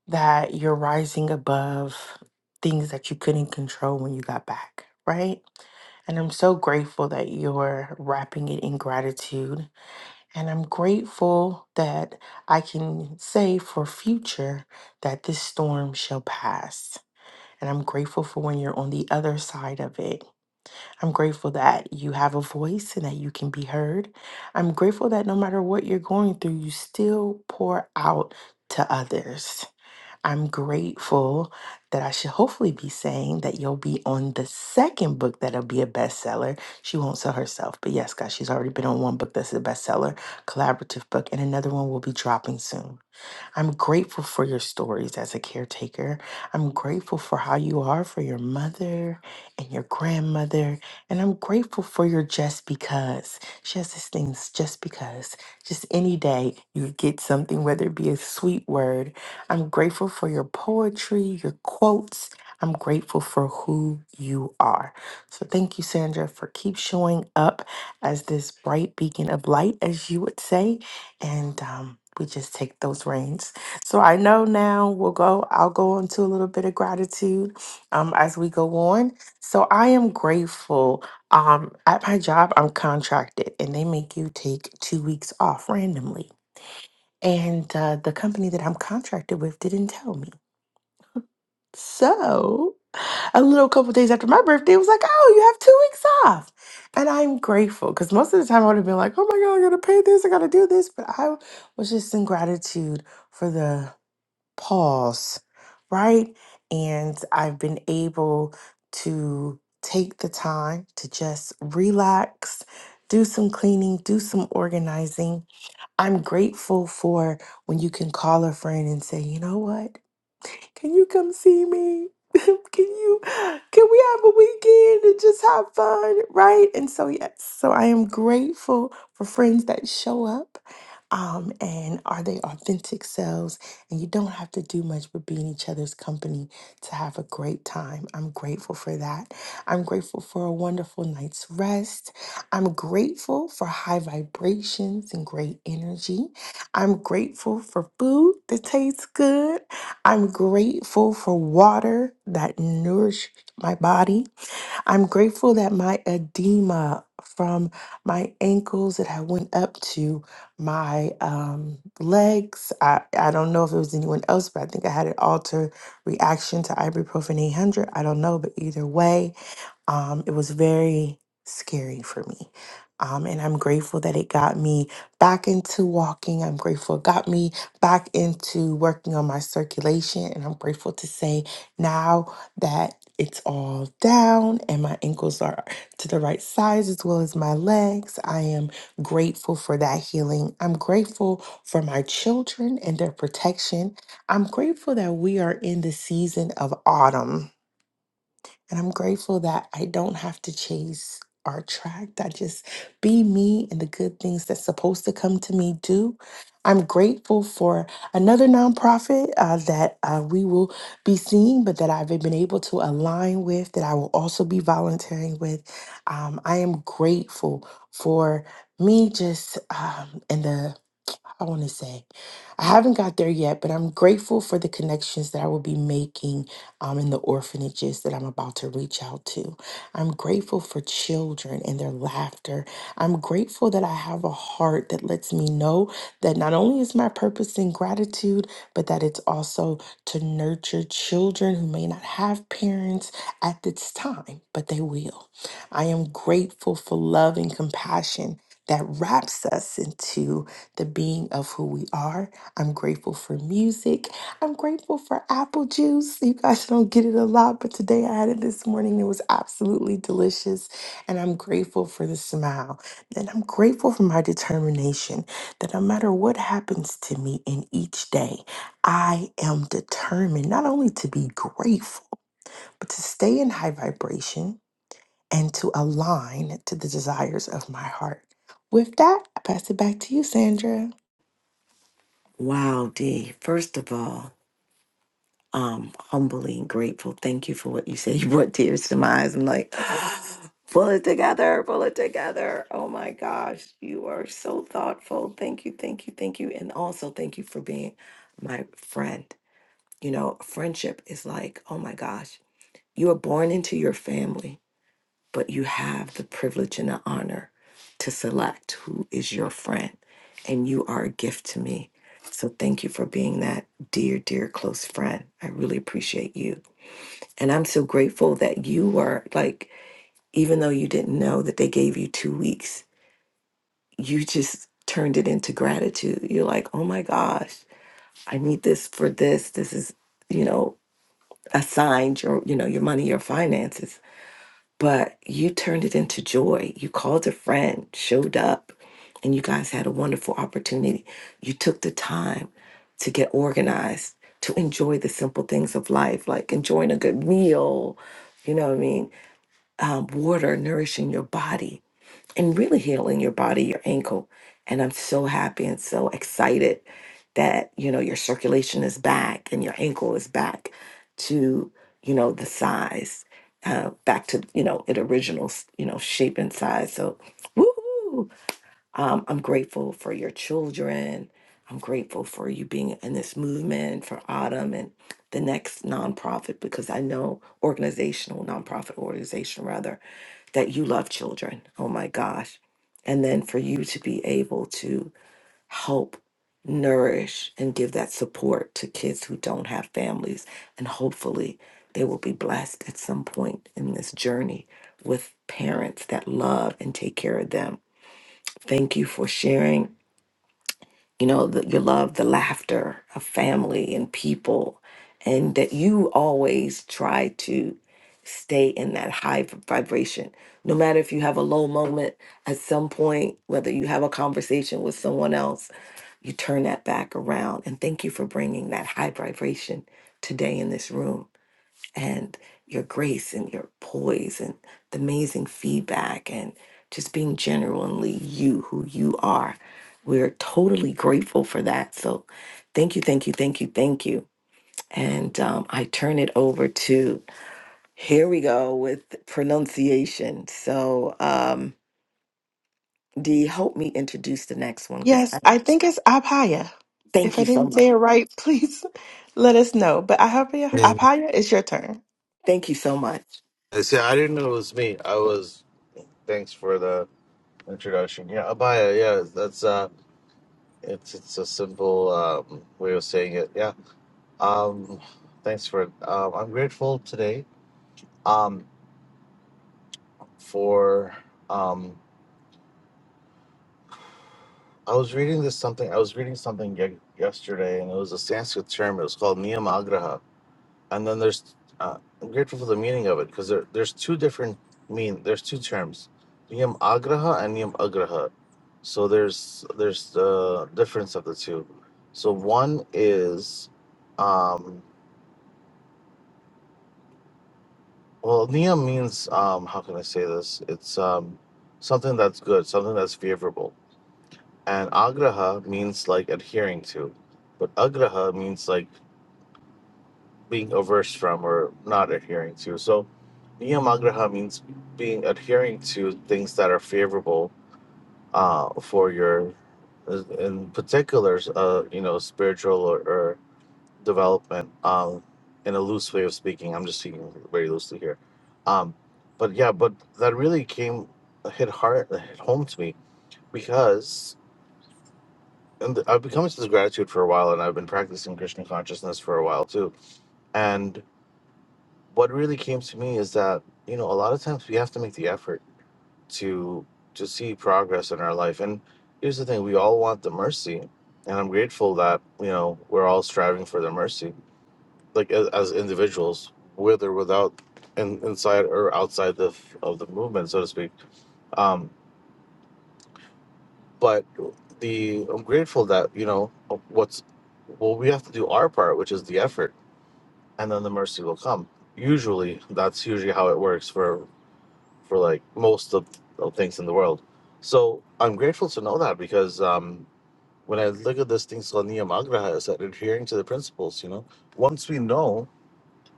that you're rising above things that you couldn't control when you got back, right? And I'm so grateful that you're wrapping it in gratitude. And I'm grateful that I can say for future that this storm shall pass. And I'm grateful for when you're on the other side of it I'm grateful that you have a voice and that you can be heard. I'm grateful that no matter what you're going through, you still pour out to others. I'm grateful that I should hopefully be saying that you'll be on the second book that'll be a bestseller. She won't sell herself, but yes, guys, she's already been on one book that's a bestseller, collaborative book, and another one will be dropping soon. I'm grateful for your stories as a caretaker. I'm grateful for how you are for your mother and your grandmother. And I'm grateful for your just because. She has this thing, it's just because. Just any day you get something, whether it be a sweet word. I'm grateful for your poetry, your quotes. I'm grateful for who you are. So thank you, Sandra, for keep showing up as this bright beacon of light, as you would say and um, we just take those reins. So I know now we'll go. I'll go into a little bit of gratitude um, as we go on. So I am grateful. Um, at my job, I'm contracted, and they make you take two weeks off randomly. And uh, the company that I'm contracted with didn't tell me. So, a little couple days after my birthday, it was like, oh, you have two weeks off. And I'm grateful because most of the time I would have been like, oh my God, I gotta pay this, I gotta do this. But I was just in gratitude for the pause, right? And I've been able to take the time to just relax, do some cleaning, do some organizing I'm grateful for when you can call a friend and say, you know what? Can you come see me? <laughs> can you can we have a weekend and just have fun? Right? And so yes, so I am grateful for friends that show up um and are they authentic selves and you don't have to do much but be in each other's company to have a great time. I'm grateful for that. I'm grateful for a wonderful night's rest. I'm grateful for high vibrations and great energy. I'm grateful for food that tastes good. I'm grateful for water that nourishes my body. I'm grateful that my edema from my ankles that I went up to my um, legs. I, I don't know if it was anyone else, but I think I had an alter reaction to ibuprofen 800. I don't know, but either way, um, it was very scary for me. Um, and I'm grateful that it got me back into walking. I'm grateful it got me back into working on my circulation. And I'm grateful to say now that it's all down and my ankles are to the right size as well as my legs. I am grateful for that healing. I'm grateful for my children and their protection. I'm grateful that we are in the season of autumn. And I'm grateful that I don't have to chase or attract. I just be me and the good things that's supposed to come to me do. I'm grateful for another nonprofit uh, that uh, we will be seeing, but that I've been able to align with, that I will also be volunteering with. Um, I am grateful for me just um, and the I want to say. I haven't got there yet, but I'm grateful for the connections that I will be making um, in the orphanages that I'm about to reach out to. I'm grateful for children and their laughter. I'm grateful that I have a heart that lets me know that not only is my purpose in gratitude, but that it's also to nurture children who may not have parents at this time, but they will. I am grateful for love and compassion that wraps us into the being of who we are. I'm grateful for music. I'm grateful for apple juice. You guys <laughs> don't get it a lot, but today I had it this morning. It was absolutely delicious. And I'm grateful for the smile. And I'm grateful for my determination that no matter what happens to me in each day, I am determined not only to be grateful, but to stay in high vibration and to align to the desires of my heart. With that, I pass it back to you, Sandra. Wow, D. First of all, um humbly and grateful. Thank you for what you said. <laughs> You brought tears to my eyes. I'm like, <gasps> pull it together, pull it together. Oh my gosh, you are so thoughtful. Thank you, thank you, thank you. And also thank you for being my friend. You know, friendship is like, oh my gosh, you are born into your family but you have the privilege and the honor to select who is your friend. And you are a gift to me. So thank you for being that dear, dear close friend. I really appreciate you. And I'm so grateful that you were like, even though you didn't know that they gave you two weeks, you just turned it into gratitude. You're like, oh my gosh, I need this for this. This is, you know, assigned your, you know, your money, your finances but you turned it into joy. You called a friend, showed up, and you guys had a wonderful opportunity. You took the time to get organized, to enjoy the simple things of life, like enjoying a good meal, you know what I mean? Um, water nourishing your body, and really healing your body, your ankle. And I'm so happy and so excited that, you know, your circulation is back and your ankle is back to, you know, the size, uh, back to, you know, it original, you know, shape and size. So, woohoo! Um, I'm grateful for your children. I'm grateful for you being in this movement for Autumn and the next nonprofit because I know organizational, nonprofit organization rather, that you love children. Oh my gosh. And then for you to be able to help nourish and give that support to kids who don't have families. And hopefully they will be blessed at some point in this journey with parents that love and take care of them Thank you for sharing, you know, the, your love, the laughter of family and people, and that you always try to stay in that high v- vibration. No matter if you have a low moment at some point, whether you have a conversation with someone else, you turn that back around. And thank you for bringing that high vibration today in this room and your grace and your poise and the amazing feedback and just being genuinely you, who you are. We're totally grateful for that. So thank you, thank you, thank you, thank you. And um, I turn it over to, here we go with pronunciation. So, um, Dee, help me introduce the next one because Yes, I I think it's Abhaya. thank If I you so didn't much. say it right, please <laughs> let us know. But Abhaya, Hey, Abhaya, it's your turn. Thank you so much. see, I didn't know it was me. I was. Thanks for the introduction. Yeah, Abaya. Yeah, that's uh, it's it's a simple um way of saying it. Yeah. Um, thanks for. Um, I'm grateful today. Um, for um, I was reading this something. I was reading something ye- yesterday, and it was a Sanskrit term. It was called niyamagraha and then there's uh, I'm grateful for the meaning of it because there, there's two different mean there's two terms niyam agraha and niyam agraha so there's there's the difference of the two so one is um well niyam means um how can I say this it's um something that's good something that's favorable and agraha means like adhering to but agraha means like being averse from or not adhering to. So, niyamagraha means being adhering to things that are favorable uh, for your, in particular, uh, you know, spiritual or, or development. Um, in a loose way of speaking, I'm just speaking very loosely here. Um, but yeah, but that really came hit hard, hit home to me because. And I've become into this gratitude for a while, and I've been practicing Krishna consciousness for a while too. And what really came to me is that you know a lot of times we have to make the effort to to see progress in our life and here's the thing we all want the mercy and i'm grateful that you know we're all striving for the mercy like as, as individuals with or without and inside or outside the of the movement so to speak um but the i'm grateful that you know what's well we have to do our part which is the effort and then the mercy will come usually that's usually how it works for. for like most of of things in the world. So I'm grateful to know that because um, when I look at this thing, Slaniyam Agraha is that adhering to the principles, you know, once we know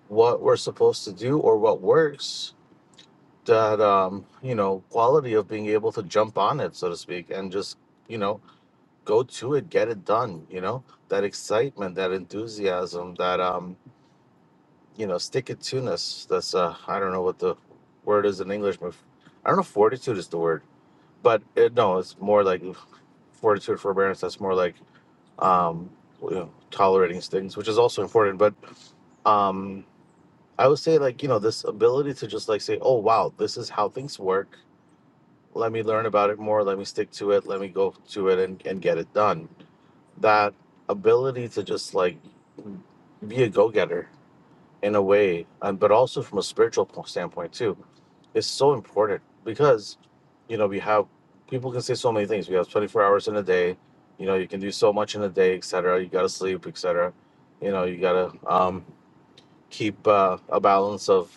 what we're supposed to do or what works, that, um, you know, quality of being able to jump on it, so to speak, and just, you know, go to it, get it done, you know, that excitement, that enthusiasm, that, um, you know, stick it to ness. That's, uh, I don't know what the word is in English, but I don't know if fortitude is the word but it, no, it's more like fortitude, forbearance. That's more like um, you know, tolerating things, which is also important. But um, I would say like you know this ability to just like say, oh wow, this is how things work. Let me learn about it more. Let me stick to it. Let me go to it and, and get it done. That ability to just like be a go getter in a way, um, but also from a spiritual po- standpoint too, is so important because, you know, we have people can say so many things. We have 24 hours in a day. You know, you can do so much in a day, etc. You gotta sleep, etc. You know, you gotta um, keep uh, a balance of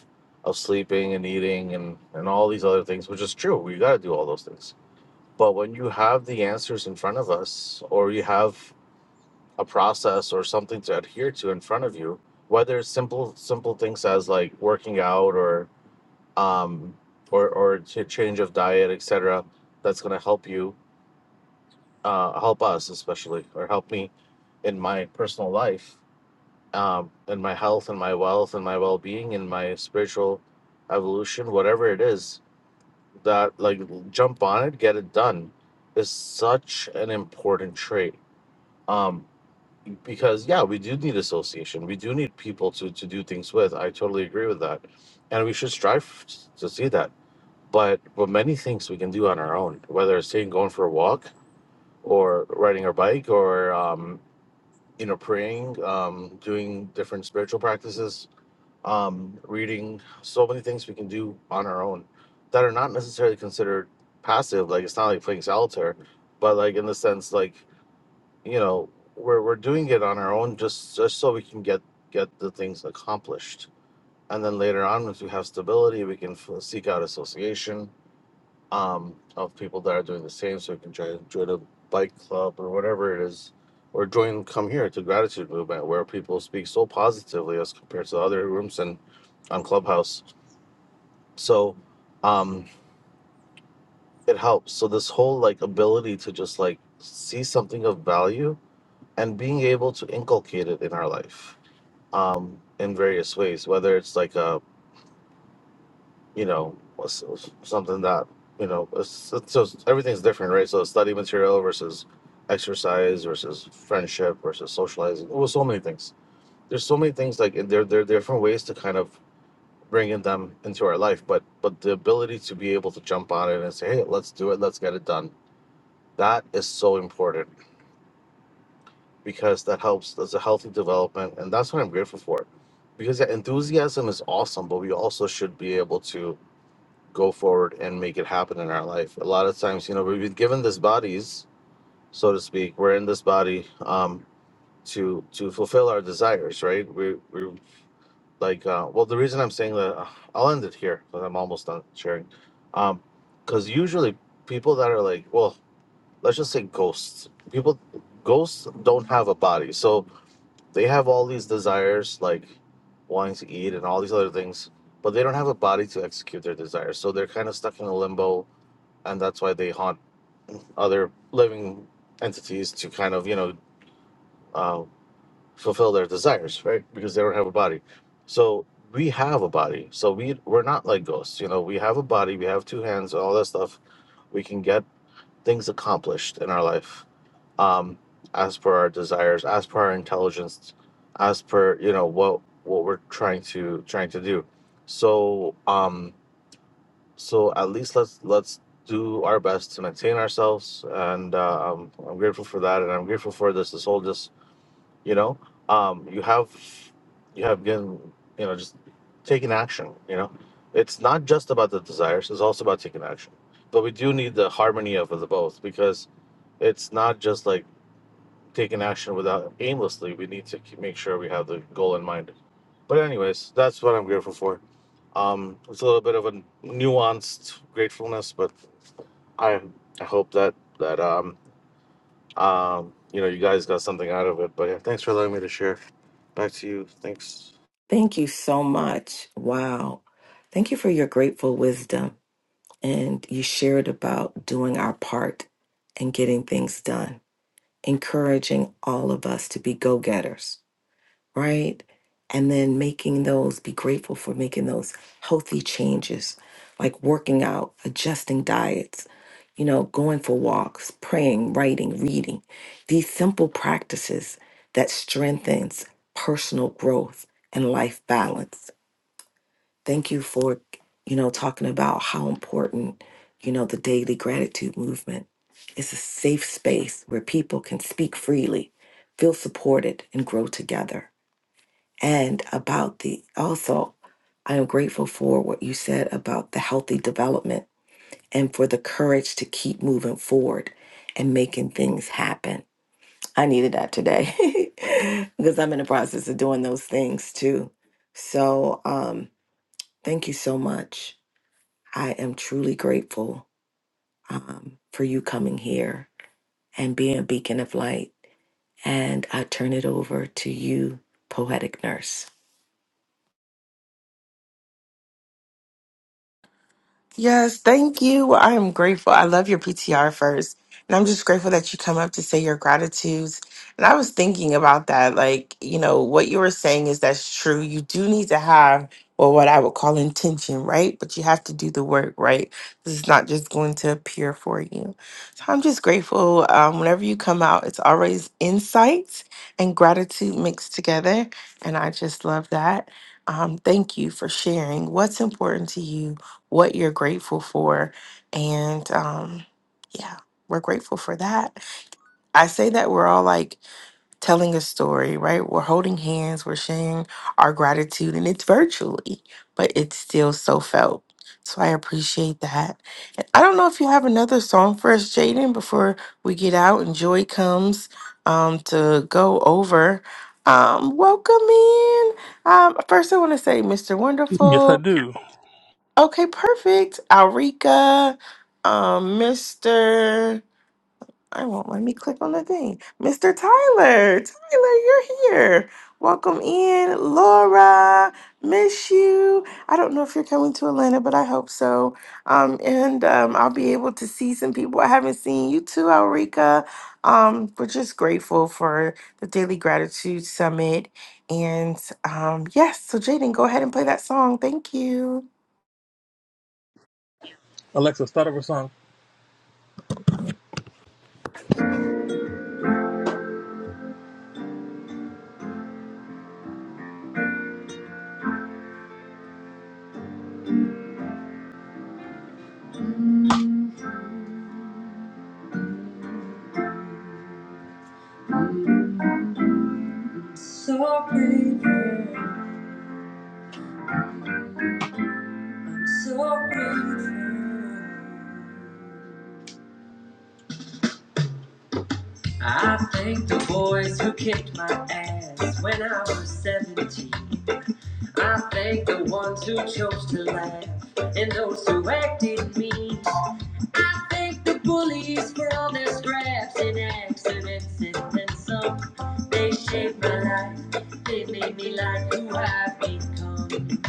of sleeping and eating and and all these other things, which is true. We gotta do all those things. But when you have the answers in front of us, or you have a process or something to adhere to in front of you whether it's simple simple things as like working out or um or or ch- change of diet etc that's going to help you uh help us especially or help me in my personal life um in my health and my wealth and my well-being and my spiritual evolution whatever it is that like jump on it get it done is such an important trait um because yeah we do need association we do need people to to do things with i totally agree with that and we should strive to see that but with many things we can do on our own whether it's saying going for a walk or riding our bike or um you know praying um doing different spiritual practices um reading so many things we can do on our own that are not necessarily considered passive like it's not like playing solitaire but like in the sense like you know we're we're doing it on our own just just so we can get get the things accomplished and then later on once we have stability we can f- seek out association um of people that are doing the same so we can try to join a bike club or whatever it is or join come here to gratitude movement where people speak so positively as compared to other rooms and on clubhouse so um it helps so this whole like ability to just like see something of value and being able to inculcate it in our life um, in various ways, whether it's like a you know s- s- something that you know it's, it's just, everything's different, right? So study material versus exercise versus friendship versus socializing. Well, so many things. There's so many things like and there there are different ways to kind of bring in them into our life, but but the ability to be able to jump on it and say, hey, let's do it, let's get it done. That is so important because that helps. That's a healthy development, and that's what I'm grateful for. Because that enthusiasm is awesome, but we also should be able to go forward and make it happen in our life. A lot of times, you know, we've been given these bodies, so to speak. We're in this body um, to to fulfill our desires, right? We we like uh, well, the reason I'm saying that uh, I'll end it here because I'm almost done sharing. Um, because usually people that are like, well, let's just say ghosts. People, ghosts don't have a body, so they have all these desires like wanting to eat and all these other things but they don't have a body to execute their desires so they're kind of stuck in a limbo and that's why they haunt other living entities to kind of you know uh, fulfill their desires right because they don't have a body so we have a body so we we're not like ghosts you know we have a body we have two hands all that stuff we can get things accomplished in our life um, as per our desires as per our intelligence as per you know what what we're trying to trying to do so um so at least let's let's do our best to maintain ourselves and uh, I'm, I'm grateful for that and i'm grateful for this this whole just you know um you have you have been you know just taking action you know it's not just about the desires it's also about taking action but we do need the harmony of the both because it's not just like taking action without aimlessly. We need to keep, make sure we have the goal in mind. But anyways, that's what I'm grateful for. Um, it's a little bit of a nuanced gratefulness, but I I hope that that um um you know you guys got something out of it. But yeah, thanks for allowing me to share. Back to you. Thanks. Thank you so much. Wow. Thank you for your grateful wisdom. and you shared about doing our part and getting things done, encouraging all of us to be go getters, right? And then making those, be grateful for making those healthy changes, like working out, adjusting diets, you know, going for walks, praying, writing, reading. These simple practices that strengthens personal growth and life balance thank you for you know talking about how important you know the daily gratitude movement is a safe space where people can speak freely feel supported and grow together and about the also i am grateful for what you said about the healthy development and for the courage to keep moving forward and making things happen i needed that today <laughs> because i'm in the process of doing those things too so um thank you so much I am truly grateful um, for you coming here and being a beacon of light. And I turn it over to you, poetic nurse. Yes, thank you. I am grateful. I love your PTR first. And I'm just grateful that you come up to say your gratitudes. And I was thinking about that. Like, you know, what you were saying is that's true. You do need to have, well, what I would call intention, right? But you have to do the work, right? This is not just going to appear for you. So I'm just grateful. Um, whenever you come out, it's always insights and gratitude mixed together. And I just love that. Um, thank you for sharing what's important to you what you're grateful for. And um, yeah, we're grateful for that. I say that we're all like telling a story, right? We're holding hands, we're sharing our gratitude, and it's virtually, but it's still so felt. So I appreciate that. I don't know if you have another song for us, Jaden, before we get out and Joy comes um, to go over. Um, welcome in. Um, first, I want to say, Mr. Yes, I Wonderful. do. Okay, perfect. Alrika, um, Mr. I won't let me click on the thing. Mr. Tyler, Tyler, you're here. Welcome in, Laura. Miss you. I don't know if you're coming to Atlanta, but I hope so. Um, and um, I'll be able to see some people I haven't seen. You too, Alrika. Um, we're just grateful for the Daily Gratitude Summit. And um, yes, so Jaden, go ahead and play that song. Thank you. Alexa, start up a song. I'm So grateful. I'm so grateful. I thank the boys who kicked my ass when I was 17. I thank the ones who chose to laugh and those who acted mean. I thank the bullies for all their scraps and accidents and then some. They shaped my life, they made me like who I've become.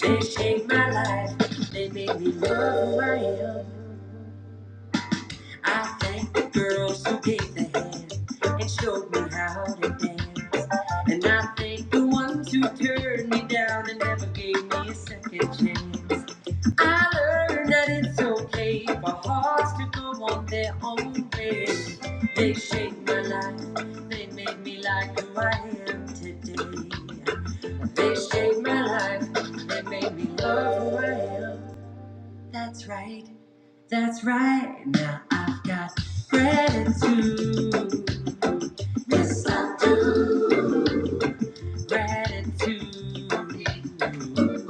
They shaped my life, they made me love who I am. I thank the girls who gave the hand and showed me how to dance. And I thank the ones who turned me down and never gave me a second chance. I learned that it's okay for hearts to go on their own way. They shaped my life, they made me like who I am today. They shaped my life, they made me love who I am. That's right. That's right. Now I've got gratitude. Yes, I do. Gratitude.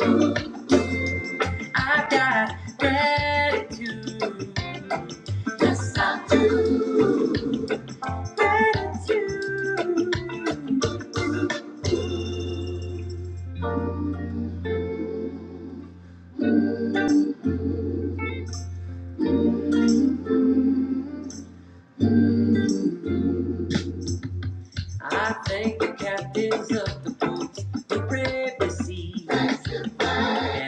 I've got gratitude. Yes, I do. Gratitude. I thank the captains of the boats who brave the sea, And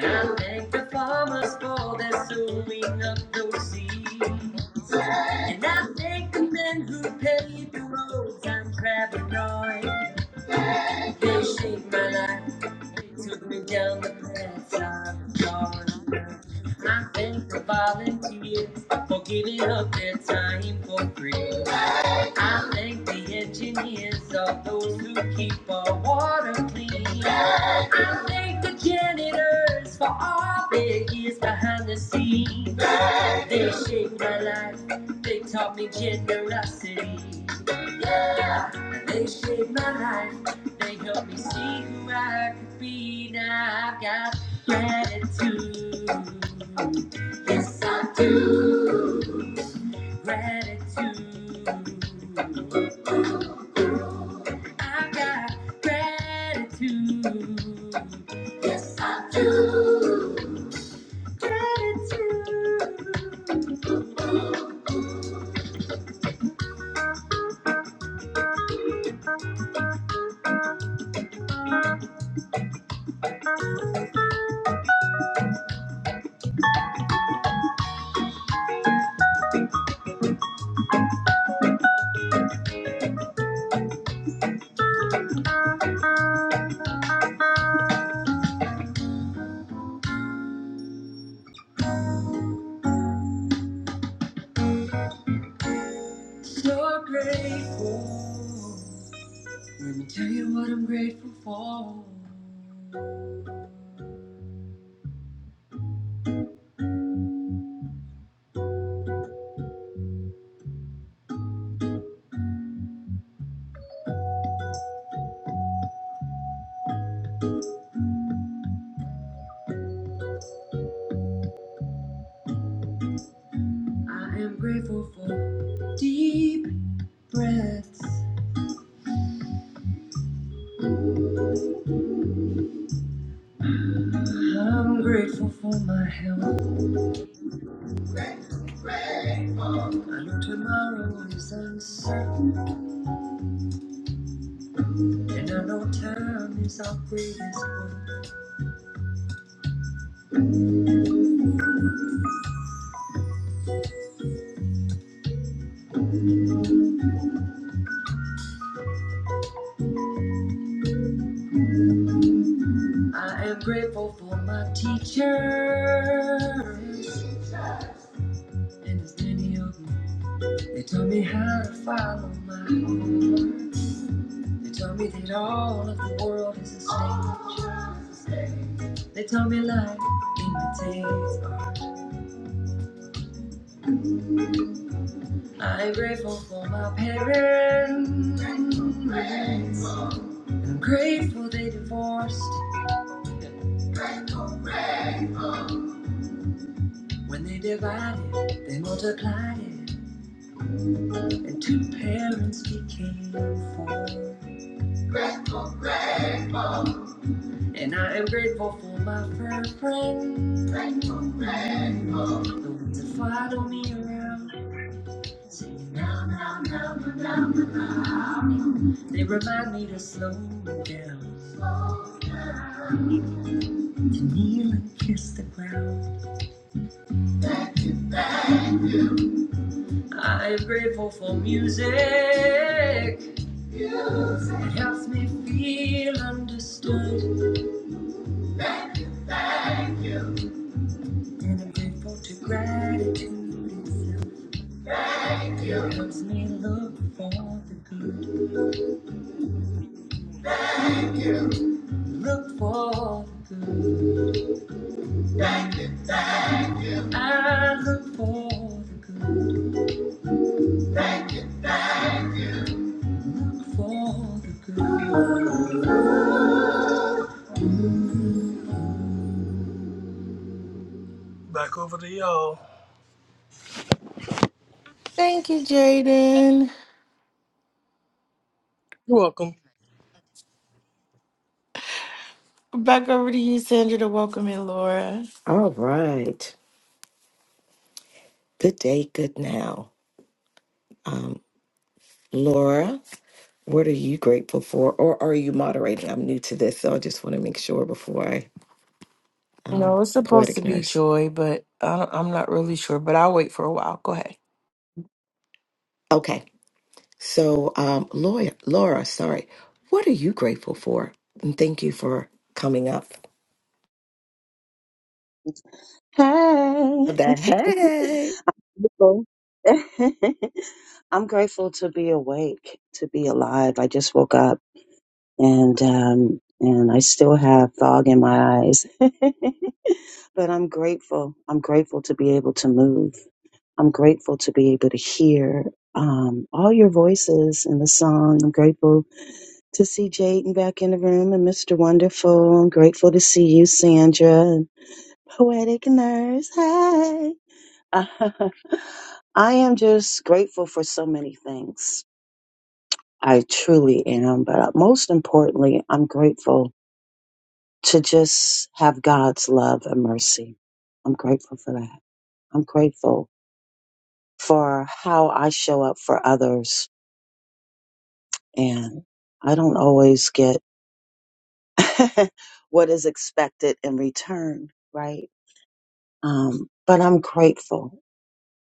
I thank the farmers for their sowing of those seeds. And I thank the men who paved the roads I'm traveling on. They shaped my life. They took me down the paths I've gone. I thank the volunteers for giving up their time for free. I thank the engineers of those who keep our water clean. I thank the janitors for all their years behind the scenes. They shaped my life. They taught me generosity. Yeah, they shaped my life. They helped me see who I could be. Now I've got gratitude. Yes, I do. Gratitude. I've got gratitude. Yes, I do. Gratitude. So grateful. Let me tell you what I'm grateful for. I am grateful for deep breaths. I'm grateful for my health. I know tomorrow is uncertain, and I know time is our greatest work. I am grateful for my teachers, and as many of them, they taught me how to follow my heart. They tell me that all of the world is a stage. They tell me life imitates art. I'm grateful for my parents. I'm grateful they divorced. When they divided, they multiplied it, and two parents became four. And I am grateful for my fur friend, the ones that follow me around, singing now, now, now, They remind me to slow down, to kneel and kiss the ground. I am grateful for music. It helps me feel understood. And I'm grateful to gratitude itself. It helps me look for the good. Look for the good. I look for the good. for the good. Back over to y'all. Thank you, Jaden. You're welcome. Back over to you, Sandra, to welcome in Laura. All right. Good day, good now. Um, Laura, what are you grateful for? Or are you moderating? I'm new to this, so I just want to make sure before I um, No, it's supposed to poetic be nurse. Joy, but I don't, I'm not really sure. But I'll wait for a while. Go ahead. Okay. So, um, Laura, Laura, sorry. What are you grateful for? And thank you for coming up. Hey. That <laughs> hey. grateful. <laughs> I'm grateful to be awake, to be alive. I just woke up and um and I still have fog in my eyes. <laughs> but I'm grateful. I'm grateful to be able to move. I'm grateful to be able to hear um, all your voices in the song. I'm grateful to see Jaden back in the room and Mr. Wonderful. I'm grateful to see you, Sandra, and Poetic Nurse. Hey. <laughs> I am just grateful for so many things. I truly am. But uh, most importantly, I'm grateful to just have God's love and mercy. I'm grateful for that. I'm grateful for how I show up for others. And I don't always get <laughs> what is expected in return, right? Um, but I'm grateful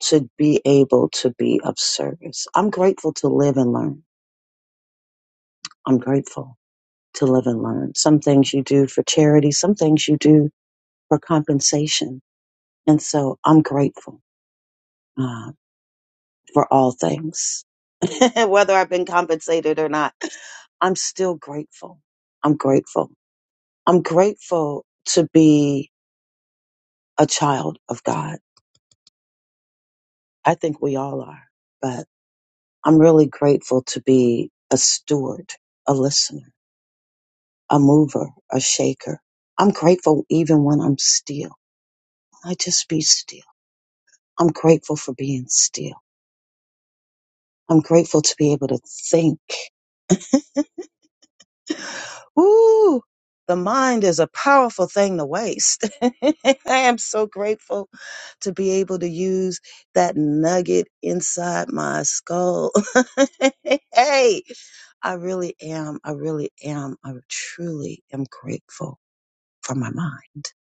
to be able to be of service. I'm grateful to live and learn. I'm grateful. to live and learn. Some things you do for charity, some things you do for compensation. And so I'm grateful uh, for all things. <laughs> Whether I've been compensated or not, I'm still grateful. I'm grateful. I'm grateful to be a child of God. I think we all are, but I'm really grateful to be a steward, a listener, a mover, a shaker. I'm grateful even when I'm still. I just be still I'm grateful for being still. I'm grateful to be able to think. Ooh, the mind is a powerful thing to waste. <laughs> I am so grateful to be able to use that nugget inside my skull. <laughs> hey, I really am. I really am. I truly am grateful for my mind.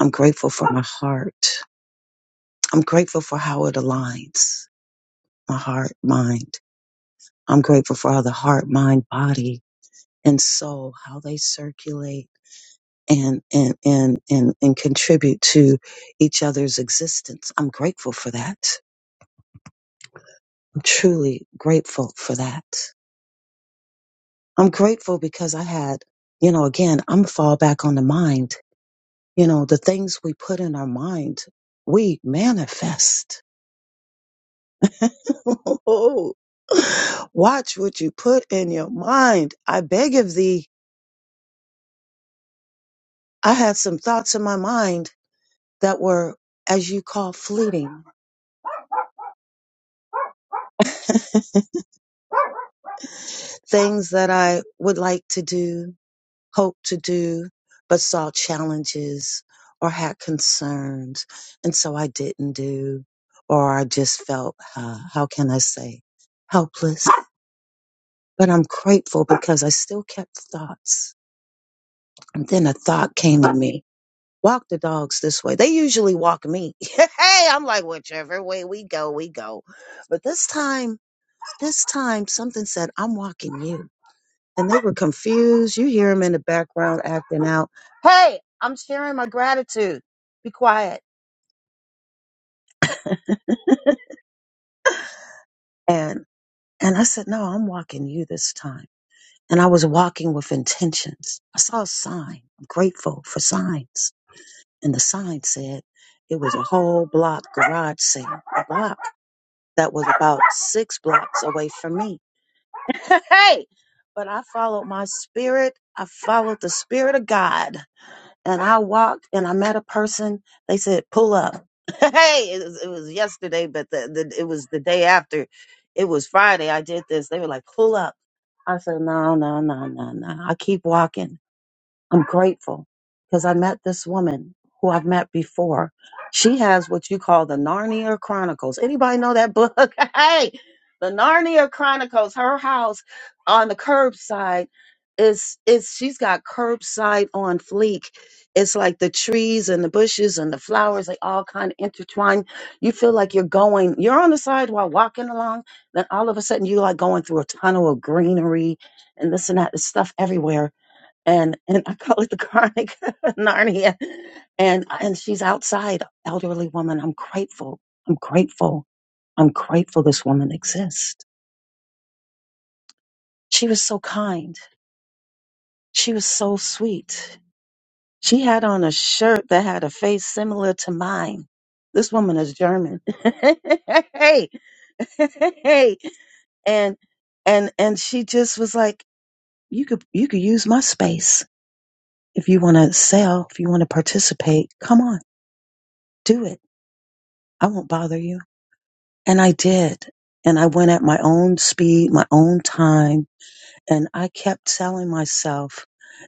I'm grateful for my heart. I'm grateful for how it aligns my heart, mind I'm grateful for how the heart, mind, body, and soul, how they circulate and, and, and, and, and contribute to each other's existence. I'm grateful for that. I'm truly grateful for that. I'm grateful because I had, you know, again, I'm fall back on the mind. You know, the things we put in our mind, we manifest. <laughs> Oh, Watch what you put in your mind. I beg of thee. I had some thoughts in my mind that were, as you call, fleeting <laughs> things that I would like to do, hope to do, but saw challenges or had concerns. And so I didn't do, or I just felt, uh, how can I say, helpless. But I'm grateful because I still kept thoughts. And then a thought came to me. Walk the dogs this way. They usually walk me. <laughs> hey, I'm like, whichever way we go, we go. But this time This time something said, I'm walking you. And they were confused. You hear them in the background acting out. Hey, I'm sharing my gratitude. Be quiet. And and I said, No, I'm walking you this time. And I was walking with intentions. I saw a sign. I'm grateful for signs. And the sign said it was a whole block garage sale. A block that was about six blocks away from me. <laughs> Hey! But I followed my spirit. I followed the spirit of God and I walked and I met a person. They said, pull up. <laughs> hey, it was, it was yesterday, but the, the, it was the day after. It was Friday. I did this. They were like, pull up. I said, no, no, no, no, no. I keep walking. I'm grateful because I met this woman who I've met before. She has what you call the Narnia Chronicles. Anybody know that book? <laughs> hey, the Narnia Chronicles. Her house on the curbside is is she's got curbside on fleek. It's like the trees and the bushes and the flowers, they all kind of intertwine. You feel like you're going, you're on the sidewalk walking along, then all of a sudden you're like going through a tunnel of greenery and this and that, there's stuff everywhere and and I call it the chronic <laughs> of Narnia. And and she's outside, elderly woman. I'm grateful. I'm grateful. I'm grateful this woman exists. She was so kind. She was so sweet. She had on a shirt that had a face similar to mine. This woman is German. <laughs> hey, hey, and and and she just was like, you could you could use my space if you want to sell, if you want to participate. Come on, do it I won't bother you. And I did. And I went at my own speed, my own time. And I kept telling myself,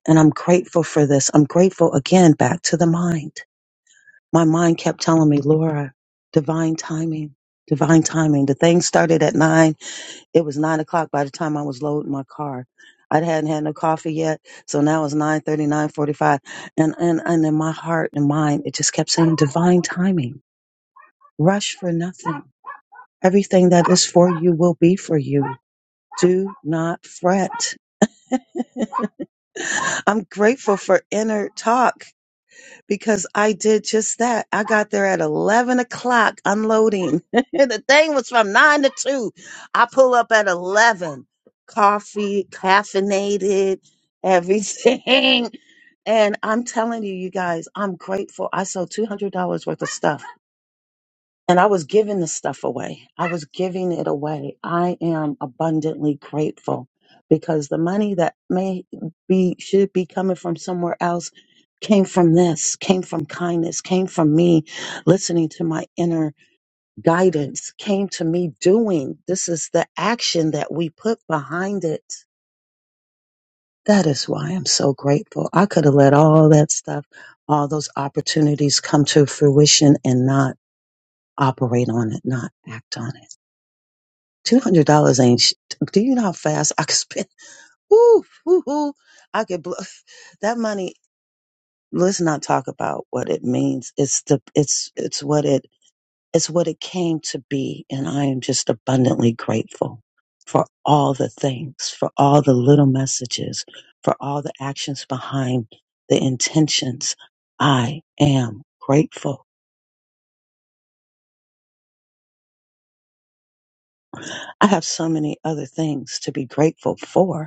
and I'm grateful for this. I'm grateful again back to the mind. My mind kept telling me, Laura, divine timing, divine timing. The thing started at nine. It was nine o'clock by the time I was loading my car. I hadn't had no coffee yet. So now it's nine thirty, nine forty-five. And, and, and in my heart and mind, it just kept saying divine timing. Rush for nothing Everything that is for you will be for you. Do not fret. I'm grateful for inner talk because I did just that. I got there at 11 o'clock unloading. <laughs> the thing was from 9 to 2. I pull up at 11, coffee, caffeinated, everything. <laughs> And I'm telling you, you guys, I'm grateful. I sold $200 worth of stuff. And I was giving the stuff away. I was giving it away. I am abundantly grateful because the money that may be, should be coming from somewhere else came from this, came from kindness, came from me listening to my inner guidance, came to me doing. This is the action that we put behind it. That is why I'm so grateful. I could have let all that stuff, all those opportunities come to fruition and not operate on it, not act on it. Two hundred dollars ain't. sh- Do you know how fast I could spend? <laughs> Woo, woo, woo. I could blow <laughs> that money. Let's not talk about what it means. It's the. It's it's what it. It's what it came to be, and I am just abundantly grateful for all the things, for all the little messages, for all the actions behind the intentions. I am grateful. I have so many other things to be grateful for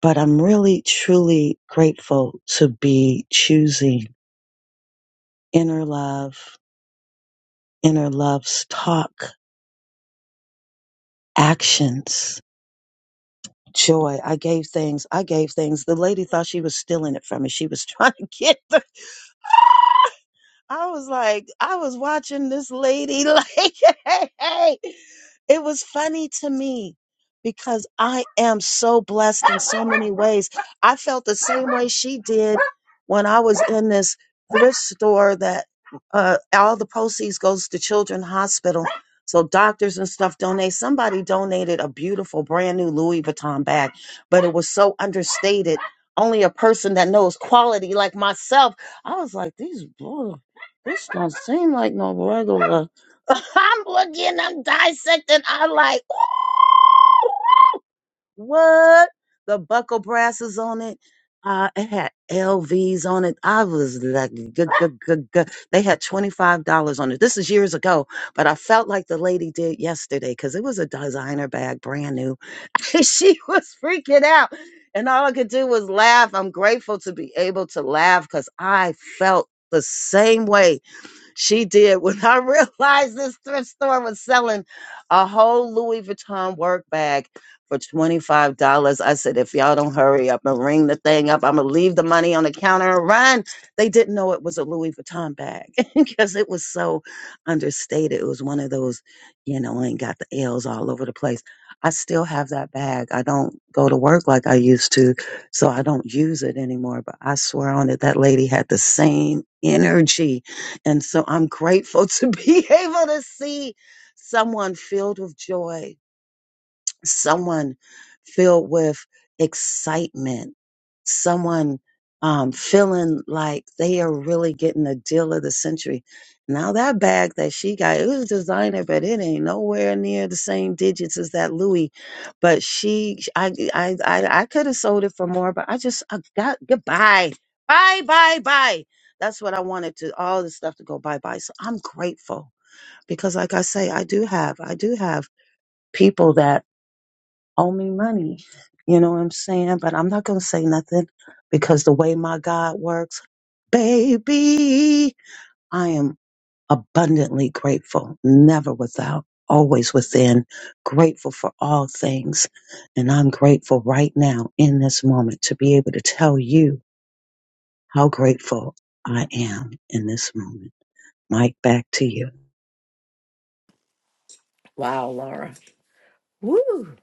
but I'm really truly grateful to be choosing inner love, inner love's talk, actions, joy. I gave things, I gave things. The lady thought she was stealing it from me. She was <laughs> trying to get the I was like, I was watching this lady, <laughs> like, hey, hey. it was funny to me because I am so blessed in so many ways. I felt the same way she did when I was in this thrift store that uh, all the proceeds goes to Children's Hospital. So doctors and stuff donate. Somebody donated a beautiful brand new Louis Vuitton bag, but it was so understated. Only a person that knows quality like myself. I was like, these. This don't seem like no regular. <laughs> I'm looking, I'm dissecting. I'm like, ooh, what? The buckle brasses on it. Uh, it had LVs on it. I was like, good, good, good, good. They had $25 on it. This is years ago, but I felt like the lady did yesterday because it was a designer bag, brand new. <laughs> she was freaking out. And all I could do was laugh. I'm grateful to be able to laugh because I felt the same way she did <laughs> when I realized this thrift store was selling a whole Louis Vuitton work bag for $25. I said, if y'all don't hurry up and ring the thing up, I'm going to leave the money on the counter and run. They didn't know it was a Louis Vuitton bag <laughs> because it was so understated. It was one of those, you know, ain't got the L's all over the place. I still have that bag. I don't go to work like I used to, so I don't use it anymore. But I swear on it, that lady had the same energy and so I'm grateful to be <laughs> able to see someone filled with joy someone filled with excitement, someone um, feeling like they are really getting the deal of the century. Now that bag that she got, it was designer, but it ain't nowhere near the same digits as that Louis. But she, I, I, I, I could have sold it for more, but I just, I got goodbye, bye, bye, bye. That's what I wanted to all this stuff to go bye bye. So I'm grateful because, like I say, I do have, I do have people that owe me money. You know what I'm saying? But I'm not going to say nothing because the way my God works, baby, I am abundantly grateful, never without, always within, grateful for all things. And I'm grateful right now in this moment to be able to tell you how grateful I am in this moment. Mike, back to you. Wow, Laura. Woo!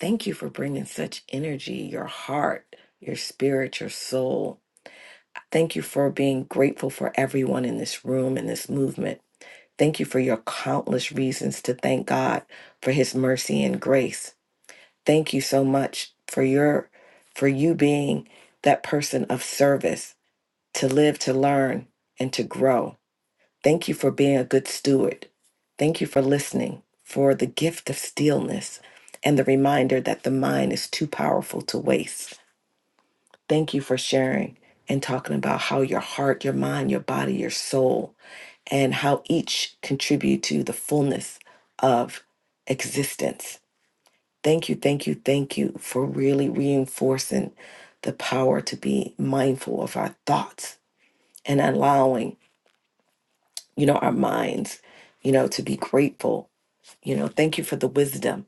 Thank you for bringing such energy, your heart, your spirit, your soul. Thank you for being grateful for everyone in this room and this movement. Thank you for your countless reasons to thank God for his mercy and grace. Thank you so much for your for you being that person of service to live, to learn, and to grow. Thank you for being a good steward. Thank you for listening, for the gift of stillness and the reminder that the mind is too powerful to waste. Thank you for sharing and talking about how your heart, your mind, your body, your soul, and how each contribute to the fullness of existence. Thank you, thank you, thank you for really reinforcing the power to be mindful of our thoughts and allowing, you know, our minds, you know, to be grateful You know, thank you for the wisdom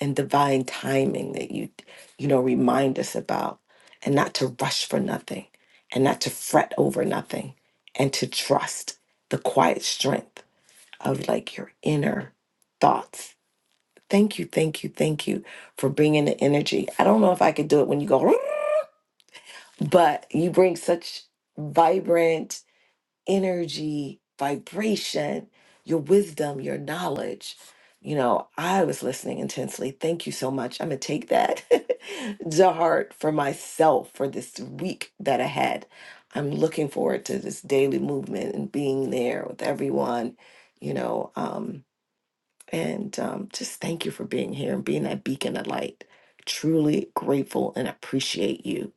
and divine timing that you, you know, remind us about and not to rush for nothing and not to fret over nothing and to trust the quiet strength of like your inner thoughts. Thank you, thank you, thank you for bringing the energy. I don't know if I could do it when you go, <laughs> but you bring such vibrant energy, vibration, your wisdom, your knowledge. You know, I was listening intensely. Thank you so much. I'm going to take that <laughs> to heart for myself for this week that I had. I'm looking forward to this daily movement and being there with everyone, you know. Um, and um, just thank you for being here and being that beacon of light. Truly grateful and appreciate you.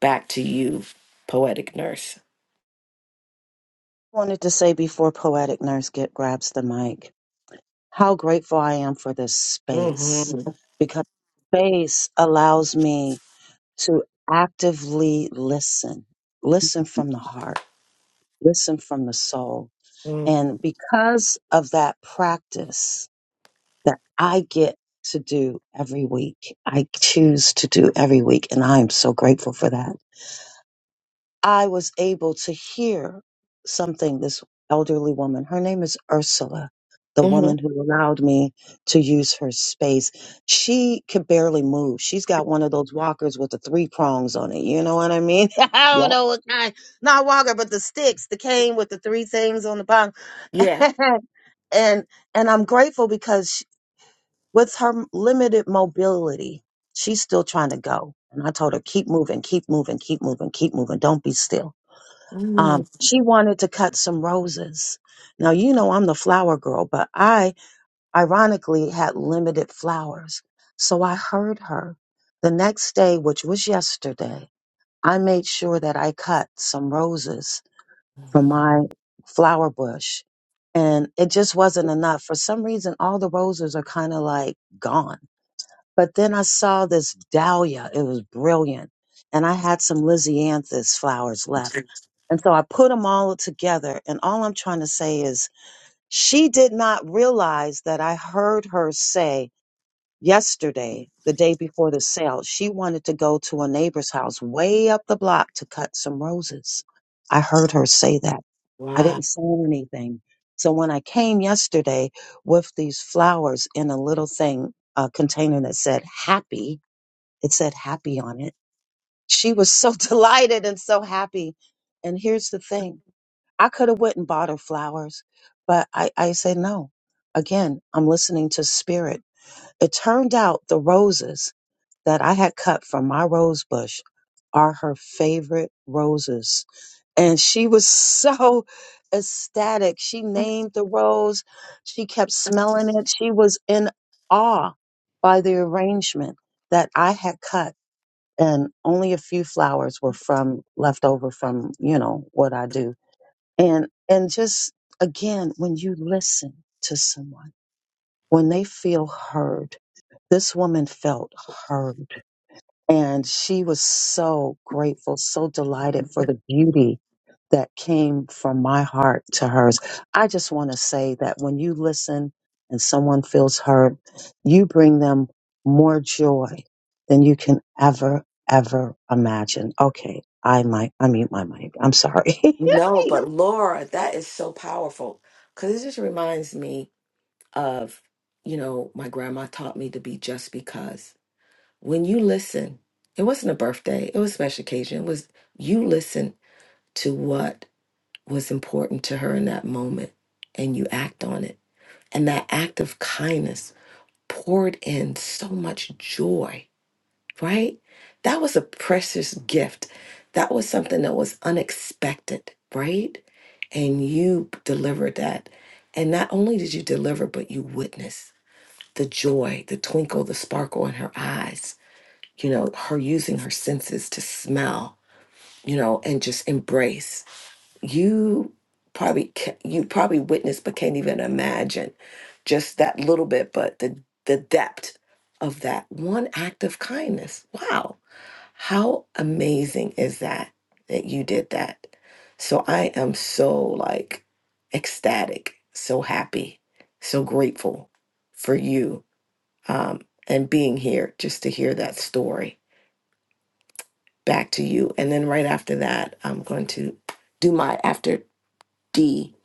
Back to you, poetic nurse. Wanted to say before Poetic Nurse get grabs the mic, how grateful I am for this space because space allows me to actively listen, listen from the heart, listen from the soul. hmm And because of that practice that I get to do every week, I choose to do every week. And I am so grateful for that. I was able to hear something this elderly woman, her name is Ursula, the woman who allowed me to use her space. She could barely move. She's got one of those walkers with the three prongs on it. You know what I mean? <laughs> I don't Yeah. know what kind, not walker, but the sticks, the cane with the three things on the bottom. Yeah. <laughs> and and I'm grateful because she, with her limited mobility, she's still trying to go. And I told her, keep moving, keep moving, keep moving, keep moving. Don't be still um, Mm. she wanted to cut some roses. Now, you know, I'm the flower girl, but I ironically had limited flowers. So I heard her. The next day, which was yesterday, I made sure that I cut some roses from my flower bush. And it just wasn't enough. For some reason, all the roses are kind of like gone. But then I saw this dahlia. It was brilliant. And I had some Lysianthus flowers left. And so I put them all together. And all I'm trying to say is she did not realize that I heard her say yesterday, the day before the sale, she wanted to go to a neighbor's house way up the block to cut some roses. I heard her say that. I didn't Wow. say anything. So when I came yesterday with these flowers in a little thing, a container that said happy, it said happy on it. She was so <laughs> delighted and so happy. And here's the thing. I could have went and bought her flowers, but I, I said no. Again, I'm listening to spirit. It turned out the roses that I had cut from my rose bush are her favorite roses. And she was <laughs> so ecstatic. She named the rose. She kept smelling it. She was in awe by the arrangement that I had cut and only a few flowers were from left over from you know what I do and and just again when you listen to someone when they feel heard this woman felt heard and she was so grateful, so delighted for the beauty that came from my heart to hers. I just want to say that when you listen and someone feels hurt, you bring them more joy than you can ever, ever imagine. Okay, I might unmute my mic. I'm sorry. No, <laughs> but Laura, that is so powerful because it just reminds me of, you know, my grandma taught me to be just because. When you listen, it wasn't a birthday, it was a special occasion. It was you listen to what was important to her in that moment and you act on it. And that act of kindness poured in so much joy right? That was a precious gift. That was something that was unexpected, right? And you delivered that. And not only did you deliver, but you witnessed the joy, the twinkle, the sparkle in her eyes, you know, her using her senses to smell, you know, and just embrace. You probably ca- you probably witnessed but can't even imagine just that little bit, but the the depth of that one act of kindness. Wow how amazing is that that you did that? So I am so like ecstatic, so happy, so grateful for you um, and being here just to hear that story. Back to you. And then right after that, I'm going to do my, after Dee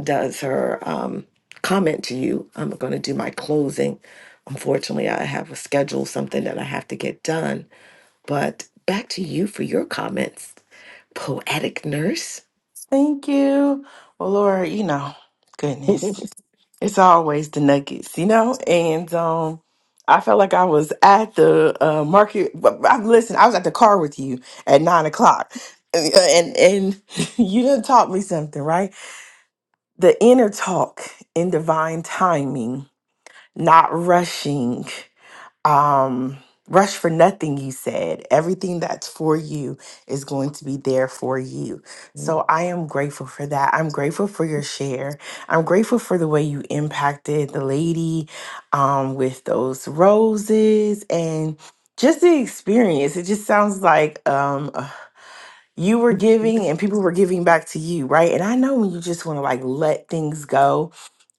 does her um, comment to you, I'm going to do my closing. Unfortunately, I have a schedule, something that I have to get done. But back to you for your comments. Poetic nurse? Thank you. Well, Laura, you know, goodness, it's always the nuggets, you know? And um, I felt like I was at the uh, market. but- i Listen, I was at the car with you at nine o'clock. And, uh, and and <laughs> you done taught me something, right? The inner talk in divine timing not rushing. Um, rush for nothing, you said. Everything that's for you is going to be <laughs> there for you. So I am grateful for that. I'm grateful for your share. I'm grateful for the way you impacted the lady um, with those roses and just the experience. It just sounds like um, you were giving and people were giving back to you, right? And I know when you just want to like let things go,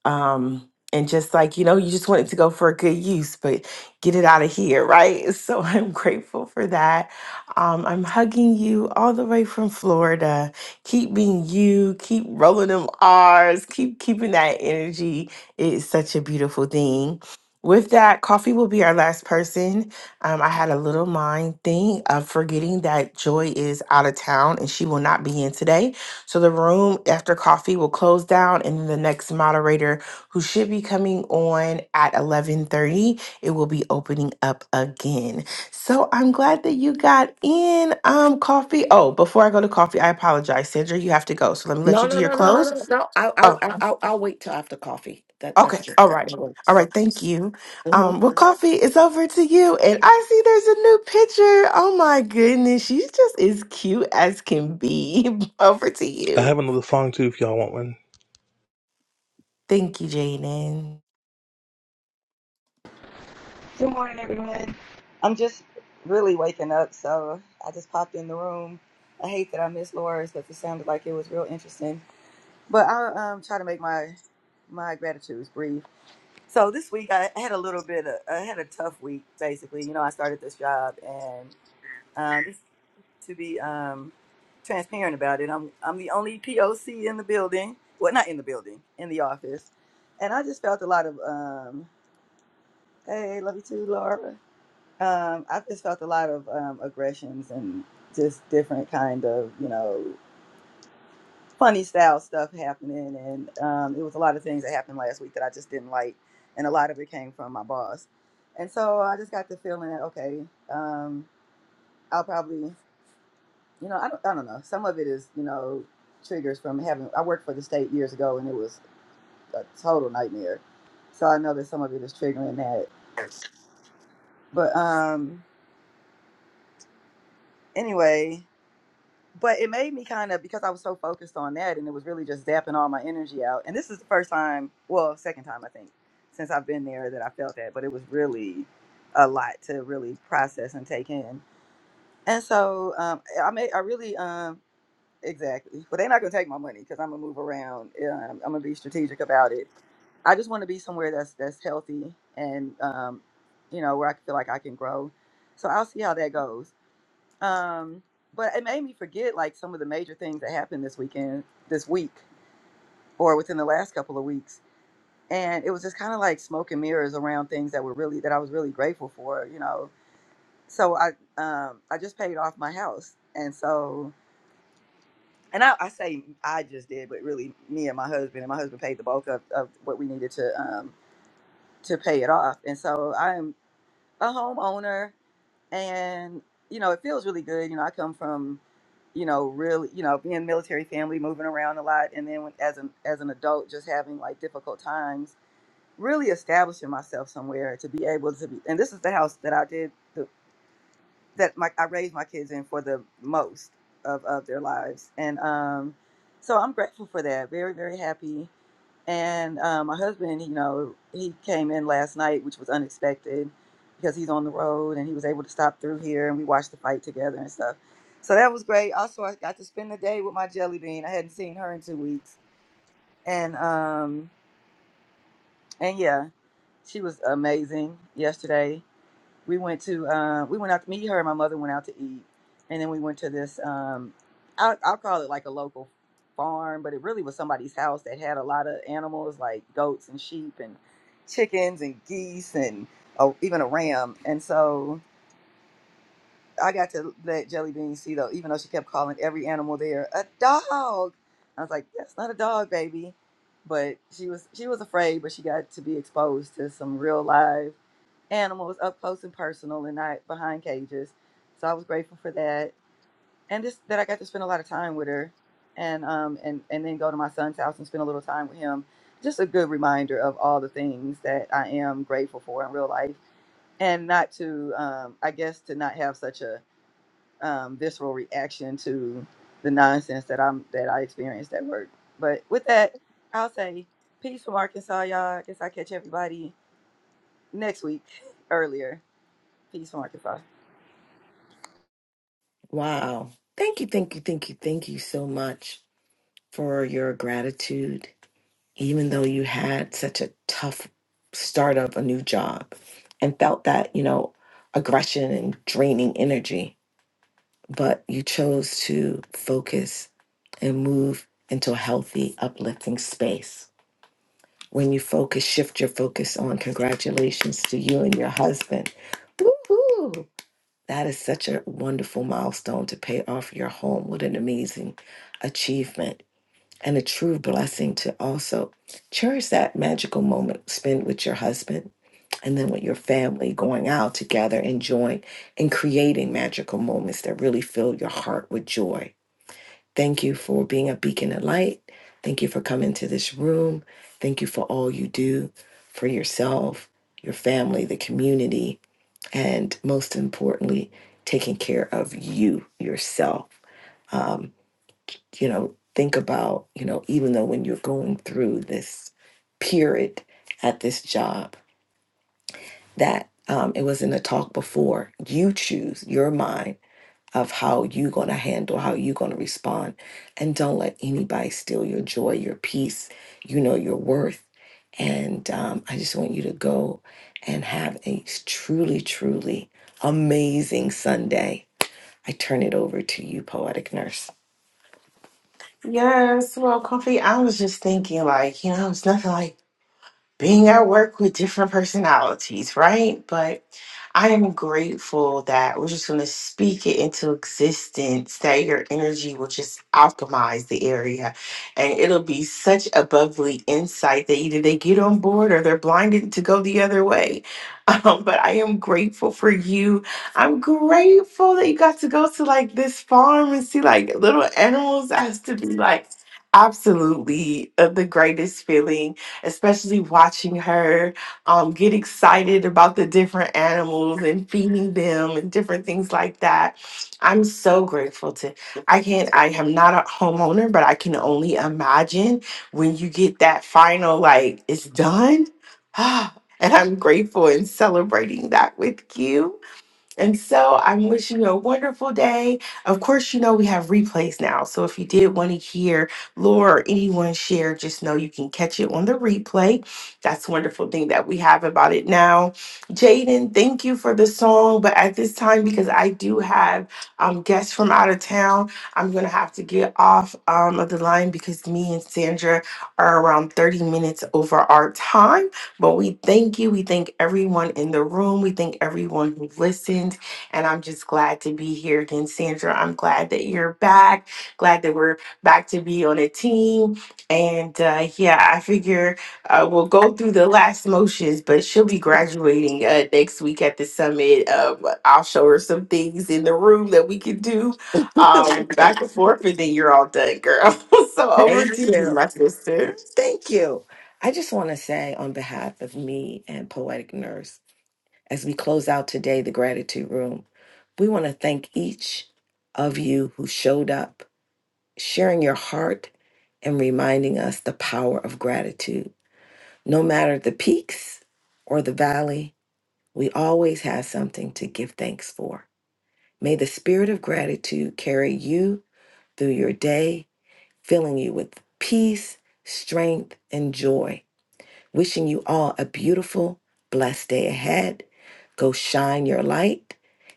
um, and just like you know, you just want it to go for a good use, but get it out of here, right? <laughs> So I'm grateful for that. Um, I'm hugging you all the way from Florida. Keep being you. Keep rolling them R's. Keep keeping that energy. It's such a beautiful thing. With that, coffee will be our last person. Um, I had a little mind thing of forgetting that Joy is out of town and she will not be in today. So the room after coffee will close down, and then the next moderator, who should be coming on at eleven thirty, it will be opening up again. So I'm glad that you got in. Um, coffee. Oh, before I go to coffee, I apologize, Sandra. You have to go. So let me let No, you do no, your No, no, no, no, no. close. no. I, I, I, I'll, I'll wait till after coffee. That, that's Okay. just. All I'm right. going. All right. Thank you. Mhm. Um, well, coffee is over to you. And I see there's a new picture. Oh my goodness. She's just as cute as can be. <laughs> over to I you. have another song too if y'all want one. Thank you, Jaden. Good morning, everyone. I'm just really waking up, so I just popped in the room. I hate that I missed Laura's because it sounded like it was real interesting. But I'll um, try to make my my gratitudes brief. So this week I had a little bit of, I had a tough week, basically. You know, I started this job, and um, just to be um, transparent about it, I'm I'm the only POC in the building. Well, not in the building, in the office, and I just felt a lot of um, hey, love you too, Laura um, I've just felt a lot of um, aggressions and just different kind of, you know, funny style stuff happening. And um, it was a lot of things that happened last week that I just didn't like. And a lot of it came from my boss. And so I just got the feeling that, okay, um, I'll probably, you know, I don't, I don't know. Some of it is, you know, triggers from having, I worked for the state years ago and it was a total nightmare. So I know that some of it is triggering that. But um, anyway, but it made me kind of because I was so focused on that, and it was really just zapping all my energy out. And this is the first time, well, second time I think, since I've been there that I felt that. But it was really a lot to really process and take in. And so um, I made, I really, um, exactly. But they're not gonna take my money because I'm gonna move around. Um, I'm gonna be strategic about it. I just want to be somewhere that's that's healthy and um, you know where I feel like I can grow. So I'll see how that goes um, but it made me forget like some of the major things that happened this weekend, this week, or within the last couple of weeks. And it was just kind of like smoke and mirrors around things that were really that I was really grateful for, you know. So I um I just paid off my house. And so and I, I say I just did, but really me and my husband and my husband paid the bulk of, of what we needed to um to pay it off. And so I'm a homeowner and you know it feels really good you know i come from you know really you know being military family moving around a lot and then when, as an as an adult just having like difficult times really establishing myself somewhere to be able to be and this is the house that i did the, that my I raised my kids in for the most of, of their lives. And um, so I'm grateful for that. Very, very happy. And um, my husband, you know, he came in last night, which was unexpected because he's on the road and he was able to stop through here and we watched the fight together and stuff. So that was great. Also, I got to spend the day with my jelly bean. I hadn't seen her in two weeks. And um, and yeah, she was amazing yesterday we went to uh, we went out to meet her and my mother went out to eat and then we went to this um I'll, I'll call it like a local farm but it really was somebody's house that had a lot of animals like goats and sheep and chickens and geese and oh, even a ram and so I got to let Jelly Bean see though, even though she kept calling every animal there a dog. I was like, that's not a dog, baby. But she was she was afraid, but she got to be exposed to some real live animals up close and personal and not behind cages. So I was grateful for that. And just that I got to spend a lot of time with her and um and, and then go to my son's house and spend a little time with him. Just a good reminder of all the things that I am grateful for in real life. And not to um I guess to not have such a um, visceral reaction to the nonsense that I'm that I experienced at work. But with that, I'll say peace from Arkansas, y'all. I guess I catch everybody next week <laughs> earlier. Peace from Arkansas. Wow. Thank you, thank you, thank you, thank you so much for your gratitude. Even though you had such a tough start of a new job and felt that, you know, aggression and draining energy, but you chose to focus and move into a healthy, uplifting space. When you focus, shift your focus on congratulations to you and your husband. Woohoo! That is such a wonderful milestone to pay off your home. What an amazing achievement and a true blessing to also cherish that magical moment spent with your husband and then with your family, going out together, enjoying and creating magical moments that really fill your heart with joy Thank you for being a beacon of light. Thank you for coming to this room. Thank you for all you do for yourself, your family, the community, and most importantly, taking care of you yourself. Um, you know, think about, you know, even though when you're going through this period at this job, that um, it was in the talk before, you choose your mind of how you're going to handle, how you're going to respond. And don't let anybody steal your joy, your peace, you know, your worth. And um, I just want you to go and have a truly, truly amazing Sunday. I turn it over to you, Poetic Nurse. Yes, well, Coffee, I was just thinking, like, you know, it's nothing like being at work with different personalities, right? But I am grateful that we're just going to speak it into existence, that your energy will just alchemize the area. And it'll be such a bubbly insight that either they get on board or they're blinded to go the other way. <laughs> Um, but I am grateful for you. I'm grateful that you got to go to like this farm and see like little animals. That has to be like absolutely uh, the greatest feeling especially watching her um, get excited about the different animals and feeding them and different things like that. I'm so grateful to. I can't. I am not a homeowner, but I can only imagine when you get that final like it's done. <gasps> <sighs> and I'm grateful and celebrating that with you. And so I'm wishing you a wonderful day. Of course, you know we have replays now. So if you did want to hear Laura or anyone share, just know you can catch it on the replay. That's a wonderful thing that we have about it now. Jaden, thank you for the song. But at this time, because I do have um, guests from out of town, I'm going to have to get off um, of the line because me and Sandra are around 30 minutes over our time. But we thank you. We thank everyone in the room. We thank everyone who listened. And I'm just glad to be here again, Sandra. I'm glad that you're back. Glad that we're back to be on a team. And uh, yeah, I figure uh, we'll go through the last motions, but she'll be graduating uh, next week at the summit. Um, I'll show her some things in the room that we can do um, back and forth, and then you're all done, girl. <laughs> so over to you, my sister. Thank you. I just want to say, on behalf of me and Poetic Nurse, as we close out today, the Gratitude Room, we want to thank each of you who showed up sharing your heart and reminding us the power of gratitude. No matter the peaks or the valley, we always have something to give thanks for. May the spirit of gratitude carry you through your day, filling you with peace, strength, and joy. Wishing you all a beautiful, blessed day ahead. Go shine your light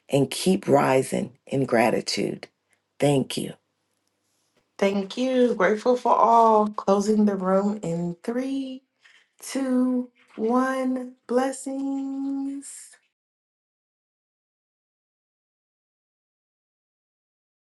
and keep rising in gratitude. Thank you. Thank you. Grateful for all. Closing the room in three, two, one. Blessings.